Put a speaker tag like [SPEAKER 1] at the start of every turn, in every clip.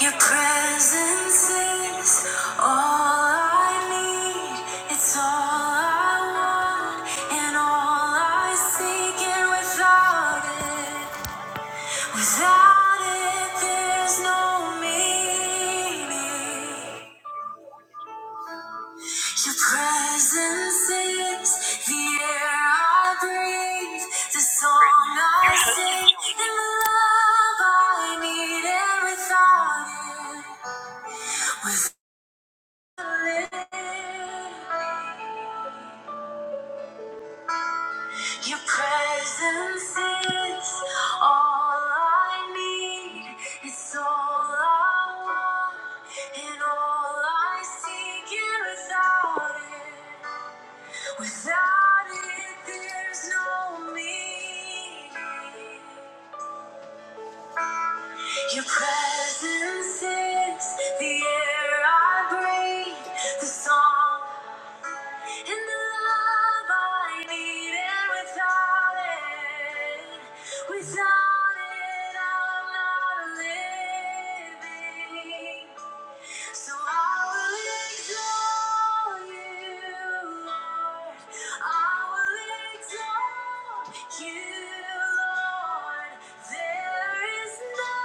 [SPEAKER 1] Your presence is all I need. It's all I want and all I seek. And without it, without it, there's no meaning. Your presence is the air I breathe, the song I sing, and the love I need. And without it. Your presence is all I need. It's all I want and all I seek. And without it, without it, there's no me. Your presence is the air I breathe, the song. In the love I need and without it, without it I'm not living. So I will exalt you, Lord. I will exalt you, Lord. There is no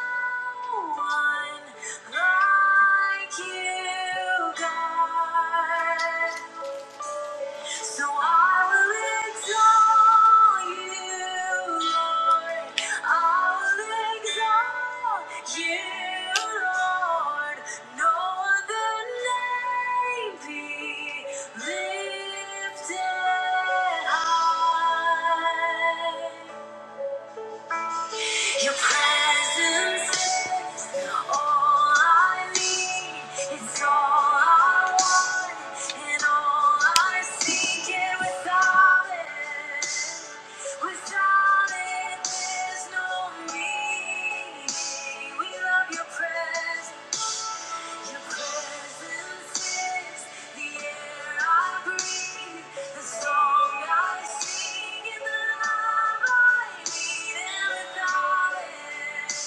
[SPEAKER 1] one like you, God. So I will exalt you, Lord. I will exalt you, Lord. No other name be lifted high. Your presence is all I need. It's all I want and all I seek. And without it, without it, there's no me. We love your presence. Your presence is the air I breathe, the song I sing, and the love I need. And without it,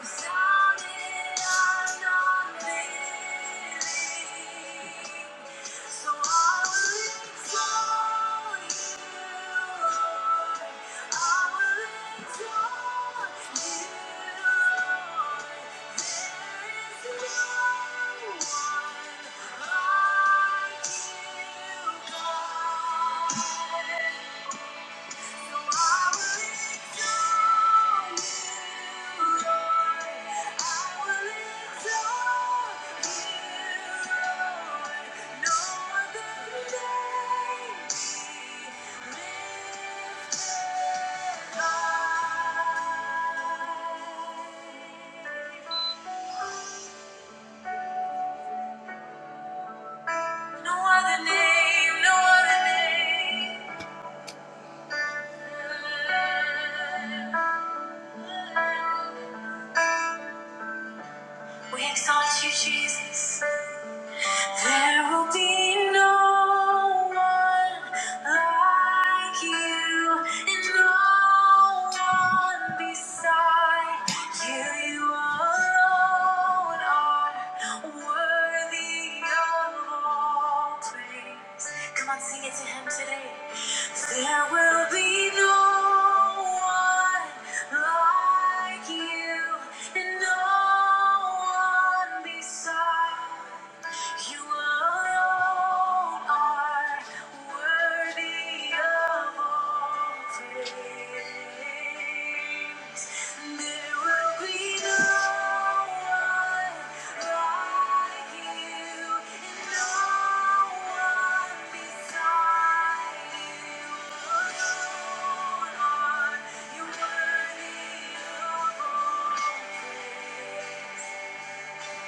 [SPEAKER 1] Without it, I'm not living. So I will exalt you, Lord. I will exalt you, Lord. There is no one like you, God. No other name, no other name. We exalt you, Jesus. There will be no one like you, and no one beside you. You alone are worthy of all praise. Come on, sing it to Him today. There will be no one like you, and no one beside. You alone are worthy of all praise. There will be no one like you, and no one beside you. Alone are you worthy of all praise. You will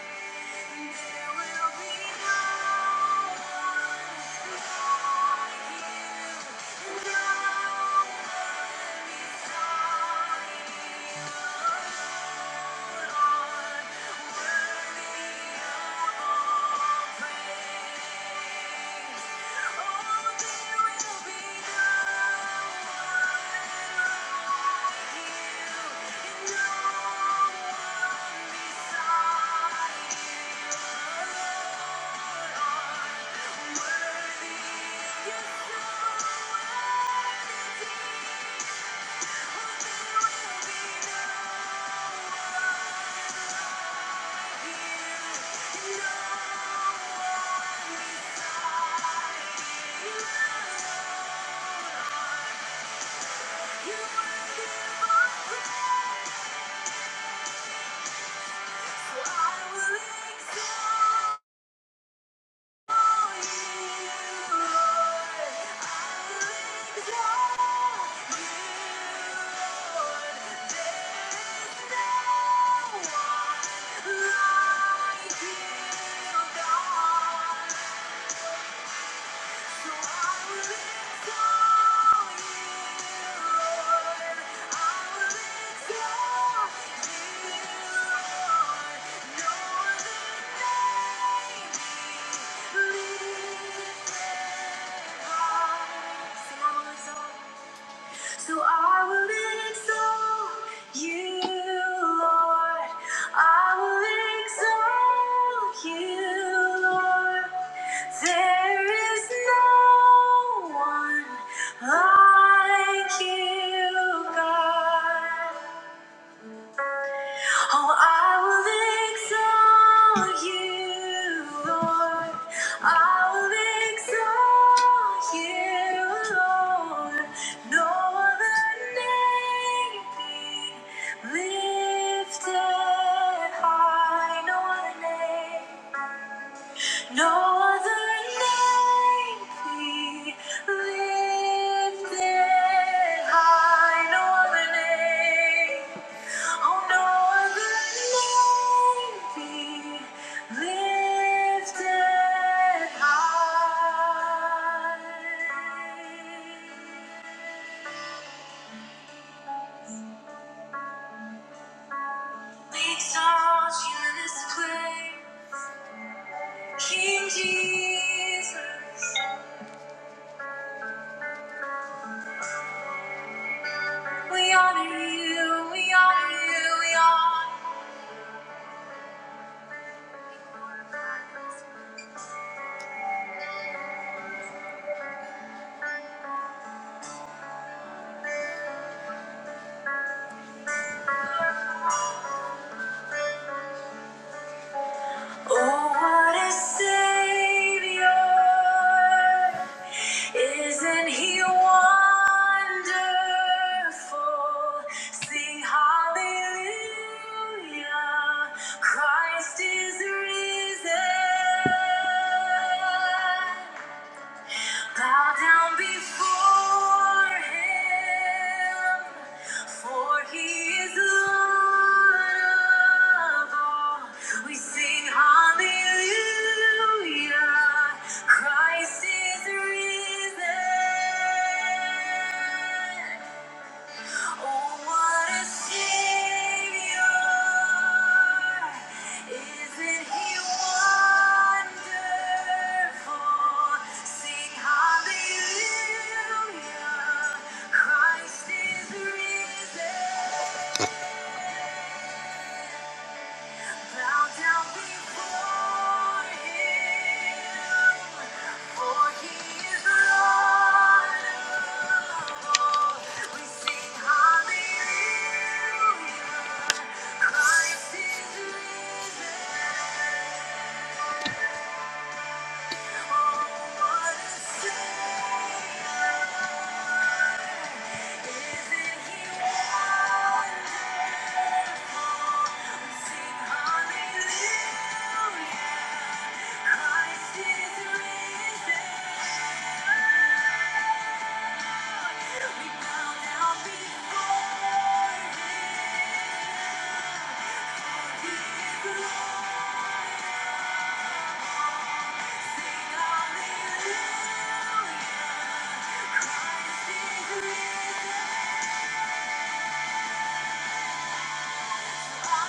[SPEAKER 1] Thank you. Thank you. Sing all the songs. So I will exalt you, Lord. I will exalt you, Lord. There is no one like you, God. Oh, I will exalt you, Lord. I will exalt you, Lord. No other name be lifted high. No other name. No other name be lifted high. No other name. Oh no, I may be lifted high. We exalt you in this place, King Jesus. We honor you, we honor you, we honor you. Oh, what a Savior! Isn't He wonderful? Sing hallelujah! Christ is risen. Bow down before him, for he is Lord of all. We sing hallelujah, Christ is risen. Oh, what a Savior! Isn't He wonderful? Sing hallelujah! Christ is risen. Bow down before Him, for He is Lord. We sing hallelujah. Hallelujah. Christ is risen! Thank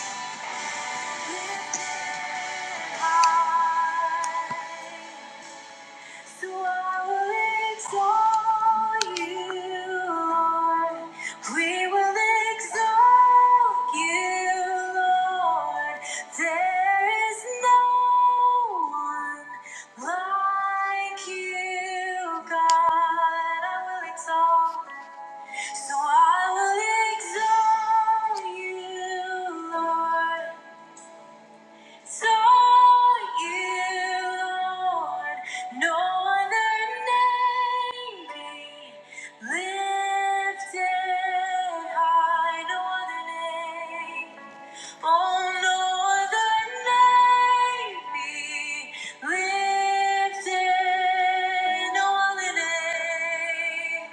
[SPEAKER 1] you. So I will exalt you, Lord. We will exalt you, Lord. There is no one like you, God. I will exalt. So I will exalt you, Lord. Saw you, Lord, no other name be lifted high, no other name. Oh, no other name be lifted. No other name.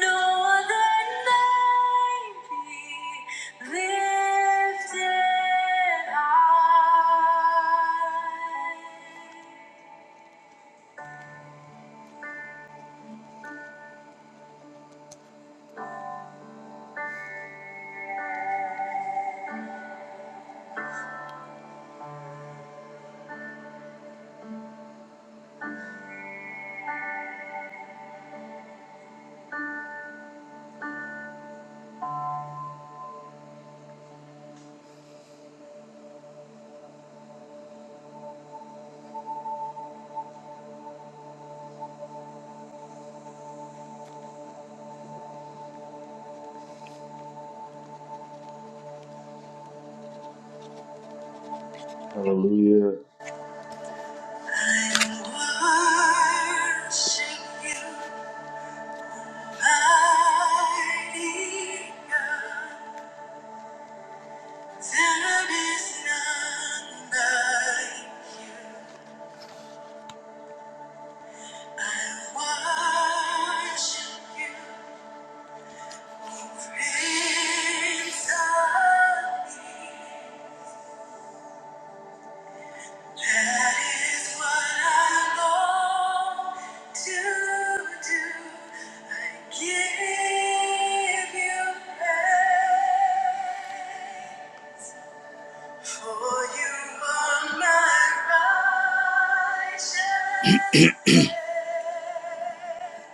[SPEAKER 1] No be lifted high.
[SPEAKER 2] Hallelujah.
[SPEAKER 1] Worship you, mighty God. There is none like I worship you, Prince of Peace. That is what I long to do. I give you praise, for you are my righteousness.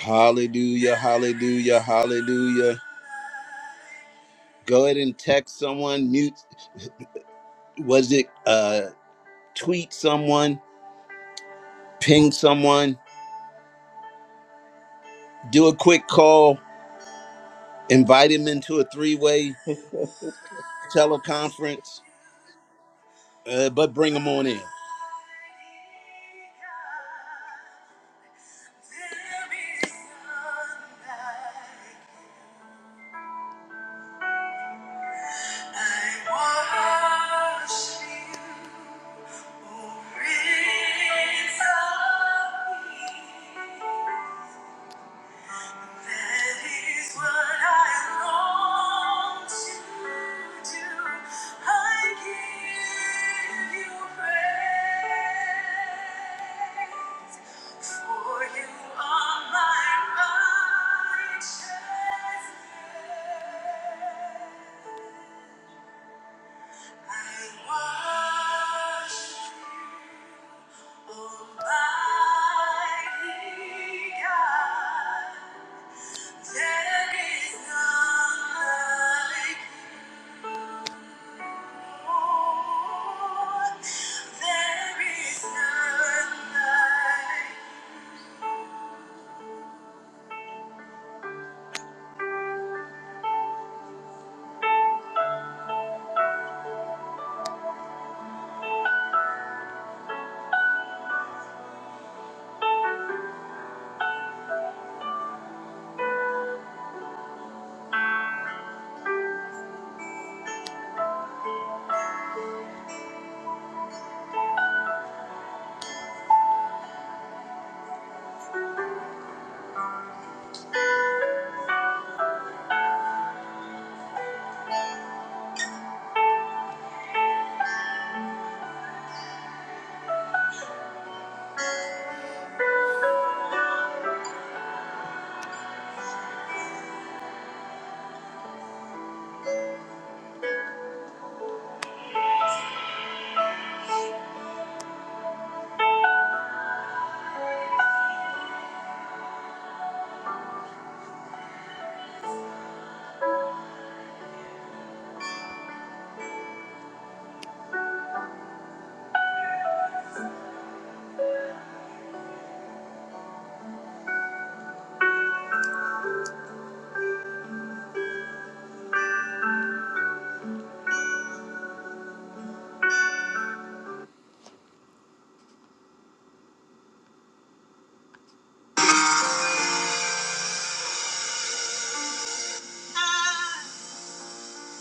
[SPEAKER 1] Hallelujah, hallelujah, hallelujah. Go ahead and text someone, mute, was it uh, tweet someone, ping someone, do a quick call, invite him into a three way
[SPEAKER 2] yes,
[SPEAKER 1] teleconference, uh, but bring him on in. I worship you, O Prince of Peace. That is what I long to do. I give you praise, for you are my righteousness.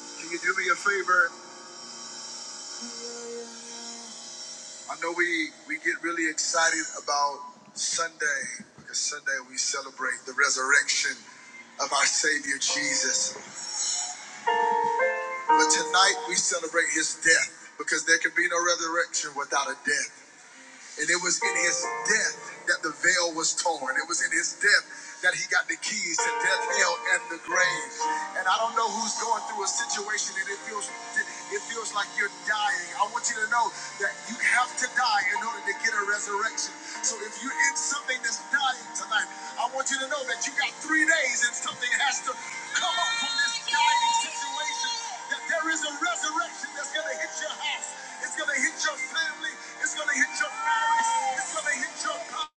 [SPEAKER 1] Can you do me a favor? I know we, we get really excited about Sunday because Sunday we celebrate the resurrection of our Savior Jesus. But tonight we celebrate his death because there can be no resurrection without a death. And it was in his death that the veil was torn. It was in his death that he got the keys to death, hell, and the grave. And I don't know who's going through a situation and it feels it feels like you're dying. I want you to know that you have to die in order to get a resurrection. So if you're in something that's dying tonight, I want you to know that you got three days and something has to come up from this dying situation. That there is a resurrection that's gonna hit your house. It's gonna hit your family. It's gonna hit your it's gonna hit your body,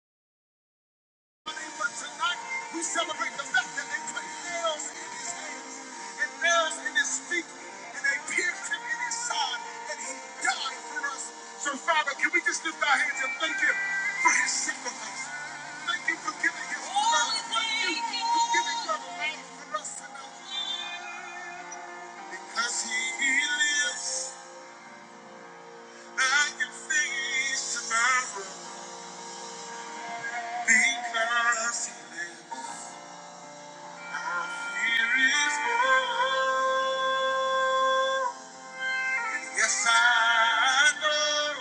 [SPEAKER 1] but tonight we celebrate the fact that they put nails in his hands and nails in his feet, and they pierced him in his side, and he died for us. So, Father, can we just lift our hands and thank Him for his sacrifice? Thank you for giving his blood. Thank you for giving your life for us tonight. Because he lives, I can face tomorrow. Because he lives. Here is hope. Yes, I know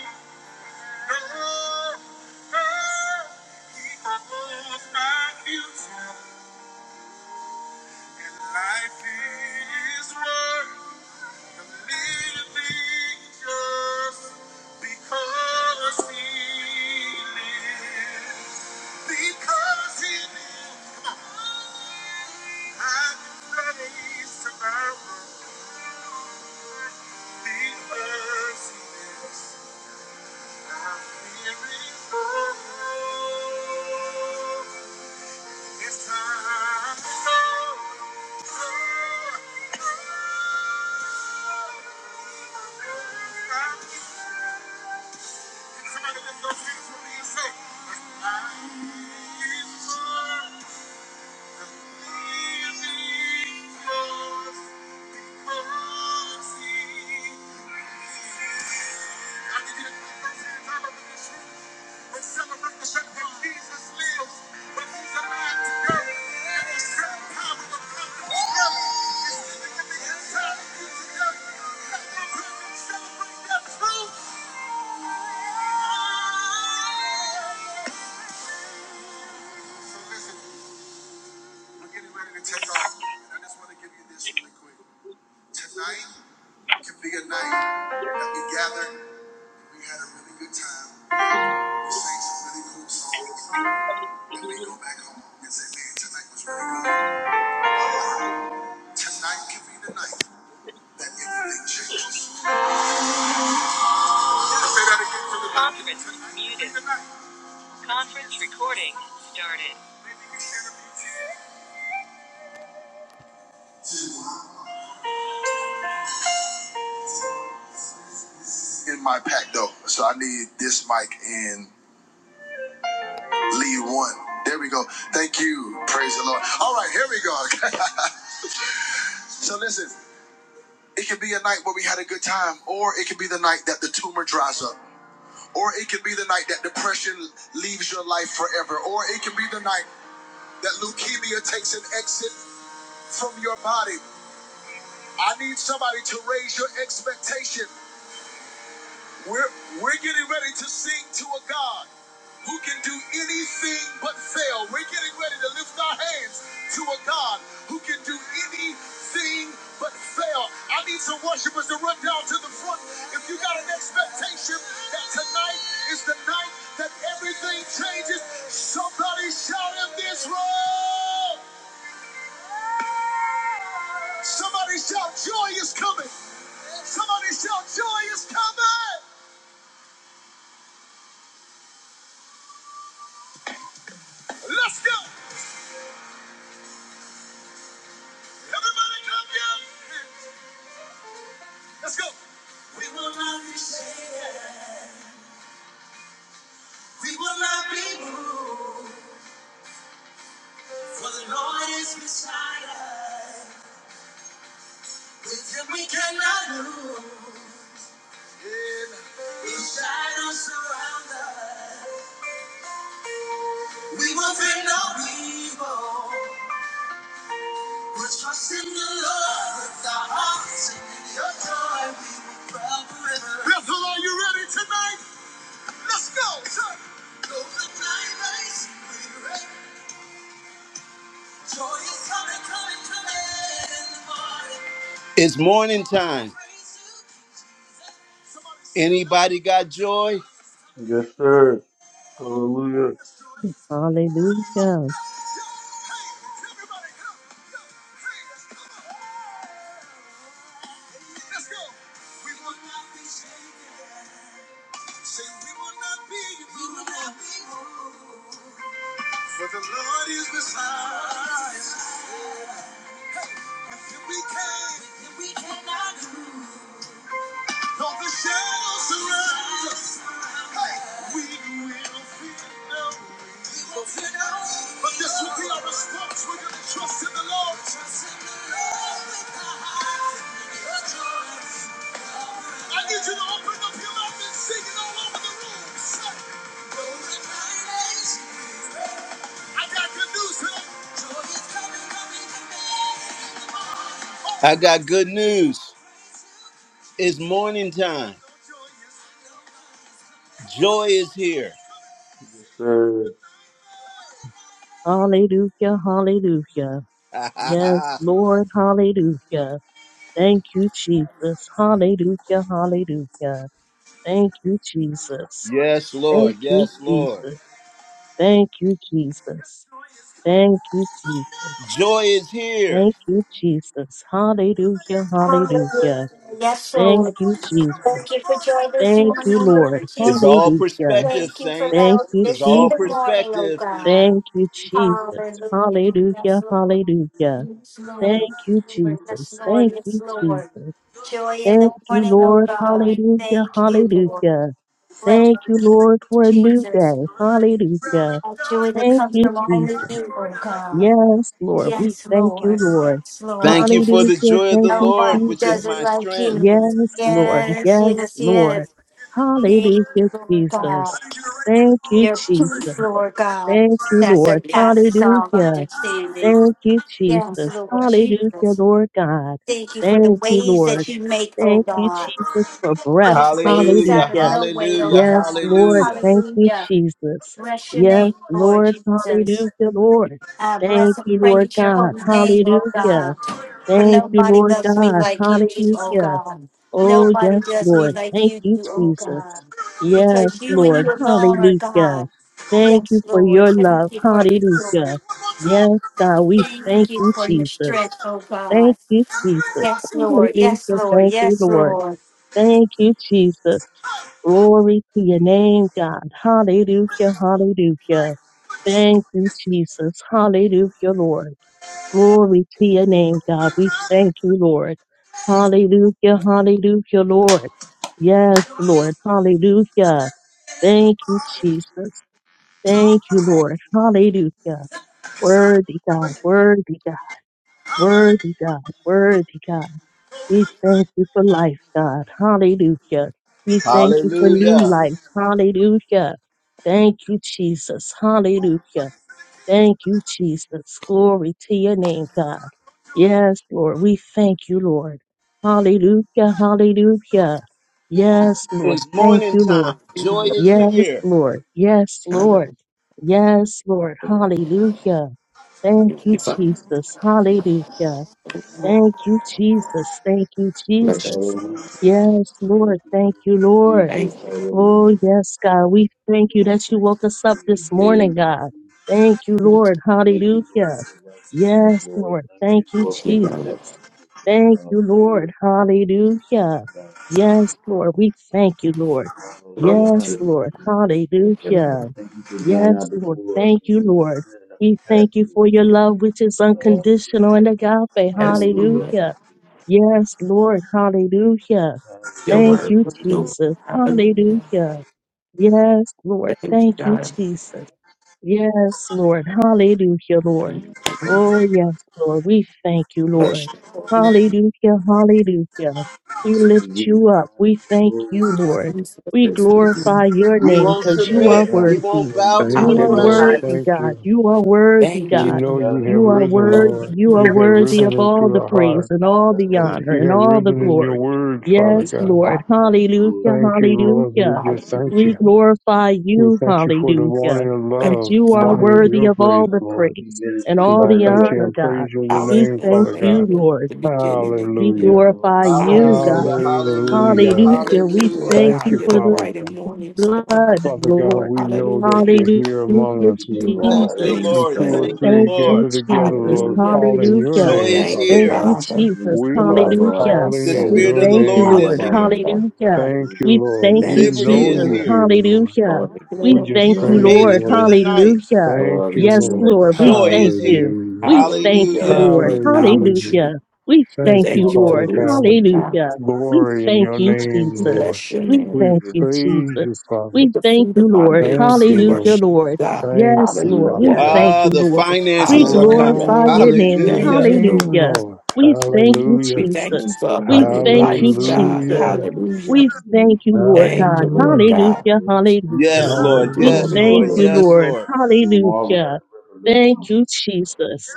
[SPEAKER 1] the mercy is not here is hope. Yes, I know. Can somebody lift those hands for me and say, "Yes, I Thank you. We're getting ready to take off, and I just want to give you this really quick. Tonight can be a night that we gather, and we had a really good time. We sang some really cool songs, and we go back home and say, man, tonight was really good. Or tonight can be the night that everything changes. I'm gonna say that again for the Conference Tonight muted. Conference recording started. In my pack though, so I need this mic in. Lead one. There we go. Thank you. Praise the Lord. All right, here we go. so listen, it could be a night where we had a good time, or it could be the night that the tumor dries up, or it could be the night that depression leaves your life forever, or it could be the night that leukemia takes an exit from your body. I need somebody to raise your expectation We're, we're getting ready to sing to a God who can do anything but fail. We're getting ready to lift our hands to a God who can do anything but fail. I need some worshipers to run down to the front. If you got an expectation that tonight is the night that everything changes, somebody shout in this room. Somebody shout, joy is coming. Somebody shout, joy is coming. Let's go. Everybody clap your hands. We will not be shaken. We will not be moved. For the Lord is beside us. With Him we cannot move. His shadow surround us. We will fear no evil. We'll trust in the Lord with our hearts and in your joy. We will dwell forever. Bethel, are you ready tonight? Let's go. Church. Go the night race. It's morning time. Anybody got joy?
[SPEAKER 2] sir. Hallelujah.
[SPEAKER 3] Hallelujah.
[SPEAKER 1] hey, no I got good news. It's morning time. Joy is here.
[SPEAKER 2] Yes, sir.
[SPEAKER 3] Hallelujah. Hallelujah. Yes, Lord. Hallelujah. Thank you, Jesus. Hallelujah. Hallelujah. Thank you, Jesus.
[SPEAKER 1] yes,
[SPEAKER 3] Thank
[SPEAKER 1] Lord.
[SPEAKER 3] you,
[SPEAKER 1] Yes, Lord.
[SPEAKER 3] Jesus. Thank you, Jesus. Thank you, Jesus.
[SPEAKER 1] Joy is here.
[SPEAKER 3] Thank you, Jesus. Hallelujah.
[SPEAKER 4] Hallelujah.
[SPEAKER 3] Hallelujah.
[SPEAKER 4] Yes,
[SPEAKER 3] Thank
[SPEAKER 4] Lord.
[SPEAKER 3] you, Jesus.
[SPEAKER 4] Thank you for joy this
[SPEAKER 3] Thank
[SPEAKER 4] morning,
[SPEAKER 3] you,
[SPEAKER 4] Lord
[SPEAKER 3] Lord.
[SPEAKER 1] It's
[SPEAKER 4] Jesus.
[SPEAKER 1] all
[SPEAKER 3] Hallelujah.
[SPEAKER 1] perspective,
[SPEAKER 4] Thank you for
[SPEAKER 1] saints.
[SPEAKER 3] Thank
[SPEAKER 4] allowing
[SPEAKER 3] you,
[SPEAKER 4] me to
[SPEAKER 1] It's
[SPEAKER 4] see
[SPEAKER 1] all
[SPEAKER 4] the
[SPEAKER 3] Jesus.
[SPEAKER 4] morning, oh
[SPEAKER 1] perspective.
[SPEAKER 4] God.
[SPEAKER 3] Thank you, Jesus.
[SPEAKER 4] Hallelujah. Yes,
[SPEAKER 3] Hallelujah.
[SPEAKER 4] Lord.
[SPEAKER 3] Hallelujah.
[SPEAKER 4] Yes, Lord.
[SPEAKER 3] Thank you,
[SPEAKER 4] Yes, Lord. Yes,
[SPEAKER 3] Jesus.
[SPEAKER 4] Lord.
[SPEAKER 3] Thank
[SPEAKER 4] Yes,
[SPEAKER 3] you,
[SPEAKER 4] Lord.
[SPEAKER 3] Jesus.
[SPEAKER 4] Joy in
[SPEAKER 3] Thank
[SPEAKER 4] the
[SPEAKER 3] you,
[SPEAKER 4] morning, oh
[SPEAKER 3] Lord.
[SPEAKER 4] God.
[SPEAKER 3] Hallelujah.
[SPEAKER 4] Thank you, Lord.
[SPEAKER 3] Hallelujah.
[SPEAKER 4] Bless
[SPEAKER 3] Thank you,
[SPEAKER 4] you,
[SPEAKER 3] Lord, for a new
[SPEAKER 4] Jesus.
[SPEAKER 3] day. Hallelujah.
[SPEAKER 4] A joy that
[SPEAKER 3] Thank
[SPEAKER 4] comes
[SPEAKER 3] you,
[SPEAKER 4] from only
[SPEAKER 3] Jesus.
[SPEAKER 4] you, oh God.
[SPEAKER 3] Yes, Lord. We
[SPEAKER 4] Yes,
[SPEAKER 3] thank you,
[SPEAKER 4] Lord.
[SPEAKER 3] Lord.
[SPEAKER 4] Yes, Lord.
[SPEAKER 1] Thank you for the
[SPEAKER 3] Hallelujah.
[SPEAKER 1] joy of the
[SPEAKER 3] Thank
[SPEAKER 4] Oh,
[SPEAKER 3] you,
[SPEAKER 4] what
[SPEAKER 1] Lord, which is
[SPEAKER 4] does it
[SPEAKER 1] my
[SPEAKER 3] Jesus.
[SPEAKER 4] like
[SPEAKER 1] strength.
[SPEAKER 4] you?
[SPEAKER 3] Yes, Lord.
[SPEAKER 4] Yes,
[SPEAKER 3] Yes,
[SPEAKER 4] yes, yes.
[SPEAKER 3] Lord.
[SPEAKER 4] Thank you,
[SPEAKER 3] Hallelujah,
[SPEAKER 4] Lord God.
[SPEAKER 3] Jesus. Thank you,
[SPEAKER 4] Your peace,
[SPEAKER 3] Jesus.
[SPEAKER 4] Lord God,
[SPEAKER 3] Thank you,
[SPEAKER 4] that
[SPEAKER 3] Lord.
[SPEAKER 4] surpasses all
[SPEAKER 3] Hallelujah.
[SPEAKER 4] understanding.
[SPEAKER 3] Thank you,
[SPEAKER 4] Yes,
[SPEAKER 3] Jesus.
[SPEAKER 4] Lord
[SPEAKER 3] Hallelujah,
[SPEAKER 4] Jesus.
[SPEAKER 3] Lord God.
[SPEAKER 4] Thank you for the
[SPEAKER 3] Thank you,
[SPEAKER 4] ways that
[SPEAKER 3] Lord.
[SPEAKER 4] you make, oh
[SPEAKER 3] Thank you,
[SPEAKER 4] God.
[SPEAKER 3] Jesus, for breath.
[SPEAKER 4] Those ways
[SPEAKER 1] Hallelujah,
[SPEAKER 4] out of
[SPEAKER 3] Hallelujah.
[SPEAKER 4] no way, oh
[SPEAKER 1] hallelujah,
[SPEAKER 3] Yes,
[SPEAKER 4] God.
[SPEAKER 3] Lord.
[SPEAKER 1] hallelujah,
[SPEAKER 3] Thank you,
[SPEAKER 4] Hallelujah.
[SPEAKER 3] Jesus.
[SPEAKER 4] Bless your
[SPEAKER 3] Yes,
[SPEAKER 4] name, Lord
[SPEAKER 3] Lord.
[SPEAKER 4] Jesus.
[SPEAKER 3] Hallelujah, Lord.
[SPEAKER 4] I bless
[SPEAKER 3] Thank
[SPEAKER 4] and
[SPEAKER 3] you, Lord
[SPEAKER 4] praise your
[SPEAKER 3] God.
[SPEAKER 4] holy name, oh
[SPEAKER 3] Hallelujah.
[SPEAKER 4] God. For
[SPEAKER 3] Thank you,
[SPEAKER 4] nobody
[SPEAKER 3] Lord
[SPEAKER 4] loves me
[SPEAKER 3] God.
[SPEAKER 4] like you do, oh
[SPEAKER 3] Hallelujah.
[SPEAKER 4] God.
[SPEAKER 3] Oh,
[SPEAKER 4] Nobody
[SPEAKER 3] yes,
[SPEAKER 4] does me
[SPEAKER 3] Lord.
[SPEAKER 4] like
[SPEAKER 3] Thank
[SPEAKER 4] you
[SPEAKER 3] you,
[SPEAKER 4] do, oh
[SPEAKER 3] Jesus.
[SPEAKER 4] God.
[SPEAKER 3] Yes,
[SPEAKER 4] Because you and
[SPEAKER 3] Lord.
[SPEAKER 4] you alone are
[SPEAKER 3] Hallelujah.
[SPEAKER 4] God.
[SPEAKER 3] Thank
[SPEAKER 4] Yes,
[SPEAKER 3] you for
[SPEAKER 4] Lord.
[SPEAKER 3] your
[SPEAKER 4] Thank
[SPEAKER 3] love.
[SPEAKER 4] you for your joy.
[SPEAKER 3] Hallelujah. Yes, God, we
[SPEAKER 4] Thank
[SPEAKER 3] thank
[SPEAKER 4] you
[SPEAKER 3] you,
[SPEAKER 4] for your
[SPEAKER 3] Jesus.
[SPEAKER 4] strength, oh
[SPEAKER 3] Thank
[SPEAKER 4] God.
[SPEAKER 3] you, Jesus.
[SPEAKER 4] Yes, Lord.
[SPEAKER 3] Hallelujah.
[SPEAKER 4] Yes, Lord.
[SPEAKER 3] Thank you,
[SPEAKER 4] Yes,
[SPEAKER 3] Lord.
[SPEAKER 4] Lord.
[SPEAKER 3] Thank you, Jesus. Glory to your name, God. Hallelujah. Hallelujah. Thank you, Jesus. Hallelujah, Lord. Glory to your name, God. We thank you, Lord. Hallelujah, hallelujah, Lord. Yes, Lord. Hallelujah. Thank you, Jesus. Thank you, Lord. Hallelujah. Worthy God, worthy God, worthy God, worthy God. We thank you for life, God. Hallelujah. We thank you for new
[SPEAKER 1] hallelujah.
[SPEAKER 3] life. Hallelujah. Thank you, Jesus. Hallelujah. Thank you, Jesus. Glory to your name, God. Yes, Lord. We thank you, Lord. Hallelujah. Hallelujah. Yes, Lord.
[SPEAKER 1] It's
[SPEAKER 3] Thank
[SPEAKER 1] morning
[SPEAKER 3] you,
[SPEAKER 1] time.
[SPEAKER 3] Lord.
[SPEAKER 1] Joy is
[SPEAKER 3] Yes,
[SPEAKER 1] here.
[SPEAKER 3] Lord. Yes,
[SPEAKER 5] God,
[SPEAKER 3] Lord. Yes, Lord. Hallelujah. Thank you,
[SPEAKER 5] if I
[SPEAKER 3] Jesus. Hallelujah. Thank you, Jesus. Thank you,
[SPEAKER 5] bless you,
[SPEAKER 3] Jesus.
[SPEAKER 2] Hallelujah.
[SPEAKER 3] Yes,
[SPEAKER 2] Thank
[SPEAKER 3] Lord.
[SPEAKER 2] you,
[SPEAKER 3] Thank you,
[SPEAKER 2] Lord
[SPEAKER 3] Lord.
[SPEAKER 2] Jesus.
[SPEAKER 5] thank you,
[SPEAKER 3] Oh,
[SPEAKER 2] Hallelujah.
[SPEAKER 3] yes, God. We thank you
[SPEAKER 2] Lord,
[SPEAKER 3] that you
[SPEAKER 2] thank
[SPEAKER 3] woke
[SPEAKER 2] you
[SPEAKER 3] us
[SPEAKER 2] for
[SPEAKER 3] up
[SPEAKER 2] your
[SPEAKER 3] this morning,
[SPEAKER 2] days of
[SPEAKER 3] God.
[SPEAKER 2] peace.
[SPEAKER 3] Thank you, Lord.
[SPEAKER 2] Thank you, Lord,
[SPEAKER 3] Hallelujah.
[SPEAKER 2] for the righteousness,
[SPEAKER 3] Yes,
[SPEAKER 2] Lord.
[SPEAKER 3] Lord.
[SPEAKER 2] Thank you,
[SPEAKER 3] Thank you,
[SPEAKER 2] Lord,
[SPEAKER 5] thank
[SPEAKER 2] for
[SPEAKER 5] you,
[SPEAKER 2] the
[SPEAKER 5] God.
[SPEAKER 3] Jesus.
[SPEAKER 2] relationship, Lord.
[SPEAKER 3] Thank you,
[SPEAKER 2] Hallelujah.
[SPEAKER 3] Lord. Hallelujah.
[SPEAKER 2] God.
[SPEAKER 3] Yes, Lord. We thank you, Lord.
[SPEAKER 5] Glory
[SPEAKER 2] Hallelujah.
[SPEAKER 3] Yes,
[SPEAKER 5] to
[SPEAKER 2] Hallelujah.
[SPEAKER 3] Lord.
[SPEAKER 5] you,
[SPEAKER 3] Hallelujah.
[SPEAKER 2] Thank you for going
[SPEAKER 3] Yes,
[SPEAKER 2] out
[SPEAKER 3] Lord.
[SPEAKER 2] before us,
[SPEAKER 3] Thank you,
[SPEAKER 2] Lord.
[SPEAKER 3] Lord.
[SPEAKER 2] Clearing up the
[SPEAKER 3] We
[SPEAKER 2] path,
[SPEAKER 3] thank you
[SPEAKER 2] Lord.
[SPEAKER 3] for your love, which is unconditional
[SPEAKER 2] Hallelujah.
[SPEAKER 3] and agape.
[SPEAKER 5] yes,
[SPEAKER 2] Hallelujah.
[SPEAKER 5] Lord.
[SPEAKER 3] Hallelujah. Yes, Lord. Hallelujah.
[SPEAKER 5] Your
[SPEAKER 2] Hallelujah.
[SPEAKER 3] Thank
[SPEAKER 2] Hallelujah.
[SPEAKER 5] word
[SPEAKER 3] you,
[SPEAKER 5] will do.
[SPEAKER 3] Jesus.
[SPEAKER 5] Hallelujah.
[SPEAKER 3] Hallelujah. Yes, Lord.
[SPEAKER 5] Thank you,
[SPEAKER 3] Thank you,
[SPEAKER 5] God.
[SPEAKER 3] Jesus. Yes, Lord. Hallelujah, Lord.
[SPEAKER 5] Thank you, Lord.
[SPEAKER 3] Oh, yes, Lord. We thank you,
[SPEAKER 5] Bless
[SPEAKER 3] Lord.
[SPEAKER 5] you, Holy Name,
[SPEAKER 3] Hallelujah, hallelujah. We
[SPEAKER 2] We
[SPEAKER 3] lift
[SPEAKER 2] give you
[SPEAKER 3] you up.
[SPEAKER 2] honor
[SPEAKER 3] We
[SPEAKER 2] and
[SPEAKER 3] thank
[SPEAKER 2] glory,
[SPEAKER 3] you,
[SPEAKER 2] Lord.
[SPEAKER 3] Lord.
[SPEAKER 5] Jesus,
[SPEAKER 3] We
[SPEAKER 5] this morning.
[SPEAKER 3] glorify your
[SPEAKER 1] We
[SPEAKER 2] We
[SPEAKER 3] name
[SPEAKER 1] won't
[SPEAKER 2] come
[SPEAKER 3] because
[SPEAKER 5] Hallelujah.
[SPEAKER 3] you
[SPEAKER 2] bow
[SPEAKER 3] are
[SPEAKER 1] submit.
[SPEAKER 2] down
[SPEAKER 1] We
[SPEAKER 3] worthy.
[SPEAKER 1] won't
[SPEAKER 2] before you,
[SPEAKER 1] bow to
[SPEAKER 6] Thank
[SPEAKER 2] Lord.
[SPEAKER 3] You
[SPEAKER 6] you,
[SPEAKER 3] are
[SPEAKER 6] Lord.
[SPEAKER 5] Hallelujah.
[SPEAKER 1] depression.
[SPEAKER 3] worthy,
[SPEAKER 6] Thank
[SPEAKER 3] God.
[SPEAKER 6] you.
[SPEAKER 3] You are worthy,
[SPEAKER 5] Thank
[SPEAKER 6] We
[SPEAKER 5] you,
[SPEAKER 3] God.
[SPEAKER 2] We
[SPEAKER 6] know
[SPEAKER 5] God.
[SPEAKER 2] bow
[SPEAKER 6] you have
[SPEAKER 3] You
[SPEAKER 2] down
[SPEAKER 3] are
[SPEAKER 2] before
[SPEAKER 6] risen,
[SPEAKER 5] Thank
[SPEAKER 2] you,
[SPEAKER 3] worthy.
[SPEAKER 6] Lord.
[SPEAKER 3] You
[SPEAKER 2] Lord.
[SPEAKER 5] you,
[SPEAKER 3] are
[SPEAKER 6] You have
[SPEAKER 3] worthy of
[SPEAKER 6] risen
[SPEAKER 3] all
[SPEAKER 6] into
[SPEAKER 3] the
[SPEAKER 6] our
[SPEAKER 3] praise
[SPEAKER 6] heart.
[SPEAKER 3] and all
[SPEAKER 2] That's
[SPEAKER 3] the
[SPEAKER 2] where the
[SPEAKER 5] Lord.
[SPEAKER 3] honor
[SPEAKER 6] You
[SPEAKER 2] peace
[SPEAKER 3] and
[SPEAKER 6] have
[SPEAKER 2] is,
[SPEAKER 3] all the
[SPEAKER 6] risen
[SPEAKER 2] Lord.
[SPEAKER 6] in your
[SPEAKER 3] glory.
[SPEAKER 6] word,
[SPEAKER 5] Thank
[SPEAKER 6] Father
[SPEAKER 3] Yes,
[SPEAKER 5] you,
[SPEAKER 6] God.
[SPEAKER 3] Lord.
[SPEAKER 5] Father.
[SPEAKER 2] Thank you, Lord.
[SPEAKER 3] Hallelujah,
[SPEAKER 6] Thank you, Lord. We
[SPEAKER 3] hallelujah.
[SPEAKER 6] just thank
[SPEAKER 3] We
[SPEAKER 6] you.
[SPEAKER 5] Hallelujah.
[SPEAKER 3] glorify
[SPEAKER 6] We
[SPEAKER 3] you,
[SPEAKER 6] thank you for the
[SPEAKER 3] hallelujah
[SPEAKER 6] morning of
[SPEAKER 3] because
[SPEAKER 5] Thank
[SPEAKER 6] love,
[SPEAKER 5] you,
[SPEAKER 3] you are
[SPEAKER 5] Father.
[SPEAKER 6] morning of
[SPEAKER 3] worthy
[SPEAKER 6] your
[SPEAKER 3] of
[SPEAKER 2] We
[SPEAKER 3] all
[SPEAKER 6] grace,
[SPEAKER 3] the
[SPEAKER 2] come back to
[SPEAKER 6] Lord.
[SPEAKER 2] be
[SPEAKER 3] praise and
[SPEAKER 2] ministered
[SPEAKER 6] We
[SPEAKER 3] all
[SPEAKER 6] just
[SPEAKER 2] by
[SPEAKER 3] the
[SPEAKER 2] you
[SPEAKER 6] thank
[SPEAKER 2] at
[SPEAKER 6] you
[SPEAKER 2] the
[SPEAKER 3] honor,
[SPEAKER 6] and praise
[SPEAKER 3] God.
[SPEAKER 2] mission,
[SPEAKER 6] you in your
[SPEAKER 2] Lord.
[SPEAKER 5] Alpha
[SPEAKER 3] We
[SPEAKER 6] name,
[SPEAKER 5] and
[SPEAKER 3] thank
[SPEAKER 6] Father God.
[SPEAKER 3] you,
[SPEAKER 5] Omega,
[SPEAKER 3] Lord.
[SPEAKER 5] the beginning and
[SPEAKER 3] We
[SPEAKER 5] the end.
[SPEAKER 2] Thank
[SPEAKER 6] Hallelujah.
[SPEAKER 2] you, Lord.
[SPEAKER 3] glorify you, God.
[SPEAKER 1] Hallelujah,
[SPEAKER 2] Um,
[SPEAKER 5] Hallelujah.
[SPEAKER 1] hallelujah,
[SPEAKER 6] Hallelujah.
[SPEAKER 3] Hallelujah.
[SPEAKER 5] Thank you,
[SPEAKER 3] We
[SPEAKER 5] Lord
[SPEAKER 1] hallelujah.
[SPEAKER 3] thank
[SPEAKER 6] Thank
[SPEAKER 5] God.
[SPEAKER 3] you
[SPEAKER 6] you,
[SPEAKER 5] You're
[SPEAKER 3] for
[SPEAKER 5] the
[SPEAKER 3] the
[SPEAKER 6] Father
[SPEAKER 5] bright and
[SPEAKER 6] God.
[SPEAKER 5] morning star.
[SPEAKER 3] blood,
[SPEAKER 6] Father God,
[SPEAKER 3] Lord.
[SPEAKER 6] we know that
[SPEAKER 5] Hallelujah.
[SPEAKER 6] you're
[SPEAKER 3] Hallelujah,
[SPEAKER 6] here
[SPEAKER 2] Thank
[SPEAKER 6] among
[SPEAKER 2] you
[SPEAKER 6] us,
[SPEAKER 2] for
[SPEAKER 5] You
[SPEAKER 6] Lord.
[SPEAKER 5] do
[SPEAKER 2] teaching us
[SPEAKER 1] Thank
[SPEAKER 2] how
[SPEAKER 5] all
[SPEAKER 2] to
[SPEAKER 1] you,
[SPEAKER 3] Jesus.
[SPEAKER 2] speak
[SPEAKER 5] things
[SPEAKER 6] when
[SPEAKER 2] to
[SPEAKER 1] Lord.
[SPEAKER 6] two
[SPEAKER 2] you,
[SPEAKER 6] or
[SPEAKER 1] Thank
[SPEAKER 5] well.
[SPEAKER 2] Lord,
[SPEAKER 1] you,
[SPEAKER 6] three
[SPEAKER 3] Thank you,
[SPEAKER 1] Lord.
[SPEAKER 6] gather together,
[SPEAKER 2] so that
[SPEAKER 3] Jesus.
[SPEAKER 2] way
[SPEAKER 6] Lord,
[SPEAKER 2] we may
[SPEAKER 5] Hallelujah.
[SPEAKER 6] call
[SPEAKER 2] be
[SPEAKER 6] in
[SPEAKER 2] able to
[SPEAKER 6] your
[SPEAKER 3] Hallelujah.
[SPEAKER 1] Joy
[SPEAKER 6] name,
[SPEAKER 2] find
[SPEAKER 1] is
[SPEAKER 2] the
[SPEAKER 5] Thank
[SPEAKER 6] Father
[SPEAKER 5] you,
[SPEAKER 3] Thank
[SPEAKER 1] here.
[SPEAKER 2] treasure
[SPEAKER 6] God.
[SPEAKER 3] you,
[SPEAKER 2] that's
[SPEAKER 5] Father,
[SPEAKER 2] hidden in the
[SPEAKER 3] Jesus.
[SPEAKER 5] the
[SPEAKER 6] We
[SPEAKER 2] field,
[SPEAKER 6] are
[SPEAKER 2] Lord.
[SPEAKER 5] lover of
[SPEAKER 3] Hallelujah.
[SPEAKER 5] my
[SPEAKER 6] calling
[SPEAKER 1] The
[SPEAKER 6] in
[SPEAKER 3] We
[SPEAKER 1] Spirit
[SPEAKER 5] soul.
[SPEAKER 6] your
[SPEAKER 1] of the
[SPEAKER 3] thank you,
[SPEAKER 1] Lord
[SPEAKER 6] name,
[SPEAKER 1] is
[SPEAKER 3] Lord.
[SPEAKER 2] Thank
[SPEAKER 1] here.
[SPEAKER 6] Father.
[SPEAKER 2] you,
[SPEAKER 5] Hallelujah.
[SPEAKER 2] Lord.
[SPEAKER 3] Hallelujah.
[SPEAKER 6] Thank
[SPEAKER 2] Hallelujah.
[SPEAKER 6] you,
[SPEAKER 3] We
[SPEAKER 6] Lord.
[SPEAKER 3] thank
[SPEAKER 6] We
[SPEAKER 3] you,
[SPEAKER 5] Thank you,
[SPEAKER 1] Liberty
[SPEAKER 6] know
[SPEAKER 1] is
[SPEAKER 3] Jesus.
[SPEAKER 6] you
[SPEAKER 5] Lord.
[SPEAKER 1] here.
[SPEAKER 6] here, Lord.
[SPEAKER 3] Hallelujah.
[SPEAKER 5] Glory,
[SPEAKER 3] We
[SPEAKER 6] We
[SPEAKER 5] glory,
[SPEAKER 6] just
[SPEAKER 3] thank
[SPEAKER 1] You've
[SPEAKER 3] you,
[SPEAKER 6] praise
[SPEAKER 5] glory.
[SPEAKER 1] made
[SPEAKER 6] you,
[SPEAKER 1] it
[SPEAKER 3] Lord.
[SPEAKER 1] through
[SPEAKER 6] Lord.
[SPEAKER 2] Thank
[SPEAKER 1] the
[SPEAKER 2] you,
[SPEAKER 1] night.
[SPEAKER 2] Lord.
[SPEAKER 3] Hallelujah.
[SPEAKER 6] Thank
[SPEAKER 5] Glory
[SPEAKER 6] you,
[SPEAKER 5] to
[SPEAKER 3] Yes,
[SPEAKER 2] Coming
[SPEAKER 5] your
[SPEAKER 6] Lord.
[SPEAKER 2] back and
[SPEAKER 3] Lord.
[SPEAKER 5] name,
[SPEAKER 3] We
[SPEAKER 1] Joy
[SPEAKER 5] God.
[SPEAKER 2] buying us
[SPEAKER 3] thank
[SPEAKER 1] is
[SPEAKER 2] back,
[SPEAKER 3] you.
[SPEAKER 1] here.
[SPEAKER 2] Lord.
[SPEAKER 6] Hallelujah.
[SPEAKER 3] We thank you,
[SPEAKER 5] Hallelujah.
[SPEAKER 1] Hallelujah.
[SPEAKER 3] Lord.
[SPEAKER 5] We acknowledge
[SPEAKER 6] Hallelujah.
[SPEAKER 3] Hallelujah.
[SPEAKER 5] you.
[SPEAKER 3] We
[SPEAKER 5] We
[SPEAKER 6] Thank
[SPEAKER 2] been
[SPEAKER 3] thank
[SPEAKER 6] you,
[SPEAKER 3] you,
[SPEAKER 5] thank you for
[SPEAKER 2] offering
[SPEAKER 6] Father
[SPEAKER 3] Lord.
[SPEAKER 6] God.
[SPEAKER 2] we
[SPEAKER 5] wisdom,
[SPEAKER 2] give
[SPEAKER 5] God.
[SPEAKER 3] Hallelujah.
[SPEAKER 2] for
[SPEAKER 3] We
[SPEAKER 6] Glory in
[SPEAKER 3] thank
[SPEAKER 6] your
[SPEAKER 3] you,
[SPEAKER 6] name,
[SPEAKER 5] We
[SPEAKER 3] Jesus.
[SPEAKER 6] Lord.
[SPEAKER 5] bless your
[SPEAKER 3] We
[SPEAKER 2] things
[SPEAKER 6] We
[SPEAKER 3] thank
[SPEAKER 5] name.
[SPEAKER 3] you,
[SPEAKER 6] praise you,
[SPEAKER 3] Jesus.
[SPEAKER 6] Father.
[SPEAKER 5] With
[SPEAKER 3] We
[SPEAKER 5] the
[SPEAKER 3] thank
[SPEAKER 5] fruit
[SPEAKER 3] you,
[SPEAKER 5] of our
[SPEAKER 3] Lord.
[SPEAKER 6] Thank
[SPEAKER 5] lips, we
[SPEAKER 6] you,
[SPEAKER 3] Hallelujah,
[SPEAKER 6] Lord.
[SPEAKER 5] worship you,
[SPEAKER 3] Lord.
[SPEAKER 5] God.
[SPEAKER 6] Thank
[SPEAKER 3] Yes,
[SPEAKER 6] you,
[SPEAKER 2] thank you
[SPEAKER 3] Lord.
[SPEAKER 2] for
[SPEAKER 3] We
[SPEAKER 6] Father
[SPEAKER 2] what
[SPEAKER 5] Hallelujah.
[SPEAKER 2] we
[SPEAKER 6] God.
[SPEAKER 3] thank
[SPEAKER 2] can
[SPEAKER 1] Ah,
[SPEAKER 3] you,
[SPEAKER 1] the
[SPEAKER 2] do.
[SPEAKER 3] Lord. We
[SPEAKER 1] finances are
[SPEAKER 5] Hallelujah.
[SPEAKER 1] coming.
[SPEAKER 3] glorify your
[SPEAKER 6] Glory to
[SPEAKER 3] name.
[SPEAKER 6] your
[SPEAKER 5] Thank
[SPEAKER 1] Hallelujah.
[SPEAKER 5] you,
[SPEAKER 6] name,
[SPEAKER 5] Lord.
[SPEAKER 3] Hallelujah.
[SPEAKER 6] Lord.
[SPEAKER 3] We
[SPEAKER 2] Because when
[SPEAKER 3] thank
[SPEAKER 2] you
[SPEAKER 3] you,
[SPEAKER 5] We
[SPEAKER 2] give
[SPEAKER 6] Hallelujah.
[SPEAKER 2] it
[SPEAKER 5] thank
[SPEAKER 2] to us,
[SPEAKER 5] you
[SPEAKER 3] Jesus.
[SPEAKER 5] for
[SPEAKER 2] we'll know
[SPEAKER 3] We
[SPEAKER 2] that
[SPEAKER 5] abundant
[SPEAKER 2] you're
[SPEAKER 3] thank you,
[SPEAKER 5] life,
[SPEAKER 2] showing us the
[SPEAKER 5] God.
[SPEAKER 2] mighty
[SPEAKER 3] Jesus.
[SPEAKER 6] Hallelujah.
[SPEAKER 2] action
[SPEAKER 5] Hallelujah.
[SPEAKER 3] We
[SPEAKER 2] taking place.
[SPEAKER 3] thank you, Lord
[SPEAKER 5] Thank
[SPEAKER 3] God.
[SPEAKER 5] you, Lord
[SPEAKER 6] Hallelujah.
[SPEAKER 5] God.
[SPEAKER 3] Hallelujah.
[SPEAKER 2] Hallelujah.
[SPEAKER 1] Yes,
[SPEAKER 3] Hallelujah.
[SPEAKER 5] Glory,
[SPEAKER 1] Lord.
[SPEAKER 3] We
[SPEAKER 1] Yes,
[SPEAKER 5] glory,
[SPEAKER 6] Hallelujah.
[SPEAKER 3] thank
[SPEAKER 1] Lord.
[SPEAKER 3] you,
[SPEAKER 5] glory.
[SPEAKER 1] Yes,
[SPEAKER 3] Lord.
[SPEAKER 1] Lord.
[SPEAKER 2] We marvel at
[SPEAKER 3] Hallelujah.
[SPEAKER 2] the
[SPEAKER 3] Thank
[SPEAKER 2] revolution.
[SPEAKER 3] you, Jesus.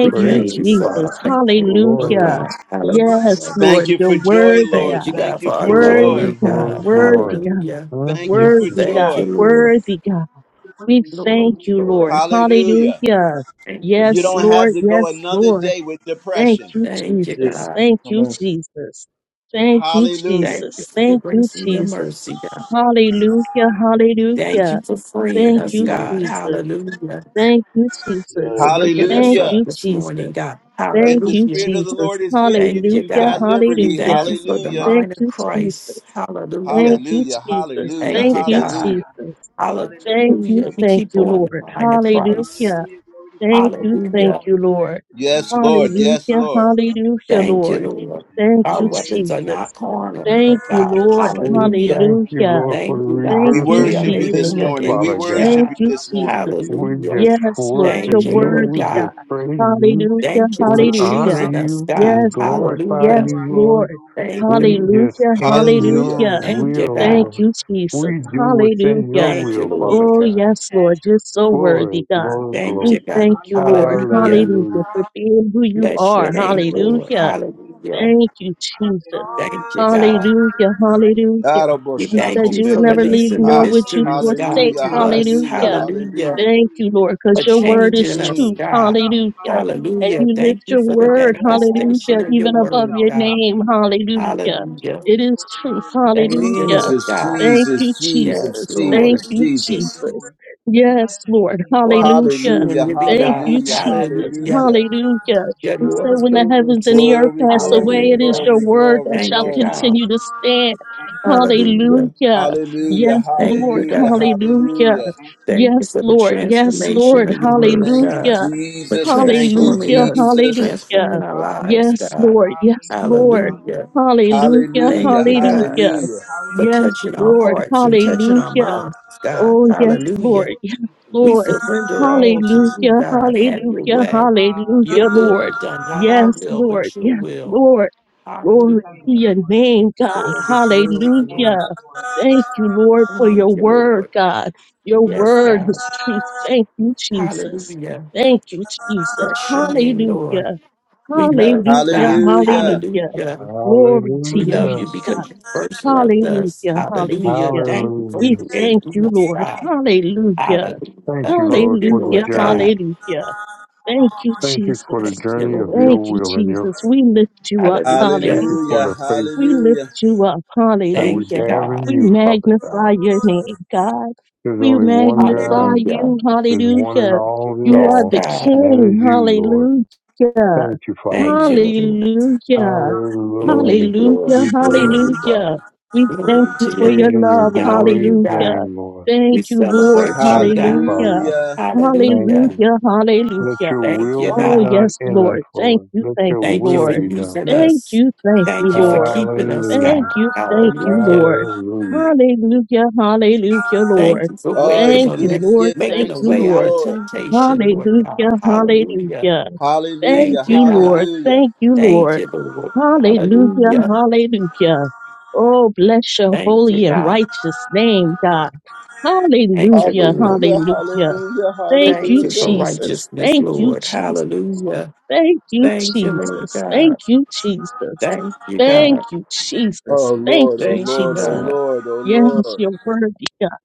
[SPEAKER 5] We
[SPEAKER 3] you,
[SPEAKER 5] thank
[SPEAKER 6] Praise
[SPEAKER 5] you
[SPEAKER 6] you,
[SPEAKER 2] Hallelujah.
[SPEAKER 5] for
[SPEAKER 3] Jesus.
[SPEAKER 5] our
[SPEAKER 6] Father.
[SPEAKER 5] family, Lord
[SPEAKER 2] Thank
[SPEAKER 3] Hallelujah.
[SPEAKER 6] Glory,
[SPEAKER 2] you,
[SPEAKER 5] God.
[SPEAKER 2] Lord.
[SPEAKER 3] Yes,
[SPEAKER 5] Hallelujah.
[SPEAKER 1] Thank
[SPEAKER 3] Lord.
[SPEAKER 1] you
[SPEAKER 3] You're
[SPEAKER 1] for joy,
[SPEAKER 3] worthy,
[SPEAKER 1] Lord.
[SPEAKER 5] Thank you,
[SPEAKER 3] God.
[SPEAKER 1] Thank
[SPEAKER 5] God,
[SPEAKER 1] you
[SPEAKER 5] for our
[SPEAKER 1] for
[SPEAKER 3] Worthy,
[SPEAKER 6] glory,
[SPEAKER 1] joy.
[SPEAKER 5] government,
[SPEAKER 3] God.
[SPEAKER 6] glory,
[SPEAKER 5] God.
[SPEAKER 3] Worthy,
[SPEAKER 6] glory.
[SPEAKER 3] God.
[SPEAKER 5] Hallelujah.
[SPEAKER 1] Thank you
[SPEAKER 2] Thank
[SPEAKER 1] for
[SPEAKER 2] you,
[SPEAKER 6] Mhm.
[SPEAKER 3] Worthy,
[SPEAKER 2] Lord.
[SPEAKER 5] Thank
[SPEAKER 3] God.
[SPEAKER 5] you,
[SPEAKER 1] joy.
[SPEAKER 2] Thank you,
[SPEAKER 5] Lord.
[SPEAKER 2] Lord.
[SPEAKER 3] Worthy, God. We
[SPEAKER 5] Glory,
[SPEAKER 3] thank you,
[SPEAKER 5] glory.
[SPEAKER 3] Lord.
[SPEAKER 1] Hallelujah.
[SPEAKER 3] Hallelujah.
[SPEAKER 5] Thank you,
[SPEAKER 1] You
[SPEAKER 3] Yes,
[SPEAKER 1] don't
[SPEAKER 5] Lord.
[SPEAKER 1] have
[SPEAKER 3] Lord.
[SPEAKER 1] to go
[SPEAKER 3] Yes,
[SPEAKER 1] another
[SPEAKER 3] Lord.
[SPEAKER 1] day with
[SPEAKER 3] Thank
[SPEAKER 1] depression.
[SPEAKER 3] you,
[SPEAKER 5] Thank
[SPEAKER 2] That's
[SPEAKER 5] you,
[SPEAKER 2] it.
[SPEAKER 3] Jesus.
[SPEAKER 5] God.
[SPEAKER 3] Thank
[SPEAKER 2] Come
[SPEAKER 3] you,
[SPEAKER 2] on.
[SPEAKER 3] Jesus. Thank you,
[SPEAKER 1] Hallelujah.
[SPEAKER 5] Thank you
[SPEAKER 3] Jesus.
[SPEAKER 5] for your
[SPEAKER 3] Thank you,
[SPEAKER 5] grace and your
[SPEAKER 2] Come
[SPEAKER 3] Jesus.
[SPEAKER 5] mercy, God.
[SPEAKER 3] Hallelujah.
[SPEAKER 5] Thank
[SPEAKER 3] Hallelujah.
[SPEAKER 5] you for freeing
[SPEAKER 2] on.
[SPEAKER 3] Thank
[SPEAKER 2] Thank
[SPEAKER 5] us,
[SPEAKER 3] you,
[SPEAKER 2] you, Lord.
[SPEAKER 5] God.
[SPEAKER 3] Jesus.
[SPEAKER 5] Hallelujah.
[SPEAKER 3] Thank you,
[SPEAKER 5] For
[SPEAKER 2] Yes.
[SPEAKER 3] Jesus.
[SPEAKER 5] waking us
[SPEAKER 3] Thank
[SPEAKER 5] up
[SPEAKER 1] Hallelujah.
[SPEAKER 3] you,
[SPEAKER 5] this morning,
[SPEAKER 3] Jesus.
[SPEAKER 5] God.
[SPEAKER 1] If
[SPEAKER 3] Thank
[SPEAKER 1] the
[SPEAKER 3] you,
[SPEAKER 5] Hallelujah
[SPEAKER 1] Spirit of the
[SPEAKER 3] Jesus.
[SPEAKER 1] Lord is with you,
[SPEAKER 5] Thank you,
[SPEAKER 1] you've
[SPEAKER 3] Hallelujah.
[SPEAKER 1] got
[SPEAKER 5] God. We
[SPEAKER 1] liberty.
[SPEAKER 5] thank
[SPEAKER 3] Hallelujah.
[SPEAKER 5] you for the
[SPEAKER 1] Hallelujah.
[SPEAKER 3] Thank
[SPEAKER 5] mind of
[SPEAKER 3] you, Jesus.
[SPEAKER 5] Christ. Hallelujah.
[SPEAKER 3] Thank you,
[SPEAKER 1] Hallelujah.
[SPEAKER 3] Jesus.
[SPEAKER 1] Hallelujah.
[SPEAKER 5] Thank
[SPEAKER 3] Thank
[SPEAKER 5] you,
[SPEAKER 3] you,
[SPEAKER 5] God.
[SPEAKER 1] Hallelujah.
[SPEAKER 3] Jesus. Thank you,
[SPEAKER 5] Hallelujah. We
[SPEAKER 3] thank
[SPEAKER 5] keep
[SPEAKER 3] you,
[SPEAKER 5] on
[SPEAKER 3] Lord.
[SPEAKER 5] the mind of Christ.
[SPEAKER 3] Hallelujah. Thank you, thank
[SPEAKER 5] Hallelujah.
[SPEAKER 3] you, Lord.
[SPEAKER 1] Yes,
[SPEAKER 2] Mm.
[SPEAKER 1] Lord. Yes,
[SPEAKER 3] Hallelujah,
[SPEAKER 1] Lord.
[SPEAKER 3] hallelujah,
[SPEAKER 5] Thank you,
[SPEAKER 3] Lord.
[SPEAKER 5] Lord.
[SPEAKER 2] Thank you,
[SPEAKER 3] Thank
[SPEAKER 5] Our
[SPEAKER 3] you,
[SPEAKER 2] Lord.
[SPEAKER 5] weapons are not
[SPEAKER 3] Jesus.
[SPEAKER 5] carnal,
[SPEAKER 3] Thank
[SPEAKER 5] Lord
[SPEAKER 3] you,
[SPEAKER 5] God.
[SPEAKER 3] Lord.
[SPEAKER 6] We
[SPEAKER 5] Hallelujah.
[SPEAKER 6] thank you,
[SPEAKER 3] Hallelujah.
[SPEAKER 6] Lord, for the
[SPEAKER 5] Thank you,
[SPEAKER 3] Thank
[SPEAKER 1] We
[SPEAKER 5] God.
[SPEAKER 6] rebirth
[SPEAKER 3] you,
[SPEAKER 5] We
[SPEAKER 6] in
[SPEAKER 5] are
[SPEAKER 6] your
[SPEAKER 1] worship you
[SPEAKER 5] made
[SPEAKER 3] Jesus.
[SPEAKER 1] this
[SPEAKER 5] in your
[SPEAKER 6] kingdom,
[SPEAKER 1] morning. We
[SPEAKER 6] Father
[SPEAKER 5] image,
[SPEAKER 6] God.
[SPEAKER 1] worship
[SPEAKER 3] Thank
[SPEAKER 5] God.
[SPEAKER 1] you
[SPEAKER 3] you,
[SPEAKER 1] this morning.
[SPEAKER 3] Jesus.
[SPEAKER 6] We
[SPEAKER 5] Hallelujah.
[SPEAKER 6] just
[SPEAKER 3] Yes,
[SPEAKER 6] worship
[SPEAKER 3] Lord, you're
[SPEAKER 5] Thank you,
[SPEAKER 6] you.
[SPEAKER 5] Lord
[SPEAKER 3] worthy,
[SPEAKER 6] We
[SPEAKER 3] God.
[SPEAKER 5] God.
[SPEAKER 6] just praise you.
[SPEAKER 3] Hallelujah,
[SPEAKER 5] Thank you for
[SPEAKER 6] We honor
[SPEAKER 3] hallelujah.
[SPEAKER 5] choosing us,
[SPEAKER 6] you.
[SPEAKER 5] God.
[SPEAKER 6] We
[SPEAKER 3] Yes, Lord.
[SPEAKER 6] glorify
[SPEAKER 5] Hallelujah.
[SPEAKER 3] Yes,
[SPEAKER 6] you, Lord.
[SPEAKER 3] Lord.
[SPEAKER 5] Thank
[SPEAKER 6] We
[SPEAKER 5] you, Lord.
[SPEAKER 6] just
[SPEAKER 3] Hallelujah,
[SPEAKER 6] in
[SPEAKER 1] Hallelujah.
[SPEAKER 6] your
[SPEAKER 3] hallelujah.
[SPEAKER 5] Thank
[SPEAKER 6] will,
[SPEAKER 5] you,
[SPEAKER 3] Thank
[SPEAKER 5] God.
[SPEAKER 6] Lord.
[SPEAKER 3] you, Jesus.
[SPEAKER 6] We do what's in your
[SPEAKER 3] Hallelujah.
[SPEAKER 5] Thank you,
[SPEAKER 6] will,
[SPEAKER 5] Lord.
[SPEAKER 6] Father
[SPEAKER 3] Oh,
[SPEAKER 6] God.
[SPEAKER 3] yes, Lord. You're so
[SPEAKER 6] Glory,
[SPEAKER 3] worthy, God.
[SPEAKER 6] glory,
[SPEAKER 5] Thank
[SPEAKER 3] We
[SPEAKER 6] glory.
[SPEAKER 5] you, God.
[SPEAKER 3] thank you, Lord.
[SPEAKER 5] Hallelujah.
[SPEAKER 3] Hallelujah,
[SPEAKER 6] Hallelujah.
[SPEAKER 3] for being who you
[SPEAKER 5] Bless your
[SPEAKER 3] are.
[SPEAKER 5] name, Lord.
[SPEAKER 3] Hallelujah.
[SPEAKER 5] Hallelujah.
[SPEAKER 3] Thank you, Jesus.
[SPEAKER 5] Thank you, God.
[SPEAKER 3] Hallelujah. Hallelujah.
[SPEAKER 5] We
[SPEAKER 3] You
[SPEAKER 5] thank
[SPEAKER 3] said
[SPEAKER 5] you
[SPEAKER 3] you would
[SPEAKER 5] for
[SPEAKER 3] never
[SPEAKER 1] Araboshakobresta.
[SPEAKER 3] leave
[SPEAKER 5] releasing the
[SPEAKER 3] nor
[SPEAKER 1] Ah,
[SPEAKER 3] would you
[SPEAKER 5] mysteries, God,
[SPEAKER 3] forsake.
[SPEAKER 1] hallelujah.
[SPEAKER 5] to us.
[SPEAKER 1] Hallelujah.
[SPEAKER 3] Hallelujah.
[SPEAKER 5] Hallelujah.
[SPEAKER 1] Hallelujah.
[SPEAKER 3] Thank you, Lord, because
[SPEAKER 5] For
[SPEAKER 3] your word is
[SPEAKER 5] changing
[SPEAKER 1] Mm.
[SPEAKER 5] us,
[SPEAKER 3] truth.
[SPEAKER 5] God.
[SPEAKER 3] Hallelujah. And
[SPEAKER 5] Hallelujah.
[SPEAKER 3] you
[SPEAKER 5] Thank
[SPEAKER 3] lift
[SPEAKER 5] you
[SPEAKER 3] your
[SPEAKER 5] for the
[SPEAKER 3] word,
[SPEAKER 5] manifestation
[SPEAKER 3] hallelujah,
[SPEAKER 5] of your
[SPEAKER 3] even above
[SPEAKER 5] word,
[SPEAKER 3] your
[SPEAKER 5] God.
[SPEAKER 3] name. Hallelujah.
[SPEAKER 5] Hallelujah.
[SPEAKER 3] It is truth.
[SPEAKER 5] Thank you,
[SPEAKER 3] Hallelujah.
[SPEAKER 5] Lord
[SPEAKER 1] Jesus,
[SPEAKER 5] God.
[SPEAKER 3] Thank you,
[SPEAKER 1] Jesus, Jesus,
[SPEAKER 5] Yes,
[SPEAKER 3] Jesus. Thank
[SPEAKER 5] Lord.
[SPEAKER 1] Jesus,
[SPEAKER 3] you,
[SPEAKER 1] Jesus.
[SPEAKER 3] Jesus. Yes, Lord.
[SPEAKER 5] For the
[SPEAKER 3] Hallelujah.
[SPEAKER 5] true
[SPEAKER 1] Hallelujah,
[SPEAKER 5] and living
[SPEAKER 3] Thank you,
[SPEAKER 5] God.
[SPEAKER 1] hallelujah,
[SPEAKER 3] Jesus.
[SPEAKER 5] Hallelujah.
[SPEAKER 1] hallelujah.
[SPEAKER 3] Hallelujah.
[SPEAKER 5] Your
[SPEAKER 3] You
[SPEAKER 5] Lord
[SPEAKER 3] say
[SPEAKER 5] of
[SPEAKER 3] when the heavens and
[SPEAKER 5] Lords.
[SPEAKER 3] the earth
[SPEAKER 1] Glory,
[SPEAKER 3] pass
[SPEAKER 1] glory,
[SPEAKER 3] away, it is
[SPEAKER 5] Hallelujah.
[SPEAKER 3] your
[SPEAKER 1] glory,
[SPEAKER 3] word that
[SPEAKER 1] glory,
[SPEAKER 5] Thank
[SPEAKER 3] shall
[SPEAKER 5] you,
[SPEAKER 1] glory.
[SPEAKER 5] God.
[SPEAKER 3] continue to stand.
[SPEAKER 5] Hallelujah.
[SPEAKER 3] Hallelujah.
[SPEAKER 1] Hallelujah,
[SPEAKER 3] Yes,
[SPEAKER 5] Thank
[SPEAKER 3] Lord.
[SPEAKER 5] you,
[SPEAKER 1] hallelujah,
[SPEAKER 5] God.
[SPEAKER 3] Hallelujah.
[SPEAKER 1] hallelujah.
[SPEAKER 5] Thank you
[SPEAKER 3] Yes,
[SPEAKER 5] for the
[SPEAKER 3] Lord. Yes,
[SPEAKER 5] transformation
[SPEAKER 3] Lord.
[SPEAKER 5] of your word,
[SPEAKER 1] Thank you,
[SPEAKER 5] God,
[SPEAKER 3] Hallelujah.
[SPEAKER 5] for
[SPEAKER 1] Jesus. Thank you,
[SPEAKER 5] transforming
[SPEAKER 3] Hallelujah.
[SPEAKER 5] us,
[SPEAKER 1] Jesus.
[SPEAKER 3] Hallelujah.
[SPEAKER 5] transforming our lives,
[SPEAKER 3] Yes,
[SPEAKER 5] God.
[SPEAKER 3] Lord. Yes, Lord.
[SPEAKER 5] Hallelujah.
[SPEAKER 3] Hallelujah.
[SPEAKER 5] Thank
[SPEAKER 1] Hallelujah,
[SPEAKER 5] you, God,
[SPEAKER 3] Hallelujah.
[SPEAKER 1] hallelujah.
[SPEAKER 5] for
[SPEAKER 3] Yes,
[SPEAKER 5] touching our
[SPEAKER 3] Lord.
[SPEAKER 5] hearts and touching our
[SPEAKER 3] Hallelujah.
[SPEAKER 5] minds, God.
[SPEAKER 3] Oh, yes,
[SPEAKER 5] Hallelujah.
[SPEAKER 3] Lord. Yes,
[SPEAKER 5] We
[SPEAKER 3] Lord.
[SPEAKER 5] surrender all to you,
[SPEAKER 3] Hallelujah.
[SPEAKER 5] God. Have your
[SPEAKER 3] Hallelujah.
[SPEAKER 5] way. Your
[SPEAKER 3] Hallelujah,
[SPEAKER 5] will be
[SPEAKER 3] Lord.
[SPEAKER 5] done, not our
[SPEAKER 3] Yes,
[SPEAKER 5] will,
[SPEAKER 3] Lord.
[SPEAKER 5] but your
[SPEAKER 3] Yes,
[SPEAKER 5] will.
[SPEAKER 3] Lord. Glory to
[SPEAKER 5] Hallelujah.
[SPEAKER 3] your name, God.
[SPEAKER 5] Glory, glory, glory.
[SPEAKER 3] Hallelujah. Thank you, Lord, for
[SPEAKER 5] Thank
[SPEAKER 3] your
[SPEAKER 5] you,
[SPEAKER 3] word,
[SPEAKER 5] Lord.
[SPEAKER 3] God. Your
[SPEAKER 5] Yes,
[SPEAKER 3] word
[SPEAKER 5] God.
[SPEAKER 3] is truth. Thank you, Jesus.
[SPEAKER 5] Hallelujah.
[SPEAKER 3] Thank you, Jesus.
[SPEAKER 5] Bless your name, Lord.
[SPEAKER 3] Hallelujah.
[SPEAKER 5] We love
[SPEAKER 3] Hallelujah.
[SPEAKER 5] God.
[SPEAKER 1] Hallelujah.
[SPEAKER 3] Hallelujah.
[SPEAKER 5] Hallelujah.
[SPEAKER 3] Glory to
[SPEAKER 5] We
[SPEAKER 3] your
[SPEAKER 5] love
[SPEAKER 6] Hallelujah.
[SPEAKER 3] name,
[SPEAKER 5] you
[SPEAKER 3] God.
[SPEAKER 5] because you first loved us.
[SPEAKER 3] Hallelujah.
[SPEAKER 5] Hallelujah.
[SPEAKER 3] Hallelujah.
[SPEAKER 5] Thank you for
[SPEAKER 3] We
[SPEAKER 6] Hallelujah.
[SPEAKER 3] thank
[SPEAKER 5] creating
[SPEAKER 3] you,
[SPEAKER 5] us,
[SPEAKER 3] Lord.
[SPEAKER 5] God.
[SPEAKER 3] Hallelujah.
[SPEAKER 6] Thank
[SPEAKER 5] Hallelujah.
[SPEAKER 6] you,
[SPEAKER 5] Thank
[SPEAKER 6] Lord,
[SPEAKER 5] you,
[SPEAKER 6] for the
[SPEAKER 3] Hallelujah.
[SPEAKER 5] Lord
[SPEAKER 6] journey.
[SPEAKER 5] God.
[SPEAKER 3] Hallelujah. Thank you,
[SPEAKER 6] Thank you for the
[SPEAKER 5] Thank
[SPEAKER 3] Jesus.
[SPEAKER 5] you,
[SPEAKER 6] journey of your
[SPEAKER 5] Lord.
[SPEAKER 3] Thank you,
[SPEAKER 6] will and your,
[SPEAKER 3] Jesus. We lift you up.
[SPEAKER 6] thank
[SPEAKER 5] Hallelujah.
[SPEAKER 6] you for
[SPEAKER 3] Hallelujah.
[SPEAKER 1] Hallelujah,
[SPEAKER 6] the faith
[SPEAKER 3] We
[SPEAKER 1] hallelujah.
[SPEAKER 3] lift you up.
[SPEAKER 6] that we
[SPEAKER 5] Thank you,
[SPEAKER 3] Hallelujah.
[SPEAKER 6] have
[SPEAKER 5] God.
[SPEAKER 6] in
[SPEAKER 3] We
[SPEAKER 6] you, Father God.
[SPEAKER 3] magnify your name, God.
[SPEAKER 6] There's
[SPEAKER 3] We
[SPEAKER 6] only one
[SPEAKER 3] magnify
[SPEAKER 6] God.
[SPEAKER 5] Hallelujah.
[SPEAKER 3] you.
[SPEAKER 6] There's one in
[SPEAKER 3] Hallelujah.
[SPEAKER 6] all in
[SPEAKER 3] You are
[SPEAKER 5] Yes,
[SPEAKER 6] all,
[SPEAKER 3] the
[SPEAKER 6] and
[SPEAKER 5] God.
[SPEAKER 6] that
[SPEAKER 3] King.
[SPEAKER 6] is you, Lord.
[SPEAKER 3] Hallelujah.
[SPEAKER 6] Thank you, Father
[SPEAKER 5] Thank
[SPEAKER 6] God.
[SPEAKER 5] you, Lord.
[SPEAKER 3] Hallelujah.
[SPEAKER 5] Glory,
[SPEAKER 6] Hallelujah.
[SPEAKER 3] Hallelujah,
[SPEAKER 5] glory,
[SPEAKER 6] We praise you,
[SPEAKER 5] glory.
[SPEAKER 6] Father.
[SPEAKER 3] hallelujah. We thank
[SPEAKER 5] Glory
[SPEAKER 3] you
[SPEAKER 5] to
[SPEAKER 3] for
[SPEAKER 5] your
[SPEAKER 6] Praise
[SPEAKER 3] your
[SPEAKER 5] name.
[SPEAKER 6] in your
[SPEAKER 3] love,
[SPEAKER 5] We honor
[SPEAKER 6] glorious
[SPEAKER 5] you, God.
[SPEAKER 3] hallelujah.
[SPEAKER 6] name, Lord.
[SPEAKER 5] We
[SPEAKER 3] Thank you, Lord,
[SPEAKER 5] celebrate you,
[SPEAKER 6] Thank you,
[SPEAKER 5] God.
[SPEAKER 6] Father
[SPEAKER 3] hallelujah.
[SPEAKER 6] God.
[SPEAKER 1] Hallelujah.
[SPEAKER 6] Thank
[SPEAKER 5] Hallelujah.
[SPEAKER 6] you.
[SPEAKER 3] Hallelujah,
[SPEAKER 6] Let
[SPEAKER 3] hallelujah.
[SPEAKER 6] your
[SPEAKER 5] Thank
[SPEAKER 6] will
[SPEAKER 5] you,
[SPEAKER 6] be
[SPEAKER 3] Oh,
[SPEAKER 5] God.
[SPEAKER 6] done
[SPEAKER 3] yes,
[SPEAKER 6] in us,
[SPEAKER 3] Lord. Thank
[SPEAKER 6] Lord.
[SPEAKER 3] you,
[SPEAKER 6] Let
[SPEAKER 3] thank
[SPEAKER 6] your
[SPEAKER 3] you,
[SPEAKER 5] Thank you
[SPEAKER 6] will
[SPEAKER 5] for
[SPEAKER 3] Lord.
[SPEAKER 6] be done.
[SPEAKER 5] using
[SPEAKER 3] Thank
[SPEAKER 5] us.
[SPEAKER 3] you, thank you,
[SPEAKER 5] Thank you for
[SPEAKER 3] Lord.
[SPEAKER 5] keeping us,
[SPEAKER 3] Thank
[SPEAKER 6] Hallelujah.
[SPEAKER 5] God.
[SPEAKER 3] you, thank you,
[SPEAKER 5] Hallelujah.
[SPEAKER 3] Lord.
[SPEAKER 6] Hallelujah.
[SPEAKER 3] Hallelujah, hallelujah, Lord.
[SPEAKER 5] Thank you for
[SPEAKER 1] Oh, it's
[SPEAKER 5] waking
[SPEAKER 3] Thank
[SPEAKER 5] on
[SPEAKER 3] you,
[SPEAKER 1] good to
[SPEAKER 3] Lord.
[SPEAKER 1] give
[SPEAKER 3] Thank
[SPEAKER 5] making
[SPEAKER 1] thanks
[SPEAKER 5] a
[SPEAKER 3] you,
[SPEAKER 1] to the
[SPEAKER 5] way out
[SPEAKER 3] Lord.
[SPEAKER 5] of
[SPEAKER 1] Lord.
[SPEAKER 5] temptation, Lord God.
[SPEAKER 3] Hallelujah,
[SPEAKER 5] Hallelujah.
[SPEAKER 3] hallelujah. Thank
[SPEAKER 1] Hallelujah.
[SPEAKER 5] Thank you,
[SPEAKER 3] you,
[SPEAKER 5] God.
[SPEAKER 3] Lord.
[SPEAKER 1] Hallelujah.
[SPEAKER 3] Thank you,
[SPEAKER 5] Thank
[SPEAKER 3] Lord.
[SPEAKER 5] you, Lord.
[SPEAKER 3] Hallelujah,
[SPEAKER 5] Hallelujah.
[SPEAKER 3] hallelujah. Oh, bless your
[SPEAKER 5] Thank you,
[SPEAKER 3] holy and
[SPEAKER 5] God.
[SPEAKER 3] righteous name, God.
[SPEAKER 5] Thank you,
[SPEAKER 3] Hallelujah,
[SPEAKER 5] Lord.
[SPEAKER 1] Hallelujah.
[SPEAKER 3] hallelujah.
[SPEAKER 1] Hallelujah.
[SPEAKER 3] Thank
[SPEAKER 5] Thank
[SPEAKER 3] you,
[SPEAKER 5] you for
[SPEAKER 1] Hallelujah.
[SPEAKER 3] Jesus.
[SPEAKER 5] righteousness,
[SPEAKER 3] Thank you,
[SPEAKER 5] Lord.
[SPEAKER 3] Jesus.
[SPEAKER 5] Hallelujah.
[SPEAKER 3] Thank you,
[SPEAKER 5] Thank you, Lord
[SPEAKER 3] Jesus.
[SPEAKER 5] God.
[SPEAKER 3] Thank you, Jesus.
[SPEAKER 5] Thank you,
[SPEAKER 3] Thank
[SPEAKER 5] God.
[SPEAKER 3] you, Jesus.
[SPEAKER 1] Oh
[SPEAKER 3] Thank
[SPEAKER 1] Lord, oh
[SPEAKER 3] you,
[SPEAKER 5] Thank you,
[SPEAKER 1] Lord, oh
[SPEAKER 3] Jesus.
[SPEAKER 5] God.
[SPEAKER 1] Lord, oh
[SPEAKER 3] Yes,
[SPEAKER 1] Lord.
[SPEAKER 3] you're worthy, God.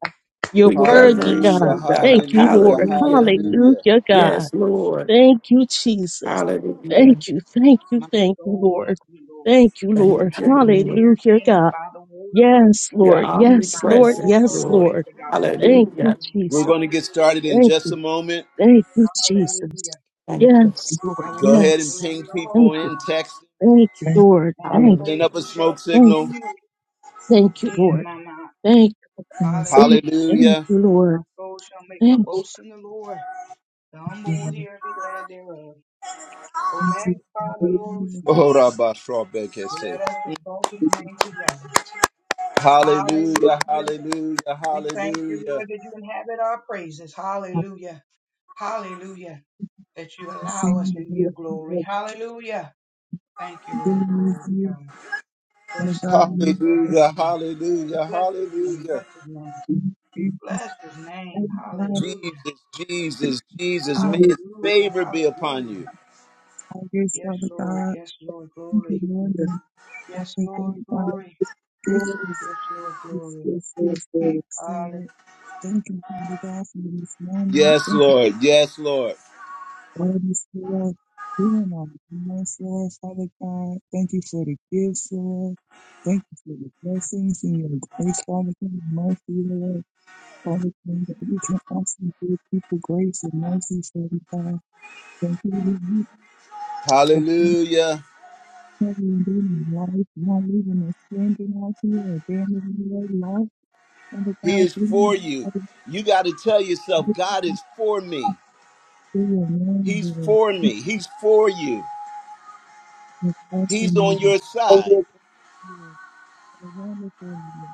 [SPEAKER 3] You're
[SPEAKER 5] We
[SPEAKER 3] worthy,
[SPEAKER 5] reverence
[SPEAKER 1] Hallelujah.
[SPEAKER 3] God.
[SPEAKER 5] you,
[SPEAKER 3] Thank
[SPEAKER 5] God.
[SPEAKER 3] you,
[SPEAKER 1] Hallelujah.
[SPEAKER 3] Lord.
[SPEAKER 5] Hallelujah.
[SPEAKER 1] Hallelujah.
[SPEAKER 3] Hallelujah, God.
[SPEAKER 5] Yes, Lord.
[SPEAKER 3] Thank you, Jesus.
[SPEAKER 5] Hallelujah.
[SPEAKER 3] Thank you, thank you, thank you, Lord. Thank you, Lord.
[SPEAKER 5] Thank you, Lord.
[SPEAKER 3] Hallelujah, God. Yes,
[SPEAKER 5] You're
[SPEAKER 3] Lord. Yes, Lord.
[SPEAKER 5] omnipresent,
[SPEAKER 3] Yes,
[SPEAKER 5] Lord.
[SPEAKER 3] Lord. Thank you,
[SPEAKER 5] Hallelujah.
[SPEAKER 1] We're
[SPEAKER 3] Jesus.
[SPEAKER 1] going to get started in
[SPEAKER 3] Thank
[SPEAKER 1] just a
[SPEAKER 3] you.
[SPEAKER 1] moment.
[SPEAKER 3] Thank you, Jesus.
[SPEAKER 5] Thank you.
[SPEAKER 3] Yes, Lord.
[SPEAKER 1] Go ahead and
[SPEAKER 3] Yes.
[SPEAKER 1] ping people
[SPEAKER 3] Thank you.
[SPEAKER 1] in, text,
[SPEAKER 3] Thank you,
[SPEAKER 7] Thank
[SPEAKER 3] Lord. Thank
[SPEAKER 5] Hallelujah.
[SPEAKER 1] send
[SPEAKER 3] you.
[SPEAKER 1] up a smoke
[SPEAKER 3] Thank
[SPEAKER 1] signal.
[SPEAKER 3] you. Thank you,
[SPEAKER 7] you
[SPEAKER 3] Lord. Thank
[SPEAKER 7] for my favorite
[SPEAKER 3] you. Thank
[SPEAKER 1] Hallelujah.
[SPEAKER 3] you, Lord. Thank you,
[SPEAKER 7] part, you know, thank you for giving me
[SPEAKER 1] Oh, Rabba Shrabbeke
[SPEAKER 7] the
[SPEAKER 1] Hallelujah, hallelujah, hallelujah,
[SPEAKER 7] practicing the blessing of giving you and the God We Thank
[SPEAKER 1] hallelujah, hallelujah, hallelujah.
[SPEAKER 7] you give me. Every God,
[SPEAKER 1] Jesus, Jesus,
[SPEAKER 7] you
[SPEAKER 1] Jesus,
[SPEAKER 7] know,
[SPEAKER 1] may his
[SPEAKER 7] the
[SPEAKER 1] favor be upon you.
[SPEAKER 7] targets of the God, thank you, Lord, and what they think about this is, is, is, this is excellent. Thank you, Father God, for this moment.
[SPEAKER 1] Yes,
[SPEAKER 7] Thank you.
[SPEAKER 1] Lord, yes, Lord.
[SPEAKER 7] Lord, is Lord, healing our minds, Lord, Father God. Thank you for the gifts, Lord. Thank you for the blessings and your grace, Father God, and mercy, Lord. Father God, that we can also give people grace and mercy, Father God. Thank you that you for
[SPEAKER 1] Hallelujah.
[SPEAKER 7] covering them in life, not leaving a stranger out here, or abandoning their life, Father
[SPEAKER 1] He
[SPEAKER 7] God.
[SPEAKER 1] is for
[SPEAKER 7] Bring
[SPEAKER 1] you.
[SPEAKER 7] Father
[SPEAKER 1] You got to tell yourself,
[SPEAKER 7] God,
[SPEAKER 1] God is for me.
[SPEAKER 7] to your name,
[SPEAKER 1] He's
[SPEAKER 7] Lord.
[SPEAKER 1] for me. He's for you.
[SPEAKER 7] And trust
[SPEAKER 1] He's
[SPEAKER 7] in
[SPEAKER 1] on
[SPEAKER 7] you.
[SPEAKER 1] your
[SPEAKER 7] Oh,
[SPEAKER 1] side.
[SPEAKER 7] Lord, Lord. I want to thank you.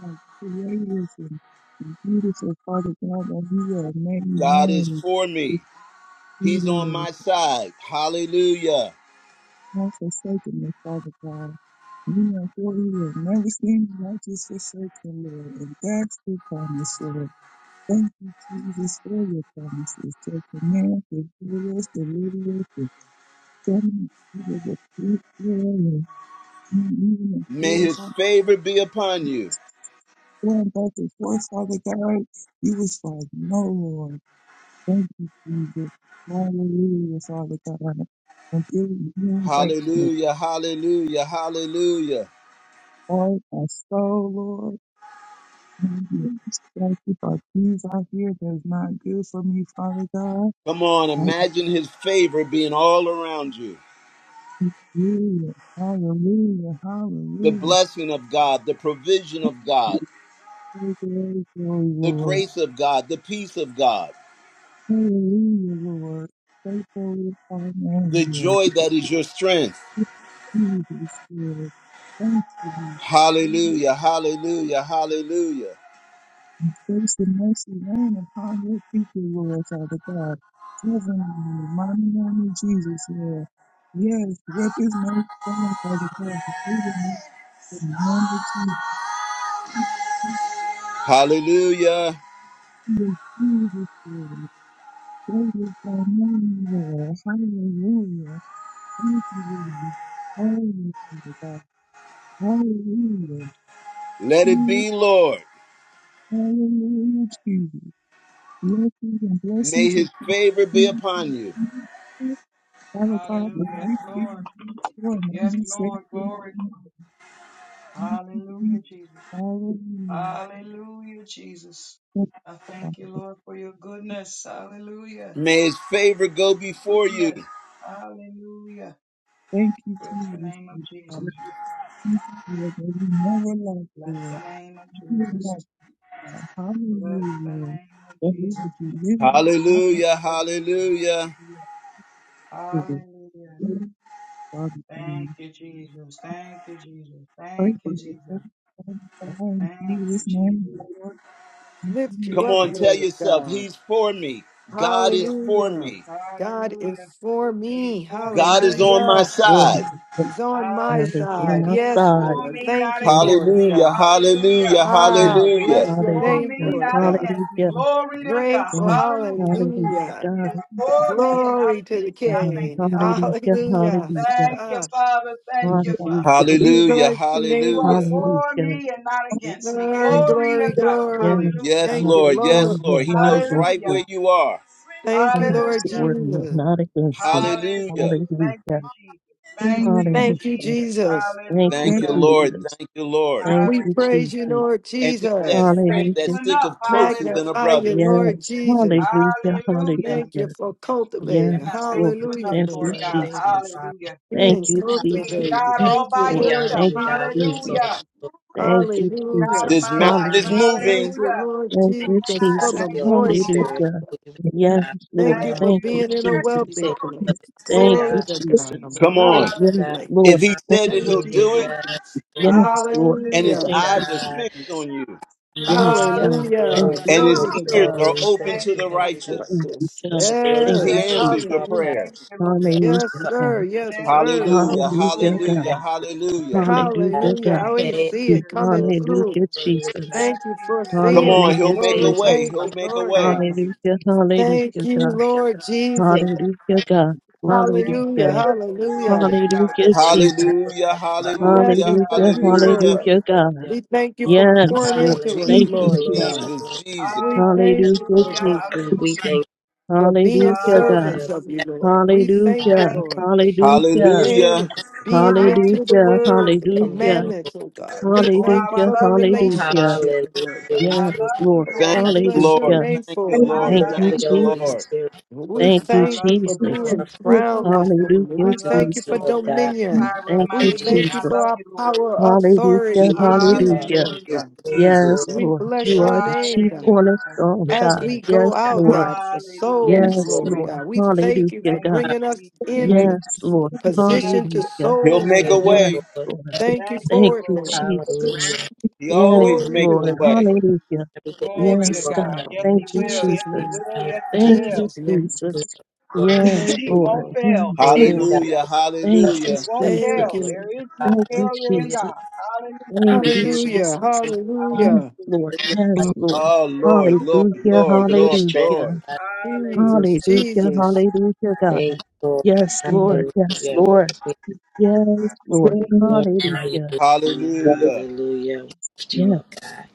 [SPEAKER 7] and creators and and beautiful Father God that we are many
[SPEAKER 1] God is
[SPEAKER 7] men
[SPEAKER 1] for me. He's on
[SPEAKER 7] defeated and
[SPEAKER 1] my side. Hallelujah.
[SPEAKER 7] unforsaken, oh Father God. We are for you have never seen the righteous forsaken, Lord, and that's the promise, Lord. Thank you, Jesus, for your promises. So To command, to heal us, to deliver us, to come and give us to the truth, Lord, and even if
[SPEAKER 1] May
[SPEAKER 7] there's
[SPEAKER 1] his favor be upon you.
[SPEAKER 7] going back and forth, Father God, you was like, no, Lord. Thank you, Jesus. Hallelujah, Father God. And through you, break the
[SPEAKER 1] Hallelujah, hallelujah, hallelujah.
[SPEAKER 7] heart, my soul, Lord. Thank you. Thank you for things out here that's not good for me, Father God.
[SPEAKER 1] Come on, imagine his favor being all around you.
[SPEAKER 7] Hallelujah, hallelujah,
[SPEAKER 1] The
[SPEAKER 7] hallelujah.
[SPEAKER 1] blessing of God, the provision of God,
[SPEAKER 7] Glory, glory, glory,
[SPEAKER 1] the
[SPEAKER 7] Lord.
[SPEAKER 1] grace of God, the peace of God,
[SPEAKER 7] Hallelujah, Lord. Faithful is thy name,
[SPEAKER 1] the
[SPEAKER 7] Lord.
[SPEAKER 1] joy that is your strength.
[SPEAKER 7] Jesus, Lord. Thank you, Lord.
[SPEAKER 1] Hallelujah, hallelujah, hallelujah,
[SPEAKER 7] Grace and mercy rain upon your people, Lord, Father God. Heavenly, mighty, mighty Jesus, Lord. Yes, rep his mighty stand, Father God, to do the mercy and magnitude
[SPEAKER 1] hallelujah.
[SPEAKER 7] Jesus, Lord. Praise is thy name, Lord. Hallelujah. Thank you, Lord. Hallelujah, Father God. Hallelujah.
[SPEAKER 1] Let it
[SPEAKER 7] Hallelujah,
[SPEAKER 1] be, Lord.
[SPEAKER 7] hallelujah, Jesus. Blessings and
[SPEAKER 1] May
[SPEAKER 7] blessings
[SPEAKER 1] his favor be
[SPEAKER 7] upon
[SPEAKER 1] upon you.
[SPEAKER 7] you. Father God, we thank you for number six. Hallelujah. Yes, Father.
[SPEAKER 1] May his favor go before you.
[SPEAKER 7] Thank you, Jesus. Father. Thank you, Lord, that we never lack, Lord. We love God. Hallelujah, Lord. That we would be living this life
[SPEAKER 1] Hallelujah, hallelujah.
[SPEAKER 7] with us. Yes, Father, for you. Pray for your son, Father, Father, in Jesus' name, Lord. Thank
[SPEAKER 8] Lift
[SPEAKER 7] you.
[SPEAKER 8] you
[SPEAKER 1] Come
[SPEAKER 8] up,
[SPEAKER 1] on, tell
[SPEAKER 8] Lord
[SPEAKER 1] yourself,
[SPEAKER 8] God.
[SPEAKER 1] He's for me. God is for
[SPEAKER 8] Hallelujah.
[SPEAKER 1] me.
[SPEAKER 8] God is for me.
[SPEAKER 1] God is on my
[SPEAKER 8] Hallelujah.
[SPEAKER 3] Lord.
[SPEAKER 1] side.
[SPEAKER 3] Yes,
[SPEAKER 7] Thank
[SPEAKER 8] Is on my
[SPEAKER 3] God is
[SPEAKER 8] side.
[SPEAKER 3] on my
[SPEAKER 8] Yes,
[SPEAKER 3] side.
[SPEAKER 8] Lord. Thank you
[SPEAKER 3] Yes.
[SPEAKER 8] for it,
[SPEAKER 1] Hallelujah,
[SPEAKER 8] God.
[SPEAKER 1] hallelujah,
[SPEAKER 3] yes.
[SPEAKER 8] Ah,
[SPEAKER 1] hallelujah,
[SPEAKER 8] bless your
[SPEAKER 3] Hallelujah.
[SPEAKER 8] name for it, God.
[SPEAKER 3] Hallelujah. Yes,
[SPEAKER 8] Grateful.
[SPEAKER 3] hallelujah,
[SPEAKER 8] Hallelujah.
[SPEAKER 3] God is for
[SPEAKER 8] Glory to the
[SPEAKER 3] God.
[SPEAKER 8] King.
[SPEAKER 3] Hallelujah,
[SPEAKER 8] Hallelujah.
[SPEAKER 3] hallelujah,
[SPEAKER 8] Ah,
[SPEAKER 7] you, God. Thank
[SPEAKER 3] hallelujah,
[SPEAKER 7] you.
[SPEAKER 8] we
[SPEAKER 1] hallelujah,
[SPEAKER 8] bless your name
[SPEAKER 1] hallelujah.
[SPEAKER 8] this morning.
[SPEAKER 3] hallelujah.
[SPEAKER 8] Glory,
[SPEAKER 3] Good.
[SPEAKER 8] glory,
[SPEAKER 3] Yes,
[SPEAKER 8] glory.
[SPEAKER 1] Yes,
[SPEAKER 8] Thank
[SPEAKER 3] God
[SPEAKER 8] you,
[SPEAKER 3] is
[SPEAKER 1] Lord,
[SPEAKER 3] for
[SPEAKER 1] yes,
[SPEAKER 8] Lord.
[SPEAKER 3] me
[SPEAKER 1] Lord.
[SPEAKER 3] and
[SPEAKER 1] He
[SPEAKER 3] not
[SPEAKER 1] knows
[SPEAKER 3] against
[SPEAKER 1] right
[SPEAKER 3] me.
[SPEAKER 1] where you are.
[SPEAKER 8] Thank
[SPEAKER 3] God
[SPEAKER 8] you,
[SPEAKER 3] is
[SPEAKER 8] Lord
[SPEAKER 3] for me and
[SPEAKER 8] Jesus.
[SPEAKER 3] not against me.
[SPEAKER 1] Hallelujah.
[SPEAKER 3] Hallelujah,
[SPEAKER 7] Thank you.
[SPEAKER 8] Thank you,
[SPEAKER 3] hallelujah.
[SPEAKER 8] Jesus.
[SPEAKER 3] Thank you,
[SPEAKER 1] Thank you, Lord.
[SPEAKER 3] Jesus.
[SPEAKER 1] Thank you, Lord.
[SPEAKER 3] Thank
[SPEAKER 8] We
[SPEAKER 3] you,
[SPEAKER 8] praise you,
[SPEAKER 3] Jesus.
[SPEAKER 8] Lord
[SPEAKER 1] And he's that
[SPEAKER 8] Jesus.
[SPEAKER 1] friend that
[SPEAKER 3] Hallelujah.
[SPEAKER 1] sticketh closer than a
[SPEAKER 8] Magnify you,
[SPEAKER 1] brother.
[SPEAKER 8] Lord
[SPEAKER 3] Yes,
[SPEAKER 8] Jesus.
[SPEAKER 3] hallelujah,
[SPEAKER 8] Thank you
[SPEAKER 3] hallelujah.
[SPEAKER 8] for cultivating.
[SPEAKER 3] Yes, Lord.
[SPEAKER 8] Hallelujah,
[SPEAKER 3] Thank you,
[SPEAKER 9] Absolutely,
[SPEAKER 8] Lord God.
[SPEAKER 9] thank you,
[SPEAKER 3] Jesus. Thank
[SPEAKER 8] Being
[SPEAKER 3] you, Jesus.
[SPEAKER 9] Father.
[SPEAKER 8] cultivated.
[SPEAKER 3] Yes,
[SPEAKER 9] Hallelujah.
[SPEAKER 8] Thank you,
[SPEAKER 9] We
[SPEAKER 3] Lord.
[SPEAKER 8] Lord
[SPEAKER 9] honor
[SPEAKER 3] Thank
[SPEAKER 9] you,
[SPEAKER 3] you,
[SPEAKER 9] God. We
[SPEAKER 3] Jesus.
[SPEAKER 8] Jesus.
[SPEAKER 9] exalt you, Lord.
[SPEAKER 3] Thank
[SPEAKER 9] Lift
[SPEAKER 3] you,
[SPEAKER 9] you up,
[SPEAKER 8] Hallelujah.
[SPEAKER 3] Jesus.
[SPEAKER 1] This
[SPEAKER 9] God.
[SPEAKER 1] mountain is
[SPEAKER 9] Hallelujah.
[SPEAKER 3] Hallelujah.
[SPEAKER 1] moving.
[SPEAKER 8] Thank you, Lord
[SPEAKER 3] Thank
[SPEAKER 9] Thank
[SPEAKER 3] you,
[SPEAKER 8] Jesus,
[SPEAKER 9] God
[SPEAKER 8] for
[SPEAKER 3] Jesus.
[SPEAKER 9] for
[SPEAKER 8] the
[SPEAKER 9] the Holy
[SPEAKER 8] moist.
[SPEAKER 9] Spirit.
[SPEAKER 3] Hallelujah.
[SPEAKER 9] We thank
[SPEAKER 7] Thank
[SPEAKER 3] Yes,
[SPEAKER 9] God.
[SPEAKER 7] you,
[SPEAKER 8] Thank
[SPEAKER 3] Lord.
[SPEAKER 8] you
[SPEAKER 7] God.
[SPEAKER 9] Yes,
[SPEAKER 8] for
[SPEAKER 3] Thank
[SPEAKER 9] Lord.
[SPEAKER 3] you,
[SPEAKER 8] being in a
[SPEAKER 9] We
[SPEAKER 3] Jesus.
[SPEAKER 8] wealthy
[SPEAKER 9] thank
[SPEAKER 8] place.
[SPEAKER 9] you for
[SPEAKER 7] Yes,
[SPEAKER 9] this day,
[SPEAKER 3] Thank
[SPEAKER 8] Glory
[SPEAKER 3] you,
[SPEAKER 8] to
[SPEAKER 9] God.
[SPEAKER 7] you
[SPEAKER 8] God, a
[SPEAKER 3] Jesus.
[SPEAKER 1] Come
[SPEAKER 8] moist
[SPEAKER 9] Thank
[SPEAKER 1] on.
[SPEAKER 3] Yes,
[SPEAKER 9] you,
[SPEAKER 8] place.
[SPEAKER 1] If
[SPEAKER 3] Lord.
[SPEAKER 1] he
[SPEAKER 9] God.
[SPEAKER 3] Thank
[SPEAKER 1] said it,
[SPEAKER 8] Thank
[SPEAKER 3] you,
[SPEAKER 1] he'll
[SPEAKER 8] you,
[SPEAKER 9] Hallelujah.
[SPEAKER 1] do it.
[SPEAKER 3] Jesus.
[SPEAKER 9] Yes,
[SPEAKER 8] Jesus.
[SPEAKER 3] Yes, Lord.
[SPEAKER 1] and
[SPEAKER 9] Lord
[SPEAKER 1] his
[SPEAKER 8] Hallelujah.
[SPEAKER 3] Thank you,
[SPEAKER 1] eyes are
[SPEAKER 9] God.
[SPEAKER 1] fixed
[SPEAKER 3] Jesus.
[SPEAKER 1] on you,
[SPEAKER 3] Yes,
[SPEAKER 9] Hallelujah.
[SPEAKER 3] God. Thank
[SPEAKER 9] Glory
[SPEAKER 8] Hallelujah.
[SPEAKER 9] to
[SPEAKER 3] you,
[SPEAKER 9] the
[SPEAKER 1] and his
[SPEAKER 8] Glory
[SPEAKER 9] Lord.
[SPEAKER 8] to
[SPEAKER 3] Jesus.
[SPEAKER 1] ears
[SPEAKER 8] God.
[SPEAKER 9] Glory.
[SPEAKER 1] are
[SPEAKER 9] We
[SPEAKER 1] open to
[SPEAKER 9] thank you.
[SPEAKER 1] the
[SPEAKER 9] And we
[SPEAKER 8] I like
[SPEAKER 1] righteous.
[SPEAKER 3] Yes,
[SPEAKER 8] this.
[SPEAKER 3] God.
[SPEAKER 9] are
[SPEAKER 3] Thank
[SPEAKER 9] grateful
[SPEAKER 8] Yes.
[SPEAKER 1] He
[SPEAKER 3] you,
[SPEAKER 9] for you,
[SPEAKER 1] answers
[SPEAKER 3] Jesus.
[SPEAKER 1] your
[SPEAKER 9] Father God.
[SPEAKER 8] Hallelujah.
[SPEAKER 1] prayers.
[SPEAKER 9] You
[SPEAKER 8] Yes,
[SPEAKER 3] Hallelujah,
[SPEAKER 9] are
[SPEAKER 8] sir.
[SPEAKER 3] God.
[SPEAKER 8] Yes, sir.
[SPEAKER 1] Hallelujah,
[SPEAKER 3] Hallelujah,
[SPEAKER 8] Hallelujah.
[SPEAKER 9] the
[SPEAKER 1] hallelujah,
[SPEAKER 3] God.
[SPEAKER 1] hallelujah.
[SPEAKER 9] God.
[SPEAKER 3] Hallelujah,
[SPEAKER 8] Hallelujah. I
[SPEAKER 3] God.
[SPEAKER 9] Thank
[SPEAKER 8] always
[SPEAKER 9] you,
[SPEAKER 8] see it coming
[SPEAKER 9] Lord.
[SPEAKER 8] through.
[SPEAKER 3] Hallelujah,
[SPEAKER 9] Hallelujah.
[SPEAKER 3] Jesus.
[SPEAKER 8] Thank you for
[SPEAKER 1] Come
[SPEAKER 8] seeing
[SPEAKER 1] on,
[SPEAKER 9] appropriate
[SPEAKER 8] it.
[SPEAKER 1] he'll
[SPEAKER 3] Hallelujah,
[SPEAKER 9] space for
[SPEAKER 1] make
[SPEAKER 9] being
[SPEAKER 1] a
[SPEAKER 8] Glory.
[SPEAKER 9] faithful,
[SPEAKER 1] way,
[SPEAKER 3] Jesus.
[SPEAKER 8] Thank
[SPEAKER 1] he'll
[SPEAKER 8] you,
[SPEAKER 9] Father.
[SPEAKER 1] make a
[SPEAKER 8] Lord
[SPEAKER 1] way.
[SPEAKER 9] Lord.
[SPEAKER 8] God.
[SPEAKER 3] Hallelujah,
[SPEAKER 8] Thank
[SPEAKER 3] hallelujah,
[SPEAKER 8] you,
[SPEAKER 3] God.
[SPEAKER 8] Lord
[SPEAKER 9] Thank
[SPEAKER 8] Jesus.
[SPEAKER 3] Hallelujah, God.
[SPEAKER 8] Hallelujah.
[SPEAKER 3] Hallelujah.
[SPEAKER 9] you
[SPEAKER 8] Hallelujah.
[SPEAKER 9] for the
[SPEAKER 3] Hallelujah,
[SPEAKER 9] great
[SPEAKER 3] Jesus.
[SPEAKER 1] Hallelujah,
[SPEAKER 9] sacrifice.
[SPEAKER 1] hallelujah,
[SPEAKER 8] Blessings of
[SPEAKER 3] Hallelujah,
[SPEAKER 8] you,
[SPEAKER 1] hallelujah.
[SPEAKER 8] Lord.
[SPEAKER 3] hallelujah, God.
[SPEAKER 8] We
[SPEAKER 9] Hallelujah.
[SPEAKER 8] thank you for
[SPEAKER 3] Yes,
[SPEAKER 8] pouring
[SPEAKER 3] Lord.
[SPEAKER 8] into us,
[SPEAKER 3] Thank
[SPEAKER 9] Hallelujah.
[SPEAKER 3] you,
[SPEAKER 1] Jesus,
[SPEAKER 8] Lord
[SPEAKER 9] Glory,
[SPEAKER 8] God.
[SPEAKER 3] Jesus.
[SPEAKER 1] Jesus,
[SPEAKER 9] glory,
[SPEAKER 1] Jesus.
[SPEAKER 8] We thank
[SPEAKER 9] yes,
[SPEAKER 8] you,
[SPEAKER 3] Hallelujah,
[SPEAKER 8] Lord
[SPEAKER 9] Lord.
[SPEAKER 8] God,
[SPEAKER 9] We
[SPEAKER 3] Jesus.
[SPEAKER 9] thank
[SPEAKER 8] for being
[SPEAKER 3] Hallelujah,
[SPEAKER 9] you, Lord.
[SPEAKER 3] God.
[SPEAKER 8] servants
[SPEAKER 9] Your
[SPEAKER 8] of you, Lord. We thank
[SPEAKER 9] God,
[SPEAKER 8] you,
[SPEAKER 3] Hallelujah.
[SPEAKER 8] Lord.
[SPEAKER 9] meet
[SPEAKER 3] Hallelujah.
[SPEAKER 9] us
[SPEAKER 8] Again,
[SPEAKER 1] Hallelujah.
[SPEAKER 8] being into the
[SPEAKER 3] Hallelujah.
[SPEAKER 8] word, the
[SPEAKER 9] and
[SPEAKER 3] Hallelujah.
[SPEAKER 9] you.
[SPEAKER 8] commandments, oh God. We thank you
[SPEAKER 3] Hallelujah.
[SPEAKER 8] for the
[SPEAKER 3] Hallelujah.
[SPEAKER 8] relationship,
[SPEAKER 9] Hallelujah. We
[SPEAKER 8] Lord God.
[SPEAKER 9] thank
[SPEAKER 3] Yes,
[SPEAKER 9] you for
[SPEAKER 3] Lord.
[SPEAKER 8] Oh,
[SPEAKER 1] Thank
[SPEAKER 9] having
[SPEAKER 8] we
[SPEAKER 9] us.
[SPEAKER 1] you,
[SPEAKER 8] bless your
[SPEAKER 1] Lord.
[SPEAKER 3] Hallelujah.
[SPEAKER 8] name
[SPEAKER 1] Thank you,
[SPEAKER 8] for it,
[SPEAKER 9] Thank
[SPEAKER 1] Lord.
[SPEAKER 9] you
[SPEAKER 3] Thank
[SPEAKER 8] Lord
[SPEAKER 3] you,
[SPEAKER 1] Thank
[SPEAKER 9] for
[SPEAKER 8] God.
[SPEAKER 1] you,
[SPEAKER 9] your Holy
[SPEAKER 1] Lord.
[SPEAKER 3] Jesus.
[SPEAKER 9] Spirit.
[SPEAKER 8] We
[SPEAKER 9] Thank
[SPEAKER 3] Thank you,
[SPEAKER 8] thank you for
[SPEAKER 9] you for
[SPEAKER 3] Jesus.
[SPEAKER 9] our
[SPEAKER 8] being crowned
[SPEAKER 9] God.
[SPEAKER 8] this morning.
[SPEAKER 3] Hallelujah,
[SPEAKER 8] We
[SPEAKER 9] Thank
[SPEAKER 8] thank you
[SPEAKER 9] you,
[SPEAKER 8] for
[SPEAKER 3] Jesus.
[SPEAKER 9] Lord God.
[SPEAKER 8] dominion.
[SPEAKER 3] Thank
[SPEAKER 8] We
[SPEAKER 3] you,
[SPEAKER 8] thank you
[SPEAKER 9] Hallelujah.
[SPEAKER 8] for
[SPEAKER 3] Jesus.
[SPEAKER 8] our power,
[SPEAKER 3] Hallelujah,
[SPEAKER 1] Jesus,
[SPEAKER 8] authority
[SPEAKER 9] Thank
[SPEAKER 8] in
[SPEAKER 9] you,
[SPEAKER 8] you,
[SPEAKER 9] Father.
[SPEAKER 3] hallelujah.
[SPEAKER 8] Lord
[SPEAKER 1] Jesus,
[SPEAKER 8] God.
[SPEAKER 9] Thank you,
[SPEAKER 1] Jesus.
[SPEAKER 3] Yes,
[SPEAKER 9] Lord.
[SPEAKER 8] We
[SPEAKER 3] Lord,
[SPEAKER 8] bless
[SPEAKER 3] you
[SPEAKER 9] Glory
[SPEAKER 8] your
[SPEAKER 3] are the
[SPEAKER 8] name,
[SPEAKER 3] chief
[SPEAKER 9] to
[SPEAKER 8] God.
[SPEAKER 3] cornerstone,
[SPEAKER 9] your
[SPEAKER 8] As
[SPEAKER 9] name,
[SPEAKER 3] God.
[SPEAKER 8] we go
[SPEAKER 3] Yes,
[SPEAKER 9] God.
[SPEAKER 8] out,
[SPEAKER 3] Lord.
[SPEAKER 8] God, for souls,
[SPEAKER 9] Yes,
[SPEAKER 3] Yes,
[SPEAKER 9] Lord.
[SPEAKER 8] Lord
[SPEAKER 3] Lord.
[SPEAKER 8] God, we thank you
[SPEAKER 3] Hallelujah,
[SPEAKER 8] for
[SPEAKER 3] God.
[SPEAKER 8] bringing us
[SPEAKER 9] Hallelujah.
[SPEAKER 8] in the
[SPEAKER 3] Yes, Lord.
[SPEAKER 9] We
[SPEAKER 8] position to
[SPEAKER 3] Hallelujah.
[SPEAKER 1] He'll
[SPEAKER 8] soul
[SPEAKER 1] make a
[SPEAKER 8] win.
[SPEAKER 9] thank you,
[SPEAKER 3] Yes,
[SPEAKER 1] way.
[SPEAKER 9] Lord.
[SPEAKER 3] Lord.
[SPEAKER 8] Thank you
[SPEAKER 3] Thank
[SPEAKER 8] for it,
[SPEAKER 3] you,
[SPEAKER 8] Lord. God.
[SPEAKER 3] Jesus.
[SPEAKER 9] Hallelujah.
[SPEAKER 1] He
[SPEAKER 9] Thank
[SPEAKER 3] Yes,
[SPEAKER 1] always
[SPEAKER 9] you for
[SPEAKER 8] Glory to
[SPEAKER 1] makes a
[SPEAKER 3] Lord.
[SPEAKER 8] you.
[SPEAKER 1] way.
[SPEAKER 3] Hallelujah.
[SPEAKER 9] everything
[SPEAKER 8] Thank you
[SPEAKER 9] you
[SPEAKER 3] Yes,
[SPEAKER 9] are
[SPEAKER 8] for that,
[SPEAKER 3] God.
[SPEAKER 9] done.
[SPEAKER 8] Lord. In
[SPEAKER 3] Thank you,
[SPEAKER 8] Jesus'
[SPEAKER 3] Jesus.
[SPEAKER 8] name. In
[SPEAKER 3] Thank
[SPEAKER 9] Hallelujah.
[SPEAKER 3] you,
[SPEAKER 8] Jesus' name.
[SPEAKER 9] Glory,
[SPEAKER 3] Jesus.
[SPEAKER 9] glory,
[SPEAKER 3] Yes,
[SPEAKER 8] Thank you,
[SPEAKER 9] glory.
[SPEAKER 3] Lord.
[SPEAKER 8] Lord.
[SPEAKER 3] Yes,
[SPEAKER 9] You
[SPEAKER 3] Lord.
[SPEAKER 9] got
[SPEAKER 1] Hallelujah,
[SPEAKER 3] Thank you,
[SPEAKER 1] hallelujah.
[SPEAKER 9] us Thank you,
[SPEAKER 8] Thank
[SPEAKER 3] Jesus.
[SPEAKER 9] Lord.
[SPEAKER 8] you.
[SPEAKER 3] Thank you,
[SPEAKER 9] Hallelujah.
[SPEAKER 3] Jesus. Thank you,
[SPEAKER 9] Hallelujah.
[SPEAKER 8] Hallelujah.
[SPEAKER 3] Jesus.
[SPEAKER 9] Praise the Lord.
[SPEAKER 3] Yes,
[SPEAKER 8] Hallelujah.
[SPEAKER 3] Lord.
[SPEAKER 9] Lift your life
[SPEAKER 3] Yes,
[SPEAKER 9] to you
[SPEAKER 3] Lord.
[SPEAKER 1] Oh, Lord, Lord,
[SPEAKER 3] Hallelujah.
[SPEAKER 1] Lord,
[SPEAKER 9] for your
[SPEAKER 1] Lord,
[SPEAKER 9] strength.
[SPEAKER 3] Hallelujah.
[SPEAKER 1] Lord.
[SPEAKER 9] God.
[SPEAKER 8] Jesus.
[SPEAKER 3] Hallelujah.
[SPEAKER 8] Jesus.
[SPEAKER 3] Hallelujah, God.
[SPEAKER 9] Thank you, Lord.
[SPEAKER 3] Yes, Lord. Yes,
[SPEAKER 9] Hallelujah.
[SPEAKER 3] Lord.
[SPEAKER 9] We
[SPEAKER 3] Yes, Lord.
[SPEAKER 9] glorify you.
[SPEAKER 3] Hallelujah.
[SPEAKER 9] Lord.
[SPEAKER 1] Hallelujah.
[SPEAKER 9] Hallelujah. We Lift you
[SPEAKER 3] Yes,
[SPEAKER 9] up, God.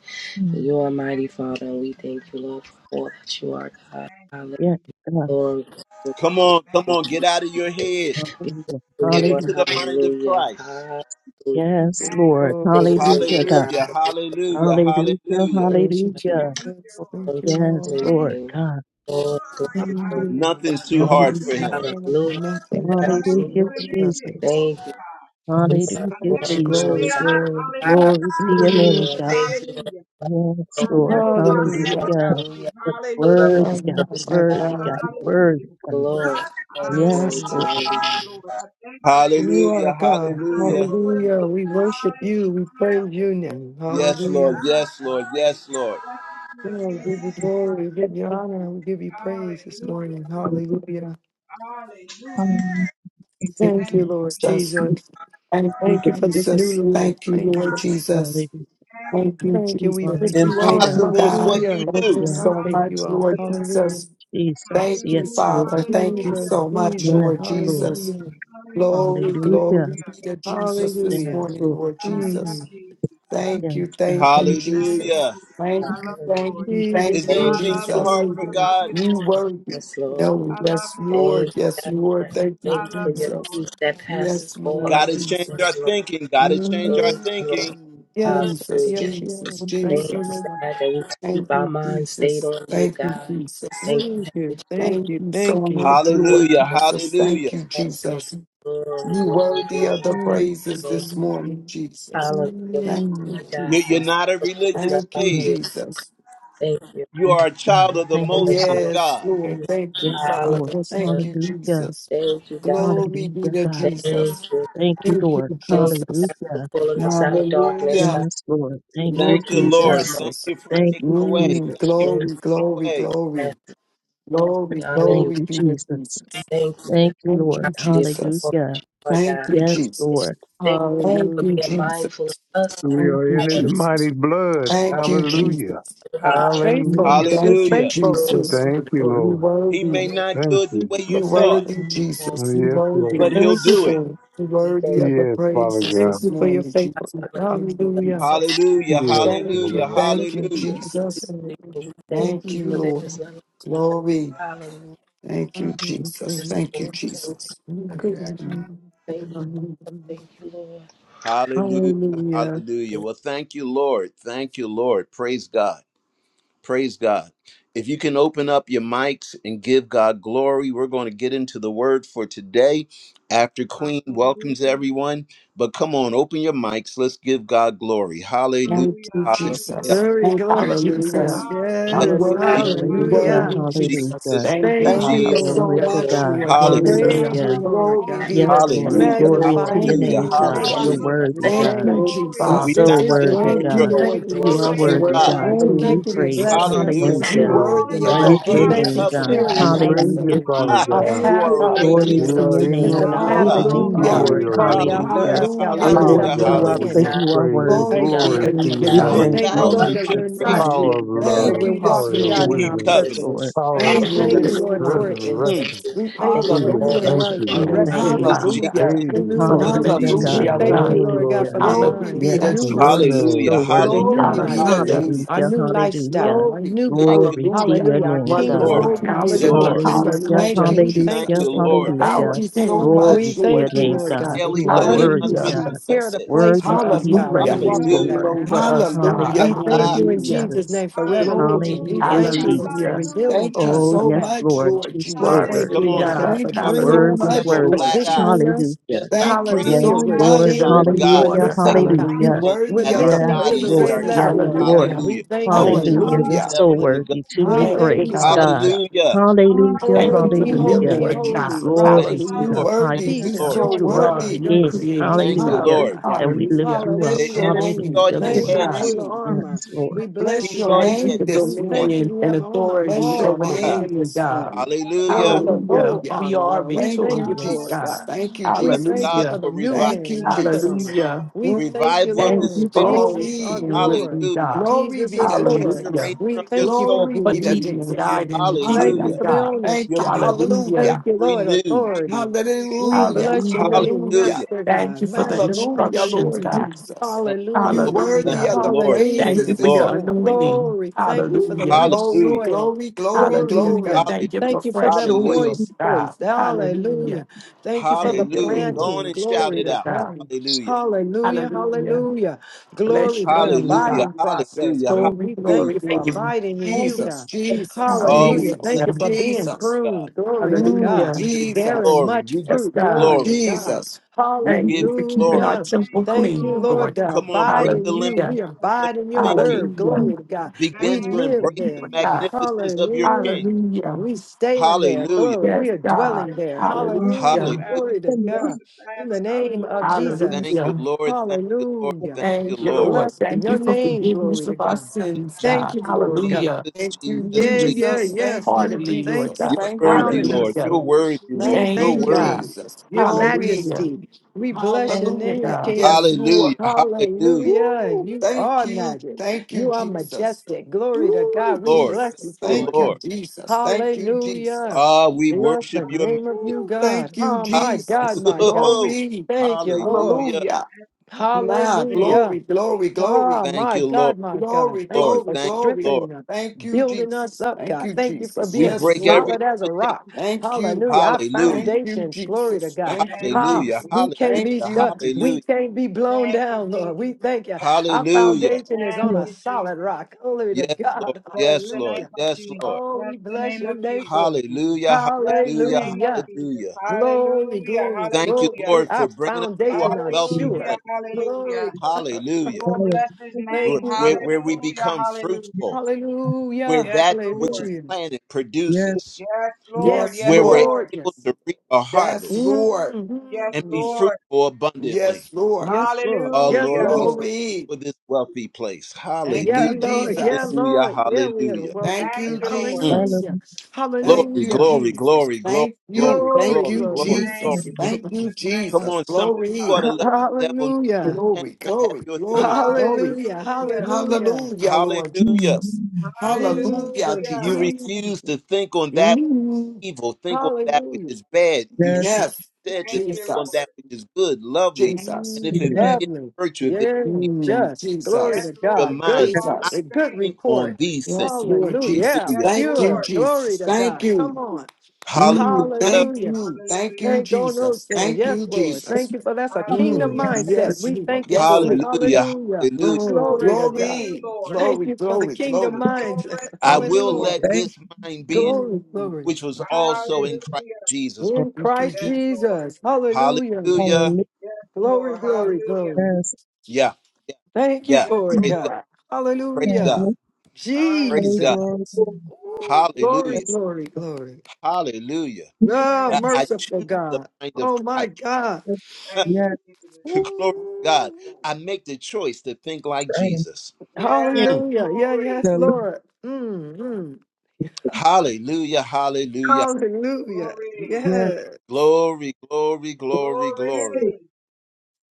[SPEAKER 9] You are mighty Father, and we thank you, Lord, for all that you are, God. Hallelujah.
[SPEAKER 3] yes, God.
[SPEAKER 9] Glory, glory,
[SPEAKER 1] Come on, come on,
[SPEAKER 9] glory.
[SPEAKER 1] get out of your head.
[SPEAKER 3] Hallelujah.
[SPEAKER 1] Get
[SPEAKER 9] Lord,
[SPEAKER 1] into the
[SPEAKER 3] Hallelujah.
[SPEAKER 1] mind of
[SPEAKER 9] hallelujah,
[SPEAKER 1] Christ.
[SPEAKER 9] hallelujah.
[SPEAKER 8] Thank
[SPEAKER 3] Yes,
[SPEAKER 8] you,
[SPEAKER 3] Lord.
[SPEAKER 8] Lord.
[SPEAKER 9] Everything is in
[SPEAKER 3] Hallelujah,
[SPEAKER 8] Jesus.
[SPEAKER 9] you,
[SPEAKER 3] God.
[SPEAKER 1] Hallelujah,
[SPEAKER 9] God.
[SPEAKER 1] hallelujah,
[SPEAKER 3] Hallelujah.
[SPEAKER 1] hallelujah.
[SPEAKER 8] Praise you,
[SPEAKER 3] Hallelujah.
[SPEAKER 8] Jesus. Thank
[SPEAKER 9] and we Thank
[SPEAKER 8] you,
[SPEAKER 9] is anointed in
[SPEAKER 3] Yes,
[SPEAKER 9] you. for
[SPEAKER 8] Lord.
[SPEAKER 9] your
[SPEAKER 3] Lord.
[SPEAKER 9] name.
[SPEAKER 3] God.
[SPEAKER 9] Lord, glory,
[SPEAKER 8] Thank
[SPEAKER 9] glory,
[SPEAKER 8] you. Lord.
[SPEAKER 1] Nothing's too hard
[SPEAKER 8] Thank
[SPEAKER 3] Hallelujah.
[SPEAKER 1] for
[SPEAKER 8] you,
[SPEAKER 1] him.
[SPEAKER 8] Lord.
[SPEAKER 9] hallelujah.
[SPEAKER 8] Nothing,
[SPEAKER 9] Yes, Lord.
[SPEAKER 3] Hallelujah,
[SPEAKER 8] absolutely nothing.
[SPEAKER 3] Jesus.
[SPEAKER 9] Thank you,
[SPEAKER 3] Hallelujah,
[SPEAKER 8] Glory,
[SPEAKER 9] Lord,
[SPEAKER 8] glory,
[SPEAKER 9] glory,
[SPEAKER 3] Jesus.
[SPEAKER 9] God.
[SPEAKER 8] glory.
[SPEAKER 3] Glory to your
[SPEAKER 9] Hallelujah,
[SPEAKER 8] Mm.
[SPEAKER 3] name,
[SPEAKER 9] Lord.
[SPEAKER 3] God.
[SPEAKER 9] Thank you, Lord.
[SPEAKER 3] Yes,
[SPEAKER 9] Lord,
[SPEAKER 3] Lord.
[SPEAKER 8] Hallelujah.
[SPEAKER 3] Hallelujah.
[SPEAKER 9] Hallelujah. For
[SPEAKER 8] My
[SPEAKER 9] loving
[SPEAKER 3] Worthy
[SPEAKER 9] us
[SPEAKER 3] God,
[SPEAKER 8] God,
[SPEAKER 9] first,
[SPEAKER 8] my
[SPEAKER 9] God.
[SPEAKER 3] worthy
[SPEAKER 8] God.
[SPEAKER 3] God,
[SPEAKER 9] Glory,
[SPEAKER 3] worthy God.
[SPEAKER 9] glory, glory
[SPEAKER 3] Yes,
[SPEAKER 9] to
[SPEAKER 3] Lord.
[SPEAKER 9] your name.
[SPEAKER 8] You are
[SPEAKER 1] Hallelujah,
[SPEAKER 8] God.
[SPEAKER 1] hallelujah.
[SPEAKER 8] Hallelujah. We worship you. We praise you now.
[SPEAKER 1] Yes, Lord,
[SPEAKER 8] Hallelujah.
[SPEAKER 1] yes, Lord, yes, Lord.
[SPEAKER 8] Lord, we give you glory. We give you honor. We give you praise this morning. Hallelujah.
[SPEAKER 7] um, it's
[SPEAKER 10] Thank
[SPEAKER 8] Thank
[SPEAKER 10] you,
[SPEAKER 8] you, Lord
[SPEAKER 10] Jesus.
[SPEAKER 8] Jesus.
[SPEAKER 10] Thank you,
[SPEAKER 8] Thank you for this new
[SPEAKER 10] Jesus.
[SPEAKER 8] life.
[SPEAKER 10] Thank you,
[SPEAKER 8] Thank you,
[SPEAKER 10] Lord
[SPEAKER 8] Lord.
[SPEAKER 3] Hallelujah.
[SPEAKER 10] Jesus. Thank you,
[SPEAKER 8] Thank you. We
[SPEAKER 10] Jesus.
[SPEAKER 8] put
[SPEAKER 3] Hallelujah,
[SPEAKER 8] you
[SPEAKER 10] Thank
[SPEAKER 8] on.
[SPEAKER 3] God.
[SPEAKER 10] you,
[SPEAKER 1] Impossible is
[SPEAKER 10] God.
[SPEAKER 1] what
[SPEAKER 8] Hallelujah.
[SPEAKER 1] you
[SPEAKER 10] Thank
[SPEAKER 8] We
[SPEAKER 1] do.
[SPEAKER 10] you
[SPEAKER 8] will
[SPEAKER 3] Yes,
[SPEAKER 8] not
[SPEAKER 10] so
[SPEAKER 8] take
[SPEAKER 10] much,
[SPEAKER 3] yes,
[SPEAKER 8] you off.
[SPEAKER 10] Lord
[SPEAKER 8] Hallelujah.
[SPEAKER 10] Jesus.
[SPEAKER 3] Jesus.
[SPEAKER 10] Thank you,
[SPEAKER 3] Yes,
[SPEAKER 10] Father.
[SPEAKER 3] Lord.
[SPEAKER 10] Thank you
[SPEAKER 8] Jesus,
[SPEAKER 10] so much,
[SPEAKER 8] Jesus.
[SPEAKER 3] Yes,
[SPEAKER 10] Lord
[SPEAKER 3] Lord.
[SPEAKER 10] Jesus.
[SPEAKER 8] Hallelujah.
[SPEAKER 10] Glory,
[SPEAKER 3] Hallelujah.
[SPEAKER 10] glory be to Jesus
[SPEAKER 3] Yes,
[SPEAKER 10] this
[SPEAKER 8] Hallelujah.
[SPEAKER 10] morning,
[SPEAKER 3] Lord.
[SPEAKER 10] Lord
[SPEAKER 8] Mm.
[SPEAKER 10] Jesus. Thank
[SPEAKER 3] Yes,
[SPEAKER 10] you,
[SPEAKER 3] God.
[SPEAKER 10] thank you,
[SPEAKER 7] and
[SPEAKER 10] Jesus.
[SPEAKER 1] Hallelujah.
[SPEAKER 10] Thank you, thank
[SPEAKER 9] Hallelujah.
[SPEAKER 10] you,
[SPEAKER 8] Jesus,
[SPEAKER 1] Is
[SPEAKER 10] thank you,
[SPEAKER 9] Thank
[SPEAKER 1] anything
[SPEAKER 9] you,
[SPEAKER 8] Jesus,
[SPEAKER 1] too
[SPEAKER 10] Jesus.
[SPEAKER 1] hard for God?
[SPEAKER 10] You
[SPEAKER 8] Jesus.
[SPEAKER 10] worthy.
[SPEAKER 9] yes, Lord.
[SPEAKER 10] No, yes,
[SPEAKER 9] Thank
[SPEAKER 10] Lord.
[SPEAKER 9] you,
[SPEAKER 10] Yes,
[SPEAKER 9] God.
[SPEAKER 10] Lord. Thank you,
[SPEAKER 9] Thank you for your
[SPEAKER 10] Jesus.
[SPEAKER 9] peace that
[SPEAKER 10] Yes,
[SPEAKER 9] passes all
[SPEAKER 10] Lord
[SPEAKER 1] Gotta change our
[SPEAKER 10] Jesus.
[SPEAKER 9] understanding.
[SPEAKER 1] thinking, gotta change our
[SPEAKER 9] Thank you,
[SPEAKER 1] thinking.
[SPEAKER 10] Mm,
[SPEAKER 9] Lord.
[SPEAKER 8] Yes,
[SPEAKER 10] Jesus,
[SPEAKER 9] Hallelujah.
[SPEAKER 8] yes, yes.
[SPEAKER 10] Jesus,
[SPEAKER 9] Thank
[SPEAKER 8] Thank you,
[SPEAKER 9] you,
[SPEAKER 10] Jesus.
[SPEAKER 8] Lord.
[SPEAKER 9] God, that we
[SPEAKER 10] Thank
[SPEAKER 9] keep our
[SPEAKER 10] you,
[SPEAKER 9] minds stayed
[SPEAKER 10] Jesus.
[SPEAKER 9] on you,
[SPEAKER 10] Thank you,
[SPEAKER 9] God.
[SPEAKER 10] Jesus.
[SPEAKER 9] Thank you,
[SPEAKER 8] Thank you,
[SPEAKER 9] Heavenly
[SPEAKER 8] thank
[SPEAKER 9] Father.
[SPEAKER 10] Thank
[SPEAKER 8] you,
[SPEAKER 10] you so
[SPEAKER 8] thank you.
[SPEAKER 10] much, Lord
[SPEAKER 1] Hallelujah.
[SPEAKER 10] Jesus. Thank
[SPEAKER 1] Hallelujah.
[SPEAKER 10] you,
[SPEAKER 9] Yes, Lord.
[SPEAKER 10] Jesus.
[SPEAKER 9] Glory,
[SPEAKER 10] You
[SPEAKER 9] glory,
[SPEAKER 10] worthy of
[SPEAKER 9] glory.
[SPEAKER 10] the
[SPEAKER 9] Yes,
[SPEAKER 8] Mm.
[SPEAKER 10] praises
[SPEAKER 9] Lord.
[SPEAKER 10] this morning, Jesus.
[SPEAKER 9] Hallelujah. We
[SPEAKER 10] Thank
[SPEAKER 8] Mm.
[SPEAKER 9] thank you,
[SPEAKER 10] you,
[SPEAKER 9] God.
[SPEAKER 1] You- You're
[SPEAKER 10] Jesus.
[SPEAKER 1] not a
[SPEAKER 9] for this love
[SPEAKER 1] religious
[SPEAKER 10] Thank
[SPEAKER 9] like
[SPEAKER 10] you,
[SPEAKER 3] Yes,
[SPEAKER 1] slave.
[SPEAKER 9] you.
[SPEAKER 10] Jesus.
[SPEAKER 9] Thank you.
[SPEAKER 1] You
[SPEAKER 3] yes,
[SPEAKER 1] are a
[SPEAKER 3] God.
[SPEAKER 1] child of the
[SPEAKER 9] Yes,
[SPEAKER 3] Thank you,
[SPEAKER 1] Most
[SPEAKER 3] Lord.
[SPEAKER 1] High
[SPEAKER 9] Lord.
[SPEAKER 10] Yes,
[SPEAKER 9] that
[SPEAKER 1] God.
[SPEAKER 9] you are
[SPEAKER 10] Lord.
[SPEAKER 9] true.
[SPEAKER 10] Thank
[SPEAKER 3] Yes,
[SPEAKER 10] you,
[SPEAKER 3] Lord.
[SPEAKER 10] Father.
[SPEAKER 8] Yes,
[SPEAKER 9] Hallelujah.
[SPEAKER 10] Thank you,
[SPEAKER 3] Hallelujah.
[SPEAKER 10] Jesus.
[SPEAKER 9] Thank you, God.
[SPEAKER 10] Glory be
[SPEAKER 3] Hallelujah,
[SPEAKER 10] to
[SPEAKER 3] God.
[SPEAKER 9] Thank
[SPEAKER 10] Jesus.
[SPEAKER 9] you.
[SPEAKER 3] Thank you,
[SPEAKER 10] Thank you,
[SPEAKER 3] Lord.
[SPEAKER 9] Thank you,
[SPEAKER 10] Jesus.
[SPEAKER 9] God,
[SPEAKER 3] Hallelujah.
[SPEAKER 9] for pulling us out of darkness.
[SPEAKER 10] Hallelujah.
[SPEAKER 9] God.
[SPEAKER 3] Yes, Lord. Thank
[SPEAKER 9] We
[SPEAKER 3] you,
[SPEAKER 10] Thank
[SPEAKER 1] Thank you,
[SPEAKER 10] you,
[SPEAKER 1] Lord.
[SPEAKER 9] Thank you.
[SPEAKER 3] Jesus.
[SPEAKER 1] Thank
[SPEAKER 10] Jesus.
[SPEAKER 1] you for
[SPEAKER 9] God.
[SPEAKER 3] Thank you,
[SPEAKER 1] making a way.
[SPEAKER 10] Mm,
[SPEAKER 1] Thank
[SPEAKER 3] Jesus.
[SPEAKER 1] you for
[SPEAKER 9] Thank
[SPEAKER 10] glory,
[SPEAKER 9] you,
[SPEAKER 1] making a
[SPEAKER 10] glory,
[SPEAKER 1] way.
[SPEAKER 10] glory.
[SPEAKER 9] God.
[SPEAKER 10] Glory,
[SPEAKER 9] We honor
[SPEAKER 3] Thank
[SPEAKER 9] you,
[SPEAKER 10] glory
[SPEAKER 3] you,
[SPEAKER 10] be to
[SPEAKER 3] Jesus.
[SPEAKER 9] Thank
[SPEAKER 10] Jesus.
[SPEAKER 9] you, God,
[SPEAKER 3] Thank you,
[SPEAKER 10] Thank
[SPEAKER 9] for
[SPEAKER 3] Lord.
[SPEAKER 10] you,
[SPEAKER 9] this
[SPEAKER 10] Jesus.
[SPEAKER 3] Hallelujah.
[SPEAKER 9] Lord
[SPEAKER 10] Thank you,
[SPEAKER 9] God.
[SPEAKER 3] Yes,
[SPEAKER 10] Jesus.
[SPEAKER 3] Lord.
[SPEAKER 9] Thank you, God,
[SPEAKER 10] Thank
[SPEAKER 9] for
[SPEAKER 10] you,
[SPEAKER 8] hallelujah.
[SPEAKER 9] being
[SPEAKER 10] Jesus.
[SPEAKER 9] mindful of us, God.
[SPEAKER 6] We
[SPEAKER 10] Thank
[SPEAKER 6] are
[SPEAKER 10] you,
[SPEAKER 6] in his
[SPEAKER 9] Hallelujah.
[SPEAKER 6] mighty
[SPEAKER 10] Jesus.
[SPEAKER 6] blood.
[SPEAKER 10] Thank you,
[SPEAKER 9] Hallelujah.
[SPEAKER 10] Jesus.
[SPEAKER 6] Hallelujah.
[SPEAKER 8] Faithful,
[SPEAKER 10] Mm,
[SPEAKER 6] Hallelujah.
[SPEAKER 8] you're so
[SPEAKER 10] Thank you,
[SPEAKER 1] Hallelujah.
[SPEAKER 8] faithful to
[SPEAKER 10] Jesus.
[SPEAKER 8] to
[SPEAKER 6] Thank
[SPEAKER 8] the
[SPEAKER 6] you,
[SPEAKER 10] You
[SPEAKER 8] Lord.
[SPEAKER 6] Lord.
[SPEAKER 1] He
[SPEAKER 10] worthy.
[SPEAKER 1] may not
[SPEAKER 6] Thank
[SPEAKER 1] do it the
[SPEAKER 6] you.
[SPEAKER 8] Thank
[SPEAKER 1] way
[SPEAKER 8] you for
[SPEAKER 1] you
[SPEAKER 10] You
[SPEAKER 1] thought,
[SPEAKER 10] worthy,
[SPEAKER 8] faithfulness.
[SPEAKER 9] Hallelujah.
[SPEAKER 10] Jesus. You
[SPEAKER 6] Yes,
[SPEAKER 10] worthy.
[SPEAKER 1] but
[SPEAKER 6] Lord.
[SPEAKER 1] he'll
[SPEAKER 8] Thank you
[SPEAKER 1] do it.
[SPEAKER 8] for
[SPEAKER 10] You
[SPEAKER 9] We
[SPEAKER 10] worthy of
[SPEAKER 9] thank you.
[SPEAKER 10] the
[SPEAKER 6] Yes, Father
[SPEAKER 10] praises
[SPEAKER 8] thank
[SPEAKER 6] God.
[SPEAKER 10] this
[SPEAKER 8] you for your
[SPEAKER 10] morning, Jesus.
[SPEAKER 8] faithfulness.
[SPEAKER 9] Hallelujah.
[SPEAKER 10] Thank you,
[SPEAKER 8] Hallelujah.
[SPEAKER 10] Jesus.
[SPEAKER 1] Hallelujah.
[SPEAKER 6] Yes,
[SPEAKER 10] Thank
[SPEAKER 1] Hallelujah.
[SPEAKER 10] you,
[SPEAKER 6] Lord.
[SPEAKER 8] Thank
[SPEAKER 10] thank you,
[SPEAKER 8] you for
[SPEAKER 1] Hallelujah.
[SPEAKER 8] your just
[SPEAKER 10] Jesus.
[SPEAKER 8] and
[SPEAKER 9] We
[SPEAKER 8] Thank
[SPEAKER 9] thank
[SPEAKER 10] Thank
[SPEAKER 9] you
[SPEAKER 10] you,
[SPEAKER 9] for
[SPEAKER 8] you,
[SPEAKER 9] there
[SPEAKER 10] Lord.
[SPEAKER 8] Jesus.
[SPEAKER 9] is none. like you.
[SPEAKER 10] Glory.
[SPEAKER 9] Hallelujah.
[SPEAKER 10] Thank you, Jesus.
[SPEAKER 9] Yes,
[SPEAKER 10] Thank you,
[SPEAKER 9] Lord. Thank you.
[SPEAKER 10] Jesus.
[SPEAKER 8] Everything.
[SPEAKER 9] Thank you, thank you, Lord.
[SPEAKER 1] Hallelujah.
[SPEAKER 8] Hallelujah.
[SPEAKER 1] Hallelujah.
[SPEAKER 9] Thank
[SPEAKER 1] Well, thank you, Lord. Thank you, Lord. Praise God. Praise God. If you can open up your mics and give God glory, we're going to get into the word for today after Queen welcomes everyone. But come on, open your mics. Let's give God glory. Hallelujah.
[SPEAKER 10] Thank you,
[SPEAKER 9] you.
[SPEAKER 1] Hallelujah.
[SPEAKER 10] Jesus.
[SPEAKER 8] Glory,
[SPEAKER 10] Thank you,
[SPEAKER 8] glory,
[SPEAKER 5] Hallelujah.
[SPEAKER 8] glory.
[SPEAKER 10] Jesus. You
[SPEAKER 1] Thank
[SPEAKER 8] Yes.
[SPEAKER 1] you,
[SPEAKER 5] Hallelujah.
[SPEAKER 10] worthy,
[SPEAKER 9] Hallelujah.
[SPEAKER 10] you
[SPEAKER 5] Thank you,
[SPEAKER 3] Hallelujah.
[SPEAKER 8] Hallelujah.
[SPEAKER 5] Lord.
[SPEAKER 10] worthy,
[SPEAKER 1] Jesus. Jesus.
[SPEAKER 10] Jesus.
[SPEAKER 3] Hallelujah.
[SPEAKER 1] Thank
[SPEAKER 5] Thank you,
[SPEAKER 1] you,
[SPEAKER 8] Thank
[SPEAKER 10] Thank
[SPEAKER 8] you,
[SPEAKER 5] God.
[SPEAKER 10] you
[SPEAKER 1] Jesus.
[SPEAKER 8] Lord
[SPEAKER 10] so
[SPEAKER 3] Glory
[SPEAKER 9] Your
[SPEAKER 8] God.
[SPEAKER 3] to
[SPEAKER 10] much,
[SPEAKER 9] name,
[SPEAKER 3] God.
[SPEAKER 9] God.
[SPEAKER 10] Lord
[SPEAKER 1] Hallelujah.
[SPEAKER 10] Jesus.
[SPEAKER 8] Praise
[SPEAKER 5] Hallelujah.
[SPEAKER 8] you,
[SPEAKER 9] Hallelujah.
[SPEAKER 3] Hallelujah.
[SPEAKER 8] Lord
[SPEAKER 10] Glory
[SPEAKER 8] God.
[SPEAKER 10] be
[SPEAKER 3] Yes,
[SPEAKER 10] to
[SPEAKER 3] Lord.
[SPEAKER 10] Jesus.
[SPEAKER 1] Hallelujah.
[SPEAKER 5] Thank you,
[SPEAKER 3] Glory
[SPEAKER 9] Hallelujah.
[SPEAKER 8] Magnify
[SPEAKER 5] Lord.
[SPEAKER 3] to your
[SPEAKER 8] your
[SPEAKER 10] Thank
[SPEAKER 1] Hallelujah.
[SPEAKER 10] you,
[SPEAKER 3] name,
[SPEAKER 8] name.
[SPEAKER 3] God.
[SPEAKER 8] Thank you,
[SPEAKER 3] You're
[SPEAKER 10] Jesus.
[SPEAKER 1] Hallelujah.
[SPEAKER 8] Lord, this
[SPEAKER 3] worthy,
[SPEAKER 10] Thank
[SPEAKER 3] God.
[SPEAKER 8] day.
[SPEAKER 10] you,
[SPEAKER 5] Thank you,
[SPEAKER 3] You're
[SPEAKER 5] Father.
[SPEAKER 10] Jesus.
[SPEAKER 1] We
[SPEAKER 8] This
[SPEAKER 3] so
[SPEAKER 1] thank
[SPEAKER 8] is
[SPEAKER 1] you,
[SPEAKER 8] the day.
[SPEAKER 3] worthy,
[SPEAKER 1] Lord.
[SPEAKER 10] Thank
[SPEAKER 1] You're
[SPEAKER 10] you,
[SPEAKER 8] We
[SPEAKER 3] God.
[SPEAKER 1] a
[SPEAKER 9] Yes,
[SPEAKER 8] thank
[SPEAKER 10] Lord
[SPEAKER 8] you
[SPEAKER 9] Lord.
[SPEAKER 3] You
[SPEAKER 8] for
[SPEAKER 9] Lord,
[SPEAKER 3] are
[SPEAKER 8] it,
[SPEAKER 1] good
[SPEAKER 10] Jesus.
[SPEAKER 5] Your
[SPEAKER 8] God.
[SPEAKER 3] worthy,
[SPEAKER 5] word,
[SPEAKER 1] God.
[SPEAKER 3] God,
[SPEAKER 8] We
[SPEAKER 3] to
[SPEAKER 10] Thank you,
[SPEAKER 8] thank
[SPEAKER 5] Lord.
[SPEAKER 3] be
[SPEAKER 8] you for
[SPEAKER 3] praised.
[SPEAKER 10] Jesus.
[SPEAKER 8] blessing us to
[SPEAKER 6] Thank
[SPEAKER 1] Hallelujah.
[SPEAKER 8] see
[SPEAKER 6] you,
[SPEAKER 10] You
[SPEAKER 3] Hallelujah.
[SPEAKER 8] it.
[SPEAKER 5] Hallelujah.
[SPEAKER 8] Lord.
[SPEAKER 6] Lord.
[SPEAKER 10] worthy of the
[SPEAKER 6] Thank
[SPEAKER 3] Bless
[SPEAKER 1] Who
[SPEAKER 8] We
[SPEAKER 3] your
[SPEAKER 6] you.
[SPEAKER 1] keeps
[SPEAKER 8] thank
[SPEAKER 3] name,
[SPEAKER 8] you
[SPEAKER 10] praises.
[SPEAKER 1] covenant
[SPEAKER 3] God.
[SPEAKER 10] Thank
[SPEAKER 1] with
[SPEAKER 8] clearly,
[SPEAKER 6] We
[SPEAKER 10] you,
[SPEAKER 1] them
[SPEAKER 6] praise
[SPEAKER 10] Jesus.
[SPEAKER 6] you,
[SPEAKER 3] Hallelujah,
[SPEAKER 8] hallelujah.
[SPEAKER 6] Father
[SPEAKER 1] ah,
[SPEAKER 8] Our
[SPEAKER 3] Jesus.
[SPEAKER 6] God.
[SPEAKER 10] Thank
[SPEAKER 1] who
[SPEAKER 8] path,
[SPEAKER 1] are
[SPEAKER 10] you, Lord
[SPEAKER 3] Glory
[SPEAKER 1] obedient
[SPEAKER 6] We
[SPEAKER 1] to
[SPEAKER 8] hallelujah,
[SPEAKER 3] to
[SPEAKER 1] you.
[SPEAKER 10] Jesus.
[SPEAKER 3] your
[SPEAKER 6] are in
[SPEAKER 8] is
[SPEAKER 3] name,
[SPEAKER 1] Glory
[SPEAKER 6] your
[SPEAKER 8] the
[SPEAKER 3] God.
[SPEAKER 1] to
[SPEAKER 8] path
[SPEAKER 6] will
[SPEAKER 3] We
[SPEAKER 1] God.
[SPEAKER 6] to
[SPEAKER 8] that
[SPEAKER 3] thank
[SPEAKER 8] you've
[SPEAKER 6] do
[SPEAKER 3] you,
[SPEAKER 6] your
[SPEAKER 10] Hallelujah.
[SPEAKER 8] already
[SPEAKER 3] Lord.
[SPEAKER 6] will,
[SPEAKER 8] carved
[SPEAKER 6] Lord.
[SPEAKER 8] out for
[SPEAKER 3] Hallelujah.
[SPEAKER 1] Hallelujah,
[SPEAKER 8] us, God.
[SPEAKER 10] Hallelujah,
[SPEAKER 8] We
[SPEAKER 3] We
[SPEAKER 8] just
[SPEAKER 3] lift
[SPEAKER 6] Father
[SPEAKER 8] have
[SPEAKER 1] hallelujah,
[SPEAKER 10] Lord
[SPEAKER 8] to
[SPEAKER 5] Hallelujah.
[SPEAKER 3] you
[SPEAKER 6] God,
[SPEAKER 8] walk
[SPEAKER 3] up
[SPEAKER 6] we
[SPEAKER 1] hallelujah.
[SPEAKER 8] in
[SPEAKER 10] Jesus.
[SPEAKER 3] because
[SPEAKER 6] just
[SPEAKER 8] it.
[SPEAKER 9] Lord,
[SPEAKER 3] you are
[SPEAKER 6] praise
[SPEAKER 8] We
[SPEAKER 6] you.
[SPEAKER 3] worthy,
[SPEAKER 10] Glory
[SPEAKER 8] thank you,
[SPEAKER 10] be
[SPEAKER 3] God.
[SPEAKER 6] Glory
[SPEAKER 10] to
[SPEAKER 8] Lord.
[SPEAKER 6] to
[SPEAKER 5] Thank you,
[SPEAKER 6] your
[SPEAKER 3] We
[SPEAKER 1] To
[SPEAKER 8] We
[SPEAKER 5] God.
[SPEAKER 1] a
[SPEAKER 10] Jesus.
[SPEAKER 3] thank
[SPEAKER 6] name,
[SPEAKER 8] thank
[SPEAKER 3] you,
[SPEAKER 8] you,
[SPEAKER 10] Thank
[SPEAKER 6] Father.
[SPEAKER 8] Lord,
[SPEAKER 1] thousand
[SPEAKER 10] you,
[SPEAKER 8] that
[SPEAKER 3] Jesus.
[SPEAKER 8] we're not
[SPEAKER 10] Jesus.
[SPEAKER 1] generations,
[SPEAKER 6] Power
[SPEAKER 8] here,
[SPEAKER 6] of
[SPEAKER 3] Hallelujah, God.
[SPEAKER 8] but
[SPEAKER 10] Thank
[SPEAKER 6] love,
[SPEAKER 8] we're
[SPEAKER 10] you this
[SPEAKER 6] power
[SPEAKER 8] walking,
[SPEAKER 6] of
[SPEAKER 1] you
[SPEAKER 8] God,
[SPEAKER 3] Yes,
[SPEAKER 10] morning,
[SPEAKER 8] in our
[SPEAKER 1] keep
[SPEAKER 6] wisdom,
[SPEAKER 1] covenant.
[SPEAKER 10] Jesus.
[SPEAKER 3] Lord.
[SPEAKER 8] purpose.
[SPEAKER 6] power
[SPEAKER 8] We
[SPEAKER 10] Thank you
[SPEAKER 6] of
[SPEAKER 5] Thank
[SPEAKER 9] Hallelujah.
[SPEAKER 8] thank you,
[SPEAKER 10] this
[SPEAKER 1] Hallelujah.
[SPEAKER 5] you,
[SPEAKER 8] Lord,
[SPEAKER 5] Lord.
[SPEAKER 8] for
[SPEAKER 10] morning,
[SPEAKER 8] it.
[SPEAKER 1] Mm,
[SPEAKER 6] resurrection.
[SPEAKER 10] Jesus.
[SPEAKER 8] We thank you
[SPEAKER 9] Thank you
[SPEAKER 8] for
[SPEAKER 6] We
[SPEAKER 9] for
[SPEAKER 6] just
[SPEAKER 3] Yes,
[SPEAKER 9] all
[SPEAKER 8] being
[SPEAKER 10] Hallelujah.
[SPEAKER 9] that
[SPEAKER 6] thank
[SPEAKER 8] one
[SPEAKER 3] Lord.
[SPEAKER 6] you,
[SPEAKER 9] you are.
[SPEAKER 3] We
[SPEAKER 5] Thank
[SPEAKER 6] Lord.
[SPEAKER 3] thank
[SPEAKER 5] you,
[SPEAKER 8] arrested with
[SPEAKER 3] you,
[SPEAKER 1] this
[SPEAKER 5] God.
[SPEAKER 8] you,
[SPEAKER 1] Jesus,
[SPEAKER 8] God.
[SPEAKER 3] Jesus.
[SPEAKER 10] Hallelujah.
[SPEAKER 6] Praise
[SPEAKER 5] Thank
[SPEAKER 6] you,
[SPEAKER 5] you for the
[SPEAKER 8] Hallelujah.
[SPEAKER 1] this
[SPEAKER 6] Father.
[SPEAKER 3] Hallelujah,
[SPEAKER 6] In
[SPEAKER 1] Jesus.
[SPEAKER 8] We
[SPEAKER 6] your
[SPEAKER 3] God.
[SPEAKER 10] Hallelujah,
[SPEAKER 5] relationship,
[SPEAKER 8] thank
[SPEAKER 5] God.
[SPEAKER 8] you,
[SPEAKER 10] Lord.
[SPEAKER 6] name,
[SPEAKER 8] Lord God,
[SPEAKER 6] Lord
[SPEAKER 8] for
[SPEAKER 3] Hallelujah.
[SPEAKER 8] the
[SPEAKER 6] Jesus.
[SPEAKER 10] Glory
[SPEAKER 8] mind,
[SPEAKER 10] be
[SPEAKER 8] the
[SPEAKER 10] to
[SPEAKER 5] Hallelujah.
[SPEAKER 3] Yes,
[SPEAKER 8] new
[SPEAKER 6] In your
[SPEAKER 3] Lord.
[SPEAKER 8] mind,
[SPEAKER 3] You're
[SPEAKER 10] Jesus.
[SPEAKER 1] Hallelujah,
[SPEAKER 3] so
[SPEAKER 6] name.
[SPEAKER 8] the
[SPEAKER 3] worthy,
[SPEAKER 1] hallelujah,
[SPEAKER 8] new
[SPEAKER 10] Glory
[SPEAKER 3] God.
[SPEAKER 10] be
[SPEAKER 8] life,
[SPEAKER 10] to
[SPEAKER 5] Hallelujah.
[SPEAKER 1] hallelujah.
[SPEAKER 8] our
[SPEAKER 3] Hallelujah.
[SPEAKER 10] Jesus.
[SPEAKER 8] new lifestyle,
[SPEAKER 3] Hallelujah.
[SPEAKER 8] our
[SPEAKER 10] Glory.
[SPEAKER 8] new,
[SPEAKER 1] Thank you,
[SPEAKER 3] Glory to
[SPEAKER 10] Hallelujah.
[SPEAKER 3] your
[SPEAKER 8] hallelujah, our
[SPEAKER 3] name,
[SPEAKER 1] you
[SPEAKER 3] God.
[SPEAKER 8] kingdom
[SPEAKER 1] Lord.
[SPEAKER 5] Wonderful
[SPEAKER 1] Thank
[SPEAKER 8] life,
[SPEAKER 10] Glory be
[SPEAKER 1] you,
[SPEAKER 10] to
[SPEAKER 8] hallelujah,
[SPEAKER 5] counselor.
[SPEAKER 1] Lord.
[SPEAKER 8] kingdom
[SPEAKER 10] Jesus.
[SPEAKER 3] Hallelujah,
[SPEAKER 10] Thank
[SPEAKER 8] culture.
[SPEAKER 5] Hallelujah.
[SPEAKER 10] you,
[SPEAKER 8] We
[SPEAKER 1] Thank
[SPEAKER 8] thank
[SPEAKER 3] hallelujah,
[SPEAKER 8] you
[SPEAKER 1] you,
[SPEAKER 10] Jesus.
[SPEAKER 8] for it,
[SPEAKER 1] Lord,
[SPEAKER 8] Lord
[SPEAKER 10] Thank
[SPEAKER 3] hallelujah.
[SPEAKER 5] our
[SPEAKER 8] God.
[SPEAKER 10] you so
[SPEAKER 5] King.
[SPEAKER 8] We
[SPEAKER 3] Glory
[SPEAKER 10] much,
[SPEAKER 3] to your
[SPEAKER 10] Lord
[SPEAKER 8] thank you,
[SPEAKER 3] name,
[SPEAKER 8] Lord
[SPEAKER 1] for
[SPEAKER 10] Jesus.
[SPEAKER 3] God.
[SPEAKER 8] God, that
[SPEAKER 1] daily
[SPEAKER 3] You
[SPEAKER 8] you
[SPEAKER 3] are
[SPEAKER 8] put a,
[SPEAKER 1] loading
[SPEAKER 10] Thank
[SPEAKER 3] worthy,
[SPEAKER 1] us
[SPEAKER 10] you,
[SPEAKER 1] with
[SPEAKER 5] Hallelujah.
[SPEAKER 3] God.
[SPEAKER 8] prepared
[SPEAKER 10] Jesus.
[SPEAKER 8] a
[SPEAKER 1] benefits.
[SPEAKER 8] place
[SPEAKER 3] Worthy
[SPEAKER 8] for
[SPEAKER 3] to
[SPEAKER 8] us,
[SPEAKER 3] be
[SPEAKER 5] You
[SPEAKER 8] God. We
[SPEAKER 10] Hallelujah.
[SPEAKER 5] reign
[SPEAKER 8] walk
[SPEAKER 3] praised,
[SPEAKER 5] and
[SPEAKER 8] in
[SPEAKER 5] rule
[SPEAKER 8] down
[SPEAKER 1] Hallelujah.
[SPEAKER 3] Lord.
[SPEAKER 8] that
[SPEAKER 5] over
[SPEAKER 8] road.
[SPEAKER 5] us, God.
[SPEAKER 10] Hallelujah,
[SPEAKER 8] We
[SPEAKER 3] Hallelujah,
[SPEAKER 10] Lord
[SPEAKER 8] thank
[SPEAKER 1] Ah, ah.
[SPEAKER 8] you in
[SPEAKER 10] Jesus.
[SPEAKER 5] Hallelujah.
[SPEAKER 8] Jesus'
[SPEAKER 3] Jesus.
[SPEAKER 8] name for
[SPEAKER 1] mm.
[SPEAKER 10] Glory
[SPEAKER 8] revelation.
[SPEAKER 10] be
[SPEAKER 8] We
[SPEAKER 10] to
[SPEAKER 3] Hallelujah,
[SPEAKER 8] thank you, Lord,
[SPEAKER 10] Jesus.
[SPEAKER 8] for
[SPEAKER 5] Hallelujah.
[SPEAKER 3] Jesus.
[SPEAKER 8] revealing
[SPEAKER 10] Thank
[SPEAKER 8] to
[SPEAKER 10] you
[SPEAKER 8] us
[SPEAKER 3] Oh,
[SPEAKER 8] the
[SPEAKER 10] so
[SPEAKER 3] yes,
[SPEAKER 8] path.
[SPEAKER 10] much,
[SPEAKER 3] Lord.
[SPEAKER 10] Lord
[SPEAKER 3] You're
[SPEAKER 5] You
[SPEAKER 8] We
[SPEAKER 3] so
[SPEAKER 5] are the
[SPEAKER 10] Jesus.
[SPEAKER 8] thank you,
[SPEAKER 1] Come
[SPEAKER 3] worthy,
[SPEAKER 5] living
[SPEAKER 1] on,
[SPEAKER 3] God.
[SPEAKER 8] Lord God,
[SPEAKER 5] God.
[SPEAKER 8] for
[SPEAKER 1] somebody
[SPEAKER 10] Thank you
[SPEAKER 1] ought to give
[SPEAKER 8] bringing
[SPEAKER 10] so
[SPEAKER 8] us,
[SPEAKER 1] the
[SPEAKER 3] Worthy,
[SPEAKER 5] Hallelujah.
[SPEAKER 1] devil
[SPEAKER 10] much,
[SPEAKER 1] a
[SPEAKER 3] worthy.
[SPEAKER 10] Lord
[SPEAKER 1] black eye
[SPEAKER 8] positioning
[SPEAKER 10] Jesus.
[SPEAKER 8] us.
[SPEAKER 3] Hallelujah.
[SPEAKER 1] just by
[SPEAKER 10] Thank you
[SPEAKER 3] Yes,
[SPEAKER 1] praising
[SPEAKER 8] Hallelujah.
[SPEAKER 10] so
[SPEAKER 1] and
[SPEAKER 8] We're
[SPEAKER 3] Lord.
[SPEAKER 5] You're
[SPEAKER 10] much,
[SPEAKER 5] the
[SPEAKER 8] still,
[SPEAKER 1] magnifying
[SPEAKER 10] Lord
[SPEAKER 5] living
[SPEAKER 8] we're
[SPEAKER 1] God,
[SPEAKER 3] Hallelujah.
[SPEAKER 5] water.
[SPEAKER 10] Jesus.
[SPEAKER 8] listening,
[SPEAKER 1] acknowledging
[SPEAKER 8] God.
[SPEAKER 10] You
[SPEAKER 3] Hallelujah.
[SPEAKER 5] Hallelujah.
[SPEAKER 1] Him
[SPEAKER 8] We're
[SPEAKER 10] worthy
[SPEAKER 1] as
[SPEAKER 10] of
[SPEAKER 1] our
[SPEAKER 10] the
[SPEAKER 3] Yes,
[SPEAKER 8] listening
[SPEAKER 1] God
[SPEAKER 8] to
[SPEAKER 1] and
[SPEAKER 8] the
[SPEAKER 1] as
[SPEAKER 3] Lord.
[SPEAKER 10] praises
[SPEAKER 8] red
[SPEAKER 1] our King.
[SPEAKER 10] this
[SPEAKER 8] letter,
[SPEAKER 3] Yes,
[SPEAKER 8] Lord
[SPEAKER 10] morning.
[SPEAKER 3] Lord.
[SPEAKER 8] God.
[SPEAKER 5] Hallelujah.
[SPEAKER 8] We
[SPEAKER 1] Hallelujah.
[SPEAKER 8] thank you in
[SPEAKER 1] Going
[SPEAKER 5] Thank
[SPEAKER 1] and
[SPEAKER 5] you,
[SPEAKER 3] Hallelujah.
[SPEAKER 1] punch
[SPEAKER 8] Jesus'
[SPEAKER 5] Lord.
[SPEAKER 3] You're
[SPEAKER 10] Hallelujah.
[SPEAKER 1] the
[SPEAKER 8] name.
[SPEAKER 3] so
[SPEAKER 1] devil in the gut.
[SPEAKER 3] worthy to
[SPEAKER 8] We
[SPEAKER 3] be
[SPEAKER 5] Thank you,
[SPEAKER 8] thank you
[SPEAKER 3] praised,
[SPEAKER 8] for
[SPEAKER 10] Hallelujah.
[SPEAKER 5] God.
[SPEAKER 8] it,
[SPEAKER 3] God.
[SPEAKER 8] God.
[SPEAKER 1] Hallelujah.
[SPEAKER 10] Ooh,
[SPEAKER 3] Hallelujah.
[SPEAKER 5] Thank you for
[SPEAKER 8] Holy,
[SPEAKER 5] the
[SPEAKER 10] Hallelujah,
[SPEAKER 5] new
[SPEAKER 3] Hallelujah.
[SPEAKER 8] holy,
[SPEAKER 10] Lord
[SPEAKER 5] man, God.
[SPEAKER 8] holy,
[SPEAKER 10] Jesus.
[SPEAKER 1] Thank
[SPEAKER 3] Glory
[SPEAKER 1] you,
[SPEAKER 3] to
[SPEAKER 10] You
[SPEAKER 5] Hallelujah.
[SPEAKER 8] righteousness,
[SPEAKER 3] the
[SPEAKER 1] Lord. Thank
[SPEAKER 10] worthy.
[SPEAKER 3] highest
[SPEAKER 8] peace,
[SPEAKER 1] you,
[SPEAKER 10] You
[SPEAKER 8] and
[SPEAKER 3] God.
[SPEAKER 1] Lord.
[SPEAKER 10] so
[SPEAKER 8] joy
[SPEAKER 3] You
[SPEAKER 8] in
[SPEAKER 5] We
[SPEAKER 8] the
[SPEAKER 3] are the
[SPEAKER 5] are a
[SPEAKER 8] Holy
[SPEAKER 10] worthy.
[SPEAKER 5] new
[SPEAKER 3] King.
[SPEAKER 8] Ghost. Thank you
[SPEAKER 5] creation,
[SPEAKER 1] Thank you,
[SPEAKER 8] for
[SPEAKER 5] God.
[SPEAKER 8] it,
[SPEAKER 3] Hallelujah.
[SPEAKER 1] Lord.
[SPEAKER 8] God.
[SPEAKER 10] Hallelujah.
[SPEAKER 3] And we lift
[SPEAKER 5] Hallelujah.
[SPEAKER 3] you up.
[SPEAKER 1] The
[SPEAKER 10] Bless your
[SPEAKER 8] Hallelujah.
[SPEAKER 1] enemy
[SPEAKER 10] name.
[SPEAKER 1] thought
[SPEAKER 3] Hallelujah,
[SPEAKER 1] he
[SPEAKER 10] Bless
[SPEAKER 8] Thank
[SPEAKER 3] Lord.
[SPEAKER 10] your
[SPEAKER 8] you
[SPEAKER 1] had
[SPEAKER 8] for the
[SPEAKER 1] you,
[SPEAKER 10] name.
[SPEAKER 8] armor.
[SPEAKER 3] Yes, Lord.
[SPEAKER 8] We bless
[SPEAKER 1] he
[SPEAKER 10] Bless
[SPEAKER 8] you,
[SPEAKER 10] your
[SPEAKER 1] thought
[SPEAKER 8] God.
[SPEAKER 5] Thank
[SPEAKER 1] he
[SPEAKER 5] you
[SPEAKER 10] name
[SPEAKER 5] for
[SPEAKER 1] had beat
[SPEAKER 8] We
[SPEAKER 10] this
[SPEAKER 1] you down.
[SPEAKER 8] thank
[SPEAKER 10] morning.
[SPEAKER 8] you.
[SPEAKER 5] dominion
[SPEAKER 8] We
[SPEAKER 5] and
[SPEAKER 8] have on the
[SPEAKER 10] Bless
[SPEAKER 5] authority
[SPEAKER 8] all
[SPEAKER 10] your
[SPEAKER 5] over the
[SPEAKER 8] armor.
[SPEAKER 10] name
[SPEAKER 1] Ha.
[SPEAKER 5] enemy,
[SPEAKER 10] this
[SPEAKER 5] God.
[SPEAKER 10] morning.
[SPEAKER 8] Glory,
[SPEAKER 1] Hallelujah.
[SPEAKER 8] the
[SPEAKER 5] Hallelujah.
[SPEAKER 8] whole
[SPEAKER 10] Hallelujah.
[SPEAKER 5] We
[SPEAKER 8] armor,
[SPEAKER 5] are
[SPEAKER 8] Lord. We
[SPEAKER 10] Thank
[SPEAKER 8] thank
[SPEAKER 10] you,
[SPEAKER 8] you
[SPEAKER 5] victorious,
[SPEAKER 8] for it,
[SPEAKER 5] God.
[SPEAKER 10] Jesus.
[SPEAKER 8] God.
[SPEAKER 10] Thank you,
[SPEAKER 8] We
[SPEAKER 1] Thank
[SPEAKER 8] thank
[SPEAKER 10] Jesus.
[SPEAKER 8] you
[SPEAKER 1] God
[SPEAKER 8] for
[SPEAKER 5] Hallelujah.
[SPEAKER 8] the
[SPEAKER 1] for
[SPEAKER 8] new
[SPEAKER 1] revival,
[SPEAKER 10] Thank
[SPEAKER 8] man
[SPEAKER 10] you,
[SPEAKER 8] you put
[SPEAKER 10] Jesus.
[SPEAKER 8] on.
[SPEAKER 5] Hallelujah.
[SPEAKER 8] We thank you,
[SPEAKER 1] revival of the
[SPEAKER 5] Thank
[SPEAKER 10] Mm,
[SPEAKER 5] you
[SPEAKER 8] Lord.
[SPEAKER 5] for
[SPEAKER 1] spirit.
[SPEAKER 5] always
[SPEAKER 8] Jesus, our
[SPEAKER 10] glory.
[SPEAKER 5] being with
[SPEAKER 8] Lord.
[SPEAKER 5] me,
[SPEAKER 1] Hallelujah.
[SPEAKER 5] God.
[SPEAKER 10] Glory
[SPEAKER 8] Jesus
[SPEAKER 10] be
[SPEAKER 8] is
[SPEAKER 10] to
[SPEAKER 8] Lord.
[SPEAKER 10] Jesus.
[SPEAKER 1] Restoration
[SPEAKER 5] Hallelujah.
[SPEAKER 8] We
[SPEAKER 1] of your
[SPEAKER 8] thank you for
[SPEAKER 1] soul.
[SPEAKER 10] Glory
[SPEAKER 5] For
[SPEAKER 8] being
[SPEAKER 10] be to
[SPEAKER 5] leading
[SPEAKER 8] Jesus
[SPEAKER 5] and
[SPEAKER 8] is
[SPEAKER 10] Jesus.
[SPEAKER 8] Lord.
[SPEAKER 5] guiding and
[SPEAKER 8] Thank
[SPEAKER 5] keeping
[SPEAKER 8] you
[SPEAKER 10] Hallelujah.
[SPEAKER 5] me,
[SPEAKER 1] Hallelujah
[SPEAKER 8] for the
[SPEAKER 5] God.
[SPEAKER 8] ownership.
[SPEAKER 1] Your
[SPEAKER 10] Thank you.
[SPEAKER 1] mind
[SPEAKER 10] Hallelujah.
[SPEAKER 8] Thank
[SPEAKER 5] Hallelujah.
[SPEAKER 8] you, Lord,
[SPEAKER 1] renewed.
[SPEAKER 8] authority. We
[SPEAKER 10] Hallelujah.
[SPEAKER 8] bless your
[SPEAKER 5] Hallelujah.
[SPEAKER 8] name,
[SPEAKER 10] Hallelujah.
[SPEAKER 1] Hallelujah.
[SPEAKER 8] Master
[SPEAKER 5] Thank
[SPEAKER 8] God.
[SPEAKER 5] you for the
[SPEAKER 8] Mastermind
[SPEAKER 10] Hallelujah,
[SPEAKER 8] are
[SPEAKER 5] instructions,
[SPEAKER 10] Lord
[SPEAKER 8] you.
[SPEAKER 5] God.
[SPEAKER 10] Jesus.
[SPEAKER 1] Thank you,
[SPEAKER 10] You
[SPEAKER 8] Hallelujah.
[SPEAKER 1] Lord. Thank
[SPEAKER 10] worthy
[SPEAKER 5] Hallelujah.
[SPEAKER 10] of
[SPEAKER 1] you,
[SPEAKER 10] the
[SPEAKER 1] Lord. Thank
[SPEAKER 5] Thank
[SPEAKER 8] Hallelujah.
[SPEAKER 1] you,
[SPEAKER 5] you
[SPEAKER 10] praises
[SPEAKER 5] for
[SPEAKER 10] this
[SPEAKER 1] Lord.
[SPEAKER 5] your
[SPEAKER 10] morning.
[SPEAKER 5] anointing.
[SPEAKER 8] Glory. Thank you for the
[SPEAKER 10] Woo,
[SPEAKER 5] Hallelujah.
[SPEAKER 8] rich
[SPEAKER 10] glory,
[SPEAKER 1] Hallelujah.
[SPEAKER 8] soil.
[SPEAKER 10] glory, glory,
[SPEAKER 8] Glory to
[SPEAKER 10] glory.
[SPEAKER 5] Hallelujah.
[SPEAKER 8] God.
[SPEAKER 1] Hallelujah.
[SPEAKER 5] Thank you for
[SPEAKER 8] Thank you for the
[SPEAKER 5] fresh
[SPEAKER 1] Hallelujah.
[SPEAKER 5] oil,
[SPEAKER 8] moist
[SPEAKER 5] God.
[SPEAKER 8] place. Hallelujah.
[SPEAKER 5] Hallelujah.
[SPEAKER 8] Thank you for the
[SPEAKER 5] Thank you,
[SPEAKER 1] Hallelujah. Go
[SPEAKER 5] Lord.
[SPEAKER 1] on
[SPEAKER 8] planting.
[SPEAKER 1] and shout
[SPEAKER 8] Glory
[SPEAKER 1] it
[SPEAKER 5] Thank you,
[SPEAKER 8] to
[SPEAKER 1] out.
[SPEAKER 5] God.
[SPEAKER 8] God.
[SPEAKER 1] Hallelujah.
[SPEAKER 8] Hallelujah.
[SPEAKER 5] Hallelujah.
[SPEAKER 8] Hallelujah.
[SPEAKER 5] Bless
[SPEAKER 8] Glory to
[SPEAKER 5] your
[SPEAKER 8] the
[SPEAKER 5] name,
[SPEAKER 1] Hallelujah.
[SPEAKER 5] God.
[SPEAKER 8] abiding process.
[SPEAKER 1] Hallelujah.
[SPEAKER 8] Woo,
[SPEAKER 5] Glory,
[SPEAKER 8] we thank
[SPEAKER 5] glory,
[SPEAKER 8] you
[SPEAKER 1] Hallelujah.
[SPEAKER 8] for
[SPEAKER 5] glory.
[SPEAKER 8] abiding in
[SPEAKER 7] all
[SPEAKER 8] you,
[SPEAKER 7] the
[SPEAKER 10] Jesus,
[SPEAKER 8] God.
[SPEAKER 10] Jesus,
[SPEAKER 1] Oh, we
[SPEAKER 8] Hallelujah.
[SPEAKER 1] bless
[SPEAKER 8] Thank
[SPEAKER 10] Jesus,
[SPEAKER 8] you
[SPEAKER 5] Hallelujah.
[SPEAKER 8] for
[SPEAKER 1] you,
[SPEAKER 8] being
[SPEAKER 10] Jesus,
[SPEAKER 1] God.
[SPEAKER 8] pruned. Glory to God.
[SPEAKER 10] mm,
[SPEAKER 1] We
[SPEAKER 5] Hallelujah.
[SPEAKER 1] give you
[SPEAKER 8] Bearing
[SPEAKER 10] Jesus,
[SPEAKER 1] glory.
[SPEAKER 8] much
[SPEAKER 1] We give you
[SPEAKER 5] Yes,
[SPEAKER 8] fruit.
[SPEAKER 5] God.
[SPEAKER 8] Glory
[SPEAKER 1] glory.
[SPEAKER 8] to God.
[SPEAKER 10] Jesus.
[SPEAKER 1] We
[SPEAKER 5] Thank
[SPEAKER 1] give
[SPEAKER 5] you
[SPEAKER 1] you
[SPEAKER 5] for keeping our
[SPEAKER 1] glory.
[SPEAKER 8] Hallelujah.
[SPEAKER 5] temple
[SPEAKER 8] Thank
[SPEAKER 5] clean,
[SPEAKER 8] you, Lord
[SPEAKER 5] Lord God.
[SPEAKER 8] God.
[SPEAKER 1] Come on,
[SPEAKER 8] Abide
[SPEAKER 1] break
[SPEAKER 8] in
[SPEAKER 1] the limitations
[SPEAKER 8] you.
[SPEAKER 5] Hallelujah.
[SPEAKER 8] We
[SPEAKER 1] of
[SPEAKER 8] abide in your
[SPEAKER 1] your thinking.
[SPEAKER 8] word.
[SPEAKER 5] Hallelujah.
[SPEAKER 8] Glory to God.
[SPEAKER 1] Begin
[SPEAKER 8] We
[SPEAKER 1] to
[SPEAKER 8] live
[SPEAKER 1] embrace the
[SPEAKER 8] there.
[SPEAKER 5] Lord God.
[SPEAKER 1] magnificence of your
[SPEAKER 8] Hallelujah.
[SPEAKER 1] King.
[SPEAKER 5] Hallelujah.
[SPEAKER 8] We stand there.
[SPEAKER 1] Hallelujah.
[SPEAKER 8] Glory. We
[SPEAKER 5] Yes,
[SPEAKER 8] are
[SPEAKER 5] God.
[SPEAKER 8] dwelling there. Hallelujah.
[SPEAKER 5] Hallelujah.
[SPEAKER 1] Hallelujah.
[SPEAKER 8] Glory to God. In the name of
[SPEAKER 1] Thank
[SPEAKER 8] Jesus.
[SPEAKER 1] you,
[SPEAKER 5] Hallelujah.
[SPEAKER 1] Lord. Thank you, Lord.
[SPEAKER 8] Hallelujah.
[SPEAKER 1] Thank you,
[SPEAKER 5] Thank you,
[SPEAKER 1] Lord.
[SPEAKER 5] Lord.
[SPEAKER 8] Bless
[SPEAKER 5] Thank you
[SPEAKER 8] your
[SPEAKER 5] for
[SPEAKER 8] name. Glory
[SPEAKER 5] forgiveness
[SPEAKER 8] to
[SPEAKER 5] of our
[SPEAKER 8] God.
[SPEAKER 1] Jesus,
[SPEAKER 5] sins,
[SPEAKER 1] Jesus,
[SPEAKER 8] Thank
[SPEAKER 5] God.
[SPEAKER 8] you, Lord God.
[SPEAKER 5] Hallelujah.
[SPEAKER 1] Jesus,
[SPEAKER 10] Thank you,
[SPEAKER 1] Jesus,
[SPEAKER 5] We
[SPEAKER 8] Yeah,
[SPEAKER 1] Jesus.
[SPEAKER 8] yeah,
[SPEAKER 10] Jesus.
[SPEAKER 5] repent
[SPEAKER 10] Thank
[SPEAKER 8] yes,
[SPEAKER 10] you,
[SPEAKER 8] Lord.
[SPEAKER 5] heartily, Lord
[SPEAKER 8] Thank you
[SPEAKER 10] Jesus.
[SPEAKER 1] You're
[SPEAKER 5] God.
[SPEAKER 8] for
[SPEAKER 10] Thank you,
[SPEAKER 1] worthy,
[SPEAKER 8] crowning
[SPEAKER 1] Lord.
[SPEAKER 8] us,
[SPEAKER 10] Jesus.
[SPEAKER 5] Hallelujah.
[SPEAKER 1] You're
[SPEAKER 8] Lord.
[SPEAKER 1] worthy,
[SPEAKER 8] We
[SPEAKER 1] Lord.
[SPEAKER 10] Thank
[SPEAKER 1] You're
[SPEAKER 5] Thank you,
[SPEAKER 8] thank
[SPEAKER 10] you,
[SPEAKER 8] you, Lord,
[SPEAKER 5] God.
[SPEAKER 1] worthy.
[SPEAKER 10] Jesus.
[SPEAKER 8] your
[SPEAKER 10] Glory.
[SPEAKER 5] Hallelujah.
[SPEAKER 8] majesty. We bless your
[SPEAKER 5] Thank you,
[SPEAKER 8] name,
[SPEAKER 10] Hallelujah.
[SPEAKER 5] God.
[SPEAKER 10] Yes,
[SPEAKER 8] King.
[SPEAKER 1] Hallelujah.
[SPEAKER 10] Lord.
[SPEAKER 1] Hallelujah.
[SPEAKER 8] Hallelujah.
[SPEAKER 10] Woo.
[SPEAKER 8] You
[SPEAKER 10] Thank
[SPEAKER 8] are
[SPEAKER 10] you.
[SPEAKER 8] magic.
[SPEAKER 10] Thank you,
[SPEAKER 8] You are
[SPEAKER 10] Jesus.
[SPEAKER 8] majestic. Glory to
[SPEAKER 10] Woo,
[SPEAKER 8] God. We
[SPEAKER 1] Lord.
[SPEAKER 8] bless
[SPEAKER 1] Thank
[SPEAKER 8] you
[SPEAKER 10] Jesus.
[SPEAKER 1] you,
[SPEAKER 8] for
[SPEAKER 10] Thank
[SPEAKER 8] it,
[SPEAKER 10] you,
[SPEAKER 1] Lord.
[SPEAKER 8] God.
[SPEAKER 10] Jesus. Thank you,
[SPEAKER 8] Hallelujah.
[SPEAKER 10] Jesus.
[SPEAKER 1] Ah, we
[SPEAKER 8] Bless the
[SPEAKER 1] worship your
[SPEAKER 8] name of
[SPEAKER 1] majesty.
[SPEAKER 8] you,
[SPEAKER 10] Woo.
[SPEAKER 8] God.
[SPEAKER 10] Thank you,
[SPEAKER 8] Oh, my God,
[SPEAKER 10] Jesus.
[SPEAKER 8] my God.
[SPEAKER 1] Hallelujah.
[SPEAKER 10] Glory.
[SPEAKER 8] Thank you, Lord.
[SPEAKER 1] Hallelujah.
[SPEAKER 10] Hallelujah. Now,
[SPEAKER 1] Mm,
[SPEAKER 8] Hallelujah.
[SPEAKER 10] glory, glory,
[SPEAKER 8] Ah,
[SPEAKER 10] glory,
[SPEAKER 1] thank
[SPEAKER 8] my
[SPEAKER 1] you, Lord.
[SPEAKER 8] God, my
[SPEAKER 1] Thank
[SPEAKER 8] God.
[SPEAKER 1] you,
[SPEAKER 10] glory,
[SPEAKER 8] Thank you
[SPEAKER 1] Lord.
[SPEAKER 10] glory,
[SPEAKER 8] for
[SPEAKER 1] Thank you,
[SPEAKER 10] glory.
[SPEAKER 1] Lord.
[SPEAKER 8] strengthening us,
[SPEAKER 10] Thank you,
[SPEAKER 8] building us
[SPEAKER 10] Jesus.
[SPEAKER 8] up,
[SPEAKER 10] Thank
[SPEAKER 8] God.
[SPEAKER 10] you,
[SPEAKER 8] Thank you for
[SPEAKER 10] Jesus.
[SPEAKER 1] We
[SPEAKER 8] being
[SPEAKER 10] Yes,
[SPEAKER 1] break every
[SPEAKER 8] solid
[SPEAKER 10] Lord.
[SPEAKER 8] as a
[SPEAKER 1] limitation.
[SPEAKER 8] rock.
[SPEAKER 10] Thank you.
[SPEAKER 8] Hallelujah. Our
[SPEAKER 1] Hallelujah.
[SPEAKER 10] Thank you,
[SPEAKER 8] foundations, glory to
[SPEAKER 10] Jesus.
[SPEAKER 8] God.
[SPEAKER 10] Thank you,
[SPEAKER 8] Ah,
[SPEAKER 1] Hallelujah.
[SPEAKER 10] Jesus.
[SPEAKER 8] we can't
[SPEAKER 1] Hallelujah.
[SPEAKER 10] Thank
[SPEAKER 8] be
[SPEAKER 10] you,
[SPEAKER 8] stuck. We
[SPEAKER 1] Hallelujah.
[SPEAKER 10] Jesus.
[SPEAKER 8] can't be blown down, Lord. We thank you. Our
[SPEAKER 1] Hallelujah.
[SPEAKER 8] foundation is on a solid rock. Glory to
[SPEAKER 1] Yes, Lord.
[SPEAKER 8] God.
[SPEAKER 1] Yes, Lord.
[SPEAKER 8] Hallelujah.
[SPEAKER 1] Yes, Lord.
[SPEAKER 8] Oh, we bless your name for it.
[SPEAKER 1] Hallelujah. Hallelujah.
[SPEAKER 8] Hallelujah.
[SPEAKER 1] Hallelujah.
[SPEAKER 8] Glory, glory,
[SPEAKER 1] Thank you,
[SPEAKER 8] glory.
[SPEAKER 1] Lord, for
[SPEAKER 8] Our
[SPEAKER 1] bringing us to our
[SPEAKER 8] foundation are
[SPEAKER 1] wealthy place.
[SPEAKER 8] sure. Glory.
[SPEAKER 1] Hallelujah. Where,
[SPEAKER 8] Thank you.
[SPEAKER 1] where, where
[SPEAKER 8] Lord.
[SPEAKER 1] we become fruitful, where
[SPEAKER 8] Hallelujah.
[SPEAKER 1] that which is
[SPEAKER 8] Hallelujah.
[SPEAKER 1] planted
[SPEAKER 7] Yes,
[SPEAKER 1] produces,
[SPEAKER 10] Yes,
[SPEAKER 8] Yes,
[SPEAKER 1] where we're
[SPEAKER 10] Lord.
[SPEAKER 8] Lord.
[SPEAKER 1] able
[SPEAKER 8] Yes.
[SPEAKER 1] to reap a
[SPEAKER 10] Yes,
[SPEAKER 1] harvest
[SPEAKER 10] Lord.
[SPEAKER 1] and be
[SPEAKER 8] hmm
[SPEAKER 1] fruitful
[SPEAKER 10] Yes,
[SPEAKER 1] abundantly.
[SPEAKER 10] Lord.
[SPEAKER 8] Yes, Lord.
[SPEAKER 1] Oh,
[SPEAKER 8] Yes,
[SPEAKER 1] Lord, we
[SPEAKER 8] Lord.
[SPEAKER 1] thank you
[SPEAKER 10] Glory.
[SPEAKER 1] for this wealthy place.
[SPEAKER 10] Thank
[SPEAKER 8] Yeah,
[SPEAKER 1] Hallelujah.
[SPEAKER 10] you,
[SPEAKER 8] Lord. Yeah,
[SPEAKER 10] Jesus.
[SPEAKER 1] Hallelujah.
[SPEAKER 8] Lord. Yeah, we are a
[SPEAKER 1] Hallelujah.
[SPEAKER 8] wealthy
[SPEAKER 10] Thank
[SPEAKER 8] place.
[SPEAKER 10] you,
[SPEAKER 1] Mm.
[SPEAKER 7] all
[SPEAKER 10] Jesus.
[SPEAKER 8] Hallelujah.
[SPEAKER 7] of it.
[SPEAKER 10] Thank
[SPEAKER 1] Glory,
[SPEAKER 10] you,
[SPEAKER 8] Hallelujah.
[SPEAKER 1] glory,
[SPEAKER 10] Jesus.
[SPEAKER 1] glory, glory,
[SPEAKER 10] Thank you.
[SPEAKER 1] glory,
[SPEAKER 8] Glory,
[SPEAKER 10] Thank
[SPEAKER 1] glory,
[SPEAKER 10] you,
[SPEAKER 1] glory,
[SPEAKER 8] glory.
[SPEAKER 1] glory,
[SPEAKER 10] Jesus. Thank you,
[SPEAKER 1] Come
[SPEAKER 10] Jesus.
[SPEAKER 1] on, somebody you
[SPEAKER 10] Glory.
[SPEAKER 1] ought to let the devil know
[SPEAKER 8] Hallelujah.
[SPEAKER 1] you
[SPEAKER 10] Glory,
[SPEAKER 1] cannot have
[SPEAKER 10] glory,
[SPEAKER 1] your thing.
[SPEAKER 10] glory, glory.
[SPEAKER 8] Hallelujah. Hallelujah.
[SPEAKER 10] Hallelujah, Lord
[SPEAKER 1] Hallelujah.
[SPEAKER 10] Jesus. Hallelujah,
[SPEAKER 8] Jesus,
[SPEAKER 1] You
[SPEAKER 10] Jesus.
[SPEAKER 8] Jesus.
[SPEAKER 1] refuse to think on that
[SPEAKER 10] Mm,
[SPEAKER 1] evil, think on that which
[SPEAKER 8] Hallelujah.
[SPEAKER 1] is bad. You
[SPEAKER 7] Yes,
[SPEAKER 1] choose
[SPEAKER 10] Yes,
[SPEAKER 1] instead to think on
[SPEAKER 10] Jesus,
[SPEAKER 1] that which is good, lovely, and
[SPEAKER 10] Jesus,
[SPEAKER 1] if
[SPEAKER 8] Mm,
[SPEAKER 1] it be in
[SPEAKER 8] lovely.
[SPEAKER 1] virtue, then
[SPEAKER 8] Yeah,
[SPEAKER 1] you
[SPEAKER 10] Mm,
[SPEAKER 8] just glory
[SPEAKER 1] make
[SPEAKER 10] Jesus,
[SPEAKER 8] to
[SPEAKER 1] your
[SPEAKER 8] God.
[SPEAKER 1] mind.
[SPEAKER 8] Good,
[SPEAKER 1] I
[SPEAKER 8] a
[SPEAKER 10] Jesus.
[SPEAKER 8] good
[SPEAKER 1] think on
[SPEAKER 8] report.
[SPEAKER 1] these things.
[SPEAKER 10] Yes, Lord
[SPEAKER 8] Hallelujah. Yeah,
[SPEAKER 10] Jesus.
[SPEAKER 1] Hallelujah.
[SPEAKER 10] Thank you,
[SPEAKER 8] Pure. Glory
[SPEAKER 10] Jesus.
[SPEAKER 8] to
[SPEAKER 10] Thank
[SPEAKER 8] God. Come
[SPEAKER 10] you.
[SPEAKER 8] on.
[SPEAKER 10] Mm,
[SPEAKER 1] Hallelujah.
[SPEAKER 10] thank
[SPEAKER 8] Hallelujah.
[SPEAKER 10] you. Thank you,
[SPEAKER 8] Thank all those
[SPEAKER 10] Jesus.
[SPEAKER 8] things.
[SPEAKER 10] Thank
[SPEAKER 8] Yes,
[SPEAKER 10] you,
[SPEAKER 8] Lord. Thank
[SPEAKER 10] Jesus.
[SPEAKER 8] you for that's a
[SPEAKER 7] Oh,
[SPEAKER 8] kingdom
[SPEAKER 10] Mm,
[SPEAKER 7] yes, I'm
[SPEAKER 8] mindset.
[SPEAKER 10] yes,
[SPEAKER 8] We
[SPEAKER 10] Lord.
[SPEAKER 8] thank you
[SPEAKER 10] Yes,
[SPEAKER 8] for it.
[SPEAKER 10] Lord.
[SPEAKER 1] Hallelujah.
[SPEAKER 8] Hallelujah.
[SPEAKER 1] Hallelujah.
[SPEAKER 10] Mm,
[SPEAKER 8] Glory to God.
[SPEAKER 10] glory, glory,
[SPEAKER 8] Thank you for the
[SPEAKER 10] glory,
[SPEAKER 8] kingdom
[SPEAKER 10] glory.
[SPEAKER 8] mindset.
[SPEAKER 1] I
[SPEAKER 10] Mm,
[SPEAKER 1] will
[SPEAKER 8] Hallelujah.
[SPEAKER 10] glory.
[SPEAKER 1] let
[SPEAKER 7] thankful.
[SPEAKER 1] this mind be in
[SPEAKER 8] Glory,
[SPEAKER 10] Mm,
[SPEAKER 8] glory.
[SPEAKER 1] which was also in Christ Jesus.
[SPEAKER 8] In
[SPEAKER 10] Thank you,
[SPEAKER 8] Christ
[SPEAKER 10] Jesus.
[SPEAKER 8] Jesus. Hallelujah.
[SPEAKER 1] Hallelujah.
[SPEAKER 7] Hallelujah.
[SPEAKER 8] Glory, glory, glory.
[SPEAKER 7] Yes.
[SPEAKER 1] Yeah.
[SPEAKER 8] Thank you
[SPEAKER 1] Yeah.
[SPEAKER 8] for it,
[SPEAKER 1] Praise God.
[SPEAKER 8] God.
[SPEAKER 1] Praise
[SPEAKER 7] And
[SPEAKER 8] Hallelujah.
[SPEAKER 1] God.
[SPEAKER 7] glory,
[SPEAKER 1] Praise
[SPEAKER 7] glory,
[SPEAKER 8] Jesus.
[SPEAKER 1] God.
[SPEAKER 7] glory. Glory.
[SPEAKER 8] Ooh, glory,
[SPEAKER 1] Hallelujah.
[SPEAKER 7] Yes.
[SPEAKER 8] glory, glory.
[SPEAKER 1] Hallelujah.
[SPEAKER 8] Ah,
[SPEAKER 1] I, I
[SPEAKER 8] merciful
[SPEAKER 1] choose the
[SPEAKER 8] God.
[SPEAKER 1] mind of
[SPEAKER 8] Oh my
[SPEAKER 1] Christ.
[SPEAKER 8] God.
[SPEAKER 7] Yes. Yes.
[SPEAKER 1] Glory to God.
[SPEAKER 8] Ooh.
[SPEAKER 1] I make the choice to think like
[SPEAKER 7] I am
[SPEAKER 1] Jesus. Mm.
[SPEAKER 8] Hallelujah. Yeah, yes,
[SPEAKER 7] telling.
[SPEAKER 8] Lord. mm mm.
[SPEAKER 1] Hallelujah. Hallelujah.
[SPEAKER 8] Hallelujah.
[SPEAKER 7] Yes.
[SPEAKER 8] Yeah.
[SPEAKER 1] Glory, glory, glory,
[SPEAKER 7] Yes.
[SPEAKER 1] glory.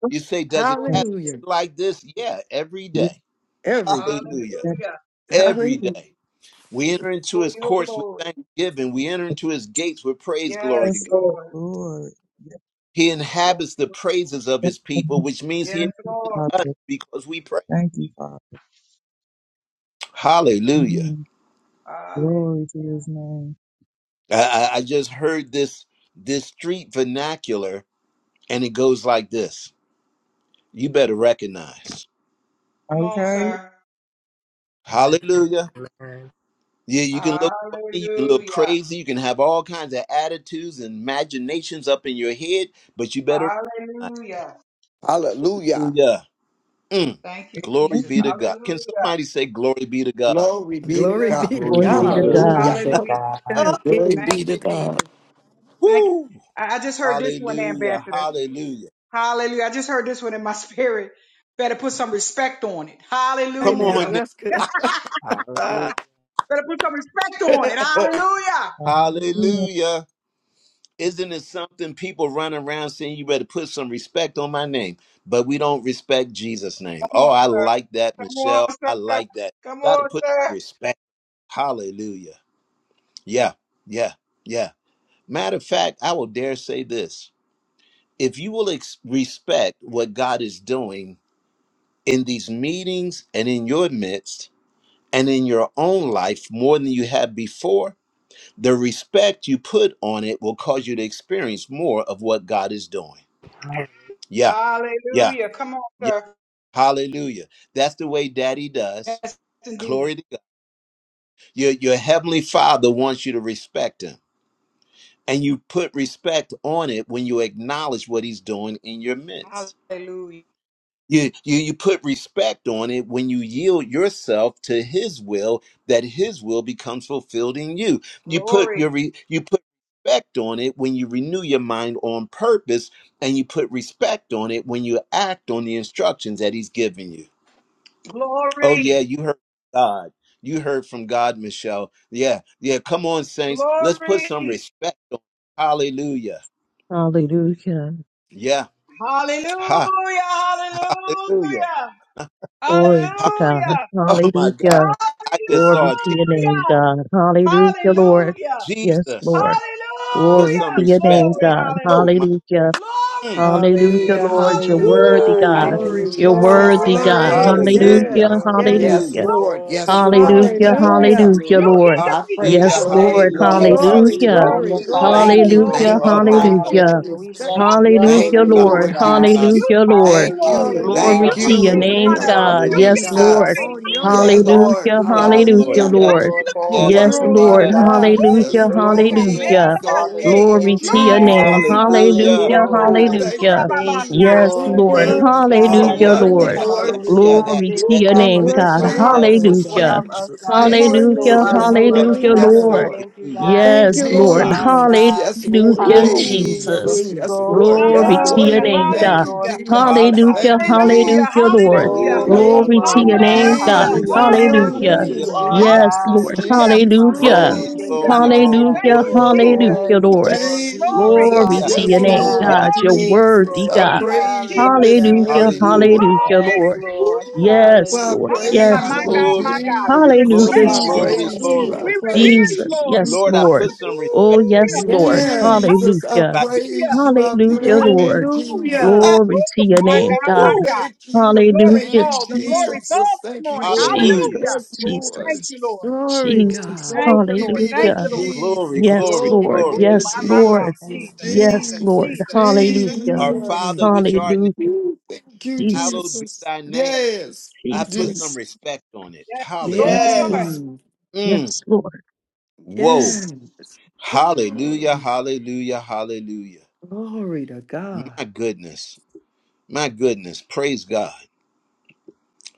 [SPEAKER 1] You say, does it happen
[SPEAKER 7] Yes.
[SPEAKER 8] Hallelujah.
[SPEAKER 1] like this? Yeah, every
[SPEAKER 7] Yes.
[SPEAKER 1] day.
[SPEAKER 8] Every day.
[SPEAKER 1] Hallelujah. Every
[SPEAKER 8] Hallelujah.
[SPEAKER 1] day. We enter into his courts with thanksgiving. We enter into his gates with praise. Glory to God.
[SPEAKER 7] Yes. Lord. Lord. Yes.
[SPEAKER 1] He inhabits the praises of
[SPEAKER 7] Yes.
[SPEAKER 1] his people,
[SPEAKER 7] Yes.
[SPEAKER 1] which means he
[SPEAKER 7] Thank you,
[SPEAKER 1] inhabits
[SPEAKER 7] Father.
[SPEAKER 1] us because we pray.
[SPEAKER 7] Thank you, Father.
[SPEAKER 1] Hallelujah.
[SPEAKER 7] Mm. Glory to his name.
[SPEAKER 1] I, I I just heard this this street vernacular and it goes like this. You better recognize.
[SPEAKER 7] Okay.
[SPEAKER 9] Amen.
[SPEAKER 1] Hallelujah.
[SPEAKER 9] Amen.
[SPEAKER 1] Yeah, you can look funny, you can look crazy, you can have all kinds of attitudes and imaginations up in your head, but you better recognize.
[SPEAKER 10] Hallelujah.
[SPEAKER 1] Hallelujah. Mm. Glory be to
[SPEAKER 7] Amen.
[SPEAKER 1] God. Can somebody say glory be to God?
[SPEAKER 10] Glory be to
[SPEAKER 8] Glory be
[SPEAKER 10] God.
[SPEAKER 8] to
[SPEAKER 2] Glory
[SPEAKER 3] Glory be
[SPEAKER 2] be
[SPEAKER 3] to
[SPEAKER 2] to
[SPEAKER 8] God.
[SPEAKER 9] Glory
[SPEAKER 2] God.
[SPEAKER 9] be
[SPEAKER 10] Hallelujah.
[SPEAKER 3] God.
[SPEAKER 9] to
[SPEAKER 8] Oh,
[SPEAKER 9] God.
[SPEAKER 8] Yeah,
[SPEAKER 1] Ah,
[SPEAKER 5] Glory
[SPEAKER 8] King.
[SPEAKER 5] be to God.
[SPEAKER 1] woo! Hallelujah. Hallelujah.
[SPEAKER 8] Right
[SPEAKER 1] Come
[SPEAKER 8] now,
[SPEAKER 1] on now.
[SPEAKER 8] that's good.
[SPEAKER 9] Hallelujah.
[SPEAKER 10] Thank
[SPEAKER 7] Hallelujah.
[SPEAKER 1] Hallelujah. Isn't it something people run around saying you better put some respect on my name, but we don't respect Jesus' name? Oh, I like that, Michelle. I like that. Got to put respect. Hallelujah. Yeah, yeah, yeah. Matter of fact, I will dare say this. If you will ex- respect what God is doing in these meetings and in your midst and in your own life more than you have before, The respect you put on it will cause you to experience more of what God is doing. Yeah, yeah, yeah. Hallelujah. That's the way daddy does. Glory to God. Your, your heavenly father wants you to respect him. And you put respect on it when you acknowledge what he's doing in your midst. You, you you put respect on it when you yield yourself to his will that his will becomes fulfilled in you you put your re, you put respect on it when you renew your mind on purpose and you put respect on it when you act on the instructions that he's given you oh yeah you heard from god you heard from god michelle yeah yeah come on saints let's put some respect on it. hallelujah
[SPEAKER 3] Hallelujah.
[SPEAKER 1] yeah hallelujah
[SPEAKER 3] Glory
[SPEAKER 1] Ha-
[SPEAKER 3] to God.
[SPEAKER 1] oh my
[SPEAKER 3] Hallelujah.
[SPEAKER 1] god i just saw
[SPEAKER 3] Glory
[SPEAKER 1] a teacher
[SPEAKER 3] to your name, God. Hallelujah, Lord. Yes,
[SPEAKER 1] Jesus
[SPEAKER 3] Lord.
[SPEAKER 1] put
[SPEAKER 3] Glory
[SPEAKER 1] some
[SPEAKER 3] to your name,
[SPEAKER 1] respect on. it.
[SPEAKER 3] God.
[SPEAKER 1] Oh my
[SPEAKER 3] Hallelujah.
[SPEAKER 1] mm.
[SPEAKER 3] Hallelujah,
[SPEAKER 8] Hallelujah,
[SPEAKER 3] Lord. You're worthy,
[SPEAKER 8] hallelujah.
[SPEAKER 3] God.
[SPEAKER 1] Woo!
[SPEAKER 10] you,
[SPEAKER 8] Glory,
[SPEAKER 3] You're
[SPEAKER 8] glory,
[SPEAKER 10] Jesus.
[SPEAKER 9] Hallelujah.
[SPEAKER 3] worthy,
[SPEAKER 10] Thank you,
[SPEAKER 3] God.
[SPEAKER 8] glory.
[SPEAKER 1] Hallelujah.
[SPEAKER 10] Jesus.
[SPEAKER 9] Glory.
[SPEAKER 3] Hallelujah.
[SPEAKER 8] Yes,
[SPEAKER 9] Glory.
[SPEAKER 8] yes.
[SPEAKER 10] Yes,
[SPEAKER 9] We
[SPEAKER 3] Hallelujah.
[SPEAKER 1] Hallelujah.
[SPEAKER 10] Lord.
[SPEAKER 9] thank
[SPEAKER 10] Yes,
[SPEAKER 9] you,
[SPEAKER 10] Lord. Thank you,
[SPEAKER 9] Father.
[SPEAKER 3] Hallelujah.
[SPEAKER 9] Yes,
[SPEAKER 10] Jesus.
[SPEAKER 8] Hallelujah.
[SPEAKER 3] Hallelujah,
[SPEAKER 9] Lord.
[SPEAKER 3] Lord.
[SPEAKER 10] I
[SPEAKER 9] We
[SPEAKER 10] praise
[SPEAKER 1] Hallelujah.
[SPEAKER 3] Yes,
[SPEAKER 10] your
[SPEAKER 9] thank
[SPEAKER 3] Lord.
[SPEAKER 9] you,
[SPEAKER 10] name,
[SPEAKER 1] Hallelujah.
[SPEAKER 9] Lord.
[SPEAKER 8] Glory,
[SPEAKER 10] Jesus.
[SPEAKER 9] We
[SPEAKER 1] Hallelujah.
[SPEAKER 3] Hallelujah.
[SPEAKER 8] glory,
[SPEAKER 10] Mm,
[SPEAKER 9] magnify
[SPEAKER 8] glory,
[SPEAKER 10] Thank
[SPEAKER 9] you,
[SPEAKER 10] you.
[SPEAKER 3] Hallelujah.
[SPEAKER 8] glory,
[SPEAKER 10] Thank
[SPEAKER 9] Lord.
[SPEAKER 1] Oh
[SPEAKER 10] you.
[SPEAKER 1] my
[SPEAKER 10] Thank
[SPEAKER 1] God.
[SPEAKER 8] glory.
[SPEAKER 10] you,
[SPEAKER 8] Put
[SPEAKER 3] Hallelujah.
[SPEAKER 9] Hallelujah. We
[SPEAKER 10] Jesus.
[SPEAKER 8] respect
[SPEAKER 9] bless
[SPEAKER 8] on it.
[SPEAKER 9] your
[SPEAKER 1] My
[SPEAKER 8] We
[SPEAKER 10] Thank
[SPEAKER 3] Hallelujah,
[SPEAKER 9] holy
[SPEAKER 10] you,
[SPEAKER 8] thank
[SPEAKER 1] God.
[SPEAKER 8] you,
[SPEAKER 9] name,
[SPEAKER 3] Lord.
[SPEAKER 10] Lord
[SPEAKER 8] Lord
[SPEAKER 9] God.
[SPEAKER 8] God.
[SPEAKER 1] God my
[SPEAKER 10] Jesus.
[SPEAKER 3] Hallelujah,
[SPEAKER 1] God.
[SPEAKER 3] Lord.
[SPEAKER 10] Thank
[SPEAKER 9] Hallelujah,
[SPEAKER 10] you.
[SPEAKER 8] Hallelujah.
[SPEAKER 9] God.
[SPEAKER 3] Glory
[SPEAKER 1] Hallelujah.
[SPEAKER 10] Thank
[SPEAKER 3] to
[SPEAKER 9] We
[SPEAKER 8] On
[SPEAKER 3] your
[SPEAKER 8] your
[SPEAKER 10] you.
[SPEAKER 9] thank
[SPEAKER 3] name,
[SPEAKER 9] you,
[SPEAKER 1] Hallelujah.
[SPEAKER 8] name,
[SPEAKER 10] Thank you,
[SPEAKER 3] God.
[SPEAKER 8] glory
[SPEAKER 9] Lord.
[SPEAKER 8] to
[SPEAKER 3] Yes,
[SPEAKER 1] Hallelujah.
[SPEAKER 8] God.
[SPEAKER 3] Lord.
[SPEAKER 10] Jesus.
[SPEAKER 8] On
[SPEAKER 9] Hallelujah.
[SPEAKER 8] your
[SPEAKER 10] Yes,
[SPEAKER 9] We
[SPEAKER 8] name.
[SPEAKER 9] honor
[SPEAKER 10] Lord.
[SPEAKER 3] Hallelujah,
[SPEAKER 9] you,
[SPEAKER 1] Yes,
[SPEAKER 9] God. We
[SPEAKER 1] Lord.
[SPEAKER 3] hallelujah,
[SPEAKER 10] Hallelujah.
[SPEAKER 9] thank you,
[SPEAKER 8] Hallelujah.
[SPEAKER 1] Yes,
[SPEAKER 3] Lord.
[SPEAKER 9] Lord,
[SPEAKER 1] Lord.
[SPEAKER 9] for
[SPEAKER 10] You
[SPEAKER 9] all
[SPEAKER 1] Yes,
[SPEAKER 3] Yes,
[SPEAKER 9] that
[SPEAKER 1] Lord.
[SPEAKER 9] you
[SPEAKER 10] worthy,
[SPEAKER 8] Glory
[SPEAKER 9] are,
[SPEAKER 8] to
[SPEAKER 3] Lord.
[SPEAKER 1] Yes.
[SPEAKER 10] Lord
[SPEAKER 9] God.
[SPEAKER 8] God. Thank
[SPEAKER 9] We
[SPEAKER 3] Hallelujah,
[SPEAKER 10] Jesus.
[SPEAKER 8] you,
[SPEAKER 9] thank you
[SPEAKER 8] Lord
[SPEAKER 9] for being
[SPEAKER 8] Jesus.
[SPEAKER 10] Glory,
[SPEAKER 9] our
[SPEAKER 3] hallelujah.
[SPEAKER 9] Father. We
[SPEAKER 10] glory,
[SPEAKER 3] Glory
[SPEAKER 9] thank
[SPEAKER 3] to
[SPEAKER 9] you,
[SPEAKER 3] your
[SPEAKER 8] Thank you for
[SPEAKER 3] name.
[SPEAKER 9] God.
[SPEAKER 10] Jesus.
[SPEAKER 8] speaking through your
[SPEAKER 1] Hallelujah.
[SPEAKER 3] Hallelujah,
[SPEAKER 8] woman,
[SPEAKER 10] Woo,
[SPEAKER 9] Hallelujah.
[SPEAKER 8] church.
[SPEAKER 10] thank you,
[SPEAKER 3] hallelujah.
[SPEAKER 8] God.
[SPEAKER 9] Thank you,
[SPEAKER 3] Yes,
[SPEAKER 10] Jesus.
[SPEAKER 9] Lord.
[SPEAKER 10] You
[SPEAKER 8] Thank you,
[SPEAKER 3] Lord.
[SPEAKER 9] Thank you,
[SPEAKER 10] worthy, you
[SPEAKER 8] Lord.
[SPEAKER 1] Oh
[SPEAKER 10] so
[SPEAKER 9] God.
[SPEAKER 3] Hallelujah,
[SPEAKER 9] Thank
[SPEAKER 1] yeah.
[SPEAKER 9] you,
[SPEAKER 10] worthy,
[SPEAKER 3] Lord.
[SPEAKER 8] Hallelujah,
[SPEAKER 1] Yeah. Yeah.
[SPEAKER 10] Lord.
[SPEAKER 9] Kamaroro
[SPEAKER 1] Yeah.
[SPEAKER 8] hallelujah.
[SPEAKER 9] Shekaroro.
[SPEAKER 1] That
[SPEAKER 3] Glory
[SPEAKER 9] Thank
[SPEAKER 3] to
[SPEAKER 9] you,
[SPEAKER 1] that
[SPEAKER 3] your
[SPEAKER 8] We
[SPEAKER 9] God,
[SPEAKER 1] that
[SPEAKER 9] for
[SPEAKER 3] name,
[SPEAKER 10] Woo,
[SPEAKER 1] fits
[SPEAKER 9] being
[SPEAKER 8] bless
[SPEAKER 3] God.
[SPEAKER 8] your
[SPEAKER 9] so
[SPEAKER 1] right
[SPEAKER 8] name,
[SPEAKER 1] well,
[SPEAKER 9] mindful
[SPEAKER 8] Lord
[SPEAKER 10] Jesus,
[SPEAKER 1] praise
[SPEAKER 9] for,
[SPEAKER 8] God.
[SPEAKER 1] God.
[SPEAKER 3] Hallelujah.
[SPEAKER 9] of us,
[SPEAKER 10] Jesus,
[SPEAKER 9] God. You
[SPEAKER 1] Jesus
[SPEAKER 9] are so
[SPEAKER 10] Jesus.
[SPEAKER 1] put
[SPEAKER 3] Hallelujah,
[SPEAKER 1] some
[SPEAKER 8] Hallelujah,
[SPEAKER 10] Yes,
[SPEAKER 9] mindful of
[SPEAKER 1] respect
[SPEAKER 10] Lord.
[SPEAKER 9] us,
[SPEAKER 1] on.
[SPEAKER 3] hallelujah,
[SPEAKER 9] God,
[SPEAKER 10] Yes,
[SPEAKER 9] and we
[SPEAKER 8] hallelujah.
[SPEAKER 3] Lord.
[SPEAKER 10] Lord.
[SPEAKER 1] it.
[SPEAKER 9] thank you,
[SPEAKER 1] Hallelujah.
[SPEAKER 9] God. We
[SPEAKER 8] Thank
[SPEAKER 3] Yes,
[SPEAKER 9] give
[SPEAKER 8] you,
[SPEAKER 9] you all the
[SPEAKER 3] Lord.
[SPEAKER 8] Lord
[SPEAKER 1] Mm.
[SPEAKER 9] honor,
[SPEAKER 8] Jesus.
[SPEAKER 10] Jesus,
[SPEAKER 9] God.
[SPEAKER 10] yes, Lord,
[SPEAKER 3] Hallelujah,
[SPEAKER 1] Woo!
[SPEAKER 8] Mm,
[SPEAKER 9] Hallelujah. We
[SPEAKER 3] Jesus.
[SPEAKER 10] Jesus,
[SPEAKER 8] mm.
[SPEAKER 10] yes,
[SPEAKER 9] exalt
[SPEAKER 10] Lord,
[SPEAKER 9] you,
[SPEAKER 10] yes,
[SPEAKER 3] Glory
[SPEAKER 9] God.
[SPEAKER 3] to
[SPEAKER 9] We
[SPEAKER 3] your
[SPEAKER 10] Lord.
[SPEAKER 3] name,
[SPEAKER 9] thank
[SPEAKER 8] Hallelujah.
[SPEAKER 9] you,
[SPEAKER 10] Thank
[SPEAKER 3] God.
[SPEAKER 10] you,
[SPEAKER 9] Lord. We
[SPEAKER 1] Hallelujah,
[SPEAKER 10] Jesus,
[SPEAKER 9] magnify
[SPEAKER 3] Hallelujah,
[SPEAKER 10] thank
[SPEAKER 9] you,
[SPEAKER 10] you,
[SPEAKER 9] God.
[SPEAKER 3] hallelujah,
[SPEAKER 8] Thank
[SPEAKER 10] Jesus.
[SPEAKER 8] you
[SPEAKER 3] Lord.
[SPEAKER 8] on
[SPEAKER 9] Oh,
[SPEAKER 8] your
[SPEAKER 9] that
[SPEAKER 8] name,
[SPEAKER 9] you
[SPEAKER 3] Glory to
[SPEAKER 9] are,
[SPEAKER 8] Lord.
[SPEAKER 10] Woo,
[SPEAKER 3] your
[SPEAKER 1] hallelujah,
[SPEAKER 9] God.
[SPEAKER 3] name, God.
[SPEAKER 8] It's
[SPEAKER 9] Hallelujah.
[SPEAKER 1] hallelujah,
[SPEAKER 8] in
[SPEAKER 9] Just
[SPEAKER 10] Jesus,
[SPEAKER 9] for
[SPEAKER 8] your
[SPEAKER 9] who
[SPEAKER 3] Hallelujah.
[SPEAKER 8] name,
[SPEAKER 1] hallelujah.
[SPEAKER 9] you
[SPEAKER 10] Jesus,
[SPEAKER 8] Lord
[SPEAKER 9] are,
[SPEAKER 8] God.
[SPEAKER 3] Yes,
[SPEAKER 9] God,
[SPEAKER 10] Jesus,
[SPEAKER 3] Lord.
[SPEAKER 9] in us, Father
[SPEAKER 10] Jesus,
[SPEAKER 9] God.
[SPEAKER 3] Hallelujah.
[SPEAKER 9] And
[SPEAKER 1] Glory,
[SPEAKER 9] we thank
[SPEAKER 8] Hallelujah,
[SPEAKER 9] you,
[SPEAKER 10] Jesus.
[SPEAKER 1] glory, glory,
[SPEAKER 9] God.
[SPEAKER 3] Hallelujah,
[SPEAKER 8] hallelujah.
[SPEAKER 1] glory, glory.
[SPEAKER 9] Yes,
[SPEAKER 3] hallelujah,
[SPEAKER 10] Woo,
[SPEAKER 3] Lord.
[SPEAKER 9] Lord. We glorify
[SPEAKER 3] Glory
[SPEAKER 10] Jesus,
[SPEAKER 1] Yeah,
[SPEAKER 3] to
[SPEAKER 10] yes,
[SPEAKER 9] you,
[SPEAKER 3] your name,
[SPEAKER 8] Oh
[SPEAKER 9] God.
[SPEAKER 1] yeah,
[SPEAKER 10] Lord,
[SPEAKER 3] God.
[SPEAKER 8] God,
[SPEAKER 9] We
[SPEAKER 3] You're
[SPEAKER 8] it's
[SPEAKER 9] Thank you,
[SPEAKER 10] Jesus.
[SPEAKER 3] worthy,
[SPEAKER 10] I
[SPEAKER 9] Lord.
[SPEAKER 3] God.
[SPEAKER 10] praise
[SPEAKER 1] yeah.
[SPEAKER 10] you this
[SPEAKER 9] Hallelujah.
[SPEAKER 3] Hallelujah,
[SPEAKER 10] morning,
[SPEAKER 1] Hallelujah.
[SPEAKER 10] Lord.
[SPEAKER 3] hallelujah,
[SPEAKER 9] Yes,
[SPEAKER 3] Lord.
[SPEAKER 9] Lord.
[SPEAKER 10] Woo,
[SPEAKER 3] Yes,
[SPEAKER 10] I
[SPEAKER 3] Lord.
[SPEAKER 9] Hallelujah.
[SPEAKER 3] Yes,
[SPEAKER 10] praise you,
[SPEAKER 8] hallelujah.
[SPEAKER 3] Lord.
[SPEAKER 1] Glory,
[SPEAKER 9] Hallelujah.
[SPEAKER 1] glory,
[SPEAKER 9] Thank you,
[SPEAKER 10] Jesus.
[SPEAKER 3] Hallelujah,
[SPEAKER 1] glory,
[SPEAKER 10] I
[SPEAKER 9] God.
[SPEAKER 8] Jesus,
[SPEAKER 1] glory,
[SPEAKER 3] Jesus.
[SPEAKER 9] Thank
[SPEAKER 10] praise you, I
[SPEAKER 1] glory.
[SPEAKER 8] Jesus,
[SPEAKER 10] praise you.
[SPEAKER 8] Jesus.
[SPEAKER 3] Jesus. Yes,
[SPEAKER 1] Lord, I
[SPEAKER 3] Lord.
[SPEAKER 1] put some
[SPEAKER 3] Oh,
[SPEAKER 1] respect in you
[SPEAKER 3] yes,
[SPEAKER 10] Ooh,
[SPEAKER 3] Lord.
[SPEAKER 8] Yeah,
[SPEAKER 10] Jesus, I
[SPEAKER 3] Hallelujah.
[SPEAKER 1] by being
[SPEAKER 10] praise you.
[SPEAKER 1] obedient
[SPEAKER 10] I
[SPEAKER 1] to your
[SPEAKER 3] Hallelujah,
[SPEAKER 10] praise
[SPEAKER 1] command.
[SPEAKER 10] you,
[SPEAKER 3] Lord.
[SPEAKER 1] Ah,
[SPEAKER 10] Jesus.
[SPEAKER 8] hallelujah.
[SPEAKER 3] Glory to your name, God.
[SPEAKER 10] Woo,
[SPEAKER 1] woo!
[SPEAKER 10] thank you.
[SPEAKER 1] Mm,
[SPEAKER 10] Thank
[SPEAKER 3] Hallelujah,
[SPEAKER 10] you,
[SPEAKER 3] Jesus.
[SPEAKER 10] Jesus. Thank you, Lord.
[SPEAKER 1] hallelujah.
[SPEAKER 3] Jesus,
[SPEAKER 10] Yes, Lord.
[SPEAKER 3] Jesus,
[SPEAKER 8] Glory,
[SPEAKER 10] Ooh,
[SPEAKER 3] Jesus.
[SPEAKER 8] God.
[SPEAKER 10] glory be to
[SPEAKER 3] Hallelujah.
[SPEAKER 9] you.
[SPEAKER 1] Glory,
[SPEAKER 10] Jesus.
[SPEAKER 3] Yes,
[SPEAKER 1] glory,
[SPEAKER 10] Glory
[SPEAKER 3] Lord.
[SPEAKER 10] be
[SPEAKER 9] Hallelujah.
[SPEAKER 1] glory.
[SPEAKER 10] to
[SPEAKER 3] Yes, Lord.
[SPEAKER 9] Thank you,
[SPEAKER 10] Jesus.
[SPEAKER 9] God.
[SPEAKER 3] Yes, Lord.
[SPEAKER 10] Jesus,
[SPEAKER 3] Hallelujah.
[SPEAKER 1] Our
[SPEAKER 9] Yes.
[SPEAKER 10] Jesus.
[SPEAKER 8] Mm.
[SPEAKER 1] Father which art in heaven,
[SPEAKER 3] Hallelujah.
[SPEAKER 10] Ooh, thank you,
[SPEAKER 1] hallowed
[SPEAKER 3] Jesus,
[SPEAKER 1] be
[SPEAKER 10] Jesus.
[SPEAKER 1] thy name.
[SPEAKER 10] Yes,
[SPEAKER 1] I put some
[SPEAKER 3] Jesus.
[SPEAKER 10] Jesus.
[SPEAKER 1] respect on it. Hallelujah.
[SPEAKER 3] Yes, Lord.
[SPEAKER 10] Yes.
[SPEAKER 8] Mm,
[SPEAKER 1] Mm.
[SPEAKER 3] Yes, Lord.
[SPEAKER 1] Whoa.
[SPEAKER 3] Yes.
[SPEAKER 8] yes.
[SPEAKER 1] Hallelujah,
[SPEAKER 8] Mm,
[SPEAKER 1] hallelujah, hallelujah.
[SPEAKER 8] glory to God.
[SPEAKER 1] My goodness, my goodness. Praise God.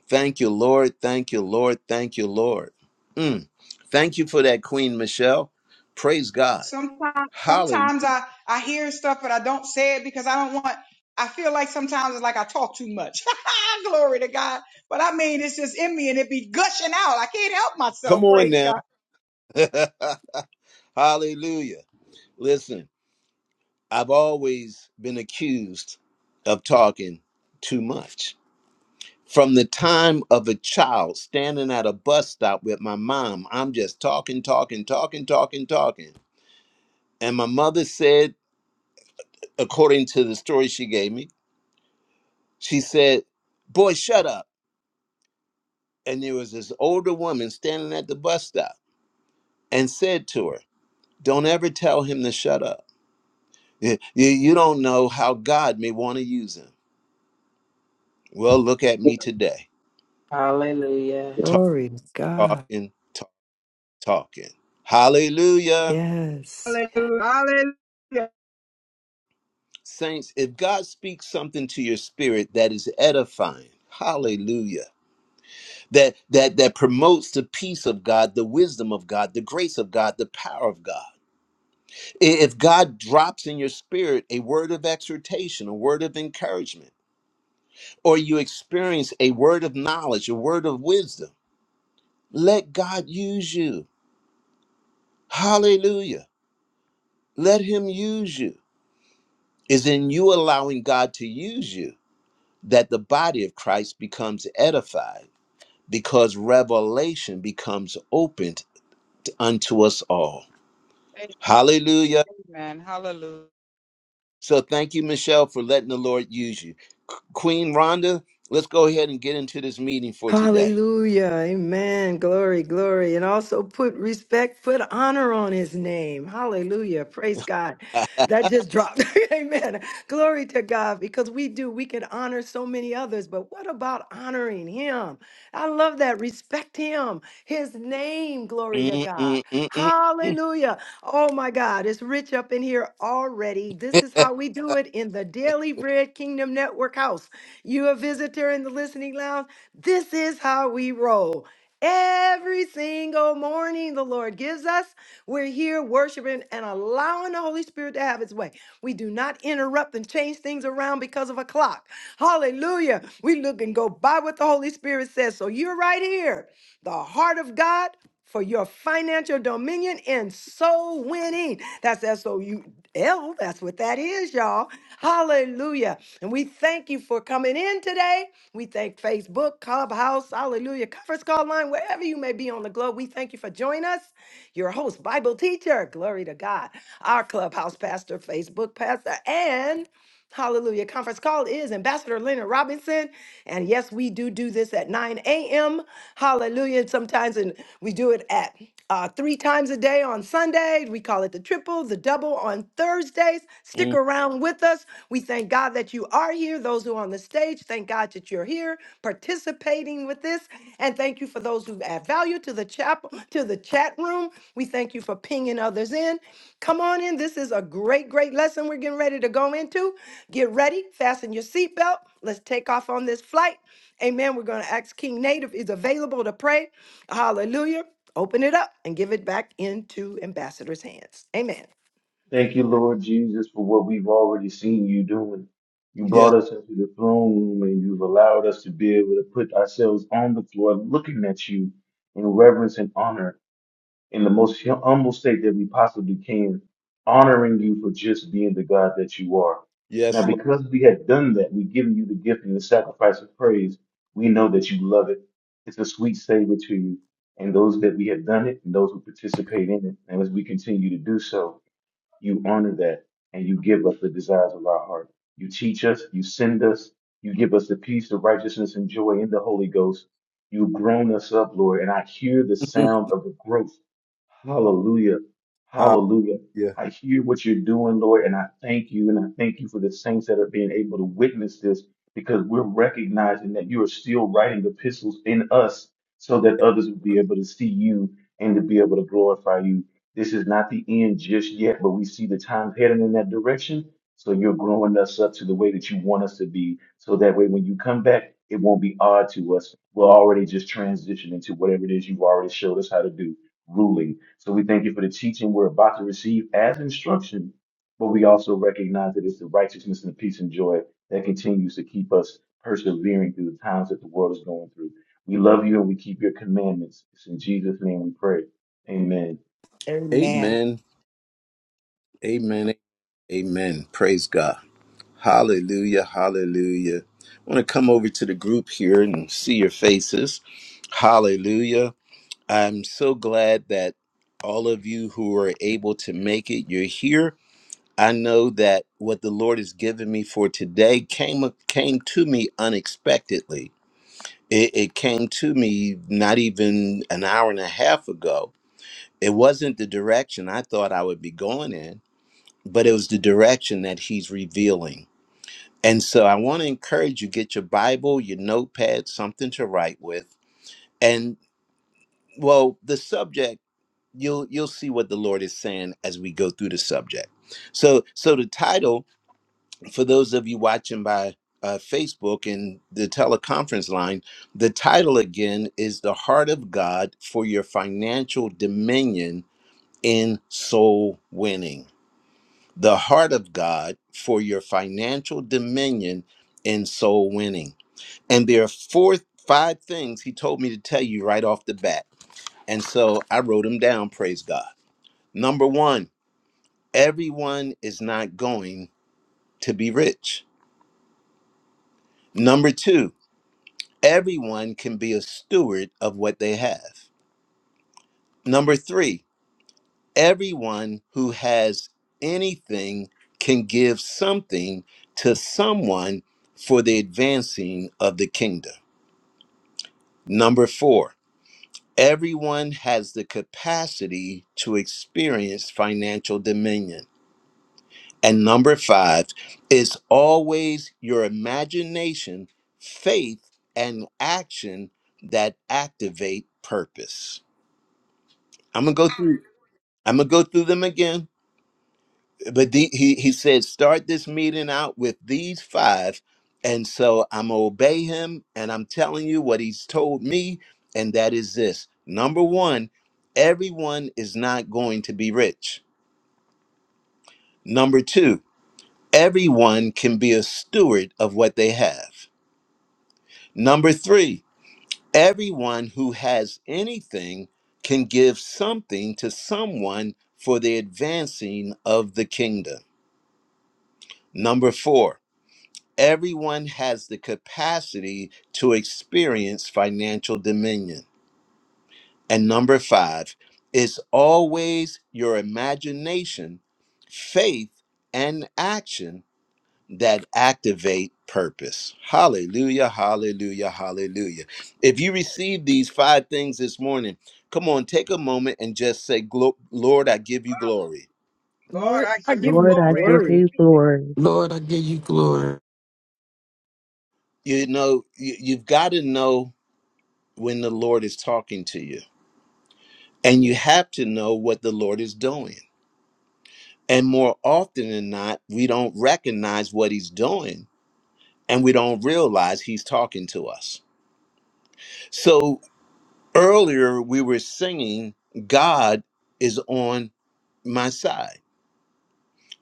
[SPEAKER 1] Thank you, Lord. Thank you, Lord. Thank you, Lord. Mm. Thank you for that, Queen Michelle. Praise God.
[SPEAKER 11] sometimes
[SPEAKER 1] Hallelujah.
[SPEAKER 11] sometimes I I hear stuff but I don't say it because I don't want I feel like sometimes it's like I talk too much. Glory to God. But I mean it's just in me and it be gushing out. I can't help myself.
[SPEAKER 1] Come on
[SPEAKER 11] Praise
[SPEAKER 1] now. hallelujah. Listen, I've always been accused of talking too much. from the time of a child standing at a bus stop with my mom. I'm just talking, talking, talking, talking, talking. And my mother said, according to the story she gave me, she said, Boy, shut up. And there was this older woman standing at the bus stop and said to her, Don't ever tell him to shut up. You, you, you don't know how God may want to use him. Well, look at me today.
[SPEAKER 9] Hallelujah.
[SPEAKER 1] Talk,
[SPEAKER 8] Glory to God.
[SPEAKER 1] talking, talk, talking. Hallelujah.
[SPEAKER 8] Yes.
[SPEAKER 1] Saints, if God speaks something to your spirit that is edifying, hallelujah, that that that promotes the peace of God, the wisdom of God, the grace of God, the power of God. I- If God drops in your spirit a word of exhortation, a word of encouragement, or you experience a word of knowledge, a word of wisdom, let God use you. Hallelujah. Let him use you. Is in you allowing God to use you that the body of Christ becomes edified because revelation becomes opened unto us all. Hallelujah. So thank you, Michelle, for letting the Lord use you. Q- Queen Rhonda, let's go ahead and get into this meeting for today.
[SPEAKER 8] Hallelujah. Amen. Glory, glory. And also put respect, put honor on his name. Hallelujah. Praise God. That just dropped. Amen. Glory to God because we do. We can honor so many others, but what about honoring him? I love that. Respect him, his name. Glory to
[SPEAKER 1] Mm,
[SPEAKER 8] God.
[SPEAKER 1] mm, mm, mm,
[SPEAKER 8] Hallelujah. Oh my God. It's rich up in here already. This is
[SPEAKER 1] mm.
[SPEAKER 8] how we do it in the Daily Bread Kingdom Network house. You a visitor in the listening lounge? This is how we roll. Every single morning, the Lord gives us. We're here worshiping and allowing the Holy Spirit to have its way. We do not interrupt and change things around because of a clock. Hallelujah. We look and go by what the Holy Spirit says. So you're right here, the heart of God for your financial dominion and soul winning. That's S O U L. That's what that is, y'all. Hallelujah. And we thank you for coming in today. We thank Facebook, Clubhouse, Hallelujah, Conference Call Line, wherever you may be on the globe. We thank you for joining us. Your host, Bible teacher, glory to God, our Clubhouse pastor, Facebook pastor, and Hallelujah. Conference call is Ambassador Leonard Robinson. And yes, we do do this at 9 a.m. Hallelujah. Sometimes and we do it at uh, three times a day on Sunday. We call it the triple, the double on Thursdays. Stick
[SPEAKER 1] Mm.
[SPEAKER 8] around with us. We thank God that you are here. Those who are on the stage, thank God that you're here participating with this. And thank you for those who add value to the chapel, to the chat room. We thank you for pinging others in. Come on in. This is a great, great lesson we're getting ready to go into. Get ready, fasten your seatbelt. Let's take off on this flight. Amen. We're going to ask King Nate if he's available to pray. Hallelujah. Open it up and give it back into ambassador's hands. Amen.
[SPEAKER 2] Thank you, Lord Jesus, for what we've already seen you doing. You
[SPEAKER 1] yes,
[SPEAKER 2] brought us into the throne room and you've allowed us to be able to put ourselves on the floor looking at you in reverence and honor in the most hum- humble state that we possibly can, honoring you for just being the God that you are. Now,
[SPEAKER 1] yes, Lord.
[SPEAKER 2] because we have done that, we've given you the gift and the sacrifice of praise. We know that you love it. It's a sweet savor to you. And those that we have done it and those who participate in it, and as we continue to do so, you honor that and you give us the desires of our heart. You teach us, you send us, you give us the peace, the righteousness, and joy in the Holy Ghost. You've grown us up, Lord, and I hear the sound of the growth. Hallelujah. Hallelujah.
[SPEAKER 1] Hallelujah.
[SPEAKER 2] I hear what you're doing, Lord, and I thank you. And I thank you for the saints that are being able to witness this because we're recognizing that you are still writing the epistles in us so that others will be able to see you and to be able to glorify you. This is not the end just yet, but we see the times heading in that direction. So you're growing us up to the way that you want us to be. So that way, when you come back, it won't be odd to us. We'll already just transition into whatever it is you've already showed us how to do, ruling. So we thank you for the teaching we're about to receive as instruction, but we also recognize that it's the righteousness and the peace and joy that continues to keep us persevering through the times that the world is going through. We love you and we keep your commandments. It's in Jesus' name we pray. Amen.
[SPEAKER 10] Amen.
[SPEAKER 1] Amen. Amen. Amen. Praise God. Hallelujah, hallelujah. I want to come over to the group here and see your faces. Hallelujah. I'm so glad that all of you who are able to make it, you're here. I know that what the Lord has given me for today came came to me unexpectedly. It, it came to me not even an hour and a half ago. It wasn't the direction I thought I would be going in, but it was the direction that He's revealing. And so I want to encourage you get your Bible, your notepad, something to write with. And well, the subject, you'll you'll see what the Lord is saying as we go through the subject. So so the title for those of you watching by uh, Facebook and the teleconference line, the title again is The Heart of God for Your Financial Dominion in Soul Winning. The Heart of God for Your Financial Dominion in Soul Winning. And there are four, five things he told me to tell you right off the bat. And so I wrote them down, praise God. Number one, everyone is not going to be rich. Number two, everyone can be a steward of what they have. Number three, everyone who has anything can give something to someone for the advancing of the kingdom. Number four, Everyone has the capacity to experience financial dominion. And number five is always your imagination, faith, and action that activate purpose. I'm gonna go through. I'm gonna go through them again but the, he he said start this meeting out with these five and so i'm obey him and i'm telling you what he's told me and that is this number one everyone is not going to be rich number two everyone can be a steward of what they have number three everyone who has anything can give something to someone for the advancing of the kingdom number four everyone has the capacity to experience financial dominion. And number five, it's always your imagination, faith, and action that activate purpose. Hallelujah, hallelujah, hallelujah. If you receive these five things this morning, come on, take a moment and just say, "Glo- Lord, I give you glory.
[SPEAKER 8] Lord, I give you
[SPEAKER 3] Lord, I give
[SPEAKER 8] glory.
[SPEAKER 3] you glory.
[SPEAKER 5] Lord, I give you glory.
[SPEAKER 1] You know, you- you've got to know when the Lord is talking to you And you have to know what the Lord is doing. And more often than not, we don't recognize what he's doing and we don't realize he's talking to us. So earlier we were singing, God is on my side.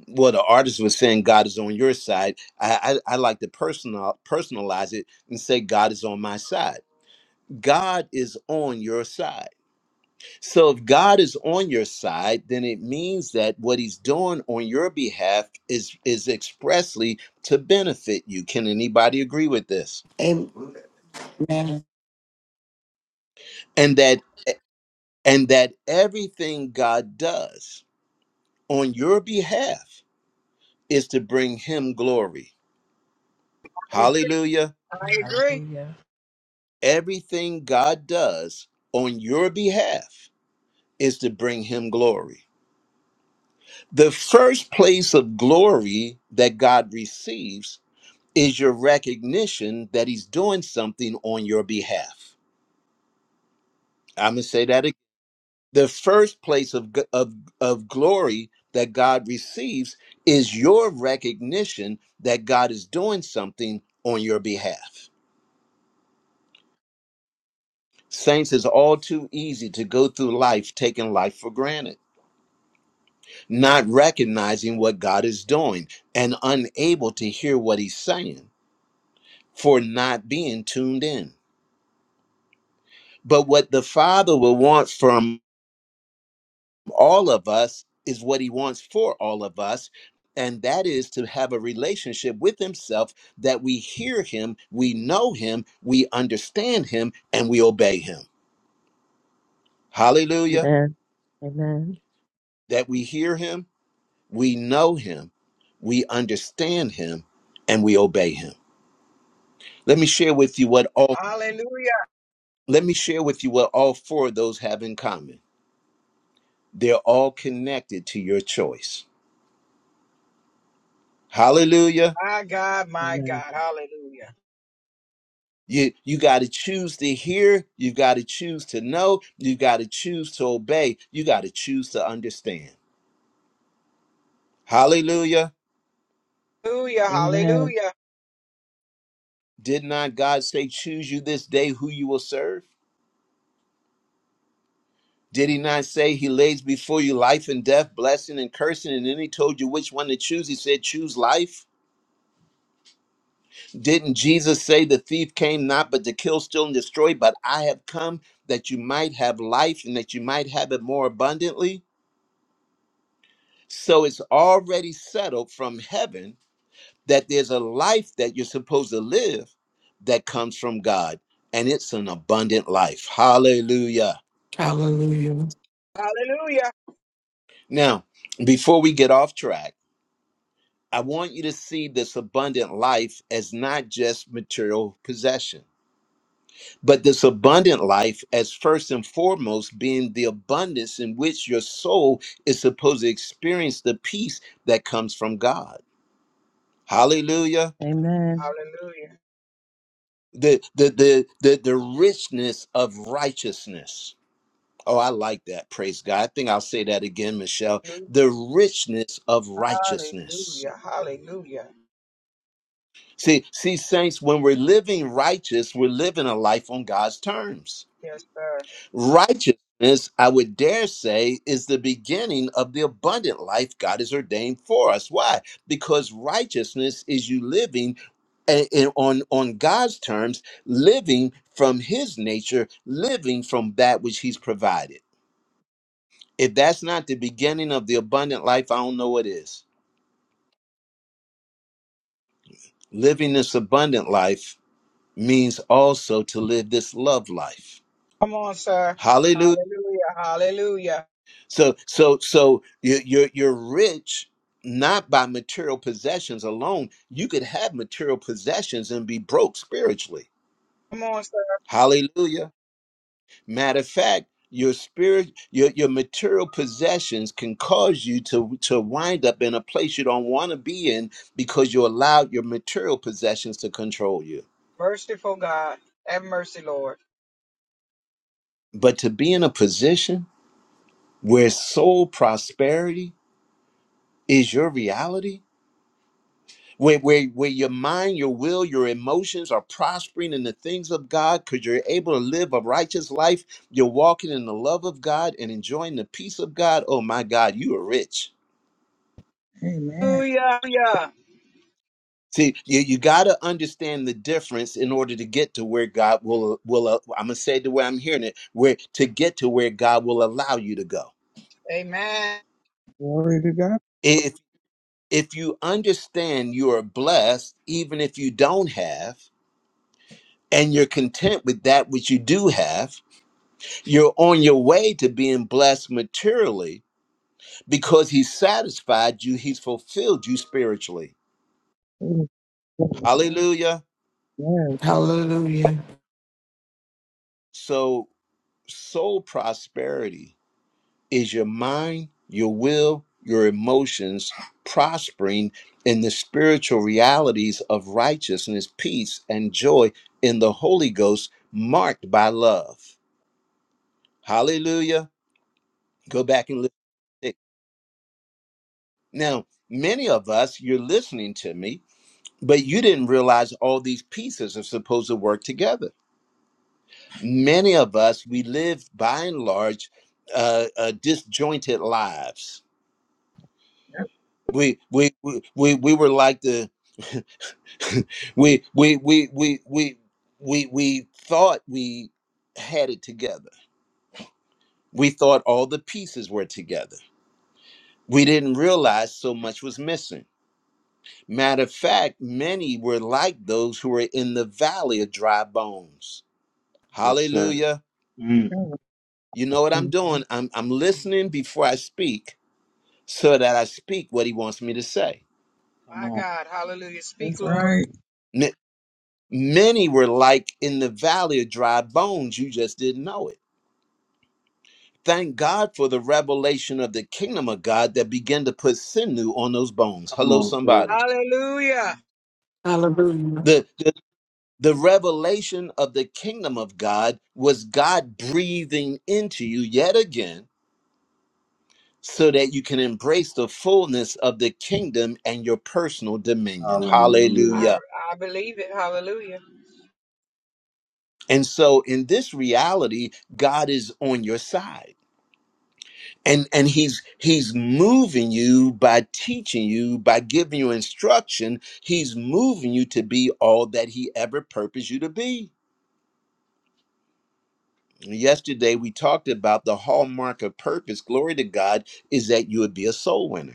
[SPEAKER 1] Well, the artist was saying God is on your side. I, I, I like to personal, personalize it and say God is on my side. God is on your side. So if God is on your side, then it means that what he's doing on your behalf is is expressly to benefit you. Can anybody agree with this?
[SPEAKER 10] Amen.
[SPEAKER 1] And that and that everything God does on your behalf is to bring him glory. Hallelujah.
[SPEAKER 9] Hallelujah.
[SPEAKER 1] Everything God does on your behalf is to bring him glory. The first place of glory that God receives is your recognition that he's doing something on your behalf. I'm going to say that again. The first place of, g- of, of glory that God receives is your recognition that God is doing something on your behalf. Saints, it's all too easy to go through life taking life for granted, not recognizing what God is doing and unable to hear what he's saying for not being tuned in. But what the Father will want from all of us is what he wants for all of us and that is to have a relationship with himself that we hear him we know him we understand him and we obey him hallelujah
[SPEAKER 3] Amen. Amen.
[SPEAKER 1] that we hear him we know him we understand him and we obey him let me share with you what all let me share with you what all four of those have in common they're all connected to your choice hallelujah
[SPEAKER 3] Amen.
[SPEAKER 1] You you got to choose to hear, you got to choose to know, you got to choose to obey, you got to choose to understand. Hallelujah.
[SPEAKER 3] Amen.
[SPEAKER 1] Did not God say choose you this day who you will serve? Did he not say he lays before you life and death, blessing and cursing, and then he told you which one to choose? He said, Choose life. Didn't Jesus say the thief came not but to kill, steal, and destroy, but I have come that you might have life and that you might have it more abundantly? So it's already settled from heaven that there's a life that you're supposed to live that comes from God, and it's an abundant life. Hallelujah.
[SPEAKER 5] Hallelujah.
[SPEAKER 1] Now, before we get off track, I want you to see this abundant life as not just material possession, but this abundant life as first and foremost being the abundance in which your soul is supposed to experience the peace that comes from God. Hallelujah.
[SPEAKER 3] Amen.
[SPEAKER 1] The the the the, the richness of righteousness. Oh, I like that. Praise God. I think I'll say that again, Michelle. The richness of righteousness. See, see, saints, when we're living righteous, we're living a life on God's terms. Righteousness, I would dare say, is the beginning of the abundant life God has ordained for us. Why? Because righteousness is you living a- a- on, on God's terms, living from His nature, living from that which He's provided. If that's not the beginning of the abundant life, I don't know what is. Living this abundant life means also to live this love life. Hallelujah. So so so you- you're you're rich not by material possessions alone. You could have material possessions and be broke spiritually. Hallelujah. Matter of fact, your spirit, your, your material possessions can cause you to, to wind up in a place you don't want to be in because you allowed your material possessions to control you. But to be in a position where soul prosperity is your reality, where, where, where your mind, your will, your emotions are prospering in the things of God because you're able to live a righteous life, you're walking in the love of God and enjoying the peace of God. Oh my God, you are rich.
[SPEAKER 7] Amen.
[SPEAKER 1] See, you, you got to understand the difference in order to get to where God will will. Uh, I'm gonna say it the way I'm hearing it, where to get to where God will allow you to go.
[SPEAKER 7] Glory to God.
[SPEAKER 1] If if you understand you are blessed, even if you don't have, and you're content with that which you do have, you're on your way to being blessed materially because He's satisfied you, He's fulfilled you spiritually.
[SPEAKER 7] Glory to God.
[SPEAKER 1] Hallelujah.
[SPEAKER 7] Yes.
[SPEAKER 5] Hallelujah.
[SPEAKER 1] So soul prosperity Is your mind, your will, your emotions prospering in the spiritual realities of righteousness, peace, and joy in the Holy Ghost, marked by love? Hallelujah. Go back and listen. to it. Now, many of us, you're listening to me, but you didn't realize all these pieces are supposed to work together. Many of us, we live by and large uh, uh, disjointed lives. We, we we we we were like the we we we we we we we thought we had it together. We thought all the pieces were together. We didn't realize so much was missing. Matter of fact, many were like those who were in the valley of dry bones.
[SPEAKER 2] Yes, sir.
[SPEAKER 1] Hallelujah.
[SPEAKER 2] Mm,
[SPEAKER 7] Yes.
[SPEAKER 1] You know what I'm doing?
[SPEAKER 3] Mhm.
[SPEAKER 1] I'm I'm listening before I speak so that I speak what he wants me to say.
[SPEAKER 2] come on.
[SPEAKER 7] That's right.
[SPEAKER 1] Ma- Many were like in the valley of dry bones, you just didn't know it. Thank God for the revelation of the kingdom of God that began to put sinew on those bones.
[SPEAKER 2] Come
[SPEAKER 1] Hello,
[SPEAKER 2] on, sir.
[SPEAKER 1] somebody.
[SPEAKER 5] Hallelujah.
[SPEAKER 1] The, the, the revelation of the kingdom of God was God breathing into you yet again so that you can embrace the fullness of the kingdom and your personal dominion.
[SPEAKER 2] Hallelujah.
[SPEAKER 1] Hallelujah. And so, in this reality, God is on your side. and and he's he's moving you by teaching you by giving you instruction he's moving you to be all that he ever purposed you to be yesterday we talked about the hallmark of purpose glory to god is that you would be a soul winner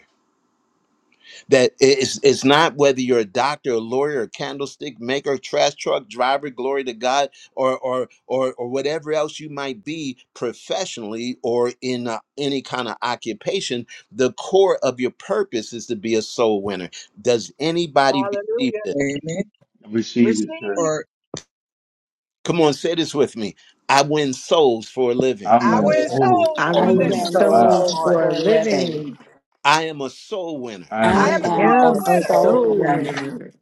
[SPEAKER 1] that it's it's not whether you're a doctor, a lawyer, a candlestick maker, trash truck driver, glory to God, or or or or whatever else you might be professionally or in uh, any kind of occupation. The core of your purpose is to be a soul winner. Does anybody receive this?
[SPEAKER 7] Amen.
[SPEAKER 2] Receive it, sir.
[SPEAKER 7] or
[SPEAKER 1] Come on, say this with me. I win souls for a living.
[SPEAKER 2] I win
[SPEAKER 7] our
[SPEAKER 9] Hallelujah.
[SPEAKER 2] souls,
[SPEAKER 8] I
[SPEAKER 2] boy.
[SPEAKER 10] I
[SPEAKER 9] Our
[SPEAKER 8] win
[SPEAKER 2] Really?
[SPEAKER 10] am
[SPEAKER 8] souls
[SPEAKER 9] souls
[SPEAKER 2] Wow.
[SPEAKER 10] souls
[SPEAKER 9] for
[SPEAKER 8] for a
[SPEAKER 10] for a
[SPEAKER 9] you,
[SPEAKER 10] living.
[SPEAKER 8] living.
[SPEAKER 1] I am a soul winner.
[SPEAKER 2] I am a
[SPEAKER 10] I
[SPEAKER 8] I
[SPEAKER 10] am
[SPEAKER 2] soul
[SPEAKER 9] And
[SPEAKER 10] a
[SPEAKER 8] am
[SPEAKER 2] winner.
[SPEAKER 8] a
[SPEAKER 9] our soul,
[SPEAKER 10] soul
[SPEAKER 8] soul
[SPEAKER 9] Lord.
[SPEAKER 10] woman.
[SPEAKER 8] winner.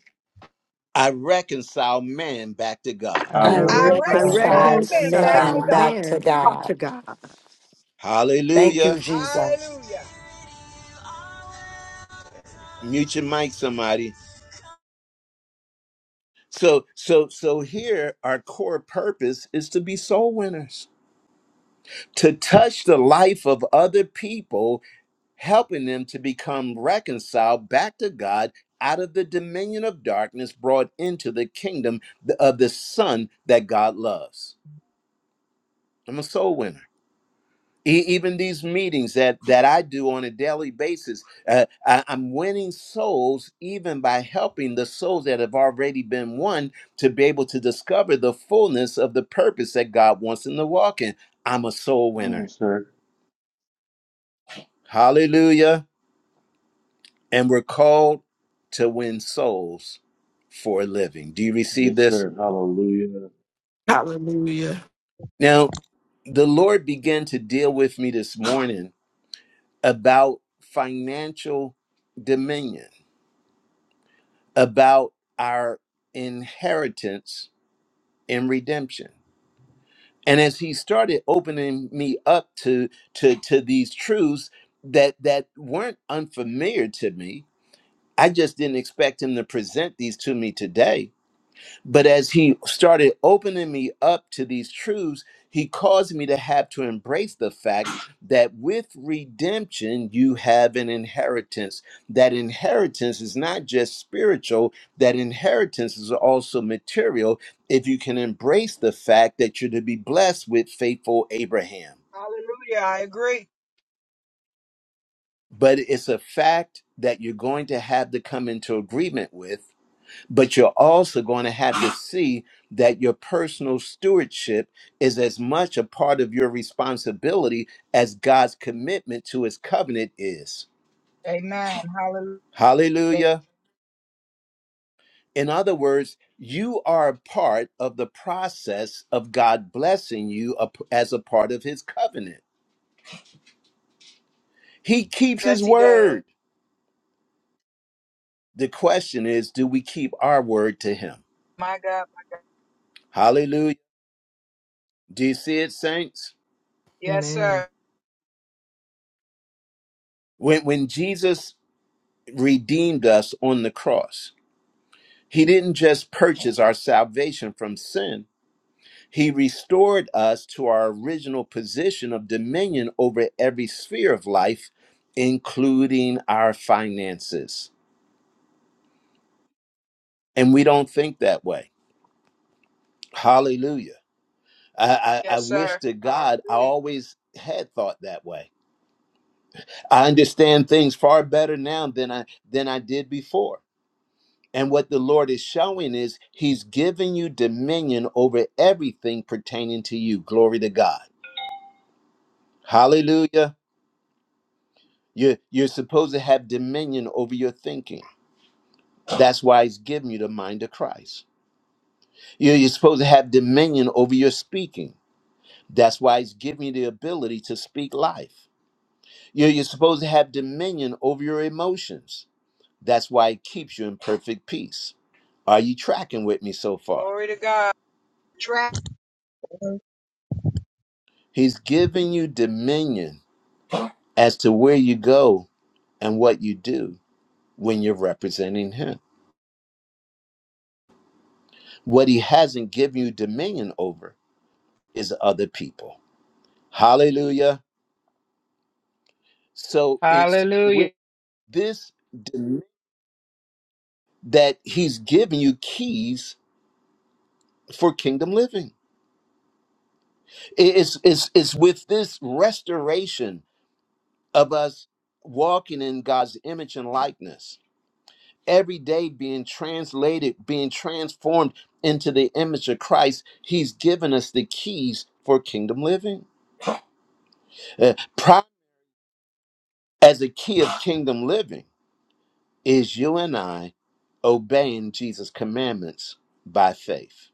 [SPEAKER 1] I reconcile man back to God.
[SPEAKER 2] I
[SPEAKER 9] Our
[SPEAKER 10] I
[SPEAKER 7] our
[SPEAKER 8] I
[SPEAKER 2] reconcile
[SPEAKER 9] soul,
[SPEAKER 2] me
[SPEAKER 9] Lord,
[SPEAKER 10] reconcile
[SPEAKER 2] back
[SPEAKER 9] to
[SPEAKER 2] to
[SPEAKER 8] reconcile
[SPEAKER 10] men
[SPEAKER 2] God.
[SPEAKER 9] God.
[SPEAKER 10] back to
[SPEAKER 8] man back
[SPEAKER 10] God.
[SPEAKER 8] to God.
[SPEAKER 10] Thank you,
[SPEAKER 1] Hallelujah.
[SPEAKER 10] Jesus.
[SPEAKER 1] Mute your mic, somebody. So so so here our core purpose is to be soul winners, to touch the life of other people, helping them to become reconciled back to God out of the dominion of darkness brought into the kingdom th- of the son that God loves. I'm a soul winner. E- even these meetings that that I do on a daily basis, uh, I, am winning souls even by helping the souls that have already been won to be able to discover the fullness of the purpose that God wants them to walk in. I'm a soul
[SPEAKER 2] Come on,
[SPEAKER 1] winner.
[SPEAKER 2] sir.
[SPEAKER 1] Hallelujah. And we're called to win souls for a living. Do you receive
[SPEAKER 2] Yes,
[SPEAKER 1] this?
[SPEAKER 2] sir. Hallelujah.
[SPEAKER 5] Hallelujah.
[SPEAKER 1] Now, the Lord began to deal with me this morning about financial dominion about our inheritance in redemption. And as he started opening me up to to to these truths that that weren't unfamiliar to me, I just didn't expect him to present these to me today but as he started opening me up to these truths, he caused me to have to embrace the fact that with redemption, you have an inheritance. That inheritance is not just spiritual, that inheritance is also material if you can embrace the fact that you're to be blessed with faithful Abraham. But it's a fact that you're going to have to come into agreement with but you're also going to have to see that your personal stewardship is as much a part of your responsibility as God's commitment to his covenant is. Hallelujah. In other words, you are a part of the process of God blessing you up- as a part of his covenant. He keeps his word. The question is, do we keep our word to him? Hallelujah. Do you see it, saints?
[SPEAKER 8] Amen.
[SPEAKER 1] When, when Jesus redeemed us on the cross, He didn't just purchase our salvation from sin, He restored us to our original position of dominion over every sphere of life, including our finances. And we don't think that way. Hallelujah. I, I, I wish to God I always had thought that way. I understand things far better now than I than I did before. And what the Lord is showing is He's giving you dominion over everything pertaining to you. Glory to God. Hallelujah. You're, you're supposed to have dominion over your thinking. That's why he's giving you the mind of Christ. You're, you're supposed to have dominion over your speaking. That's why he's giving you the ability to speak life. You're, you're supposed to have dominion over your emotions. That's why he keeps you in perfect peace. Are you tracking with me so far?
[SPEAKER 11] God. Track.
[SPEAKER 1] He's giving you dominion as to where you go and what you do when you're representing him. What he hasn't given you dominion over is other people. Hallelujah. So it's with this demand that he's giving you keys for kingdom living. It's, it's, it's with this restoration of us walking in God's image and likeness, every day being translated, being transformed into the image of Christ. He's given us the keys for kingdom living. Uh, pride as a key of kingdom living is you and I obeying Jesus' commandments by faith.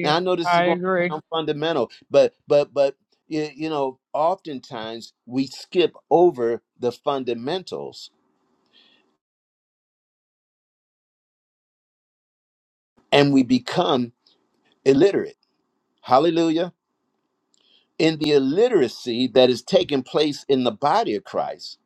[SPEAKER 1] Now I know this is going to sound fundamental, but but but you, you know, oftentimes we skip over the fundamentals and we become illiterate. Hallelujah. In the illiteracy that is taking place in the body of Christ,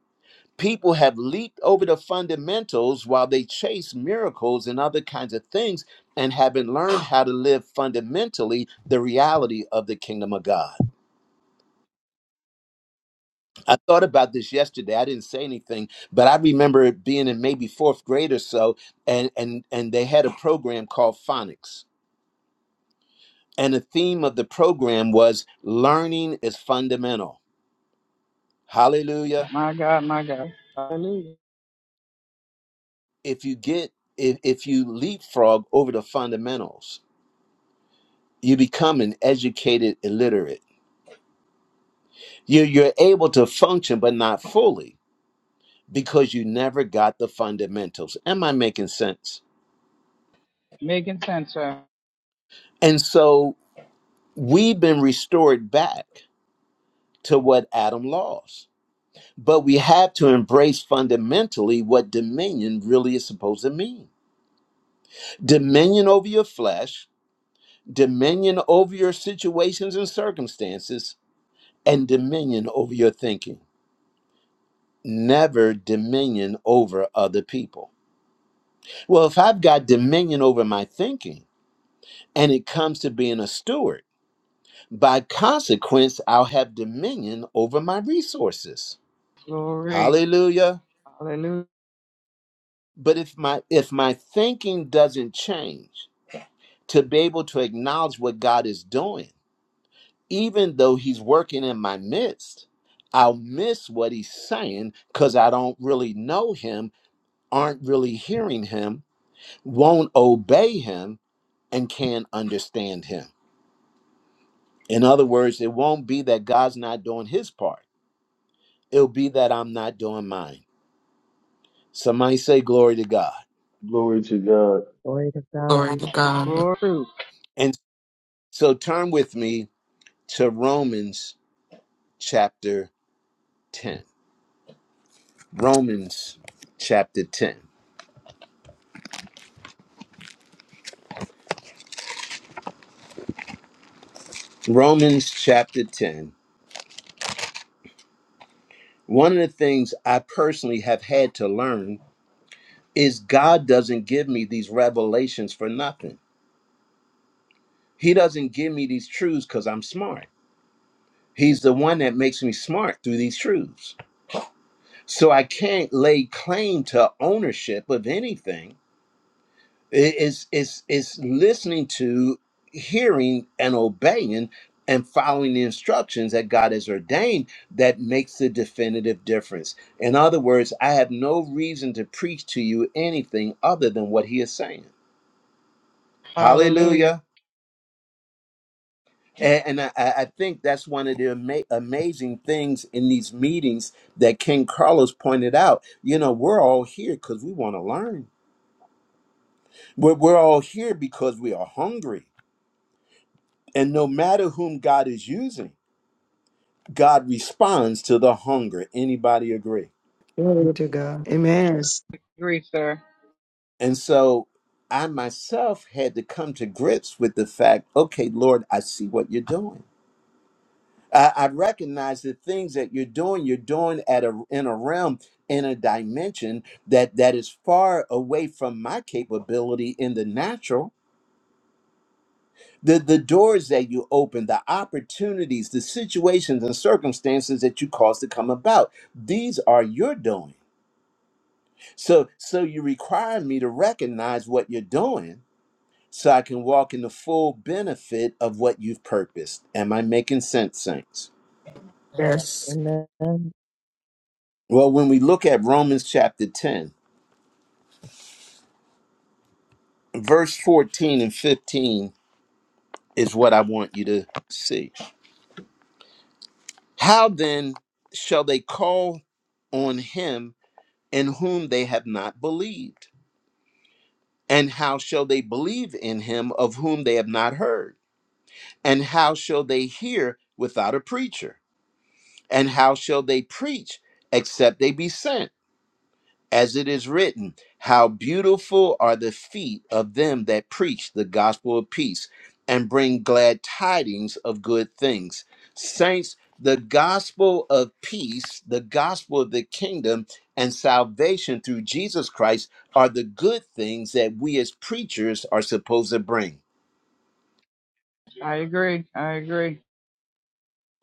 [SPEAKER 1] people have leaped over the fundamentals while they chase miracles and other kinds of things and haven't learned how to live fundamentally the reality of the kingdom of God. I thought about this yesterday. I didn't say anything, but I remember it being in maybe fourth grade or so, and and and they had a program called phonics. And the theme of the program was learning is fundamental. Hallelujah. If you get if, if you leapfrog over the fundamentals, You become an educated illiterate. You, you're able to function, but not fully because you never got the fundamentals. Am I making sense? And so we've been restored back to what Adam lost. But we have to embrace fundamentally what dominion really is supposed to mean dominion over your flesh, dominion over your situations and circumstances, and dominion over your thinking. Never dominion over other people. Well, if I've got dominion over my thinking and it comes to being a steward, by consequence, I'll have dominion over my resources. Hallelujah. But if my if my thinking doesn't change to be able to acknowledge what God is doing, even though he's working in my midst, I'll miss what he's saying cuz I don't really know him, aren't really hearing him, won't obey him and can't understand him. In other words, it won't be that God's not doing his part. It'll be that I'm not doing mine. Somebody say glory to God.
[SPEAKER 2] Glory to God.
[SPEAKER 3] Glory to
[SPEAKER 5] Glory
[SPEAKER 3] God.
[SPEAKER 5] to God.
[SPEAKER 1] And so turn with me to Romans chapter 10. Romans chapter 10. Romans chapter 10. One of the things I personally have had to learn is God doesn't give me these revelations for nothing. He doesn't give me these truths because I'm smart. He's the one that makes me smart through these truths. So I can't lay claim to ownership of anything. It- It's, it's, it's listening to, hearing, and obeying and following the instructions that God has ordained that makes the definitive difference. In other words, I have no reason to preach to you anything other than what He is saying. Hallelujah. A- And, I, I I think that's one of the ama- amazing things in these meetings that King Carlos pointed out. You know, we're all here because we want to learn. We're, we're all here because we are hungry. And no matter whom God is using, God responds to the hunger. Anybody agree?
[SPEAKER 8] Glory to God. Amen.
[SPEAKER 7] regulars.
[SPEAKER 1] And so I myself had to come to grips with the fact okay, Lord, I see what you're doing. I, I recognize the things that you're doing, you're doing at a, in a realm, in a dimension that, that is far away from my capability in the natural the the doors that you open the opportunities the situations and circumstances that you cause to come about these are your doing so so you require me to recognize what you're doing so i can walk in the full benefit of what you've purposed am i making sense saints
[SPEAKER 9] Amen.
[SPEAKER 5] Yes.
[SPEAKER 3] Amen.
[SPEAKER 1] well when we look at romans chapter 10 verse 14 and 15 is what i want you to see how then shall they call on him in whom they have not believed? And how shall they believe in him of whom they have not heard? And how shall they hear without a preacher? And how shall they preach except they be sent? as it is written, How beautiful are the feet of them that preach the gospel of peace and bring glad tidings of good things. Saints, the gospel of peace, the gospel of the kingdom, and salvation through Jesus Christ are the good things that we as preachers are supposed to bring.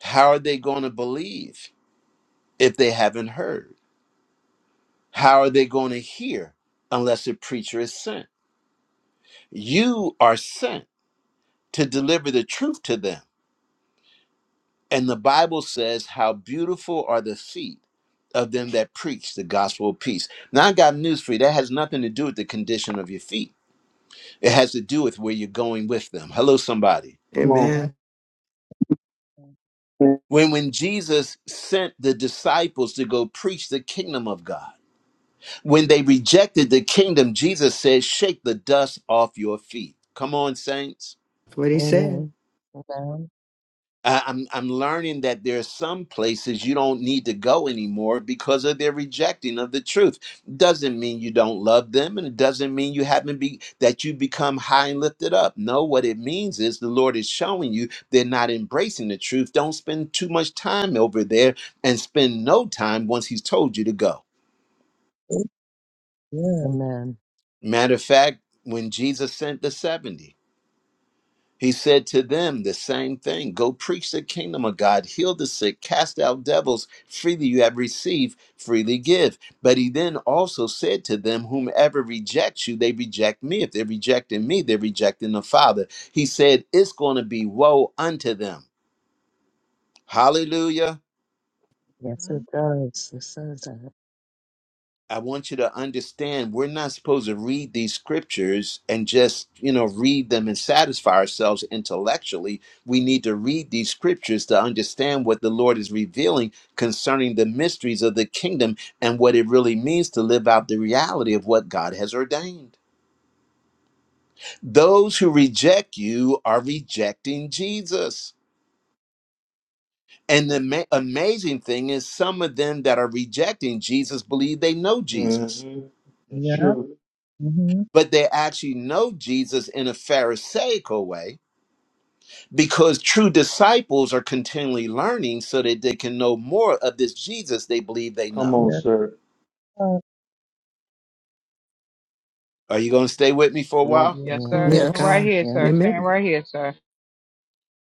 [SPEAKER 1] How are they going to believe if they haven't heard? How are they going to hear unless a preacher is sent? You are sent to deliver the truth to them. And the Bible says, How beautiful are the feet of them that preach the gospel of peace. Now, I got news for you. That has nothing to do with the condition of your feet, it has to do with where you're going with them. Hello, somebody.
[SPEAKER 2] Come on.
[SPEAKER 7] Okay.
[SPEAKER 8] Amen.
[SPEAKER 1] When, when Jesus sent the disciples to go preach the kingdom of God, when they rejected the kingdom, Jesus said, Shake the dust off your feet. Come on, saints.
[SPEAKER 8] That's what he said.
[SPEAKER 3] Amen. Amen.
[SPEAKER 1] I- I'm I'm learning that there are some places you don't need to go anymore because of their rejecting of the truth. Doesn't mean you don't love them, and it doesn't mean you haven't be that you become high and lifted up. No, what it means is the Lord is showing you they're not embracing the truth. Don't spend too much time over there, and spend no time once He's told you to go.
[SPEAKER 7] Yes.
[SPEAKER 3] Amen.
[SPEAKER 1] Matter of fact, when Jesus sent the seventy. He said to them the same thing Go preach the kingdom of God, heal the sick, cast out devils. Freely you have received, freely give. But he then also said to them, Whomever rejects you, they reject me. If they're rejecting me, they're rejecting the Father. He said, It's going to be woe unto them. Hallelujah.
[SPEAKER 3] Yes,
[SPEAKER 7] hmm
[SPEAKER 3] it does. It says that.
[SPEAKER 1] I want you to understand we're not supposed to read these scriptures and just, you know, read them and satisfy ourselves intellectually. We need to read these scriptures to understand what the Lord is revealing concerning the mysteries of the kingdom and what it really means to live out the reality of what God has ordained. Those who reject you are rejecting Jesus. And the ma- amazing thing is, some of them that are rejecting Jesus believe they know Jesus.
[SPEAKER 2] hmm That's
[SPEAKER 7] Yeah.
[SPEAKER 2] true.
[SPEAKER 7] Mm-hmm.
[SPEAKER 1] but they actually know Jesus in a Pharisaical way because true disciples are continually learning so that they can know more of this Jesus they believe they
[SPEAKER 2] Come
[SPEAKER 1] know.
[SPEAKER 2] on,
[SPEAKER 7] Yeah.
[SPEAKER 2] sir.
[SPEAKER 7] Oh,
[SPEAKER 1] Are you going to stay with me for a
[SPEAKER 2] Come on.
[SPEAKER 1] while?
[SPEAKER 7] Yeah.
[SPEAKER 3] Yeah.
[SPEAKER 8] Glory to
[SPEAKER 5] Yes.
[SPEAKER 8] God.
[SPEAKER 3] Yeah.
[SPEAKER 8] Amen.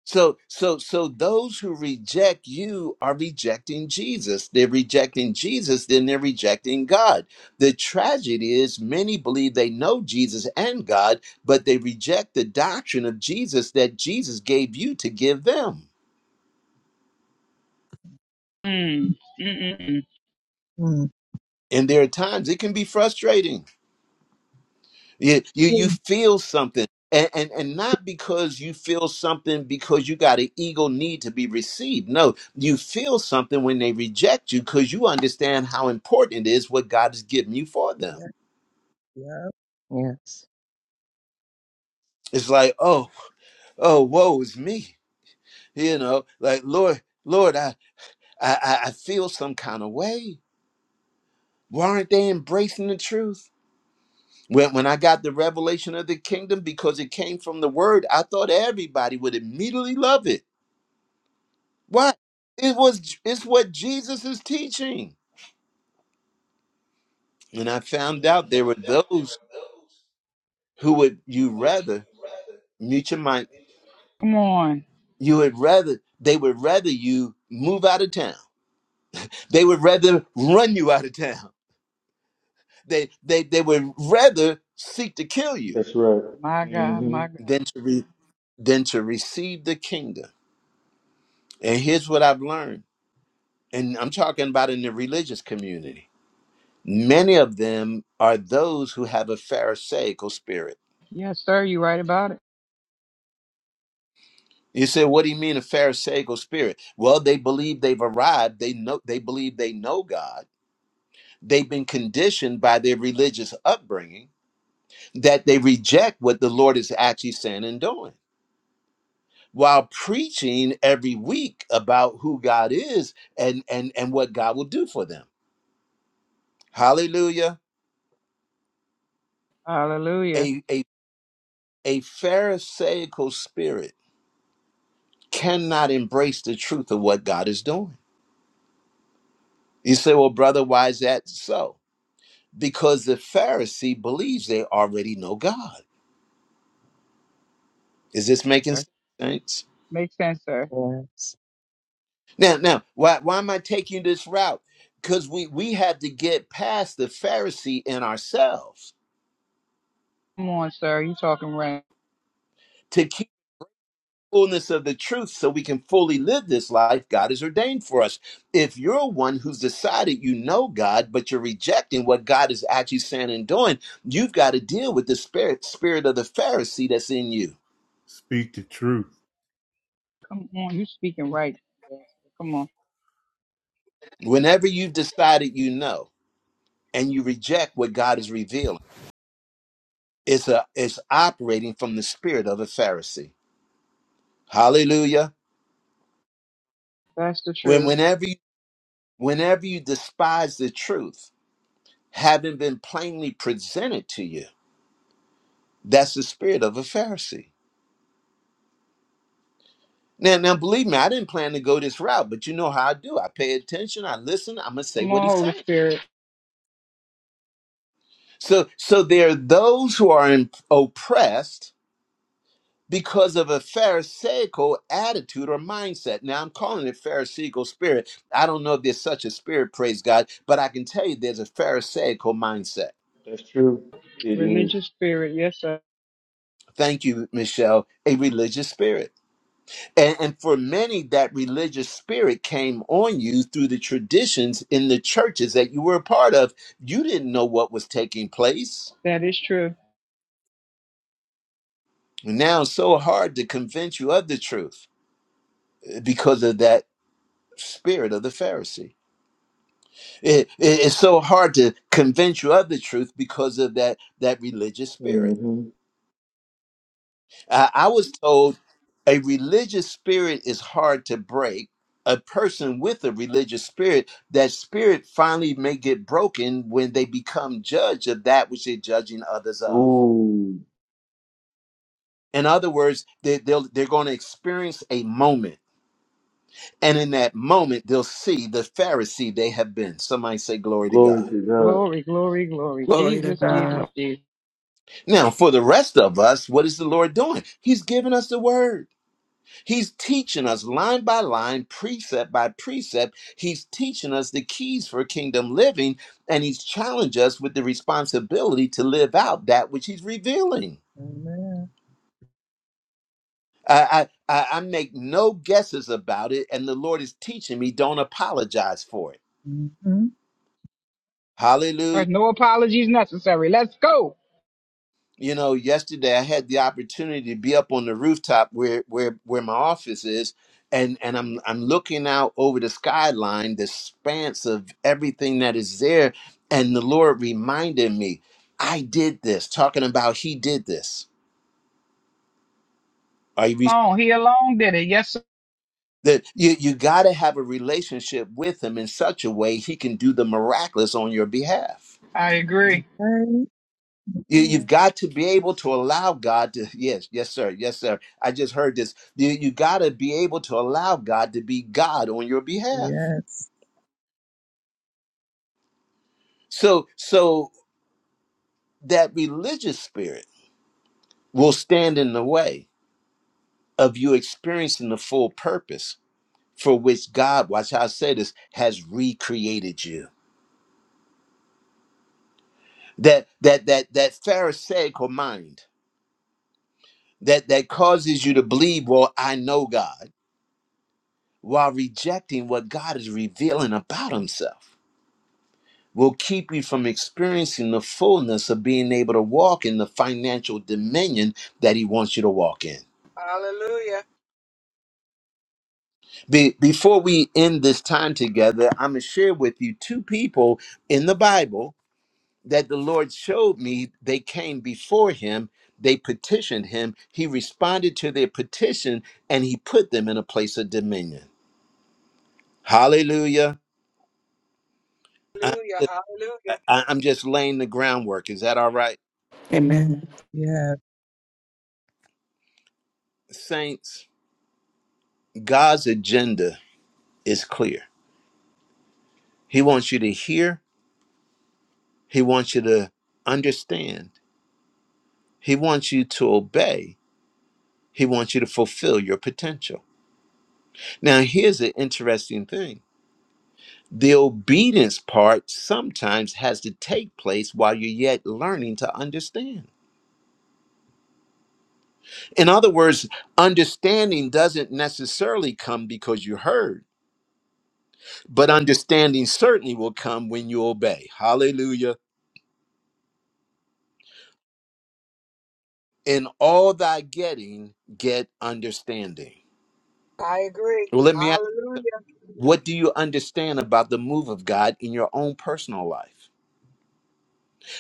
[SPEAKER 1] So, so, so those who reject you are rejecting Jesus. They're rejecting Jesus, then they're rejecting God. The tragedy is many believe they know Jesus and God, but they reject the doctrine of Jesus that Jesus gave you to give them.
[SPEAKER 7] Mm.
[SPEAKER 1] And there are times it can be frustrating. You you, you feel something. And, and and not because you feel something because you got an ego need to be received. No, you feel something when they reject you because you understand how important it is what God has given you for them.
[SPEAKER 7] Yeah. Yeah.
[SPEAKER 3] Yes.
[SPEAKER 1] It's like, oh, oh, woe is me. You know, like Lord, Lord, I I, I I feel some kind of way. Why aren't they embracing the truth? When, when I got the revelation of the kingdom because it came from the word, I thought everybody would immediately love it. Why? It was it's what Jesus is teaching. And I found out there were those who would you rather mute your mic, you would rather they would rather you move out of town. They would rather run you out of town. They they they would rather seek to kill you
[SPEAKER 2] That's right. hmm
[SPEAKER 1] than to re, than to receive the kingdom. And here's what I've learned. and I'm talking about in the religious community, many of them are those who have a Pharisaical spirit. You say, what do you mean a Pharisaical spirit? Well, they believe they've arrived. They know they believe they know God. They've been conditioned by their religious upbringing that they reject what the Lord is actually saying and doing. While preaching every week about who God is and and and what God will do for them. Hallelujah. A a a Pharisaical spirit cannot embrace the truth of what God is doing. You say, well, brother, why is that so? Because the Pharisee believes they already know God. Is this making sense?
[SPEAKER 3] Yes.
[SPEAKER 1] Now, now, why, why am I taking this route? Because we, we have to get past the Pharisee in ourselves fullness of the truth so we can fully live this life God has ordained for us. If you're one who's decided you know God, but you're rejecting what God is actually saying and doing, you've got to deal with the spirit, spirit of the Pharisee that's in you.
[SPEAKER 6] Speak the truth.
[SPEAKER 1] Whenever you've decided you know and you reject what God is revealing, it's a it's operating from the spirit of a Pharisee. Hallelujah. When whenever you whenever you despise the truth, having been plainly presented to you That's the spirit of a Pharisee. Now, now believe me, I didn't plan to go this route, but you know how I do. I pay attention, I listen, I'm gonna say what he's saying. So so there are those who are in, oppressed because of a pharisaical attitude or mindset. Now I'm calling it pharisaical spirit. I don't know if there's such a spirit, praise God, but I can tell you there's a pharisaical mindset.
[SPEAKER 2] That's true. It is.
[SPEAKER 1] Thank you, Michelle, a religious spirit. And, and for many, that religious spirit came on you through the traditions in the churches that you were a part of. You didn't know what was taking place. Now, it's so hard to convince you of the truth eh, because of that spirit of the Pharisee. It- it- it's so hard to convince you of the truth because of that that religious spirit.
[SPEAKER 2] Mm-hmm.
[SPEAKER 1] I, I was told a religious spirit is hard to break. A person with a religious spirit, that spirit finally may get broken when they become judge of that which they're judging others of.
[SPEAKER 2] Ooh.
[SPEAKER 1] In other words, they, they'll, they're going to experience a moment, and in that moment, they'll see the Pharisee they have been. Somebody say, Glory to
[SPEAKER 2] Glory
[SPEAKER 1] God.
[SPEAKER 2] to God.
[SPEAKER 5] Glory to God.
[SPEAKER 1] Now, for the rest of us, what is the Lord doing? He's giving us the word. He's teaching us line by line, precept by precept. He's teaching us the keys for kingdom living, and he's challenged us with the responsibility to live out that which he's revealing.
[SPEAKER 7] Amen.
[SPEAKER 1] I, I, I I make no guesses about it, and the Lord is teaching me. Don't apologize for it.
[SPEAKER 7] Mm-hmm.
[SPEAKER 1] Hallelujah. you know, yesterday I had the opportunity to be up on the rooftop where where where my office is, and and I'm I'm looking out over the skyline, the expanse of everything that is there, and the Lord reminded me, I did this. Talking about He did this. Are you? That you you got to have a relationship with Him in such a way He can do the miraculous on your behalf.
[SPEAKER 7] Right.
[SPEAKER 1] You,
[SPEAKER 7] Yeah.
[SPEAKER 1] you've got to be able to allow God to, yes, yes, sir, yes, sir. I just heard this. You, you got to be able to allow God to be God on your behalf.
[SPEAKER 7] Yes.
[SPEAKER 1] So, so that religious spirit will stand in the way of you experiencing the full purpose for which God, watch how I say this, has recreated you. That, that, that, that Pharisaical mind that, that causes you to believe, well, I know God while rejecting what God is revealing about himself. will keep you from experiencing the fullness of being able to walk in the financial dominion that he wants you to walk in. Be- before we end this time together, I'm going to share with you two people in the Bible that the Lord showed me. They came before him, they petitioned him, he responded to their petition, and he put them in a place of dominion. Hallelujah. I- I- I'm just laying the groundwork. Is that all right?
[SPEAKER 5] Amen.
[SPEAKER 7] Yeah.
[SPEAKER 1] Saints, God's agenda is clear. He wants you to hear, He wants you to understand, He wants you to obey, He wants you to fulfill your potential. Now, here's an interesting thing the obedience part sometimes has to take place while you're yet learning to understand. In other words, understanding doesn't necessarily come because you heard, but understanding certainly will come when you obey. Hallelujah. In all thy getting, get understanding. Well, let me What do you understand about the move of God in your own personal life?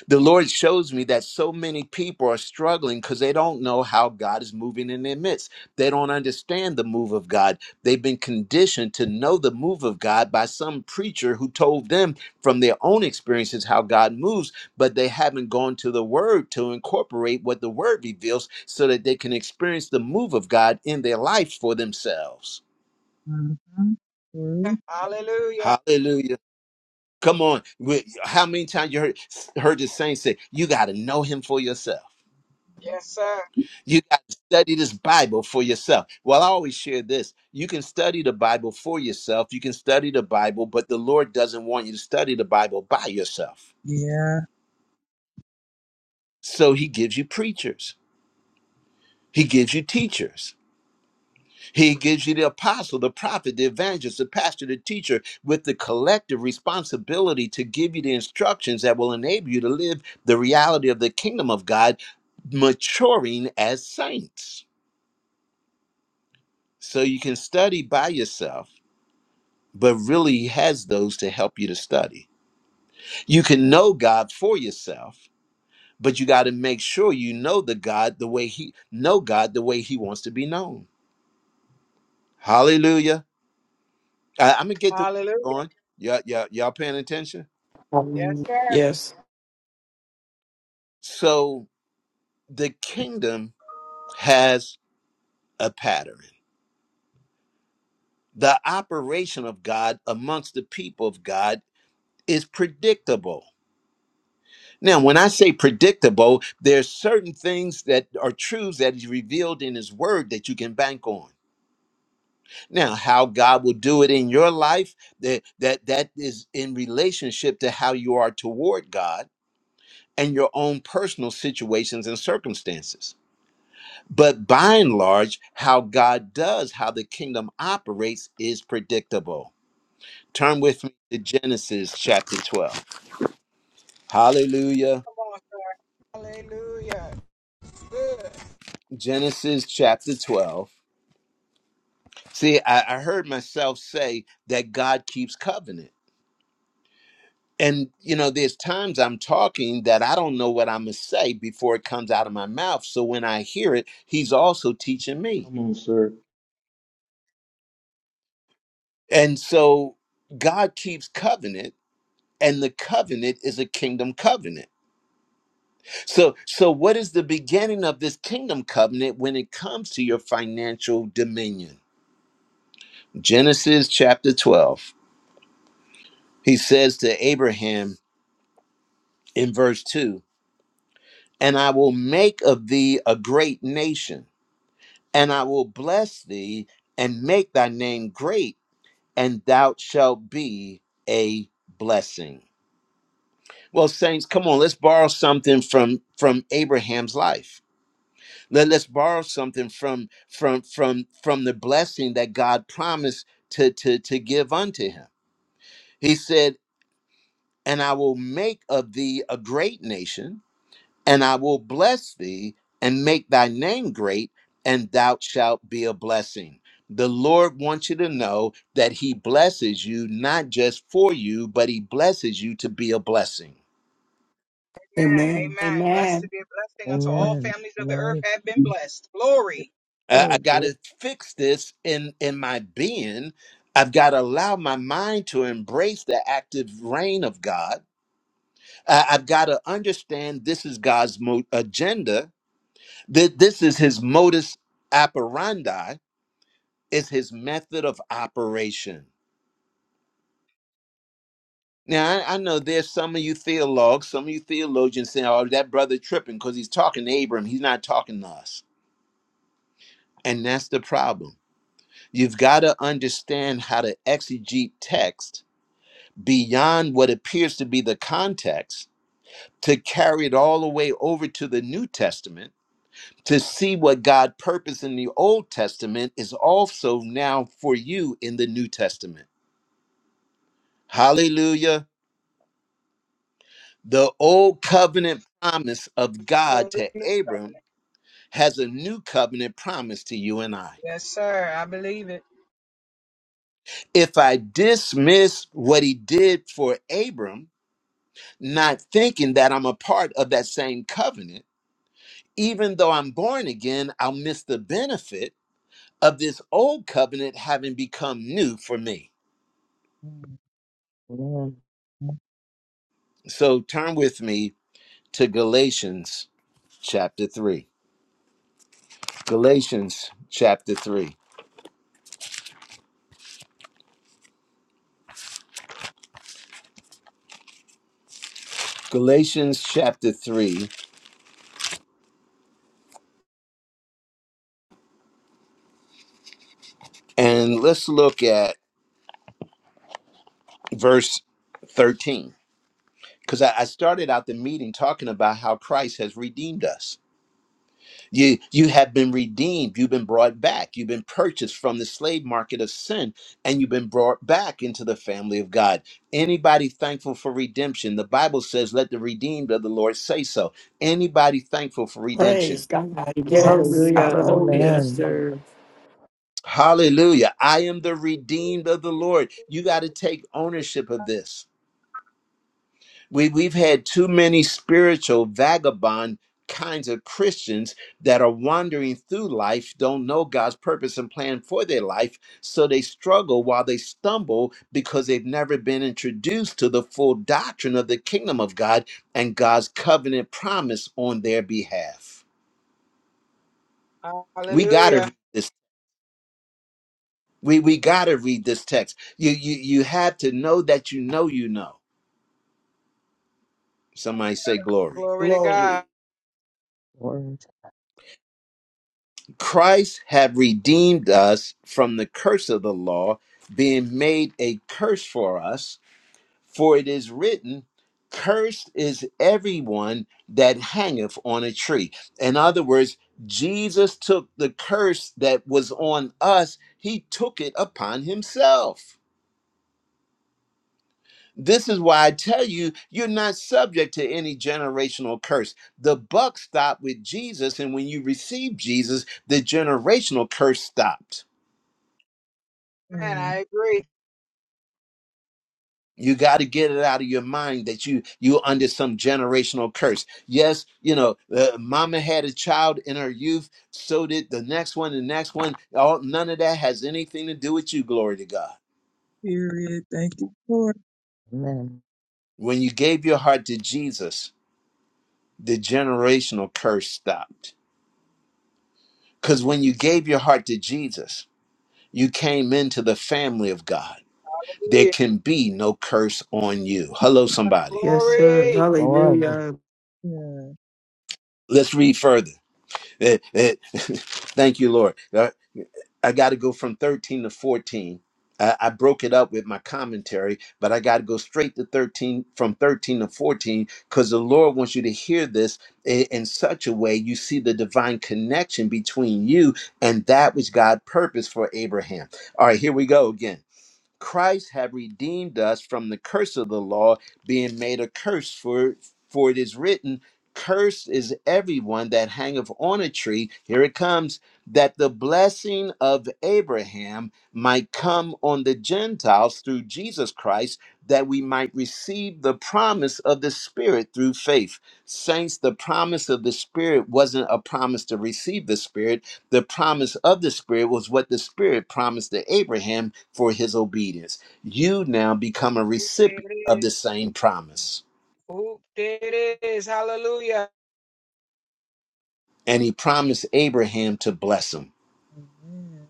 [SPEAKER 1] The Lord shows me that so many people are struggling because they don't know how God is moving in their midst. They don't understand the move of God. They've been conditioned to know the move of God by some preacher who told them from their own experiences how God moves, but they haven't gone to the Word to incorporate what the Word reveals so that they can experience the move of God in their life for themselves.
[SPEAKER 7] Mm-hmm. True.
[SPEAKER 1] Hallelujah. Come on. We- How many times you heard, heard the saints say, you got to know him for yourself. You got to study this Bible for yourself. Well, I always share this. You can study the Bible for yourself. You can study the Bible, but the Lord doesn't want you to study the Bible by yourself.
[SPEAKER 7] Yeah.
[SPEAKER 1] So he gives you preachers. He gives you teachers. He gives you the apostle, the prophet, the evangelist, the pastor, the teacher, with the collective responsibility to give you the instructions that will enable you to live the reality of the kingdom of God, maturing as saints. So you can study by yourself, but really he has those to help you to study. You can know God for yourself, but you got to make sure you know the God the way he know God the way he wants to be known. Hallelujah. I, I'm gonna get the going. Y'all, y'all, y'all paying attention?
[SPEAKER 5] Hallelujah. Yes.
[SPEAKER 1] So the kingdom has a pattern. The operation of God amongst the people of God is predictable. Now, when I say predictable, there's certain things that are truths that is revealed in His Word that you can bank on. Now, how God will do it in your life, that that that is in relationship to how you are toward God and your own personal situations and circumstances. But by and large, how God does, how the kingdom operates is predictable. Turn with me to Genesis chapter 12. Hallelujah. Genesis chapter 12. See, I, I heard myself say that God keeps covenant. And, you know, there's times I'm talking that I don't know what I'm going to say before it comes out of my mouth. So when I hear it, He's also teaching me.
[SPEAKER 2] Come on, sir.
[SPEAKER 1] And so God keeps covenant, and the covenant is a kingdom covenant. So, so what is the beginning of this kingdom covenant when it comes to your financial dominion? Genesis chapter 12. He says to Abraham in verse 2, "And I will make of thee a great nation, and I will bless thee and make thy name great, and thou shalt be a blessing." Well, saints, come on, let's borrow something from from Abraham's life Let, let's borrow something from from from from the blessing that God promised to to to give unto him. He said, "And I will make of thee a great nation, and I will bless thee and make thy name great, and thou shalt be a blessing." The Lord wants you to know that he blesses you not just for you, but he blesses you to be a blessing.
[SPEAKER 10] Amen. Amen.
[SPEAKER 3] Amen. Amen.
[SPEAKER 7] Thank you,
[SPEAKER 1] I, I
[SPEAKER 7] Lord,
[SPEAKER 1] got
[SPEAKER 7] Lord.
[SPEAKER 1] to fix this in in my being. I've got to allow my mind to embrace the active reign of God. I, I've got to understand this is God's mo- agenda. That this is His modus operandi. Is His method of operation. Now I, I know there's some of you theologues, some of you theologians saying, "Oh, that brother tripping because he's talking to Abram. He's not talking to us." And that's the problem. You've got to understand how to exegete text beyond what appears to be the context to carry it all the way over to the New Testament to see what God purposed in the Old Testament is also now for you in the New Testament. Hallelujah. The old covenant promise of God to Abram has a new covenant promise to you and I. If I dismiss what he did for Abram, not thinking that I'm a part of that same covenant, even though I'm born again, I'll miss the benefit of this old covenant having become new for me.
[SPEAKER 3] Amen.
[SPEAKER 1] So turn with me to Galatians chapter 3. Galatians chapter 3. Galatians chapter 3. And let's look at verse 13. Because I I started out the meeting talking about how Christ has redeemed us. You you have been redeemed, you've been brought back, you've been purchased from the slave market of sin, and you've been brought back into the family of God. Anybody thankful for redemption? The Bible says, Let the redeemed of the Lord say so. Anybody thankful for redemption?
[SPEAKER 10] Praise God.
[SPEAKER 7] Mm.
[SPEAKER 5] Yes.
[SPEAKER 10] Glory,
[SPEAKER 8] Hallelujah.
[SPEAKER 10] glory,
[SPEAKER 8] Yes,
[SPEAKER 5] Hallelujah.
[SPEAKER 3] Amen.
[SPEAKER 8] sir.
[SPEAKER 1] Hallelujah. I am the redeemed of the Lord. You got to take ownership of this. We, we've had too many spiritual vagabond kinds of Christians that are wandering through life, don't know God's purpose and plan for their life, so they struggle while they stumble because they've never been introduced to the full doctrine of the kingdom of God and God's covenant promise on their behalf. We got to read this. We, we got to read this text. You, you, you have to know that you know you know. Somebody say glory.
[SPEAKER 10] glory.
[SPEAKER 3] Lord.
[SPEAKER 1] Christ had redeemed us from the curse of the law, being made a curse for us, for it is written, Cursed is everyone that hangeth on a tree. In other words, Jesus took the curse that was on us, he took it upon himself. This is why I tell you, you're not subject to any generational curse. The buck stopped with Jesus, and when you receive Jesus, the generational curse stopped.
[SPEAKER 7] Yeah.
[SPEAKER 1] You got to get it out of your mind that you you under some generational curse. Yes, you know, uh, mama had a child in her youth, so did the next one, the next one. All none of that has anything to do with you. Glory to God.
[SPEAKER 7] Period. Thank you, Lord.
[SPEAKER 3] Amen.
[SPEAKER 1] When you gave your heart to Jesus, the generational curse stopped. Because when you gave your heart to Jesus, you came into the family of God. There can be no curse on you. Hello, somebody.
[SPEAKER 8] Yes,
[SPEAKER 7] Yeah.
[SPEAKER 8] sir.
[SPEAKER 3] Glory.
[SPEAKER 8] Hallelujah.
[SPEAKER 7] Yeah.
[SPEAKER 1] Let's read further. Eh, eh, Thank you, Lord. Uh, I got to go from 13 to 14. I, I broke it up with my commentary, but I got to go straight to 13 from 13 to 14 because the Lord wants you to hear this in, in such a way you see the divine connection between you and that which God purposed for Abraham. All right, here we go again. Christ have redeemed us from the curse of the law, being made a curse for for it is written, Cursed is everyone that hangeth on a tree. Here it comes, that the blessing of Abraham might come on the Gentiles through Jesus Christ, that we might receive the promise of the Spirit through faith. Saints, the promise of the Spirit wasn't a promise to receive the Spirit the promise of the Spirit was what the Spirit promised to Abraham for his obedience. You now become a recipient of the same promise. And he promised Abraham to bless him.
[SPEAKER 7] Amen.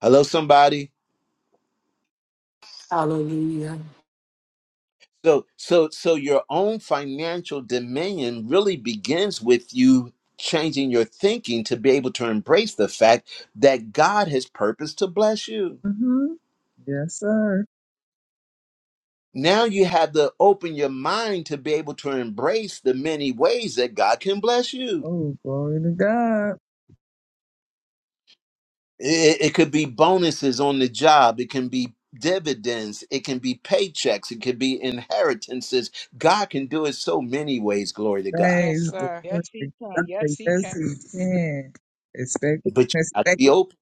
[SPEAKER 1] Hello, somebody?
[SPEAKER 5] Hallelujah.
[SPEAKER 1] So so so your own financial dominion really begins with you changing your thinking to be able to embrace the fact that God has purposed to bless you.
[SPEAKER 7] Mm-hmm. Yes, sir.
[SPEAKER 1] Now you have to open your mind to be able to embrace the many ways that God can bless you
[SPEAKER 7] Oh, glory to God.
[SPEAKER 1] It, it could be bonuses on the job. It can be dividends. It can be paychecks. It could be inheritances. God can do it so many ways. Glory to God.
[SPEAKER 7] Praise the perfect God.
[SPEAKER 11] Yes, he
[SPEAKER 7] Yes,
[SPEAKER 11] can.
[SPEAKER 7] we can. Expect,
[SPEAKER 1] But you got to
[SPEAKER 7] expect.
[SPEAKER 1] be open.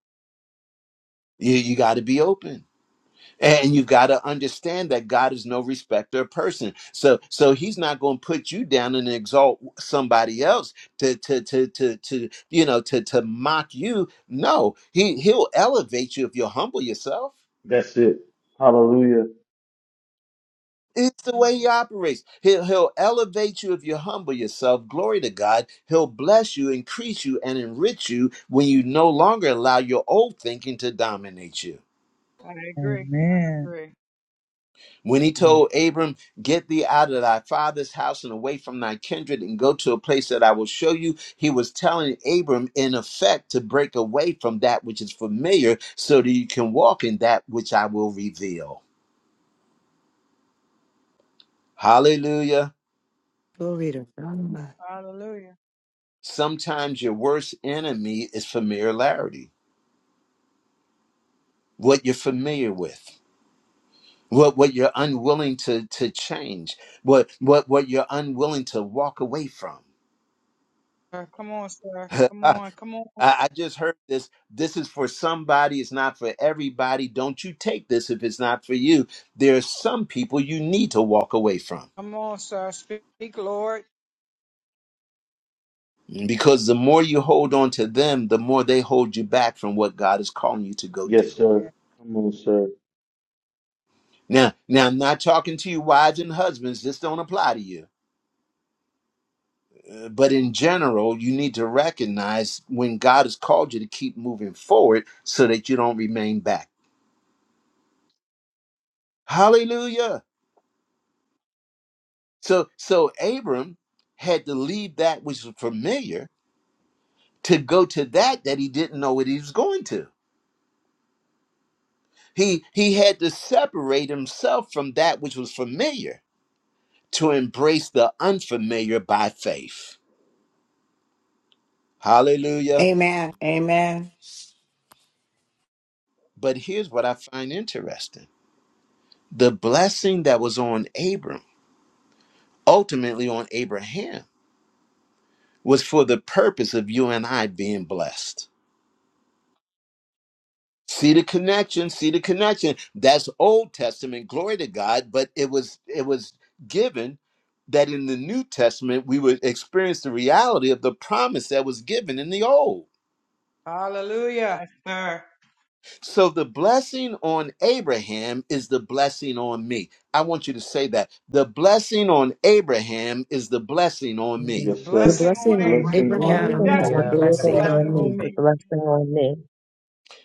[SPEAKER 1] You, you got to be open. And you got to understand that God is no respecter of person. So, so He's not going to put you down and exalt somebody else to, to, to, to, to, you know, to, to mock you. No, He He'll elevate you if you humble yourself.
[SPEAKER 2] That's it. Hallelujah.
[SPEAKER 1] It's the way he operates. He'll, he'll elevate you if you humble yourself. Glory to God. He'll bless you, increase you, and enrich you when you no longer allow your old thinking to dominate you.
[SPEAKER 7] Amen.
[SPEAKER 1] When he
[SPEAKER 3] Amen.
[SPEAKER 1] told Abram, Get thee out of thy father's house and away from thy kindred and go to a place that I will show you, he was telling Abram, in effect, to break away from that which is familiar so that you can walk in that which I will reveal. Hallelujah.
[SPEAKER 8] Glory to God.
[SPEAKER 1] Sometimes your worst enemy is familiarity what you're familiar with what what you're unwilling to to change what what what you're unwilling to walk away from I, I just heard this this is for somebody it's not for everybody don't you take this if it's not for you there are some people you need to walk away from because the more you hold on to them the more they hold you back from what god is calling you to go
[SPEAKER 2] Yes,
[SPEAKER 1] do
[SPEAKER 2] sir. Come on, sir.
[SPEAKER 1] now now i'm not talking to you wives and husbands this don't apply to you Uh, but in general, you need to recognize when God has called you to keep moving forward so that you don't remain back. Hallelujah. So so Abram had to leave that which was familiar to go to that that he didn't know what he was going to. He he had to separate himself from that which was familiar to embrace the unfamiliar by faith. Hallelujah. But here's what I find interesting. The blessing that was on Abram ultimately on Abraham was for the purpose of you and I being blessed. See the connection, see the connection. That's Old Testament, glory to God, but it was it was given that in the New Testament we would experience the reality of the promise that was given in the Old. So the blessing on Abraham is the blessing on me. I want you to say that. The blessing on Abraham is the blessing on me.
[SPEAKER 3] Amen.
[SPEAKER 2] Yes,
[SPEAKER 8] The
[SPEAKER 2] sir. The
[SPEAKER 8] blessing on
[SPEAKER 3] The
[SPEAKER 2] blessing
[SPEAKER 3] blessing
[SPEAKER 2] on
[SPEAKER 8] Abraham is the
[SPEAKER 3] on
[SPEAKER 2] Abraham is the
[SPEAKER 9] Yeah.
[SPEAKER 8] blessing
[SPEAKER 2] blessing
[SPEAKER 8] on
[SPEAKER 3] Abraham is
[SPEAKER 2] on
[SPEAKER 8] me.
[SPEAKER 3] the
[SPEAKER 2] me.
[SPEAKER 3] blessing on me.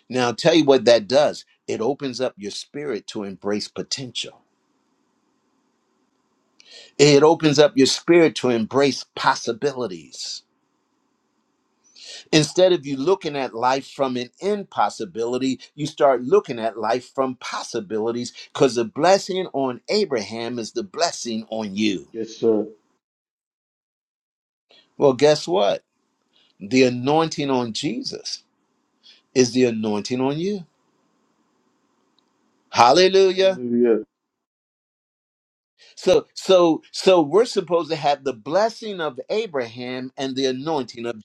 [SPEAKER 1] Now, I'll tell you what that does it opens up your spirit to embrace potential, it opens up your spirit to embrace possibilities. Instead of you looking at life from an impossibility, you start looking at life from possibilities because the blessing on Abraham is the blessing on you.
[SPEAKER 2] Yes, sir.
[SPEAKER 1] Well, guess what? The anointing on Jesus is the anointing on you. Hallelujah.
[SPEAKER 2] Hallelujah.
[SPEAKER 1] So so so we're supposed to have the blessing of Abraham and the anointing of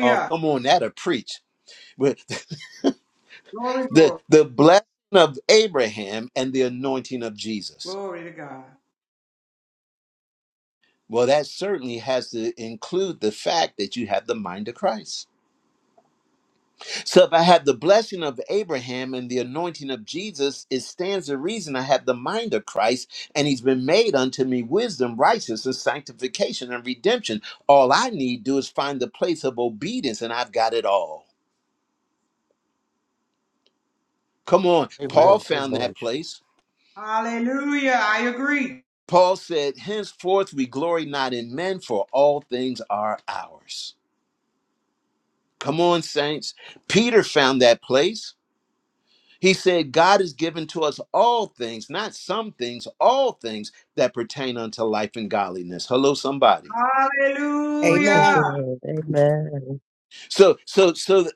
[SPEAKER 1] Oh, come on, that'll preach. But the the blessing of Abraham and the anointing of Jesus. Well, that certainly has to include the fact that you have the mind of Christ. So if I have the blessing of Abraham and the anointing of Jesus, it stands to reason I have the mind of Christ, and he's been made unto me wisdom, righteousness, sanctification, and redemption. All I need do is find the place of obedience, and I've got it all. Come on, Paul
[SPEAKER 12] Amen.
[SPEAKER 1] found
[SPEAKER 12] Amen.
[SPEAKER 1] that place. Paul said, Henceforth we glory not in men, for all things are ours. Come on, saints. Peter found that place. He said, God has given to us all things, not some things, all things that pertain unto life and godliness. Hello, somebody.
[SPEAKER 3] Yes, he
[SPEAKER 10] Amen.
[SPEAKER 3] did. Amen.
[SPEAKER 1] So, so, so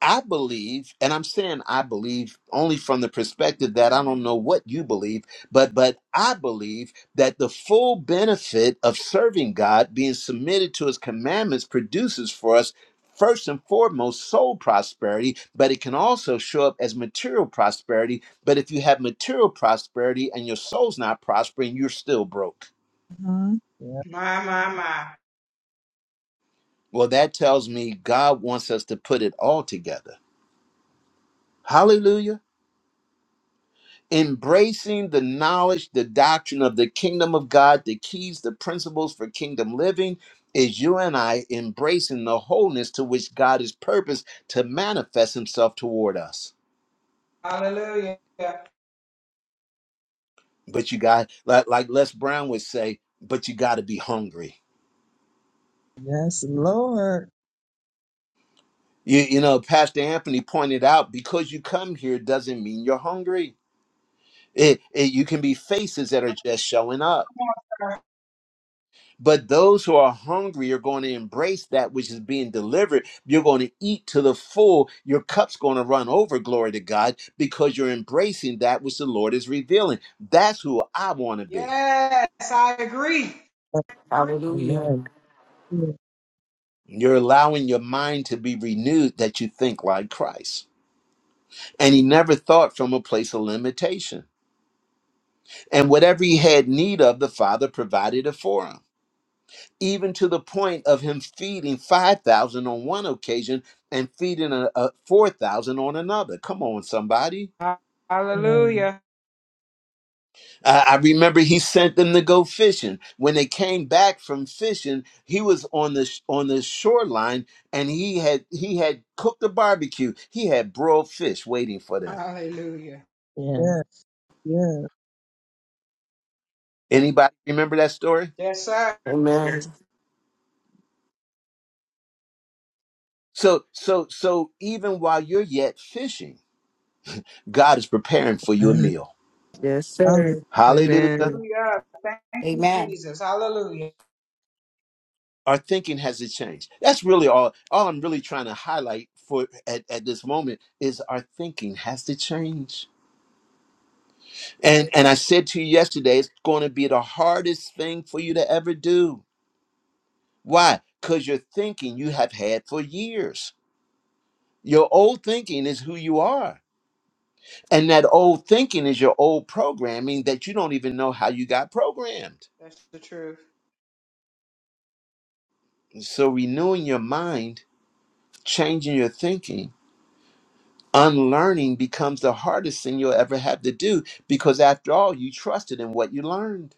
[SPEAKER 1] I believe, and I'm saying I believe only from the perspective that I don't know what you believe, but but I believe that the full benefit of serving God, being submitted to his commandments, produces for us first and foremost soul prosperity, but it can also show up as material prosperity. But if you have material prosperity and your soul's not prospering, you're still broke.
[SPEAKER 7] Uh-huh. Yeah.
[SPEAKER 1] Well, that tells me God wants us to put it all together. Hallelujah. embracing the knowledge, the doctrine of the kingdom of God, the keys, the principles for kingdom living is you and I embracing the wholeness to which God is purposed to manifest himself toward us. But you got, like, like Les Brown would say, but you got to be hungry.
[SPEAKER 7] Yes, Lord.
[SPEAKER 1] You, you know, Pastor Anthony pointed out because you come here doesn't mean you're hungry. It, it, you can be faces that are just showing up But those who are hungry are going to embrace that which is being delivered. You're going to eat to the full. Your cup's going to run over, glory to God, because you're embracing that which the Lord is revealing. That's who I want to be.
[SPEAKER 11] Yes, I agree.
[SPEAKER 5] Hallelujah.
[SPEAKER 3] Amen.
[SPEAKER 7] Yeah,
[SPEAKER 1] You're allowing your mind to be renewed that you think like Christ. And he never thought from a place of limitation. And whatever he had need of, the Father provided it for him. even to the point of him feeding 5,000 on one occasion and feeding a, a 4,000 on another. Come on, somebody.
[SPEAKER 3] Amen.
[SPEAKER 1] I I remember he sent them to go fishing. When they came back from fishing, he was on the, sh- on the shoreline and he had, he had cooked a barbecue. He had broiled fish waiting for them.
[SPEAKER 7] yeah. yeah.
[SPEAKER 1] Anybody remember that story?
[SPEAKER 5] Amen.
[SPEAKER 1] So, so, so even while you're yet fishing, God is preparing for you a
[SPEAKER 7] Uh,
[SPEAKER 1] meal.
[SPEAKER 8] Yes,
[SPEAKER 7] Hallelujah.
[SPEAKER 8] sir.
[SPEAKER 1] Hallelujah.
[SPEAKER 8] Amen.
[SPEAKER 1] our thinking hasn't changed. That's really all. All I'm really trying to highlight for at, at this moment is our thinking has to change. And and I said to you yesterday, it's going to be the hardest thing for you to ever do. Why? Because your thinking you have had for years. Your old thinking is who you are. And that old thinking is your old programming that you don't even know how you got programmed.
[SPEAKER 11] That's the truth.
[SPEAKER 1] So renewing your mind, changing your thinking Unlearning becomes the hardest thing you'll ever have to do because, after all, you trusted in what you learned.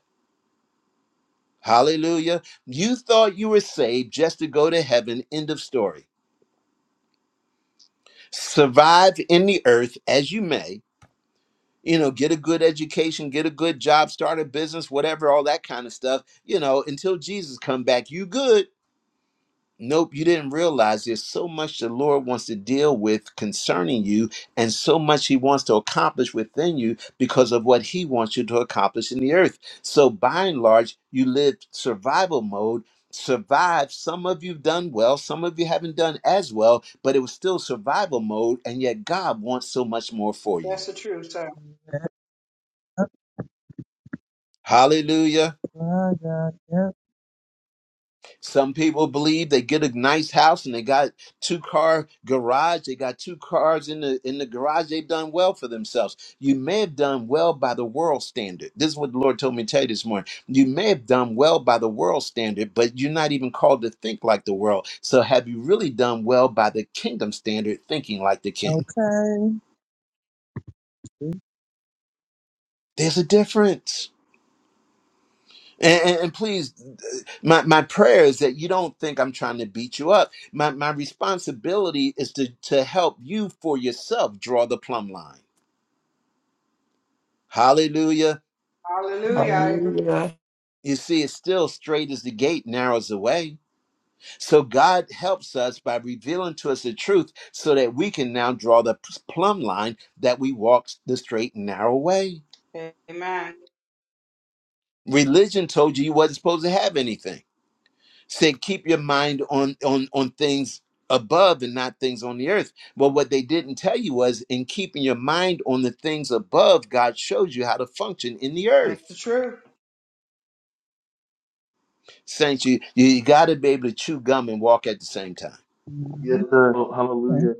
[SPEAKER 1] Hallelujah. You thought you were saved just to go to heaven. End of story. Survive in the earth as you may. You know, get a good education, get a good job, start a business, whatever, all that kind of stuff. You know, until Jesus come back, you good. Nope, you didn't realize there's so much the Lord wants to deal with concerning you, and so much He wants to accomplish within you because of what He wants you to accomplish in the earth. So, by and large, you live survival mode. Survive. Some of you've done well, some of you haven't done as well, but it was still survival mode, and yet God wants so much more for you. Hallelujah.
[SPEAKER 7] My God. Yeah.
[SPEAKER 1] Some people believe they get a nice house and they got two car garage, they got two cars in the in the garage, they've done well for themselves. You may have done well by the world standard. This is what the Lord told me to tell you this morning. You may have done well by the world standard, but you're not even called to think like the world. So have you really done well by the kingdom standard, thinking like the king?
[SPEAKER 7] Okay.
[SPEAKER 1] There's a difference. And, and, and please, my, my prayer is that you don't think I'm trying to beat you up. My, my responsibility is to, to help you for yourself draw the plumb line. Hallelujah.
[SPEAKER 5] Hallelujah.
[SPEAKER 1] You see, it's still straight as the gate, narrows the way. So God helps us by revealing to us the truth so that we can now draw the p- plumb line that we walk the straight and narrow way. Religion told you you wasn't supposed to have anything. said keep your mind on on on things above and not things on the earth well what they didn't tell you was in keeping your mind on the things above god shows you how to function in the earth saints you you, you got to be able to chew gum and walk at the same time
[SPEAKER 2] Yes,
[SPEAKER 7] Mm-hmm.
[SPEAKER 2] sir. Oh, hallelujah.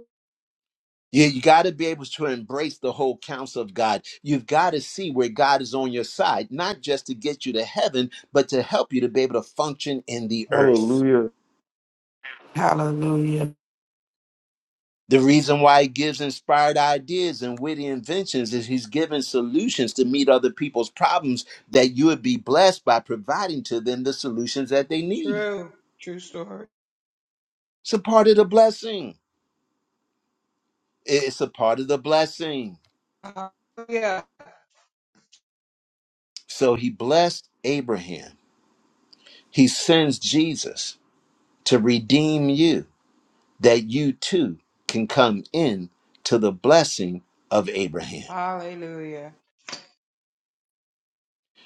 [SPEAKER 1] you, you got to be able to embrace the whole counsel of god you've got to see where god is on your side not just to get you to heaven but to help you to be able to function in the earth
[SPEAKER 2] Hallelujah.
[SPEAKER 5] Hallelujah.
[SPEAKER 1] The reason why he gives inspired ideas and witty inventions is he's giving solutions to meet other people's problems that you would be blessed by providing to them the solutions that they need. It's a part of the blessing. It's a part of the blessing. So he blessed Abraham. He sends Jesus to redeem you that you too can come in to the blessing of Abraham.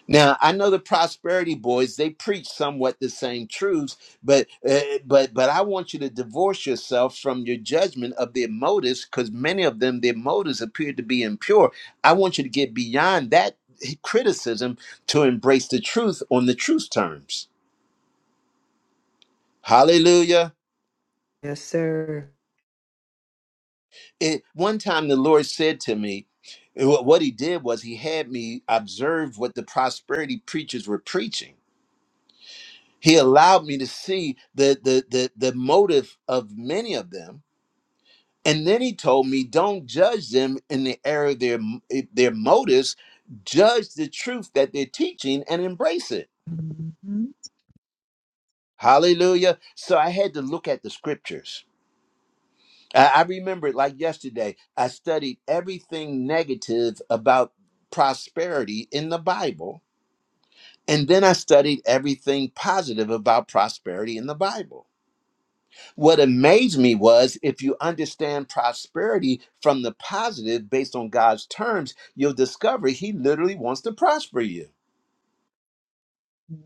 [SPEAKER 1] Now I know the prosperity boys they preach somewhat the same truths, but uh, but but I want you to divorce yourself from your judgment of their motives because many of them their motives appear to be impure. I want you to get beyond that criticism to embrace the truth on the truth terms. Hallelujah!
[SPEAKER 8] Yes, sir.
[SPEAKER 1] It, one time the Lord said to me, wh- what He did was He had me observe what the prosperity preachers were preaching. He allowed me to see the, the, the, the motive of many of them. And then he told me, don't judge them in the area of their, eh, their motives, judge the truth that they're teaching and embrace it.
[SPEAKER 7] Mm-hmm.
[SPEAKER 1] Hallelujah. So I had to look at the scriptures. I, I remember it like yesterday, I studied everything negative about prosperity in the Bible. And then I studied everything positive about prosperity in the Bible What amazed me was if you understand prosperity from the positive based on God's terms, you'll discover He literally wants to prosper you.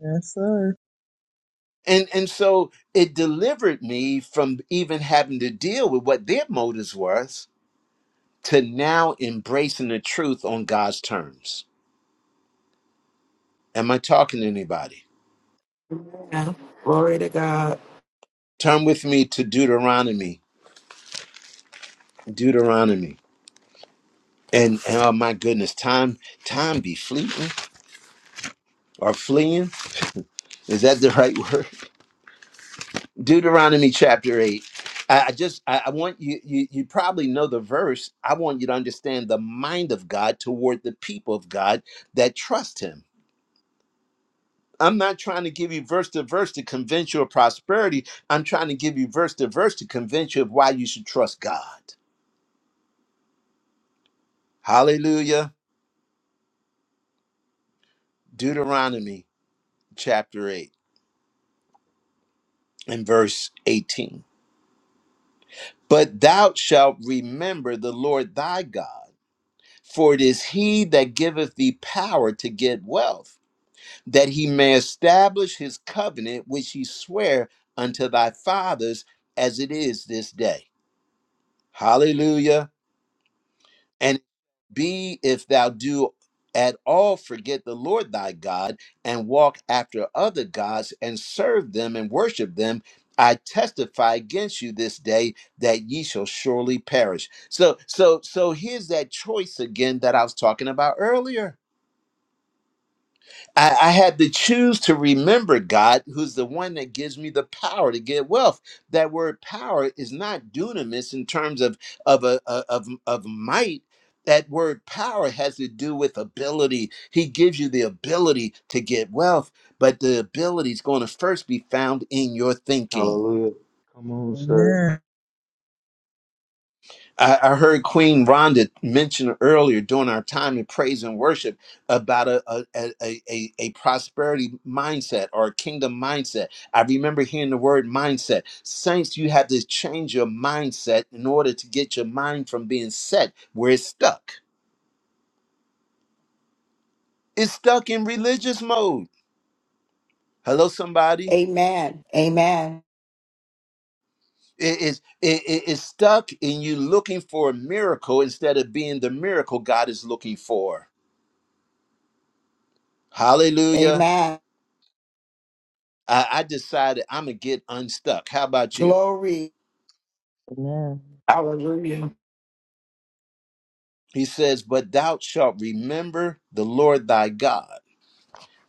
[SPEAKER 7] Yes, sir.
[SPEAKER 1] And, and so it delivered me from even having to deal with what their motives were to now embracing the truth on God's terms. Am I talking to anybody?
[SPEAKER 5] Amen. Glory to God.
[SPEAKER 1] Turn with me to Deuteronomy. Deuteronomy. And, oh my goodness, time time be fleeting or fleeing. Is that the right word? Deuteronomy chapter 8. I, I just I, I want you, you you probably know the verse. I want you to understand the mind of God toward the people of God that trust him. I'm not trying to give you verse to verse to convince you of prosperity. I'm trying to give you verse to verse to convince you of why you should trust God. Hallelujah. Deuteronomy chapter 8 and verse 18. But thou shalt remember the Lord thy God, for it is he that giveth thee power to get wealth that he may establish his covenant which he sware unto thy fathers as it is this day. Hallelujah. And be if thou do at all forget the Lord thy God and walk after other gods and serve them and worship them, I testify against you this day that ye shall surely perish. So so so here's that choice again that I was talking about earlier I, I had to choose to remember God, who's the one that gives me the power to get wealth. That word power is not dunamis in terms of of a, a- of of might. That word power has to do with ability. He gives you the ability to get wealth, but the ability is going to first be found in your thinking.
[SPEAKER 2] Hallelujah. Come on, sir.
[SPEAKER 7] Amen.
[SPEAKER 1] I, I heard Queen Rhonda mention earlier during our time in praise and worship about a, a, a, a, a prosperity mindset or a kingdom mindset. I remember hearing the word mindset. Saints, you have to change your mindset in order to get your mind from being set where it's stuck. It's stuck in religious mode. Hello, somebody.
[SPEAKER 10] Amen. Amen.
[SPEAKER 1] It is it, it- it's stuck in you looking for a miracle instead of being the miracle God is looking for. Hallelujah.
[SPEAKER 10] Amen.
[SPEAKER 1] I, I decided I'm going to get unstuck. How about you?
[SPEAKER 10] Glory.
[SPEAKER 3] Yes.
[SPEAKER 5] Hallelujah.
[SPEAKER 1] He says, But thou shalt remember the Lord thy God,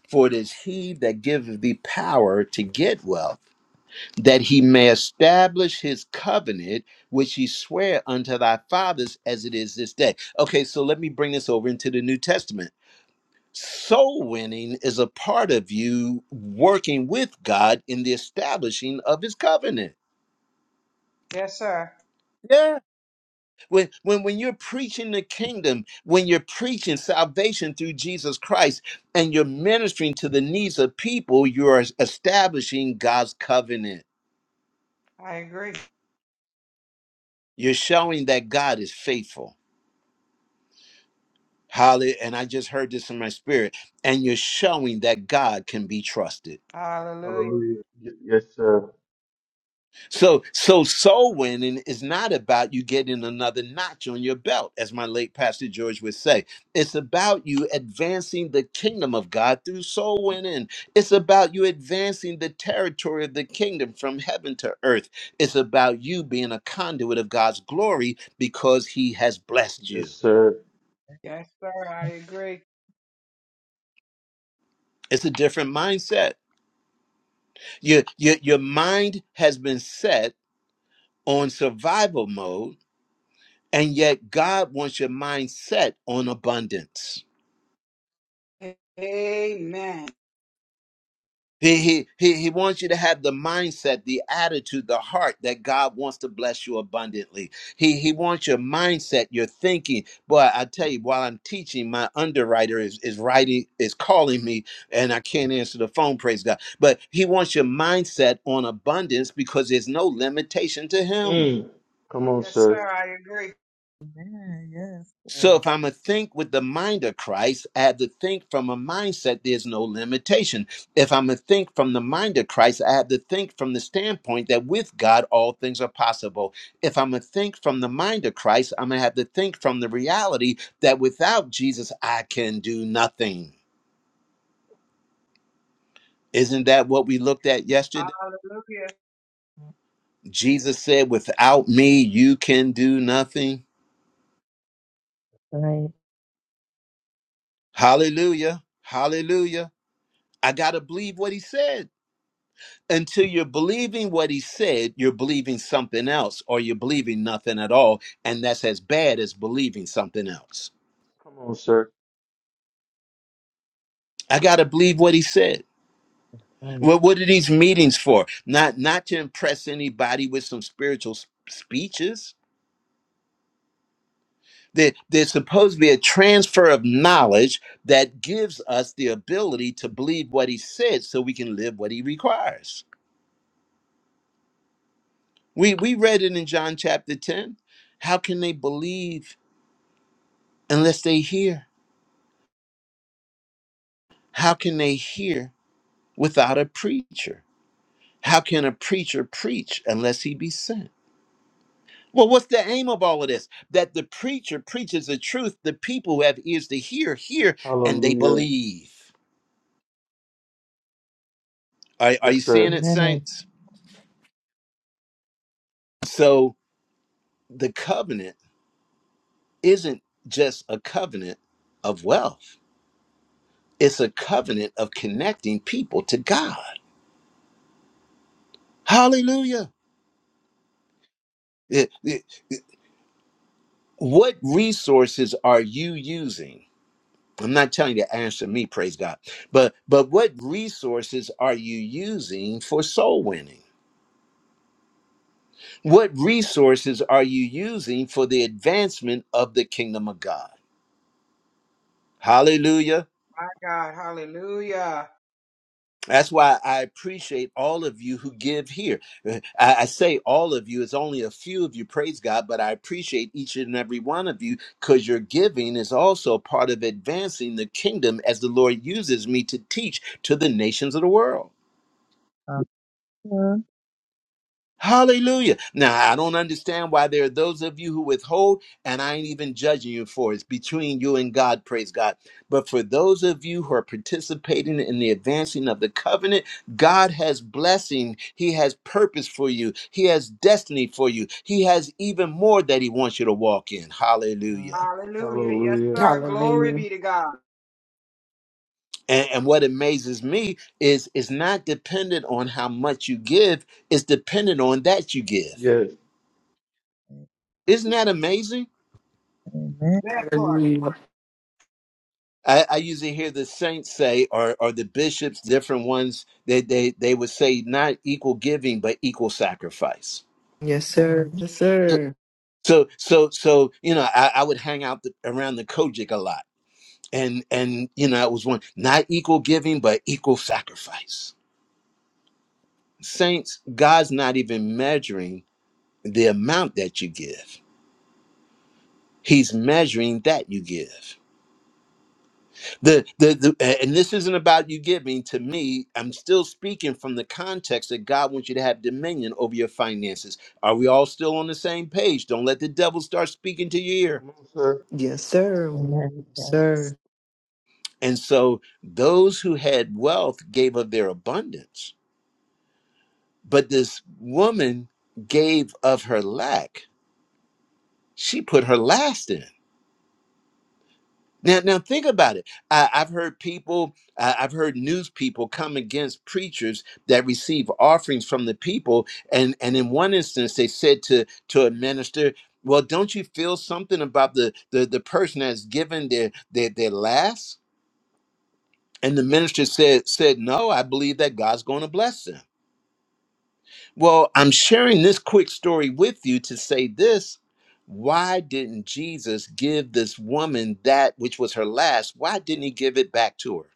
[SPEAKER 1] for it is he that giveth thee power to get wealth, that he may establish his covenant, which he sware unto thy fathers as it is this day. Okay, so let me bring this over into the New Testament. Soul winning is a part of you working with God in the establishing of his covenant. When, when, when you're preaching the kingdom, when you're preaching salvation through Jesus Christ and you're ministering to the needs of people, you are establishing God's covenant. You're showing that God is faithful. Hallelujah. And I just heard this in my spirit. And you're showing that God can be trusted.
[SPEAKER 2] Hallelujah. Y- yes, sir.
[SPEAKER 1] So so soul winning is not about you getting another notch on your belt, as my late pastor George would say. It's about you advancing the kingdom of God through soul winning. It's about you advancing the territory of the kingdom from heaven to earth. It's about you being a conduit of God's glory because he has blessed
[SPEAKER 2] Yes,
[SPEAKER 1] you.
[SPEAKER 2] sir.
[SPEAKER 1] It's a different mindset. Your your, your mind has been set on survival mode And yet, God wants your mindset on abundance.
[SPEAKER 11] Amen.
[SPEAKER 1] He, he, he, he wants you to have the mindset, the attitude, the heart that God wants to bless you abundantly. He, he wants your mindset, your thinking. Boy, I tell you, while I'm teaching, my underwriter is, is writing, is calling me, and I can't answer the phone, praise God. But he wants your mindset on abundance because there's no limitation to him.
[SPEAKER 2] Mm. Come on, sir.
[SPEAKER 7] Amen. Yes,
[SPEAKER 1] So
[SPEAKER 7] Lord.
[SPEAKER 1] if I'm going to think with the mind of Christ, I have to think from a mindset there's no limitation. If I'm going to think from the mind of Christ, I have to think from the standpoint that with God all things are possible. If I'm going to think from the mind of Christ, I'm gonna have to think from the reality that without Jesus I can do nothing. Isn't that what we looked at yesterday? Jesus said, Without me, you can do nothing.
[SPEAKER 3] Amen.
[SPEAKER 1] Hallelujah. Hallelujah. I gotta believe what he said. until you're believing what he said, you're believing something else, or you're believing nothing at all. And that's as bad as believing something else.
[SPEAKER 2] Come on, sir.
[SPEAKER 1] I got to believe what he said.
[SPEAKER 3] Amen.
[SPEAKER 1] What, what are these meetings for? Not, not to impress anybody with some spiritual s- speeches. There, there's supposed to be a transfer of knowledge that gives us the ability to believe what he said so we can live what he requires. We, we read it in John chapter 10. How can they believe unless they hear? How can they hear without a preacher? How can a preacher preach unless he be sent? Well, what's the aim of all of this? That the preacher preaches the truth, the people who have ears to hear, hear, and they
[SPEAKER 2] Hallelujah.
[SPEAKER 1] believe. Are, are you
[SPEAKER 2] Yes,
[SPEAKER 1] seeing
[SPEAKER 2] sir.
[SPEAKER 1] it,
[SPEAKER 3] Amen.
[SPEAKER 1] saints? So the covenant isn't just a covenant of wealth, it's a covenant of connecting people to God. Hallelujah. Eh, eh, eh, What resources are you using? I'm not telling you to answer me, praise God. But but what resources are you using for soul winning? What resources are you using for the advancement of the kingdom of God? Hallelujah. That's why I appreciate all of you who give here. Uh, I, I say all of you, it's only a few of you, praise God, but I appreciate each and every one of you because your giving is also part of advancing the kingdom as the Lord uses me to teach to the nations of the world.
[SPEAKER 7] Hallelujah.
[SPEAKER 1] Hallelujah. Now, I don't understand why there are those of you who withhold, and I ain't even judging you for it. It's between you and God, praise God. But for those of you who are participating in the advancing of the covenant, God has blessing. He has purpose for you, He has destiny for you. He has even more that He wants you to walk in. Hallelujah.
[SPEAKER 2] Hallelujah.
[SPEAKER 5] Hallelujah.
[SPEAKER 1] And, and what amazes me is it's not dependent on how much you give, it's dependent on that you give.
[SPEAKER 2] Yes.
[SPEAKER 1] Isn't that amazing?
[SPEAKER 7] Amen.
[SPEAKER 5] Hallelujah.
[SPEAKER 1] I, I usually hear the saints say, or or the bishops, different ones, they they they would say not equal giving, but equal sacrifice.
[SPEAKER 8] Yes, sir. Yes,
[SPEAKER 1] So
[SPEAKER 8] sir.
[SPEAKER 1] so so, so, you know, I, I would hang out the, around the Kojic a lot, and and you know, it was one not equal giving, but equal sacrifice. Saints, God's not even measuring the amount that you give; He's measuring that you give. the, the, the and this isn't about you giving to me i'm still speaking from the context that god wants you to have dominion over your finances are we all still on the same page don't let the devil start speaking to your ear
[SPEAKER 2] Come on, sir.
[SPEAKER 8] Yes, sir. Yes,
[SPEAKER 3] Amen. Yes.
[SPEAKER 8] Sir.
[SPEAKER 1] and so those who had wealth gave of their abundance but this woman gave of her lack she put her last in Now, now think about it. I, I've heard people, I- I've heard news people come against preachers that receive offerings from the people, and and in one instance, they said to to a minister, "Well, don't you feel something about the the, the person that's given their their their last?" And the minister said said, "No, I believe that God's going to bless them." Well, I'm sharing this quick story with you to say this. Why didn't Jesus give this woman that which was her last? Why didn't he give it back to her?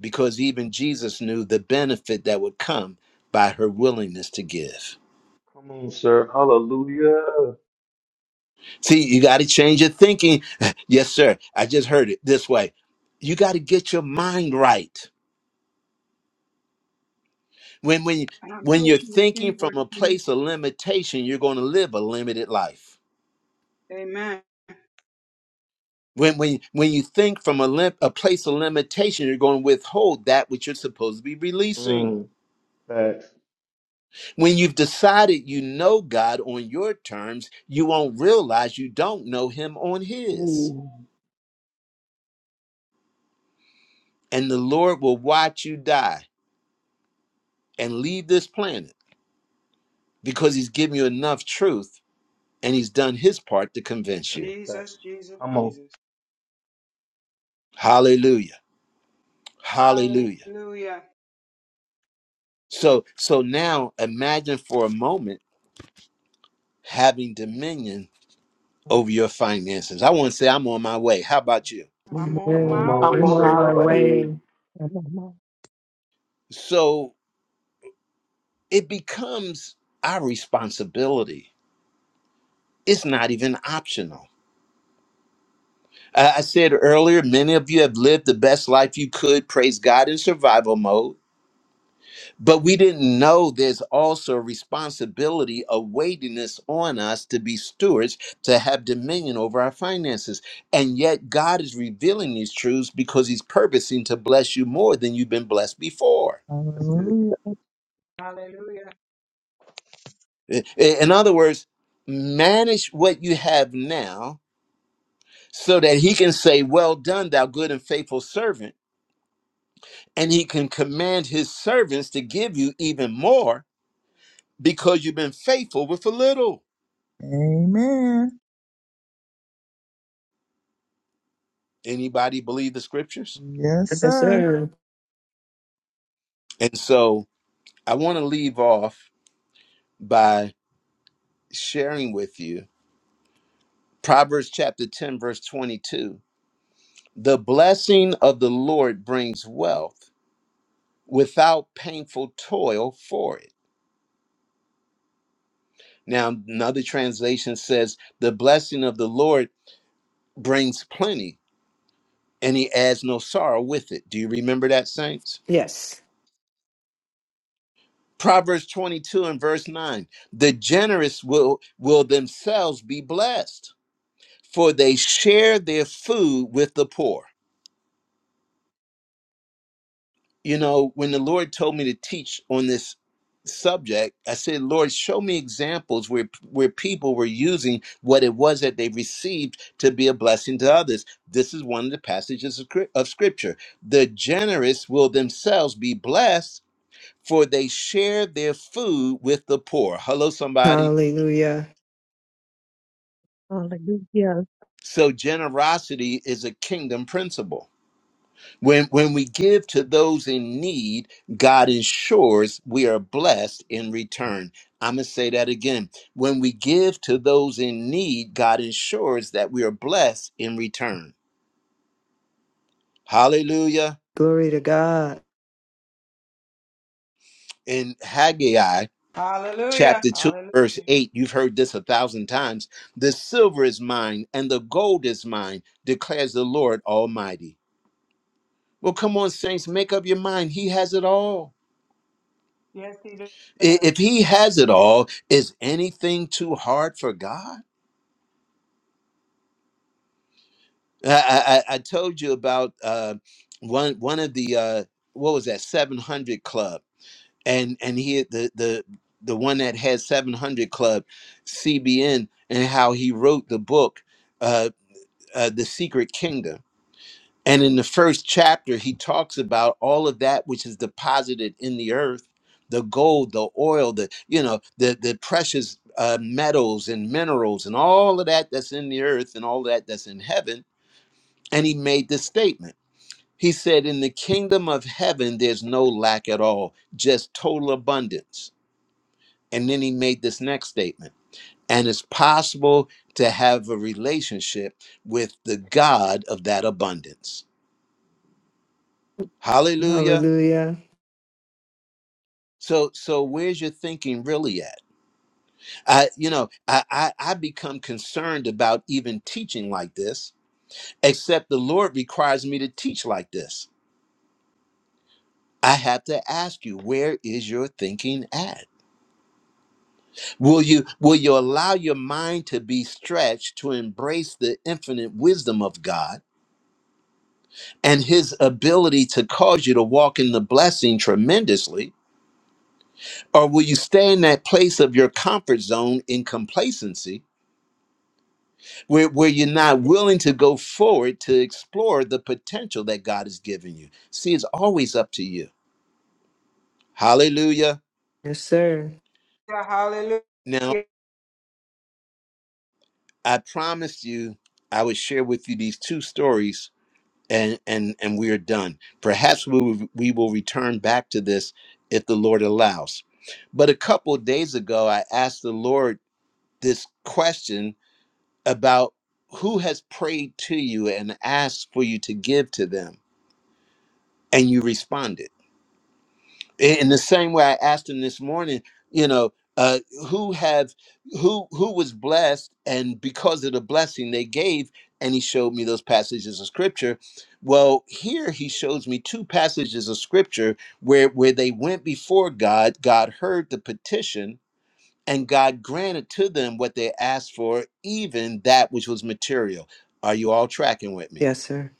[SPEAKER 1] because even Jesus knew the benefit that would come by her willingness to give.
[SPEAKER 2] Come on, sir. Hallelujah.
[SPEAKER 1] See, you got to change your thinking. yes, sir. I just heard it this way. You got to get your mind right. When when when you're thinking from a place of limitation, you're going to live a limited life. When when when you think from a lim- a place of limitation, you're going to withhold that which you're supposed to be releasing.
[SPEAKER 2] Mm. Facts.
[SPEAKER 1] When you've decided you know God on your terms, you won't realize you don't know Him on His.
[SPEAKER 2] Ooh.
[SPEAKER 1] And the Lord will watch you die and leave this planet because He's given you enough truth and He's done His part to convince
[SPEAKER 2] That's a
[SPEAKER 1] you.
[SPEAKER 2] fact. I'm on.
[SPEAKER 1] Hallelujah. Hallelujah. So, so now imagine for a moment having dominion over your finances. I want to say I'm on my way. How about you?
[SPEAKER 2] I'm on my
[SPEAKER 8] Amen.
[SPEAKER 5] I'm
[SPEAKER 2] way,
[SPEAKER 8] I'm
[SPEAKER 5] on
[SPEAKER 8] on
[SPEAKER 2] sir.
[SPEAKER 5] my
[SPEAKER 8] my
[SPEAKER 5] way.
[SPEAKER 2] Hallelujah.
[SPEAKER 8] way.
[SPEAKER 3] Amen.
[SPEAKER 1] So it becomes our responsibility It's not even optional. I I said earlier, many of you have lived the best life you could, praise God, in survival mode. But we didn't know there's also a responsibility awaiting us on us to be stewards, to have dominion over our finances. And yet, God is revealing these truths because He's purposing to bless you more than you've been blessed before.
[SPEAKER 2] That's it.
[SPEAKER 7] Hallelujah.
[SPEAKER 1] I- i- In other words, manage what you have now so that He can say, Well done, thou good and faithful servant and he can command his servants to give you even more because you've been faithful with a little
[SPEAKER 7] Amen.
[SPEAKER 1] anybody believe the scriptures
[SPEAKER 7] Yes,
[SPEAKER 8] Yes,
[SPEAKER 7] sir.
[SPEAKER 8] sir.
[SPEAKER 1] and so i want to leave off by sharing with you proverbs chapter 10 verse 22 the blessing of the lord brings wealth without painful toil for it now another translation says the blessing of the lord brings plenty and he adds no sorrow with it do you remember that saints
[SPEAKER 8] Yes.
[SPEAKER 1] Proverbs 22 and verse 9. The generous will, will themselves be blessed, for they share their food with the poor. You know, when the Lord told me to teach on this subject, I said, Lord, show me examples where, where people were using what it was that they received to be a blessing to others. This is one of the passages of, Scrip- of Scripture. The generous will themselves be blessed, for they share their food with the poor. Hello, somebody.
[SPEAKER 8] Hallelujah.
[SPEAKER 3] Hallelujah.
[SPEAKER 1] So generosity is a kingdom principle. When when we give to those in need, God ensures we are blessed in return. I'm going to say that again. When we give to those in need, God ensures that we are blessed in return. Hallelujah.
[SPEAKER 8] Glory to God.
[SPEAKER 1] In Haggai chapter 2 verse 8, you've heard this a thousand times. The silver is mine and the gold is mine, declares the Lord Almighty. Well, come on saints, make up your mind. He has it all. I- If he has it all, is anything too hard for God? I, I, I told you about uh, one one of the uh, what was that seven hundred club, and and he had the the the one that had seven hundred club, CBN, and how he wrote the book, uh, uh, the Secret Kingdom And in the first chapter, he talks about all of that which is deposited in the earth, the gold, the oil, the you know, the the precious uh, metals and minerals and all of that that's in the earth and all that that's in heaven. And he made this statement. He said, "In the kingdom of heaven, there's no lack at all, just total abundance." And then he made this next statement. And it's possible to have a relationship with the God of that abundance. Hallelujah.
[SPEAKER 8] Hallelujah.
[SPEAKER 1] So, so where's your thinking really at? I, you know, I, I, I become concerned about even teaching like this, except the Lord requires me to teach like this. I have to ask you, where is your thinking at? Will you, will you allow your mind to be stretched to embrace the infinite wisdom of God and His ability to cause you to walk in the blessing tremendously, or will you stay in that place of your comfort zone in complacency? where, where you're not willing to go forward to explore the potential that God has given you. See, it's always up to you. Hallelujah.
[SPEAKER 8] Yes, sir.
[SPEAKER 1] Now, I promised you I would share with you these two stories and and and we are done. Perhaps we will, we will return back to this if the Lord allows. But a couple of days ago I asked the Lord this question about who has prayed to you and asked for you to give to them and you responded in the same way i asked him this morning you know uh, who have who who was blessed and because of the blessing they gave and he showed me those passages of scripture well here he shows me two passages of scripture where where they went before god god heard the petition and god granted to them what they asked for even that which was material are you all tracking with me
[SPEAKER 8] Yes, sir.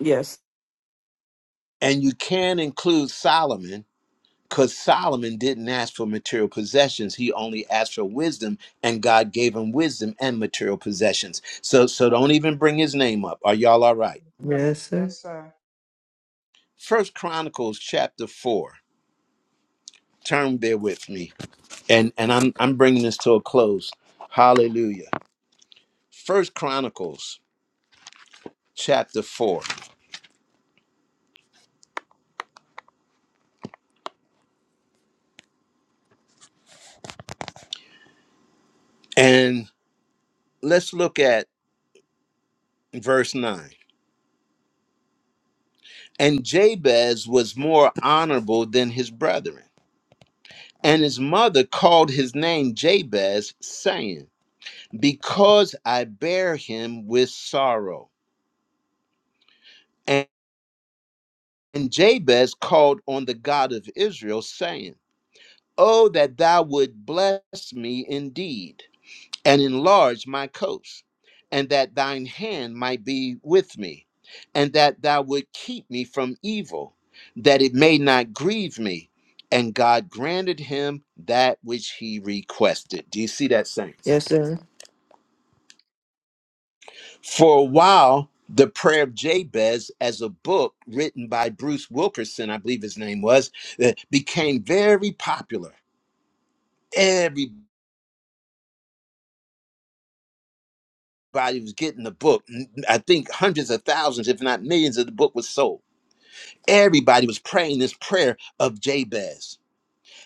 [SPEAKER 5] Yes.
[SPEAKER 1] and you can include solomon because Solomon didn't ask for material possessions. He only asked for wisdom, and God gave him wisdom and material possessions. So, so don't even bring his name up. Are y'all all right?
[SPEAKER 8] Yes, sir.
[SPEAKER 1] First Chronicles chapter four. Turn there with me, and and I'm I'm bringing this to a close. Hallelujah. First Chronicles chapter four, and let's look at verse nine. And Jabez was more honorable than his brethren And his mother called his name Jabez, saying, Because I bear him with sorrow. And and Jabez called on the God of Israel, saying, Oh, that thou would bless me indeed, and enlarge my coast, and that thine hand might be with me, and that thou would keep me from evil, that it may not grieve me. And God granted him that which he requested. Do you see that, saints?
[SPEAKER 8] Yes, sir.
[SPEAKER 1] For a while, The Prayer of Jabez, as a book written by Bruce Wilkerson, I believe his name was, uh, became very popular. Everybody was getting the book. N- I think hundreds of thousands, if not millions, of the book was sold. Everybody was praying this prayer of Jabez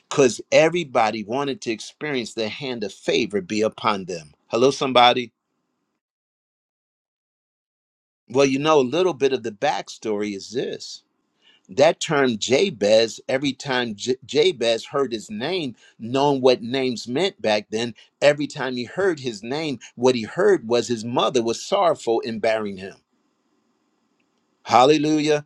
[SPEAKER 1] because everybody wanted to experience the hand of favor be upon them. Hello, somebody. Well, you know, a little bit of the backstory is this That term Jabez, every time J- Jabez heard his name, knowing what names meant back then, every time he heard his name, what he heard was his mother was sorrowful in bearing him. Hallelujah.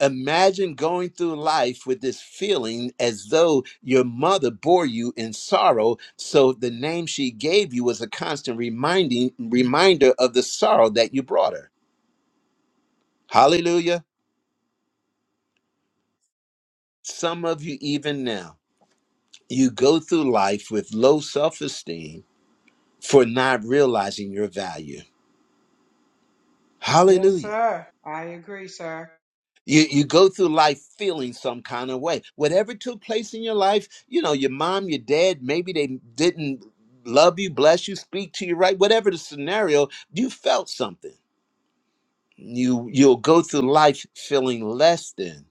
[SPEAKER 1] Imagine going through life with this feeling as though your mother bore you in sorrow. So the name she gave you was a constant reminding reminder of the sorrow that you brought her. Hallelujah. Some of you even now You go through life with low self esteem for not realizing your value. Hallelujah. You, you go through life feeling some kind of way. Whatever took place in your life, you know, your mom, your dad, maybe they didn't love you, bless you, speak to you right, whatever the scenario, you felt something. You you'll go through life feeling less than,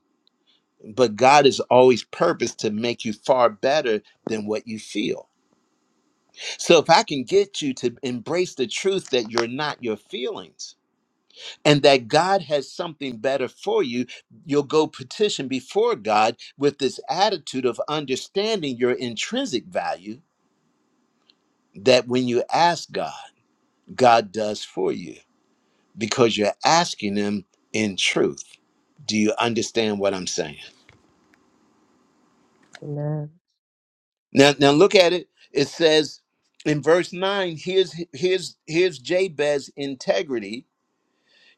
[SPEAKER 1] but God is always purposed to make you far better than what you feel. So if I can get you to embrace the truth that you're not your feelings and that God has something better for you, you'll go petition before God with this attitude of understanding your intrinsic value that when you ask God, God does for you because you're asking him in truth. Do you understand what I'm saying?
[SPEAKER 3] Amen.
[SPEAKER 1] Now now look at it. It says in verse 9, here's here's here's Jabez's integrity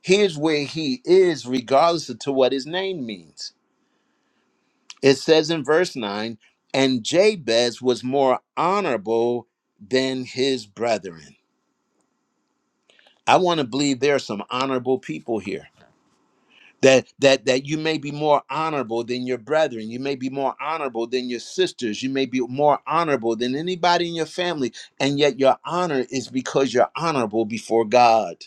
[SPEAKER 1] Here's where he is, regardless of to what his name means. It says in verse 9, and Jabez was more honorable than his brethren. I want to believe there are some honorable people here. That that that you may be more honorable than your brethren, you may be more honorable than your sisters, you may be more honorable than anybody in your family, and yet your honor is because you're honorable before God.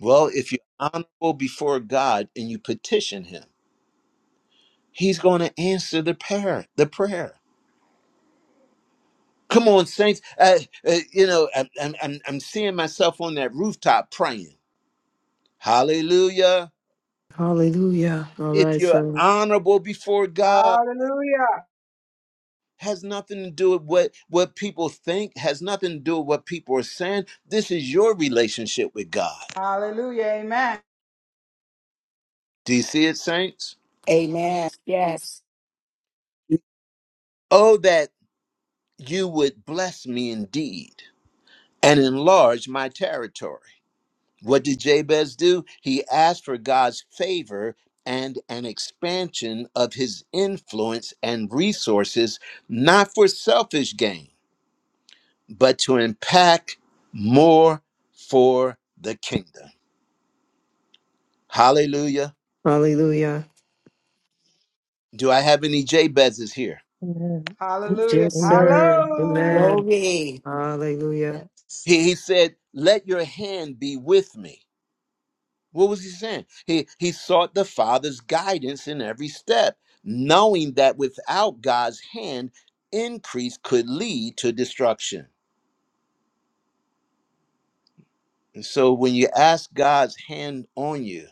[SPEAKER 1] Well, if you're honorable before God and you petition him He's going to answer the prayer. The prayer. Come on, saints. Uh, uh, you know, I, I'm, I'm I'm seeing myself on that rooftop praying. Hallelujah.
[SPEAKER 8] Hallelujah. All
[SPEAKER 1] If
[SPEAKER 8] right,
[SPEAKER 1] you're
[SPEAKER 8] sir.
[SPEAKER 1] honorable before God, has nothing to do with what what people think. Has nothing to do with what people are saying. This is your relationship with God. Do you see it, saints?
[SPEAKER 10] Amen. Yes.
[SPEAKER 1] Oh, that you would bless me indeed and enlarge my territory What did Jabez do? He asked for God's favor and an expansion of his influence and resources, not for selfish gain, but to impact more for the kingdom. Hallelujah.
[SPEAKER 8] Hallelujah.
[SPEAKER 1] Do I have any Jabez's here?
[SPEAKER 3] Amen.
[SPEAKER 8] Yes,
[SPEAKER 3] Amen.
[SPEAKER 8] sir. Amen.
[SPEAKER 10] Glory.
[SPEAKER 8] Hallelujah.
[SPEAKER 3] Yes.
[SPEAKER 1] He, he said, Let your hand be with me. What was he saying? He he sought the Father's guidance in every step, knowing that without God's hand, increase could lead to destruction. And so when you ask God's hand on you,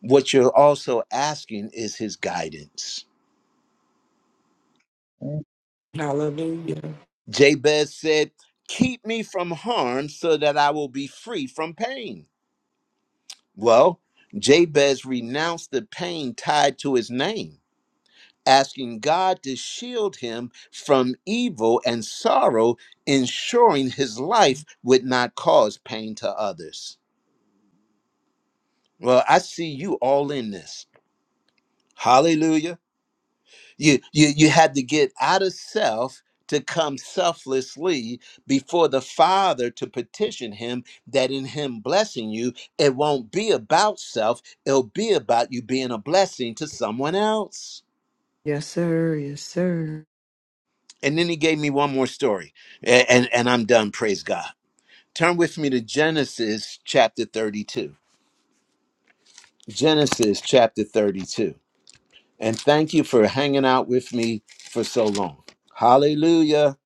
[SPEAKER 1] what you're also asking is his guidance.
[SPEAKER 7] Thank
[SPEAKER 5] Hallelujah.
[SPEAKER 1] Jabez said, Keep me from harm so that I will be free from pain. Well, Jabez renounced the pain tied to his name asking God to shield him from evil and sorrow, ensuring his life would not cause pain to others. Well, I see you all in this. Hallelujah. You you you had to get out of self to come selflessly before the Father to petition him that in him blessing you, it won't be about self, it'll be about you being a blessing to someone else.
[SPEAKER 8] Yes, sir. Yes, sir.
[SPEAKER 1] And then he gave me one more story. A- and and I'm done, praise God. Turn with me to Genesis chapter 32. Genesis chapter 32. And thank you for hanging out with me for so long. Hallelujah.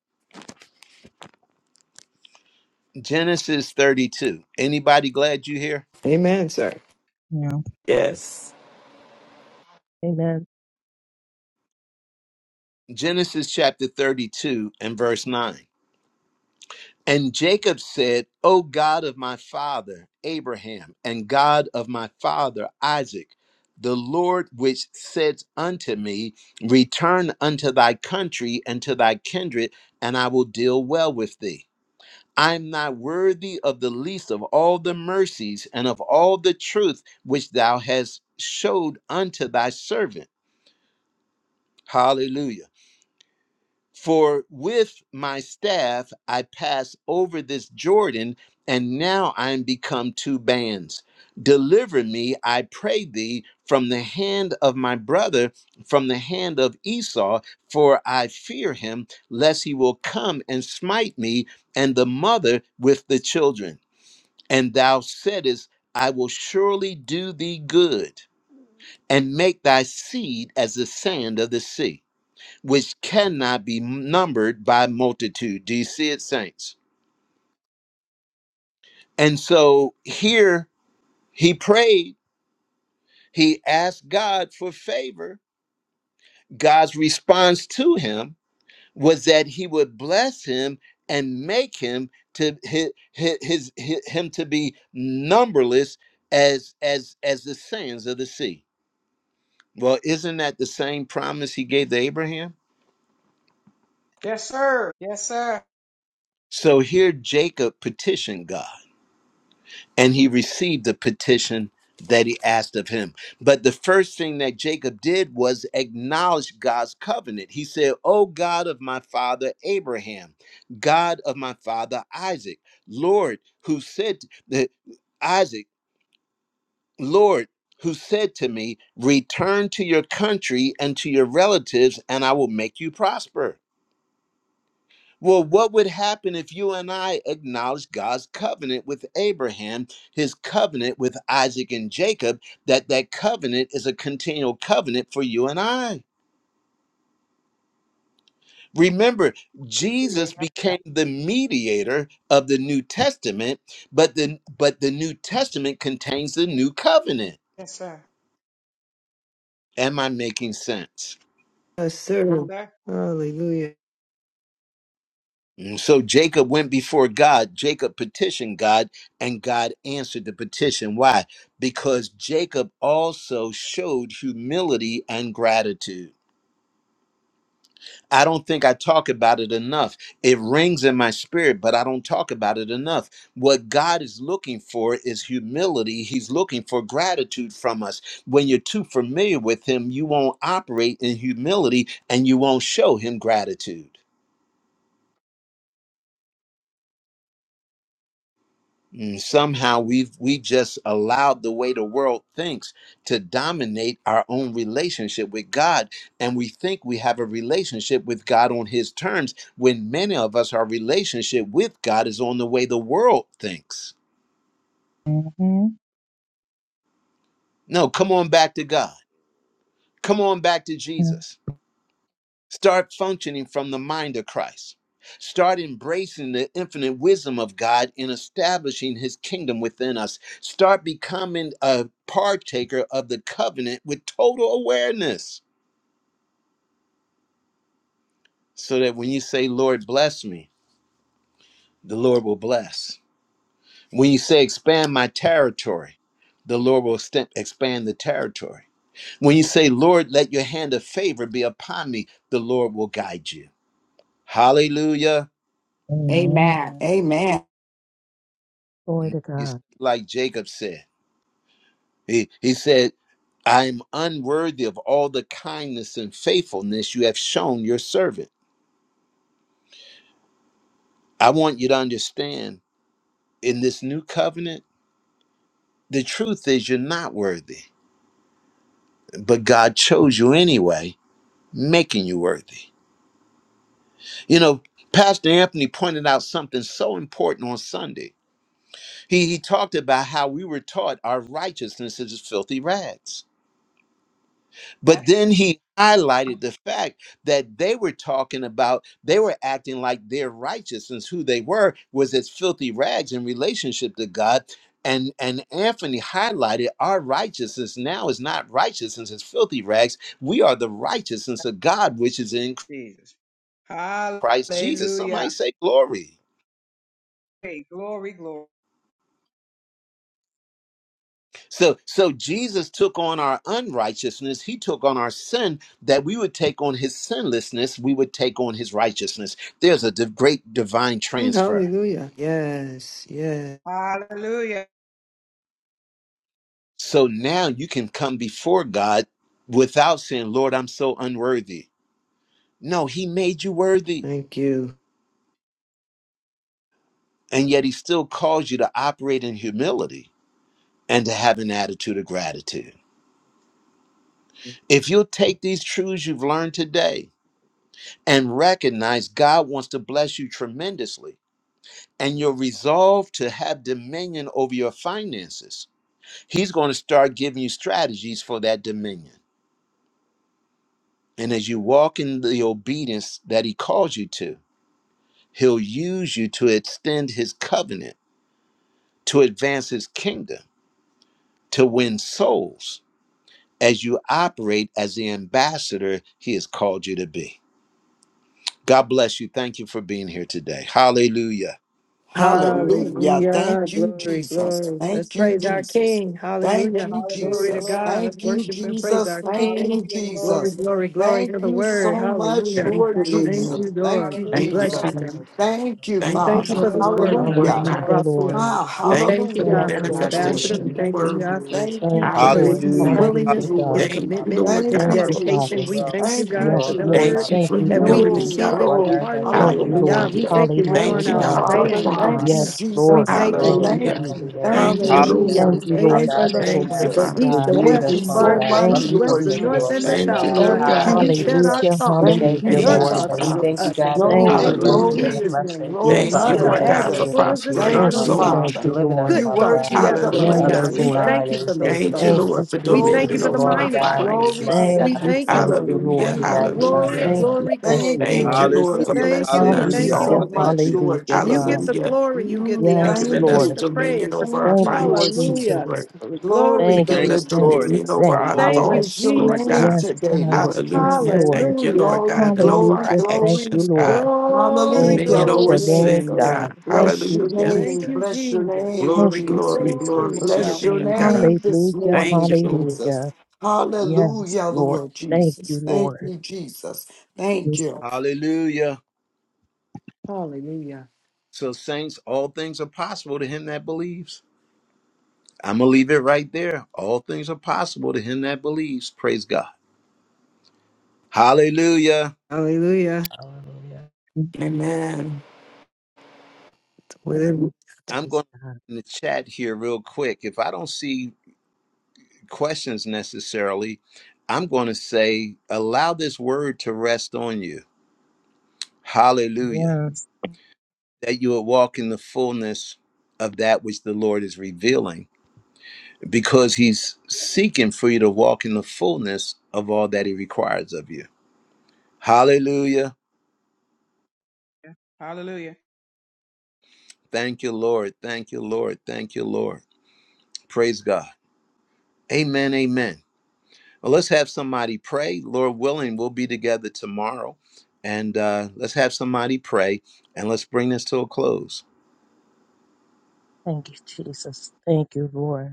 [SPEAKER 1] Genesis 32. Anybody glad you here?
[SPEAKER 8] Amen, sir.
[SPEAKER 5] Yes.
[SPEAKER 3] Amen.
[SPEAKER 1] Genesis chapter 32 and verse 9. And Jacob said, O God of my father Abraham, and God of my father Isaac, the Lord which said unto me, Return unto thy country and to thy kindred, and I will deal well with thee. I am not worthy of the least of all the mercies and of all the truth which thou hast showed unto thy servant. Hallelujah. For with my staff I pass over this Jordan, and now I am become two bands. Deliver me, I pray thee, from the hand of my brother, from the hand of Esau, for I fear him, lest he will come and smite me and the mother with the children. And thou saidest, I will surely do thee good, and make thy seed as the sand of the sea which cannot be numbered by multitude. Do you see it, saints? And so here he prayed, he asked God for favor. God's response to him was that he would bless him and make him to his, his, his him to be numberless as as as the sands of the sea. Well, isn't that the same promise he gave to Abraham? So here Jacob petitioned God and he received the petition that he asked of him. But the first thing that Jacob did was acknowledge God's covenant. He said, O God of my father Abraham, God of my father Isaac, Lord, who said that Isaac, Lord, who said to me, Return to your country and to your relatives, and I will make you prosper. Well, what would happen if you and I acknowledge God's covenant with Abraham, his covenant with Isaac and Jacob, that that covenant is a continual covenant for you and I? Remember, Jesus became the mediator of the New Testament, but the but the New Testament contains the new covenant. Am I making sense?
[SPEAKER 8] Yes, sir. Hallelujah.
[SPEAKER 1] And so Jacob went before God. Jacob petitioned God, and God answered the petition. Why? Because Jacob also showed humility and gratitude. I don't think I talk about it enough. It rings in my spirit, but I don't talk about it enough. What God is looking for is humility. He's looking for gratitude from us. When you're too familiar with Him, you won't operate in humility and you won't show Him gratitude. Mm, somehow we've we just allowed the way the world thinks to dominate our own relationship with god and we think we have a relationship with god on his terms when many of us our relationship with god is on the way the world thinks
[SPEAKER 7] you.
[SPEAKER 1] no come on back to god come on back to
[SPEAKER 7] Mm,
[SPEAKER 1] jesus Start functioning from the mind of Christ. Start embracing the infinite wisdom of God in establishing his kingdom within us. Start becoming a partaker of the covenant with total awareness so that when you say, Lord, bless me, the Lord will bless. When you say, expand my territory, the Lord will st- expand the territory. When you say, Lord, let your hand of favor be upon me, the Lord will guide you. Hallelujah.
[SPEAKER 10] Amen.
[SPEAKER 7] Amen.
[SPEAKER 10] Amen.
[SPEAKER 3] Glory to
[SPEAKER 1] You s-
[SPEAKER 3] God.
[SPEAKER 1] like Jacob said. He, he said, I am unworthy of all the kindness and faithfulness you have shown your servant. I want you to understand in this new covenant, the truth is you're not worthy, but God chose you anyway, making you worthy. You know, Pastor Anthony pointed out something so important on Sunday. He, he talked about how we were taught our righteousness is filthy rags. But then he highlighted the fact that they were talking about, they were acting like their righteousness, who they were, was as filthy rags in relationship to God. And, and Anthony highlighted our righteousness now is not righteousness, it's filthy rags. We are the righteousness of God, which is in Christ Jesus. Somebody say glory. So so Jesus took on our unrighteousness, he took on our sin that we would take on his sinlessness, we would take on his righteousness. There's a div- great divine
[SPEAKER 8] Mm,
[SPEAKER 1] transfer.
[SPEAKER 8] Hallelujah. Yes. Yes.
[SPEAKER 1] So now you can come before God without saying, "Lord, I'm so unworthy." No, he made you worthy.
[SPEAKER 8] Thank you.
[SPEAKER 1] And yet he still calls you to operate in humility and to have an attitude of gratitude. If you'll take these truths you've learned today and recognize God wants to bless you tremendously, and your resolve to have dominion over your finances, He's going to start giving you strategies for that dominion. And as you walk in the obedience that He calls you to, He'll use you to extend His covenant, to advance His kingdom, to win souls as you operate as the ambassador He has called you to be. God bless you. Thank you for being here today. Hallelujah.
[SPEAKER 10] Hallelujah.
[SPEAKER 8] Hallelujah.
[SPEAKER 10] Thank you,
[SPEAKER 8] Glory,
[SPEAKER 10] Jesus.
[SPEAKER 8] glory. Let's
[SPEAKER 10] Thank you,
[SPEAKER 8] praise our
[SPEAKER 10] Jesus.
[SPEAKER 8] King.
[SPEAKER 10] Thank
[SPEAKER 8] Hallelujah.
[SPEAKER 10] you,
[SPEAKER 8] Glory to
[SPEAKER 10] Jesus.
[SPEAKER 8] God. Let's
[SPEAKER 10] Thank you,
[SPEAKER 8] worship and praise
[SPEAKER 10] Jesus.
[SPEAKER 8] our
[SPEAKER 10] Thank
[SPEAKER 8] King.
[SPEAKER 10] you,
[SPEAKER 8] Glory,
[SPEAKER 10] Jesus.
[SPEAKER 8] glory, glory
[SPEAKER 10] Thank
[SPEAKER 8] to the
[SPEAKER 10] you
[SPEAKER 8] word.
[SPEAKER 10] so much,
[SPEAKER 8] Hallelujah.
[SPEAKER 5] Thank
[SPEAKER 10] Lord
[SPEAKER 5] you,
[SPEAKER 9] Lord.
[SPEAKER 8] Thank
[SPEAKER 10] Jesus.
[SPEAKER 5] Lord.
[SPEAKER 8] you,
[SPEAKER 9] Yes,
[SPEAKER 10] Thank
[SPEAKER 8] Lord.
[SPEAKER 10] you,
[SPEAKER 9] Lord.
[SPEAKER 8] We
[SPEAKER 5] Thank
[SPEAKER 9] Thank
[SPEAKER 5] you,
[SPEAKER 8] bless you.
[SPEAKER 9] you,
[SPEAKER 10] Jesus.
[SPEAKER 5] God.
[SPEAKER 8] God.
[SPEAKER 9] Heavenly Father.
[SPEAKER 10] Thank you,
[SPEAKER 9] We
[SPEAKER 8] We
[SPEAKER 5] Thank you
[SPEAKER 8] thank you
[SPEAKER 10] Father.
[SPEAKER 9] glorify
[SPEAKER 5] for
[SPEAKER 8] for
[SPEAKER 5] the
[SPEAKER 8] this
[SPEAKER 9] you. We
[SPEAKER 8] word,
[SPEAKER 5] word,
[SPEAKER 9] honor you,
[SPEAKER 8] God,
[SPEAKER 5] Lord
[SPEAKER 10] Hallelujah.
[SPEAKER 8] that
[SPEAKER 9] God.
[SPEAKER 3] Hallelujah,
[SPEAKER 8] you
[SPEAKER 5] God.
[SPEAKER 8] brought
[SPEAKER 9] We thank
[SPEAKER 8] forth.
[SPEAKER 3] Lord.
[SPEAKER 9] you,
[SPEAKER 10] Wow,
[SPEAKER 8] We
[SPEAKER 9] God.
[SPEAKER 5] Thank you
[SPEAKER 8] thank you,
[SPEAKER 5] for the
[SPEAKER 3] Thank
[SPEAKER 10] hallelujah
[SPEAKER 8] God, for
[SPEAKER 3] you,
[SPEAKER 8] the
[SPEAKER 10] today, Lord
[SPEAKER 8] ambassador.
[SPEAKER 9] Hallelujah.
[SPEAKER 5] manifestation
[SPEAKER 9] That
[SPEAKER 8] We
[SPEAKER 5] of
[SPEAKER 9] we
[SPEAKER 3] Jesus.
[SPEAKER 5] the
[SPEAKER 9] are
[SPEAKER 8] thank you,
[SPEAKER 9] being
[SPEAKER 10] Jesus.
[SPEAKER 5] word.
[SPEAKER 8] God, for
[SPEAKER 9] used
[SPEAKER 8] his,
[SPEAKER 10] Thank
[SPEAKER 9] by
[SPEAKER 10] you,
[SPEAKER 3] Thank
[SPEAKER 1] Hallelujah.
[SPEAKER 3] you,
[SPEAKER 9] you,
[SPEAKER 8] for
[SPEAKER 3] Lord.
[SPEAKER 8] his
[SPEAKER 10] Jesus.
[SPEAKER 5] Hallelujah.
[SPEAKER 9] God,
[SPEAKER 10] Thank
[SPEAKER 3] Hallelujah,
[SPEAKER 9] for
[SPEAKER 10] you,
[SPEAKER 8] willingness,
[SPEAKER 9] your
[SPEAKER 8] his
[SPEAKER 3] God.
[SPEAKER 10] Lord.
[SPEAKER 9] kingdom,
[SPEAKER 5] Thank you,
[SPEAKER 9] Father
[SPEAKER 8] commitment,
[SPEAKER 9] God,
[SPEAKER 5] Lord
[SPEAKER 9] for
[SPEAKER 10] Thank
[SPEAKER 8] his
[SPEAKER 9] your
[SPEAKER 5] God,
[SPEAKER 3] Thank
[SPEAKER 10] you,
[SPEAKER 3] you,
[SPEAKER 5] for
[SPEAKER 9] purpose as
[SPEAKER 8] dedication.
[SPEAKER 3] Father.
[SPEAKER 8] We
[SPEAKER 10] Jesus.
[SPEAKER 9] well.
[SPEAKER 8] thank you,
[SPEAKER 5] obedience.
[SPEAKER 10] Thank you,
[SPEAKER 9] Here
[SPEAKER 8] God,
[SPEAKER 3] Yes,
[SPEAKER 8] for
[SPEAKER 9] on
[SPEAKER 8] the
[SPEAKER 9] earth,
[SPEAKER 3] Lord.
[SPEAKER 8] word
[SPEAKER 5] Thank
[SPEAKER 10] Jesus.
[SPEAKER 9] Father
[SPEAKER 5] you
[SPEAKER 3] Thank
[SPEAKER 5] for
[SPEAKER 9] God.
[SPEAKER 3] you,
[SPEAKER 8] that
[SPEAKER 9] Let it
[SPEAKER 8] we
[SPEAKER 5] humility,
[SPEAKER 9] be
[SPEAKER 3] Jesus.
[SPEAKER 10] No
[SPEAKER 8] receive
[SPEAKER 5] God.
[SPEAKER 8] it
[SPEAKER 9] on
[SPEAKER 10] glory.
[SPEAKER 9] earth as it
[SPEAKER 8] wholeheartedly.
[SPEAKER 9] is
[SPEAKER 3] Thank
[SPEAKER 9] in
[SPEAKER 3] you,
[SPEAKER 9] heaven.
[SPEAKER 10] Hallelujah.
[SPEAKER 9] And
[SPEAKER 3] Lord.
[SPEAKER 8] God,
[SPEAKER 9] we
[SPEAKER 8] we
[SPEAKER 5] Hallelujah.
[SPEAKER 9] thank
[SPEAKER 8] thank
[SPEAKER 9] you,
[SPEAKER 8] you. We're
[SPEAKER 3] Hallelujah,
[SPEAKER 5] Thank
[SPEAKER 9] Heavenly
[SPEAKER 8] going
[SPEAKER 10] Thank
[SPEAKER 5] you,
[SPEAKER 10] you,
[SPEAKER 8] out
[SPEAKER 9] Father,
[SPEAKER 5] God,
[SPEAKER 3] God.
[SPEAKER 9] for
[SPEAKER 5] for the
[SPEAKER 9] all
[SPEAKER 8] obeying
[SPEAKER 10] Father.
[SPEAKER 8] your
[SPEAKER 9] that you are,
[SPEAKER 10] Thank
[SPEAKER 8] word.
[SPEAKER 9] God.
[SPEAKER 10] you,
[SPEAKER 3] Yes,
[SPEAKER 8] God.
[SPEAKER 5] promise.
[SPEAKER 8] We
[SPEAKER 3] Lord.
[SPEAKER 10] Jesus.
[SPEAKER 8] thank you,
[SPEAKER 3] Thank
[SPEAKER 9] Glory
[SPEAKER 3] you,
[SPEAKER 8] Lord
[SPEAKER 9] to
[SPEAKER 10] Thank
[SPEAKER 9] your
[SPEAKER 5] Hallelujah.
[SPEAKER 8] God.
[SPEAKER 9] holy
[SPEAKER 10] you.
[SPEAKER 3] Jesus.
[SPEAKER 9] name. We
[SPEAKER 10] Thank
[SPEAKER 5] Thank
[SPEAKER 10] you,
[SPEAKER 5] you,
[SPEAKER 9] thank
[SPEAKER 1] Hallelujah.
[SPEAKER 9] you,
[SPEAKER 8] Hallelujah.
[SPEAKER 10] Jesus.
[SPEAKER 9] God.
[SPEAKER 5] Lord.
[SPEAKER 3] Thank
[SPEAKER 9] We
[SPEAKER 8] We
[SPEAKER 3] you,
[SPEAKER 9] thank
[SPEAKER 8] thank
[SPEAKER 9] you,
[SPEAKER 8] you
[SPEAKER 3] Lord.
[SPEAKER 10] Thank
[SPEAKER 3] You're
[SPEAKER 8] for
[SPEAKER 9] God,
[SPEAKER 10] you,
[SPEAKER 8] the,
[SPEAKER 9] that
[SPEAKER 3] so
[SPEAKER 9] you
[SPEAKER 5] Thank you,
[SPEAKER 9] have
[SPEAKER 8] the
[SPEAKER 3] worthy,
[SPEAKER 10] Jesus.
[SPEAKER 5] Father.
[SPEAKER 8] east, the
[SPEAKER 3] God.
[SPEAKER 9] redeemed
[SPEAKER 10] Thank
[SPEAKER 8] west,
[SPEAKER 9] us,
[SPEAKER 10] you
[SPEAKER 8] as
[SPEAKER 9] Father
[SPEAKER 8] far
[SPEAKER 10] so
[SPEAKER 8] as
[SPEAKER 5] Hallelujah.
[SPEAKER 8] the
[SPEAKER 9] God,
[SPEAKER 3] Thank
[SPEAKER 10] much,
[SPEAKER 9] from the
[SPEAKER 8] east,
[SPEAKER 3] you,
[SPEAKER 8] west,
[SPEAKER 10] Lord
[SPEAKER 8] the
[SPEAKER 9] forsaken
[SPEAKER 8] north,
[SPEAKER 3] Jesus.
[SPEAKER 9] Lord,
[SPEAKER 8] and the
[SPEAKER 10] Jesus.
[SPEAKER 9] Father
[SPEAKER 5] Thank you,
[SPEAKER 8] south,
[SPEAKER 9] God.
[SPEAKER 8] God.
[SPEAKER 5] Lord
[SPEAKER 10] Thank
[SPEAKER 8] You
[SPEAKER 10] you,
[SPEAKER 5] God.
[SPEAKER 8] said
[SPEAKER 9] Hallelujah.
[SPEAKER 8] our
[SPEAKER 3] Hallelujah,
[SPEAKER 10] Jesus.
[SPEAKER 9] We
[SPEAKER 8] thoughts.
[SPEAKER 10] Thank
[SPEAKER 9] thank you,
[SPEAKER 10] you,
[SPEAKER 3] hallelujah,
[SPEAKER 8] Your
[SPEAKER 9] God.
[SPEAKER 5] Thank you,
[SPEAKER 3] Lord.
[SPEAKER 9] And
[SPEAKER 8] thoughts are
[SPEAKER 9] we
[SPEAKER 10] Jesus.
[SPEAKER 8] with
[SPEAKER 5] Father.
[SPEAKER 9] thank you,
[SPEAKER 8] us. And
[SPEAKER 9] God,
[SPEAKER 8] so
[SPEAKER 9] that
[SPEAKER 8] we
[SPEAKER 3] Thank
[SPEAKER 9] we are
[SPEAKER 10] No,
[SPEAKER 3] you,
[SPEAKER 8] thank you in
[SPEAKER 9] blessed to
[SPEAKER 3] Lord.
[SPEAKER 9] be
[SPEAKER 5] Hallelujah.
[SPEAKER 9] a
[SPEAKER 10] glory.
[SPEAKER 8] Jesus' name.
[SPEAKER 9] blessing
[SPEAKER 10] Glory
[SPEAKER 9] for
[SPEAKER 3] Yes,
[SPEAKER 5] Thank
[SPEAKER 10] be
[SPEAKER 5] you,
[SPEAKER 8] Thoughts
[SPEAKER 10] to
[SPEAKER 8] are
[SPEAKER 9] others
[SPEAKER 3] God.
[SPEAKER 5] Lord
[SPEAKER 9] in the
[SPEAKER 8] as,
[SPEAKER 5] God,
[SPEAKER 8] as
[SPEAKER 5] for
[SPEAKER 9] mighty
[SPEAKER 10] Jesus.
[SPEAKER 8] full
[SPEAKER 9] name of
[SPEAKER 8] as the
[SPEAKER 5] prospering
[SPEAKER 9] Jesus,
[SPEAKER 10] Thank
[SPEAKER 5] our
[SPEAKER 3] Thank
[SPEAKER 8] sand
[SPEAKER 10] you,
[SPEAKER 8] on the
[SPEAKER 9] Father
[SPEAKER 3] you,
[SPEAKER 9] God.
[SPEAKER 5] soul.
[SPEAKER 9] You
[SPEAKER 3] thank
[SPEAKER 8] beach.
[SPEAKER 10] Father.
[SPEAKER 3] you,
[SPEAKER 9] delivered us,
[SPEAKER 8] Good
[SPEAKER 3] Lord.
[SPEAKER 10] You
[SPEAKER 9] Father
[SPEAKER 8] thoughts
[SPEAKER 9] God,
[SPEAKER 8] you
[SPEAKER 10] worthy of
[SPEAKER 8] have
[SPEAKER 10] the
[SPEAKER 8] of
[SPEAKER 9] with
[SPEAKER 8] us,
[SPEAKER 3] Yes,
[SPEAKER 5] Hallelujah.
[SPEAKER 8] God.
[SPEAKER 9] others
[SPEAKER 10] praises.
[SPEAKER 8] We
[SPEAKER 9] in
[SPEAKER 3] Lord.
[SPEAKER 10] Thank
[SPEAKER 8] thank
[SPEAKER 9] mind,
[SPEAKER 8] you
[SPEAKER 10] you,
[SPEAKER 9] and we
[SPEAKER 8] for those
[SPEAKER 9] thank you
[SPEAKER 5] Thank you,
[SPEAKER 9] for
[SPEAKER 3] Thank
[SPEAKER 8] thoughts.
[SPEAKER 9] it,
[SPEAKER 3] you,
[SPEAKER 5] Lord,
[SPEAKER 10] Jesus.
[SPEAKER 5] for
[SPEAKER 9] God.
[SPEAKER 8] We
[SPEAKER 9] We
[SPEAKER 8] thank
[SPEAKER 9] give
[SPEAKER 8] you
[SPEAKER 9] you
[SPEAKER 5] dominion
[SPEAKER 8] for
[SPEAKER 3] Jesus.
[SPEAKER 10] Glory.
[SPEAKER 8] the
[SPEAKER 5] over
[SPEAKER 9] glory,
[SPEAKER 5] my
[SPEAKER 8] mind of
[SPEAKER 9] God. We give
[SPEAKER 8] Christ.
[SPEAKER 9] you
[SPEAKER 10] Glory be
[SPEAKER 9] honor,
[SPEAKER 5] finances.
[SPEAKER 9] God.
[SPEAKER 10] to
[SPEAKER 3] Thank
[SPEAKER 8] We
[SPEAKER 9] And
[SPEAKER 3] you,
[SPEAKER 9] we
[SPEAKER 8] thank you,
[SPEAKER 9] thank
[SPEAKER 3] thank
[SPEAKER 10] Jesus.
[SPEAKER 8] Lord
[SPEAKER 3] you,
[SPEAKER 8] God.
[SPEAKER 5] Hallelujah.
[SPEAKER 9] you,
[SPEAKER 3] Lord.
[SPEAKER 10] Thank
[SPEAKER 9] we
[SPEAKER 10] you,
[SPEAKER 9] magnify
[SPEAKER 8] Glory,
[SPEAKER 5] Hallelujah.
[SPEAKER 9] you,
[SPEAKER 10] Jesus.
[SPEAKER 3] Thank
[SPEAKER 9] Lord.
[SPEAKER 3] you,
[SPEAKER 8] glory,
[SPEAKER 9] Thank you.
[SPEAKER 3] thank
[SPEAKER 10] Thank
[SPEAKER 3] you,
[SPEAKER 8] glory.
[SPEAKER 10] you,
[SPEAKER 5] Thank you,
[SPEAKER 3] Lord.
[SPEAKER 1] Hallelujah.
[SPEAKER 5] Lord,
[SPEAKER 8] We
[SPEAKER 10] Jesus.
[SPEAKER 5] for
[SPEAKER 8] thank you,
[SPEAKER 5] blessing
[SPEAKER 8] we
[SPEAKER 10] Thank you
[SPEAKER 5] us
[SPEAKER 8] thank
[SPEAKER 1] Hallelujah.
[SPEAKER 8] you, we
[SPEAKER 3] Hallelujah,
[SPEAKER 10] so
[SPEAKER 5] all.
[SPEAKER 8] thank
[SPEAKER 1] Hallelujah.
[SPEAKER 10] much,
[SPEAKER 8] you.
[SPEAKER 10] Lord
[SPEAKER 3] hallelujah,
[SPEAKER 8] You get
[SPEAKER 3] God.
[SPEAKER 10] Jesus.
[SPEAKER 8] the
[SPEAKER 5] Hallelujah.
[SPEAKER 8] glory, you get
[SPEAKER 10] You,
[SPEAKER 8] the
[SPEAKER 5] For
[SPEAKER 3] Yes,
[SPEAKER 8] honor,
[SPEAKER 5] giving
[SPEAKER 10] thank
[SPEAKER 8] you
[SPEAKER 5] us
[SPEAKER 3] Lord.
[SPEAKER 8] get
[SPEAKER 10] you.
[SPEAKER 8] the
[SPEAKER 5] dominion
[SPEAKER 8] praise.
[SPEAKER 5] over
[SPEAKER 10] Thank
[SPEAKER 5] our
[SPEAKER 3] Thank
[SPEAKER 10] you,
[SPEAKER 3] you,
[SPEAKER 10] Lord
[SPEAKER 5] finances,
[SPEAKER 3] Jesus.
[SPEAKER 8] Hallelujah.
[SPEAKER 5] Lord.
[SPEAKER 10] Jesus.
[SPEAKER 8] Glory,
[SPEAKER 10] Glory
[SPEAKER 5] for
[SPEAKER 3] Thank
[SPEAKER 10] be
[SPEAKER 1] Thank
[SPEAKER 5] giving
[SPEAKER 3] you,
[SPEAKER 10] to
[SPEAKER 5] us
[SPEAKER 8] glory.
[SPEAKER 1] you,
[SPEAKER 3] thank
[SPEAKER 1] Lord.
[SPEAKER 3] you,
[SPEAKER 5] dominion
[SPEAKER 1] Thank
[SPEAKER 10] Jesus.
[SPEAKER 5] over
[SPEAKER 3] thank
[SPEAKER 1] you,
[SPEAKER 5] our
[SPEAKER 3] you,
[SPEAKER 1] Lord.
[SPEAKER 10] I
[SPEAKER 8] Thank
[SPEAKER 3] Lord.
[SPEAKER 8] you,
[SPEAKER 10] bless
[SPEAKER 5] thoughts,
[SPEAKER 10] your
[SPEAKER 5] Lord
[SPEAKER 10] name
[SPEAKER 5] God.
[SPEAKER 8] Jesus.
[SPEAKER 3] Yes,
[SPEAKER 10] today,
[SPEAKER 3] God.
[SPEAKER 10] Lord
[SPEAKER 3] Thank you,
[SPEAKER 5] Hallelujah.
[SPEAKER 10] Jesus.
[SPEAKER 3] Lord.
[SPEAKER 5] Thank you,
[SPEAKER 8] Hallelujah.
[SPEAKER 5] Lord
[SPEAKER 10] Glory,
[SPEAKER 5] God. And over
[SPEAKER 10] glory,
[SPEAKER 5] our
[SPEAKER 3] Hallelujah, thank
[SPEAKER 10] glory.
[SPEAKER 3] you,
[SPEAKER 5] actions, God.
[SPEAKER 3] Lord.
[SPEAKER 8] Glory,
[SPEAKER 3] Oh,
[SPEAKER 10] Hallelujah,
[SPEAKER 5] Dominion
[SPEAKER 3] bless
[SPEAKER 8] glory,
[SPEAKER 5] over
[SPEAKER 3] your
[SPEAKER 10] Lord
[SPEAKER 8] glory,
[SPEAKER 3] name,
[SPEAKER 5] sin,
[SPEAKER 10] Jesus.
[SPEAKER 8] glory.
[SPEAKER 3] God.
[SPEAKER 5] God.
[SPEAKER 3] Thank
[SPEAKER 10] Bless
[SPEAKER 3] you,
[SPEAKER 10] your
[SPEAKER 5] Hallelujah.
[SPEAKER 8] Thank
[SPEAKER 10] name.
[SPEAKER 3] Jesus.
[SPEAKER 8] you,
[SPEAKER 10] Bless your
[SPEAKER 8] Jesus.
[SPEAKER 10] name,
[SPEAKER 3] Thank
[SPEAKER 5] Glory,
[SPEAKER 3] you,
[SPEAKER 10] Jesus.
[SPEAKER 5] glory,
[SPEAKER 8] Oh,
[SPEAKER 5] glory
[SPEAKER 8] my
[SPEAKER 3] Jesus.
[SPEAKER 5] to your
[SPEAKER 10] Bless
[SPEAKER 8] God.
[SPEAKER 10] your
[SPEAKER 5] name,
[SPEAKER 8] Okay.
[SPEAKER 5] God.
[SPEAKER 10] name this
[SPEAKER 3] Hallelujah,
[SPEAKER 5] Thank
[SPEAKER 10] morning,
[SPEAKER 5] you, Lord.
[SPEAKER 3] hallelujah.
[SPEAKER 10] Jesus.
[SPEAKER 3] Yes,
[SPEAKER 10] Hallelujah,
[SPEAKER 3] Lord.
[SPEAKER 10] Lord
[SPEAKER 3] Thank
[SPEAKER 10] Jesus.
[SPEAKER 3] you,
[SPEAKER 10] Thank
[SPEAKER 3] Lord.
[SPEAKER 10] you, Jesus. Thank
[SPEAKER 7] Yes,
[SPEAKER 10] you.
[SPEAKER 1] Hallelujah.
[SPEAKER 8] Hallelujah.
[SPEAKER 1] So, saints, all things are possible to him that believes. I'm going to leave it right there. All things are possible to him that believes. Praise God. Hallelujah.
[SPEAKER 8] Hallelujah.
[SPEAKER 9] Hallelujah.
[SPEAKER 7] yes.
[SPEAKER 5] Amen.
[SPEAKER 8] Within
[SPEAKER 1] I'm going
[SPEAKER 3] Praise God.
[SPEAKER 1] in the chat here real quick. If I don't see questions necessarily, I'm going to say, allow this word to rest on you. Hallelujah.
[SPEAKER 7] yes.
[SPEAKER 1] That you will walk in the fullness of that which the Lord is revealing because he's seeking for you to walk in the fullness of all that he requires of you. Hallelujah. Thank you, Lord. Thank you, Lord. Thank you, Lord. Praise God. Amen. Amen. Well, let's have somebody pray. Lord willing, we'll be together tomorrow. And uh, let's have somebody pray and let's bring this to a close.
[SPEAKER 3] Thank you, Jesus. Thank you, Lord.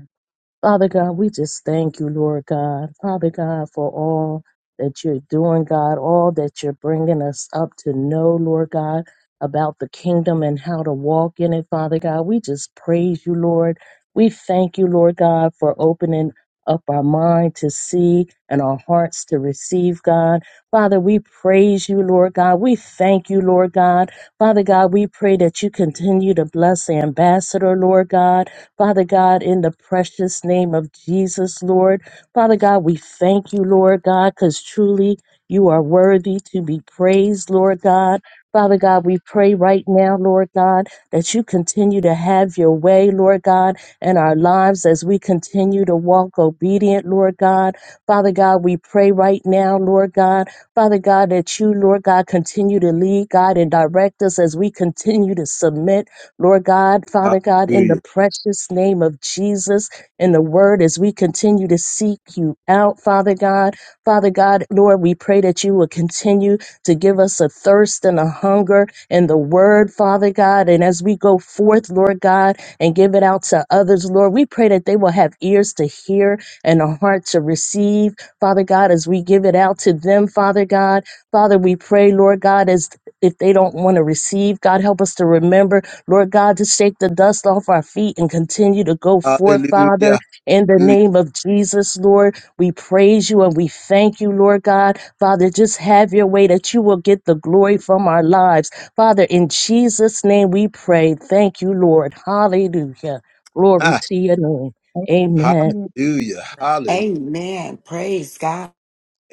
[SPEAKER 3] Father God, we just thank you, Lord God. Father God, for all that you're doing, God, all that you're bringing us up to know, Lord God, about the kingdom and how to walk in it, Father God. We just praise you, Lord. We thank you, Lord God, for opening up our mind to see and our hearts to receive, God. Father, we praise you, Lord God. We thank you, Lord God. Father God, we pray that you continue to bless the ambassador, Lord God. Father God, in the precious name of Jesus, Lord. Father God, we thank you, Lord God, because truly you are worthy to be praised, Lord God. Father God, we pray right now, Lord God, that you continue to have your way, Lord God, in our lives as we continue to walk obedient, Lord God. Father God, we pray right now, Lord God. Father God, that you, Lord God, continue to lead, God, and direct us as we continue to submit. Lord God, Father God, in the precious name of Jesus and the word as we continue to seek you out, Father God. Father God, Lord, we pray that you will continue to give us a thirst and a hunger in the word, Father God. And as we go forth, Lord God, and give it out to others, Lord, we pray that they will have ears to hear and a heart to receive, Father God, as we give it out to them, Father God. Father, we pray, Lord God, as if they don't want to receive, God, help us to remember Lord God, to shake the dust off our feet and continue to go forth, Father,
[SPEAKER 1] Hallelujah.
[SPEAKER 3] in the
[SPEAKER 1] Hallelujah.
[SPEAKER 3] name of Jesus, Lord. We praise you and we thank you, Lord God. Father, just have your way that you will get the glory from our lives. Father, in Jesus' name we pray. Thank you, Lord. Hallelujah. Glory
[SPEAKER 1] Ha,
[SPEAKER 3] to your name.
[SPEAKER 7] Thank
[SPEAKER 3] Amen.
[SPEAKER 7] you,
[SPEAKER 1] Hallelujah. Hallelujah.
[SPEAKER 10] Amen. Praise God.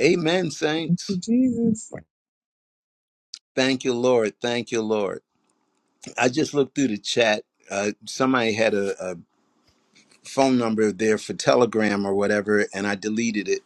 [SPEAKER 1] Amen, saints.
[SPEAKER 7] Jesus.
[SPEAKER 1] Thank you, Lord. Thank you, Lord. I just looked through the chat. Uh, somebody had a, phone number there for Telegram or whatever, and I deleted it.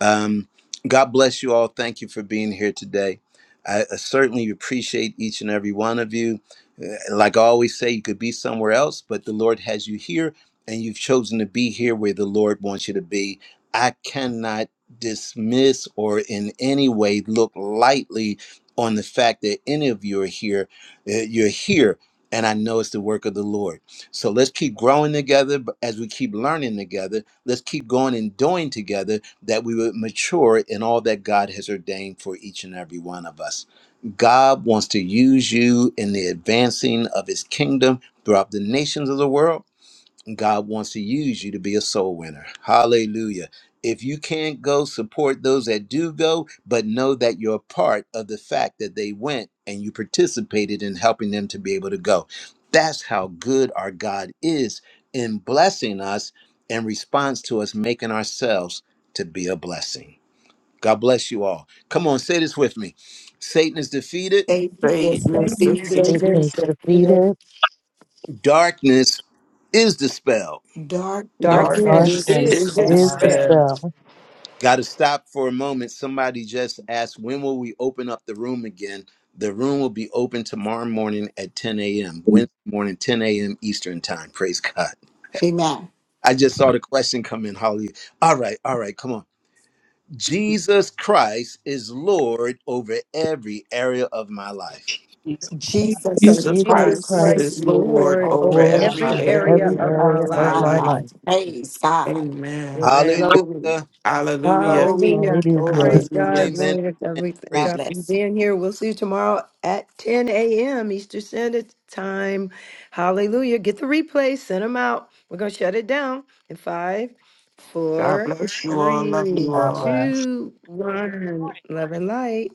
[SPEAKER 1] Um, God bless you all. Thank you for being here today. I, I certainly appreciate each and every one of you. Uh, Like I always say, you could be somewhere else, but the Lord has you here, and you've chosen to be here where the Lord wants you to be. I cannot dismiss or in any way look lightly on the fact that any of you are here. Uh, You're here, and I know it's the work of the Lord. So let's keep growing together but as we keep learning together. Let's keep going and doing together that we would mature in all that God has ordained for each and every one of us. God wants to use you in the advancing of his kingdom throughout the nations of the world God wants to use you to be a soul winner. Hallelujah. If you can't go, support those that do go, but know that you're a part of the fact that they went and you participated in helping them to be able to go. That's how good our God is in blessing us in response to us making ourselves to be a blessing. God bless you all. Come on, say this with me Satan is defeated,
[SPEAKER 10] Satan is
[SPEAKER 7] Thank
[SPEAKER 5] Greatness
[SPEAKER 7] you
[SPEAKER 8] So
[SPEAKER 10] defeated.
[SPEAKER 3] It
[SPEAKER 5] defeated.
[SPEAKER 3] is
[SPEAKER 8] just that evil
[SPEAKER 3] defeated.
[SPEAKER 1] darkness is dispelled
[SPEAKER 7] for
[SPEAKER 10] Darkness
[SPEAKER 8] darkness
[SPEAKER 9] Darkness
[SPEAKER 10] is
[SPEAKER 5] Darkness
[SPEAKER 9] is
[SPEAKER 3] Darkness
[SPEAKER 8] is
[SPEAKER 5] is
[SPEAKER 10] dispelled.
[SPEAKER 3] is
[SPEAKER 9] dispelled.
[SPEAKER 5] dispelled.
[SPEAKER 8] dispelled.
[SPEAKER 3] dispelled.
[SPEAKER 1] Got to stop for a moment. Somebody just asked, when will we open up the room again? The room will be open tomorrow morning at 10 a.m., Wednesday morning, 10 a.m. Eastern time. Praise God.
[SPEAKER 10] Amen.
[SPEAKER 1] I just saw the question come in, Holly. All right, all right, come on. Jesus Christ is Lord over every area of my life.
[SPEAKER 9] Peace is
[SPEAKER 7] Jesus.
[SPEAKER 10] Jesus
[SPEAKER 8] Because
[SPEAKER 5] Jesus
[SPEAKER 3] Jesus
[SPEAKER 8] Jesus
[SPEAKER 10] Christ
[SPEAKER 5] Christ
[SPEAKER 8] Christ
[SPEAKER 10] is
[SPEAKER 3] Christ,
[SPEAKER 5] is
[SPEAKER 8] is
[SPEAKER 10] Lord
[SPEAKER 5] Lord
[SPEAKER 8] Lord
[SPEAKER 10] over
[SPEAKER 9] in
[SPEAKER 5] over
[SPEAKER 8] over
[SPEAKER 3] Lord,
[SPEAKER 9] my
[SPEAKER 10] every
[SPEAKER 5] every
[SPEAKER 8] every
[SPEAKER 9] life.
[SPEAKER 3] over
[SPEAKER 10] area
[SPEAKER 8] area
[SPEAKER 3] every
[SPEAKER 8] of
[SPEAKER 5] area of
[SPEAKER 8] my
[SPEAKER 10] of
[SPEAKER 3] area
[SPEAKER 5] my
[SPEAKER 3] of
[SPEAKER 10] my
[SPEAKER 3] my
[SPEAKER 5] life.
[SPEAKER 10] life.
[SPEAKER 3] life.
[SPEAKER 10] Praise God.
[SPEAKER 5] Amen.
[SPEAKER 8] life.
[SPEAKER 1] Hallelujah.
[SPEAKER 10] Glory,
[SPEAKER 5] Hallelujah.
[SPEAKER 10] glory,
[SPEAKER 8] Hallelujah.
[SPEAKER 10] glory
[SPEAKER 3] Hallelujah.
[SPEAKER 10] to
[SPEAKER 8] Praise God.
[SPEAKER 5] Hallelujah.
[SPEAKER 10] Jesus.
[SPEAKER 1] Amen.
[SPEAKER 8] Glory to God.
[SPEAKER 1] amen.
[SPEAKER 8] We thank
[SPEAKER 1] Praise
[SPEAKER 10] God
[SPEAKER 8] God for you
[SPEAKER 10] bless.
[SPEAKER 8] being here. We'll see you tomorrow at 10 a.m. Eastern Standard Time. Hallelujah. Get the replay, send them out. We're going to shut it down in five,
[SPEAKER 5] God
[SPEAKER 8] four,
[SPEAKER 5] bless you all. Love
[SPEAKER 8] three,
[SPEAKER 5] you
[SPEAKER 9] God
[SPEAKER 5] all.
[SPEAKER 9] bless.
[SPEAKER 8] two, one. Love and light.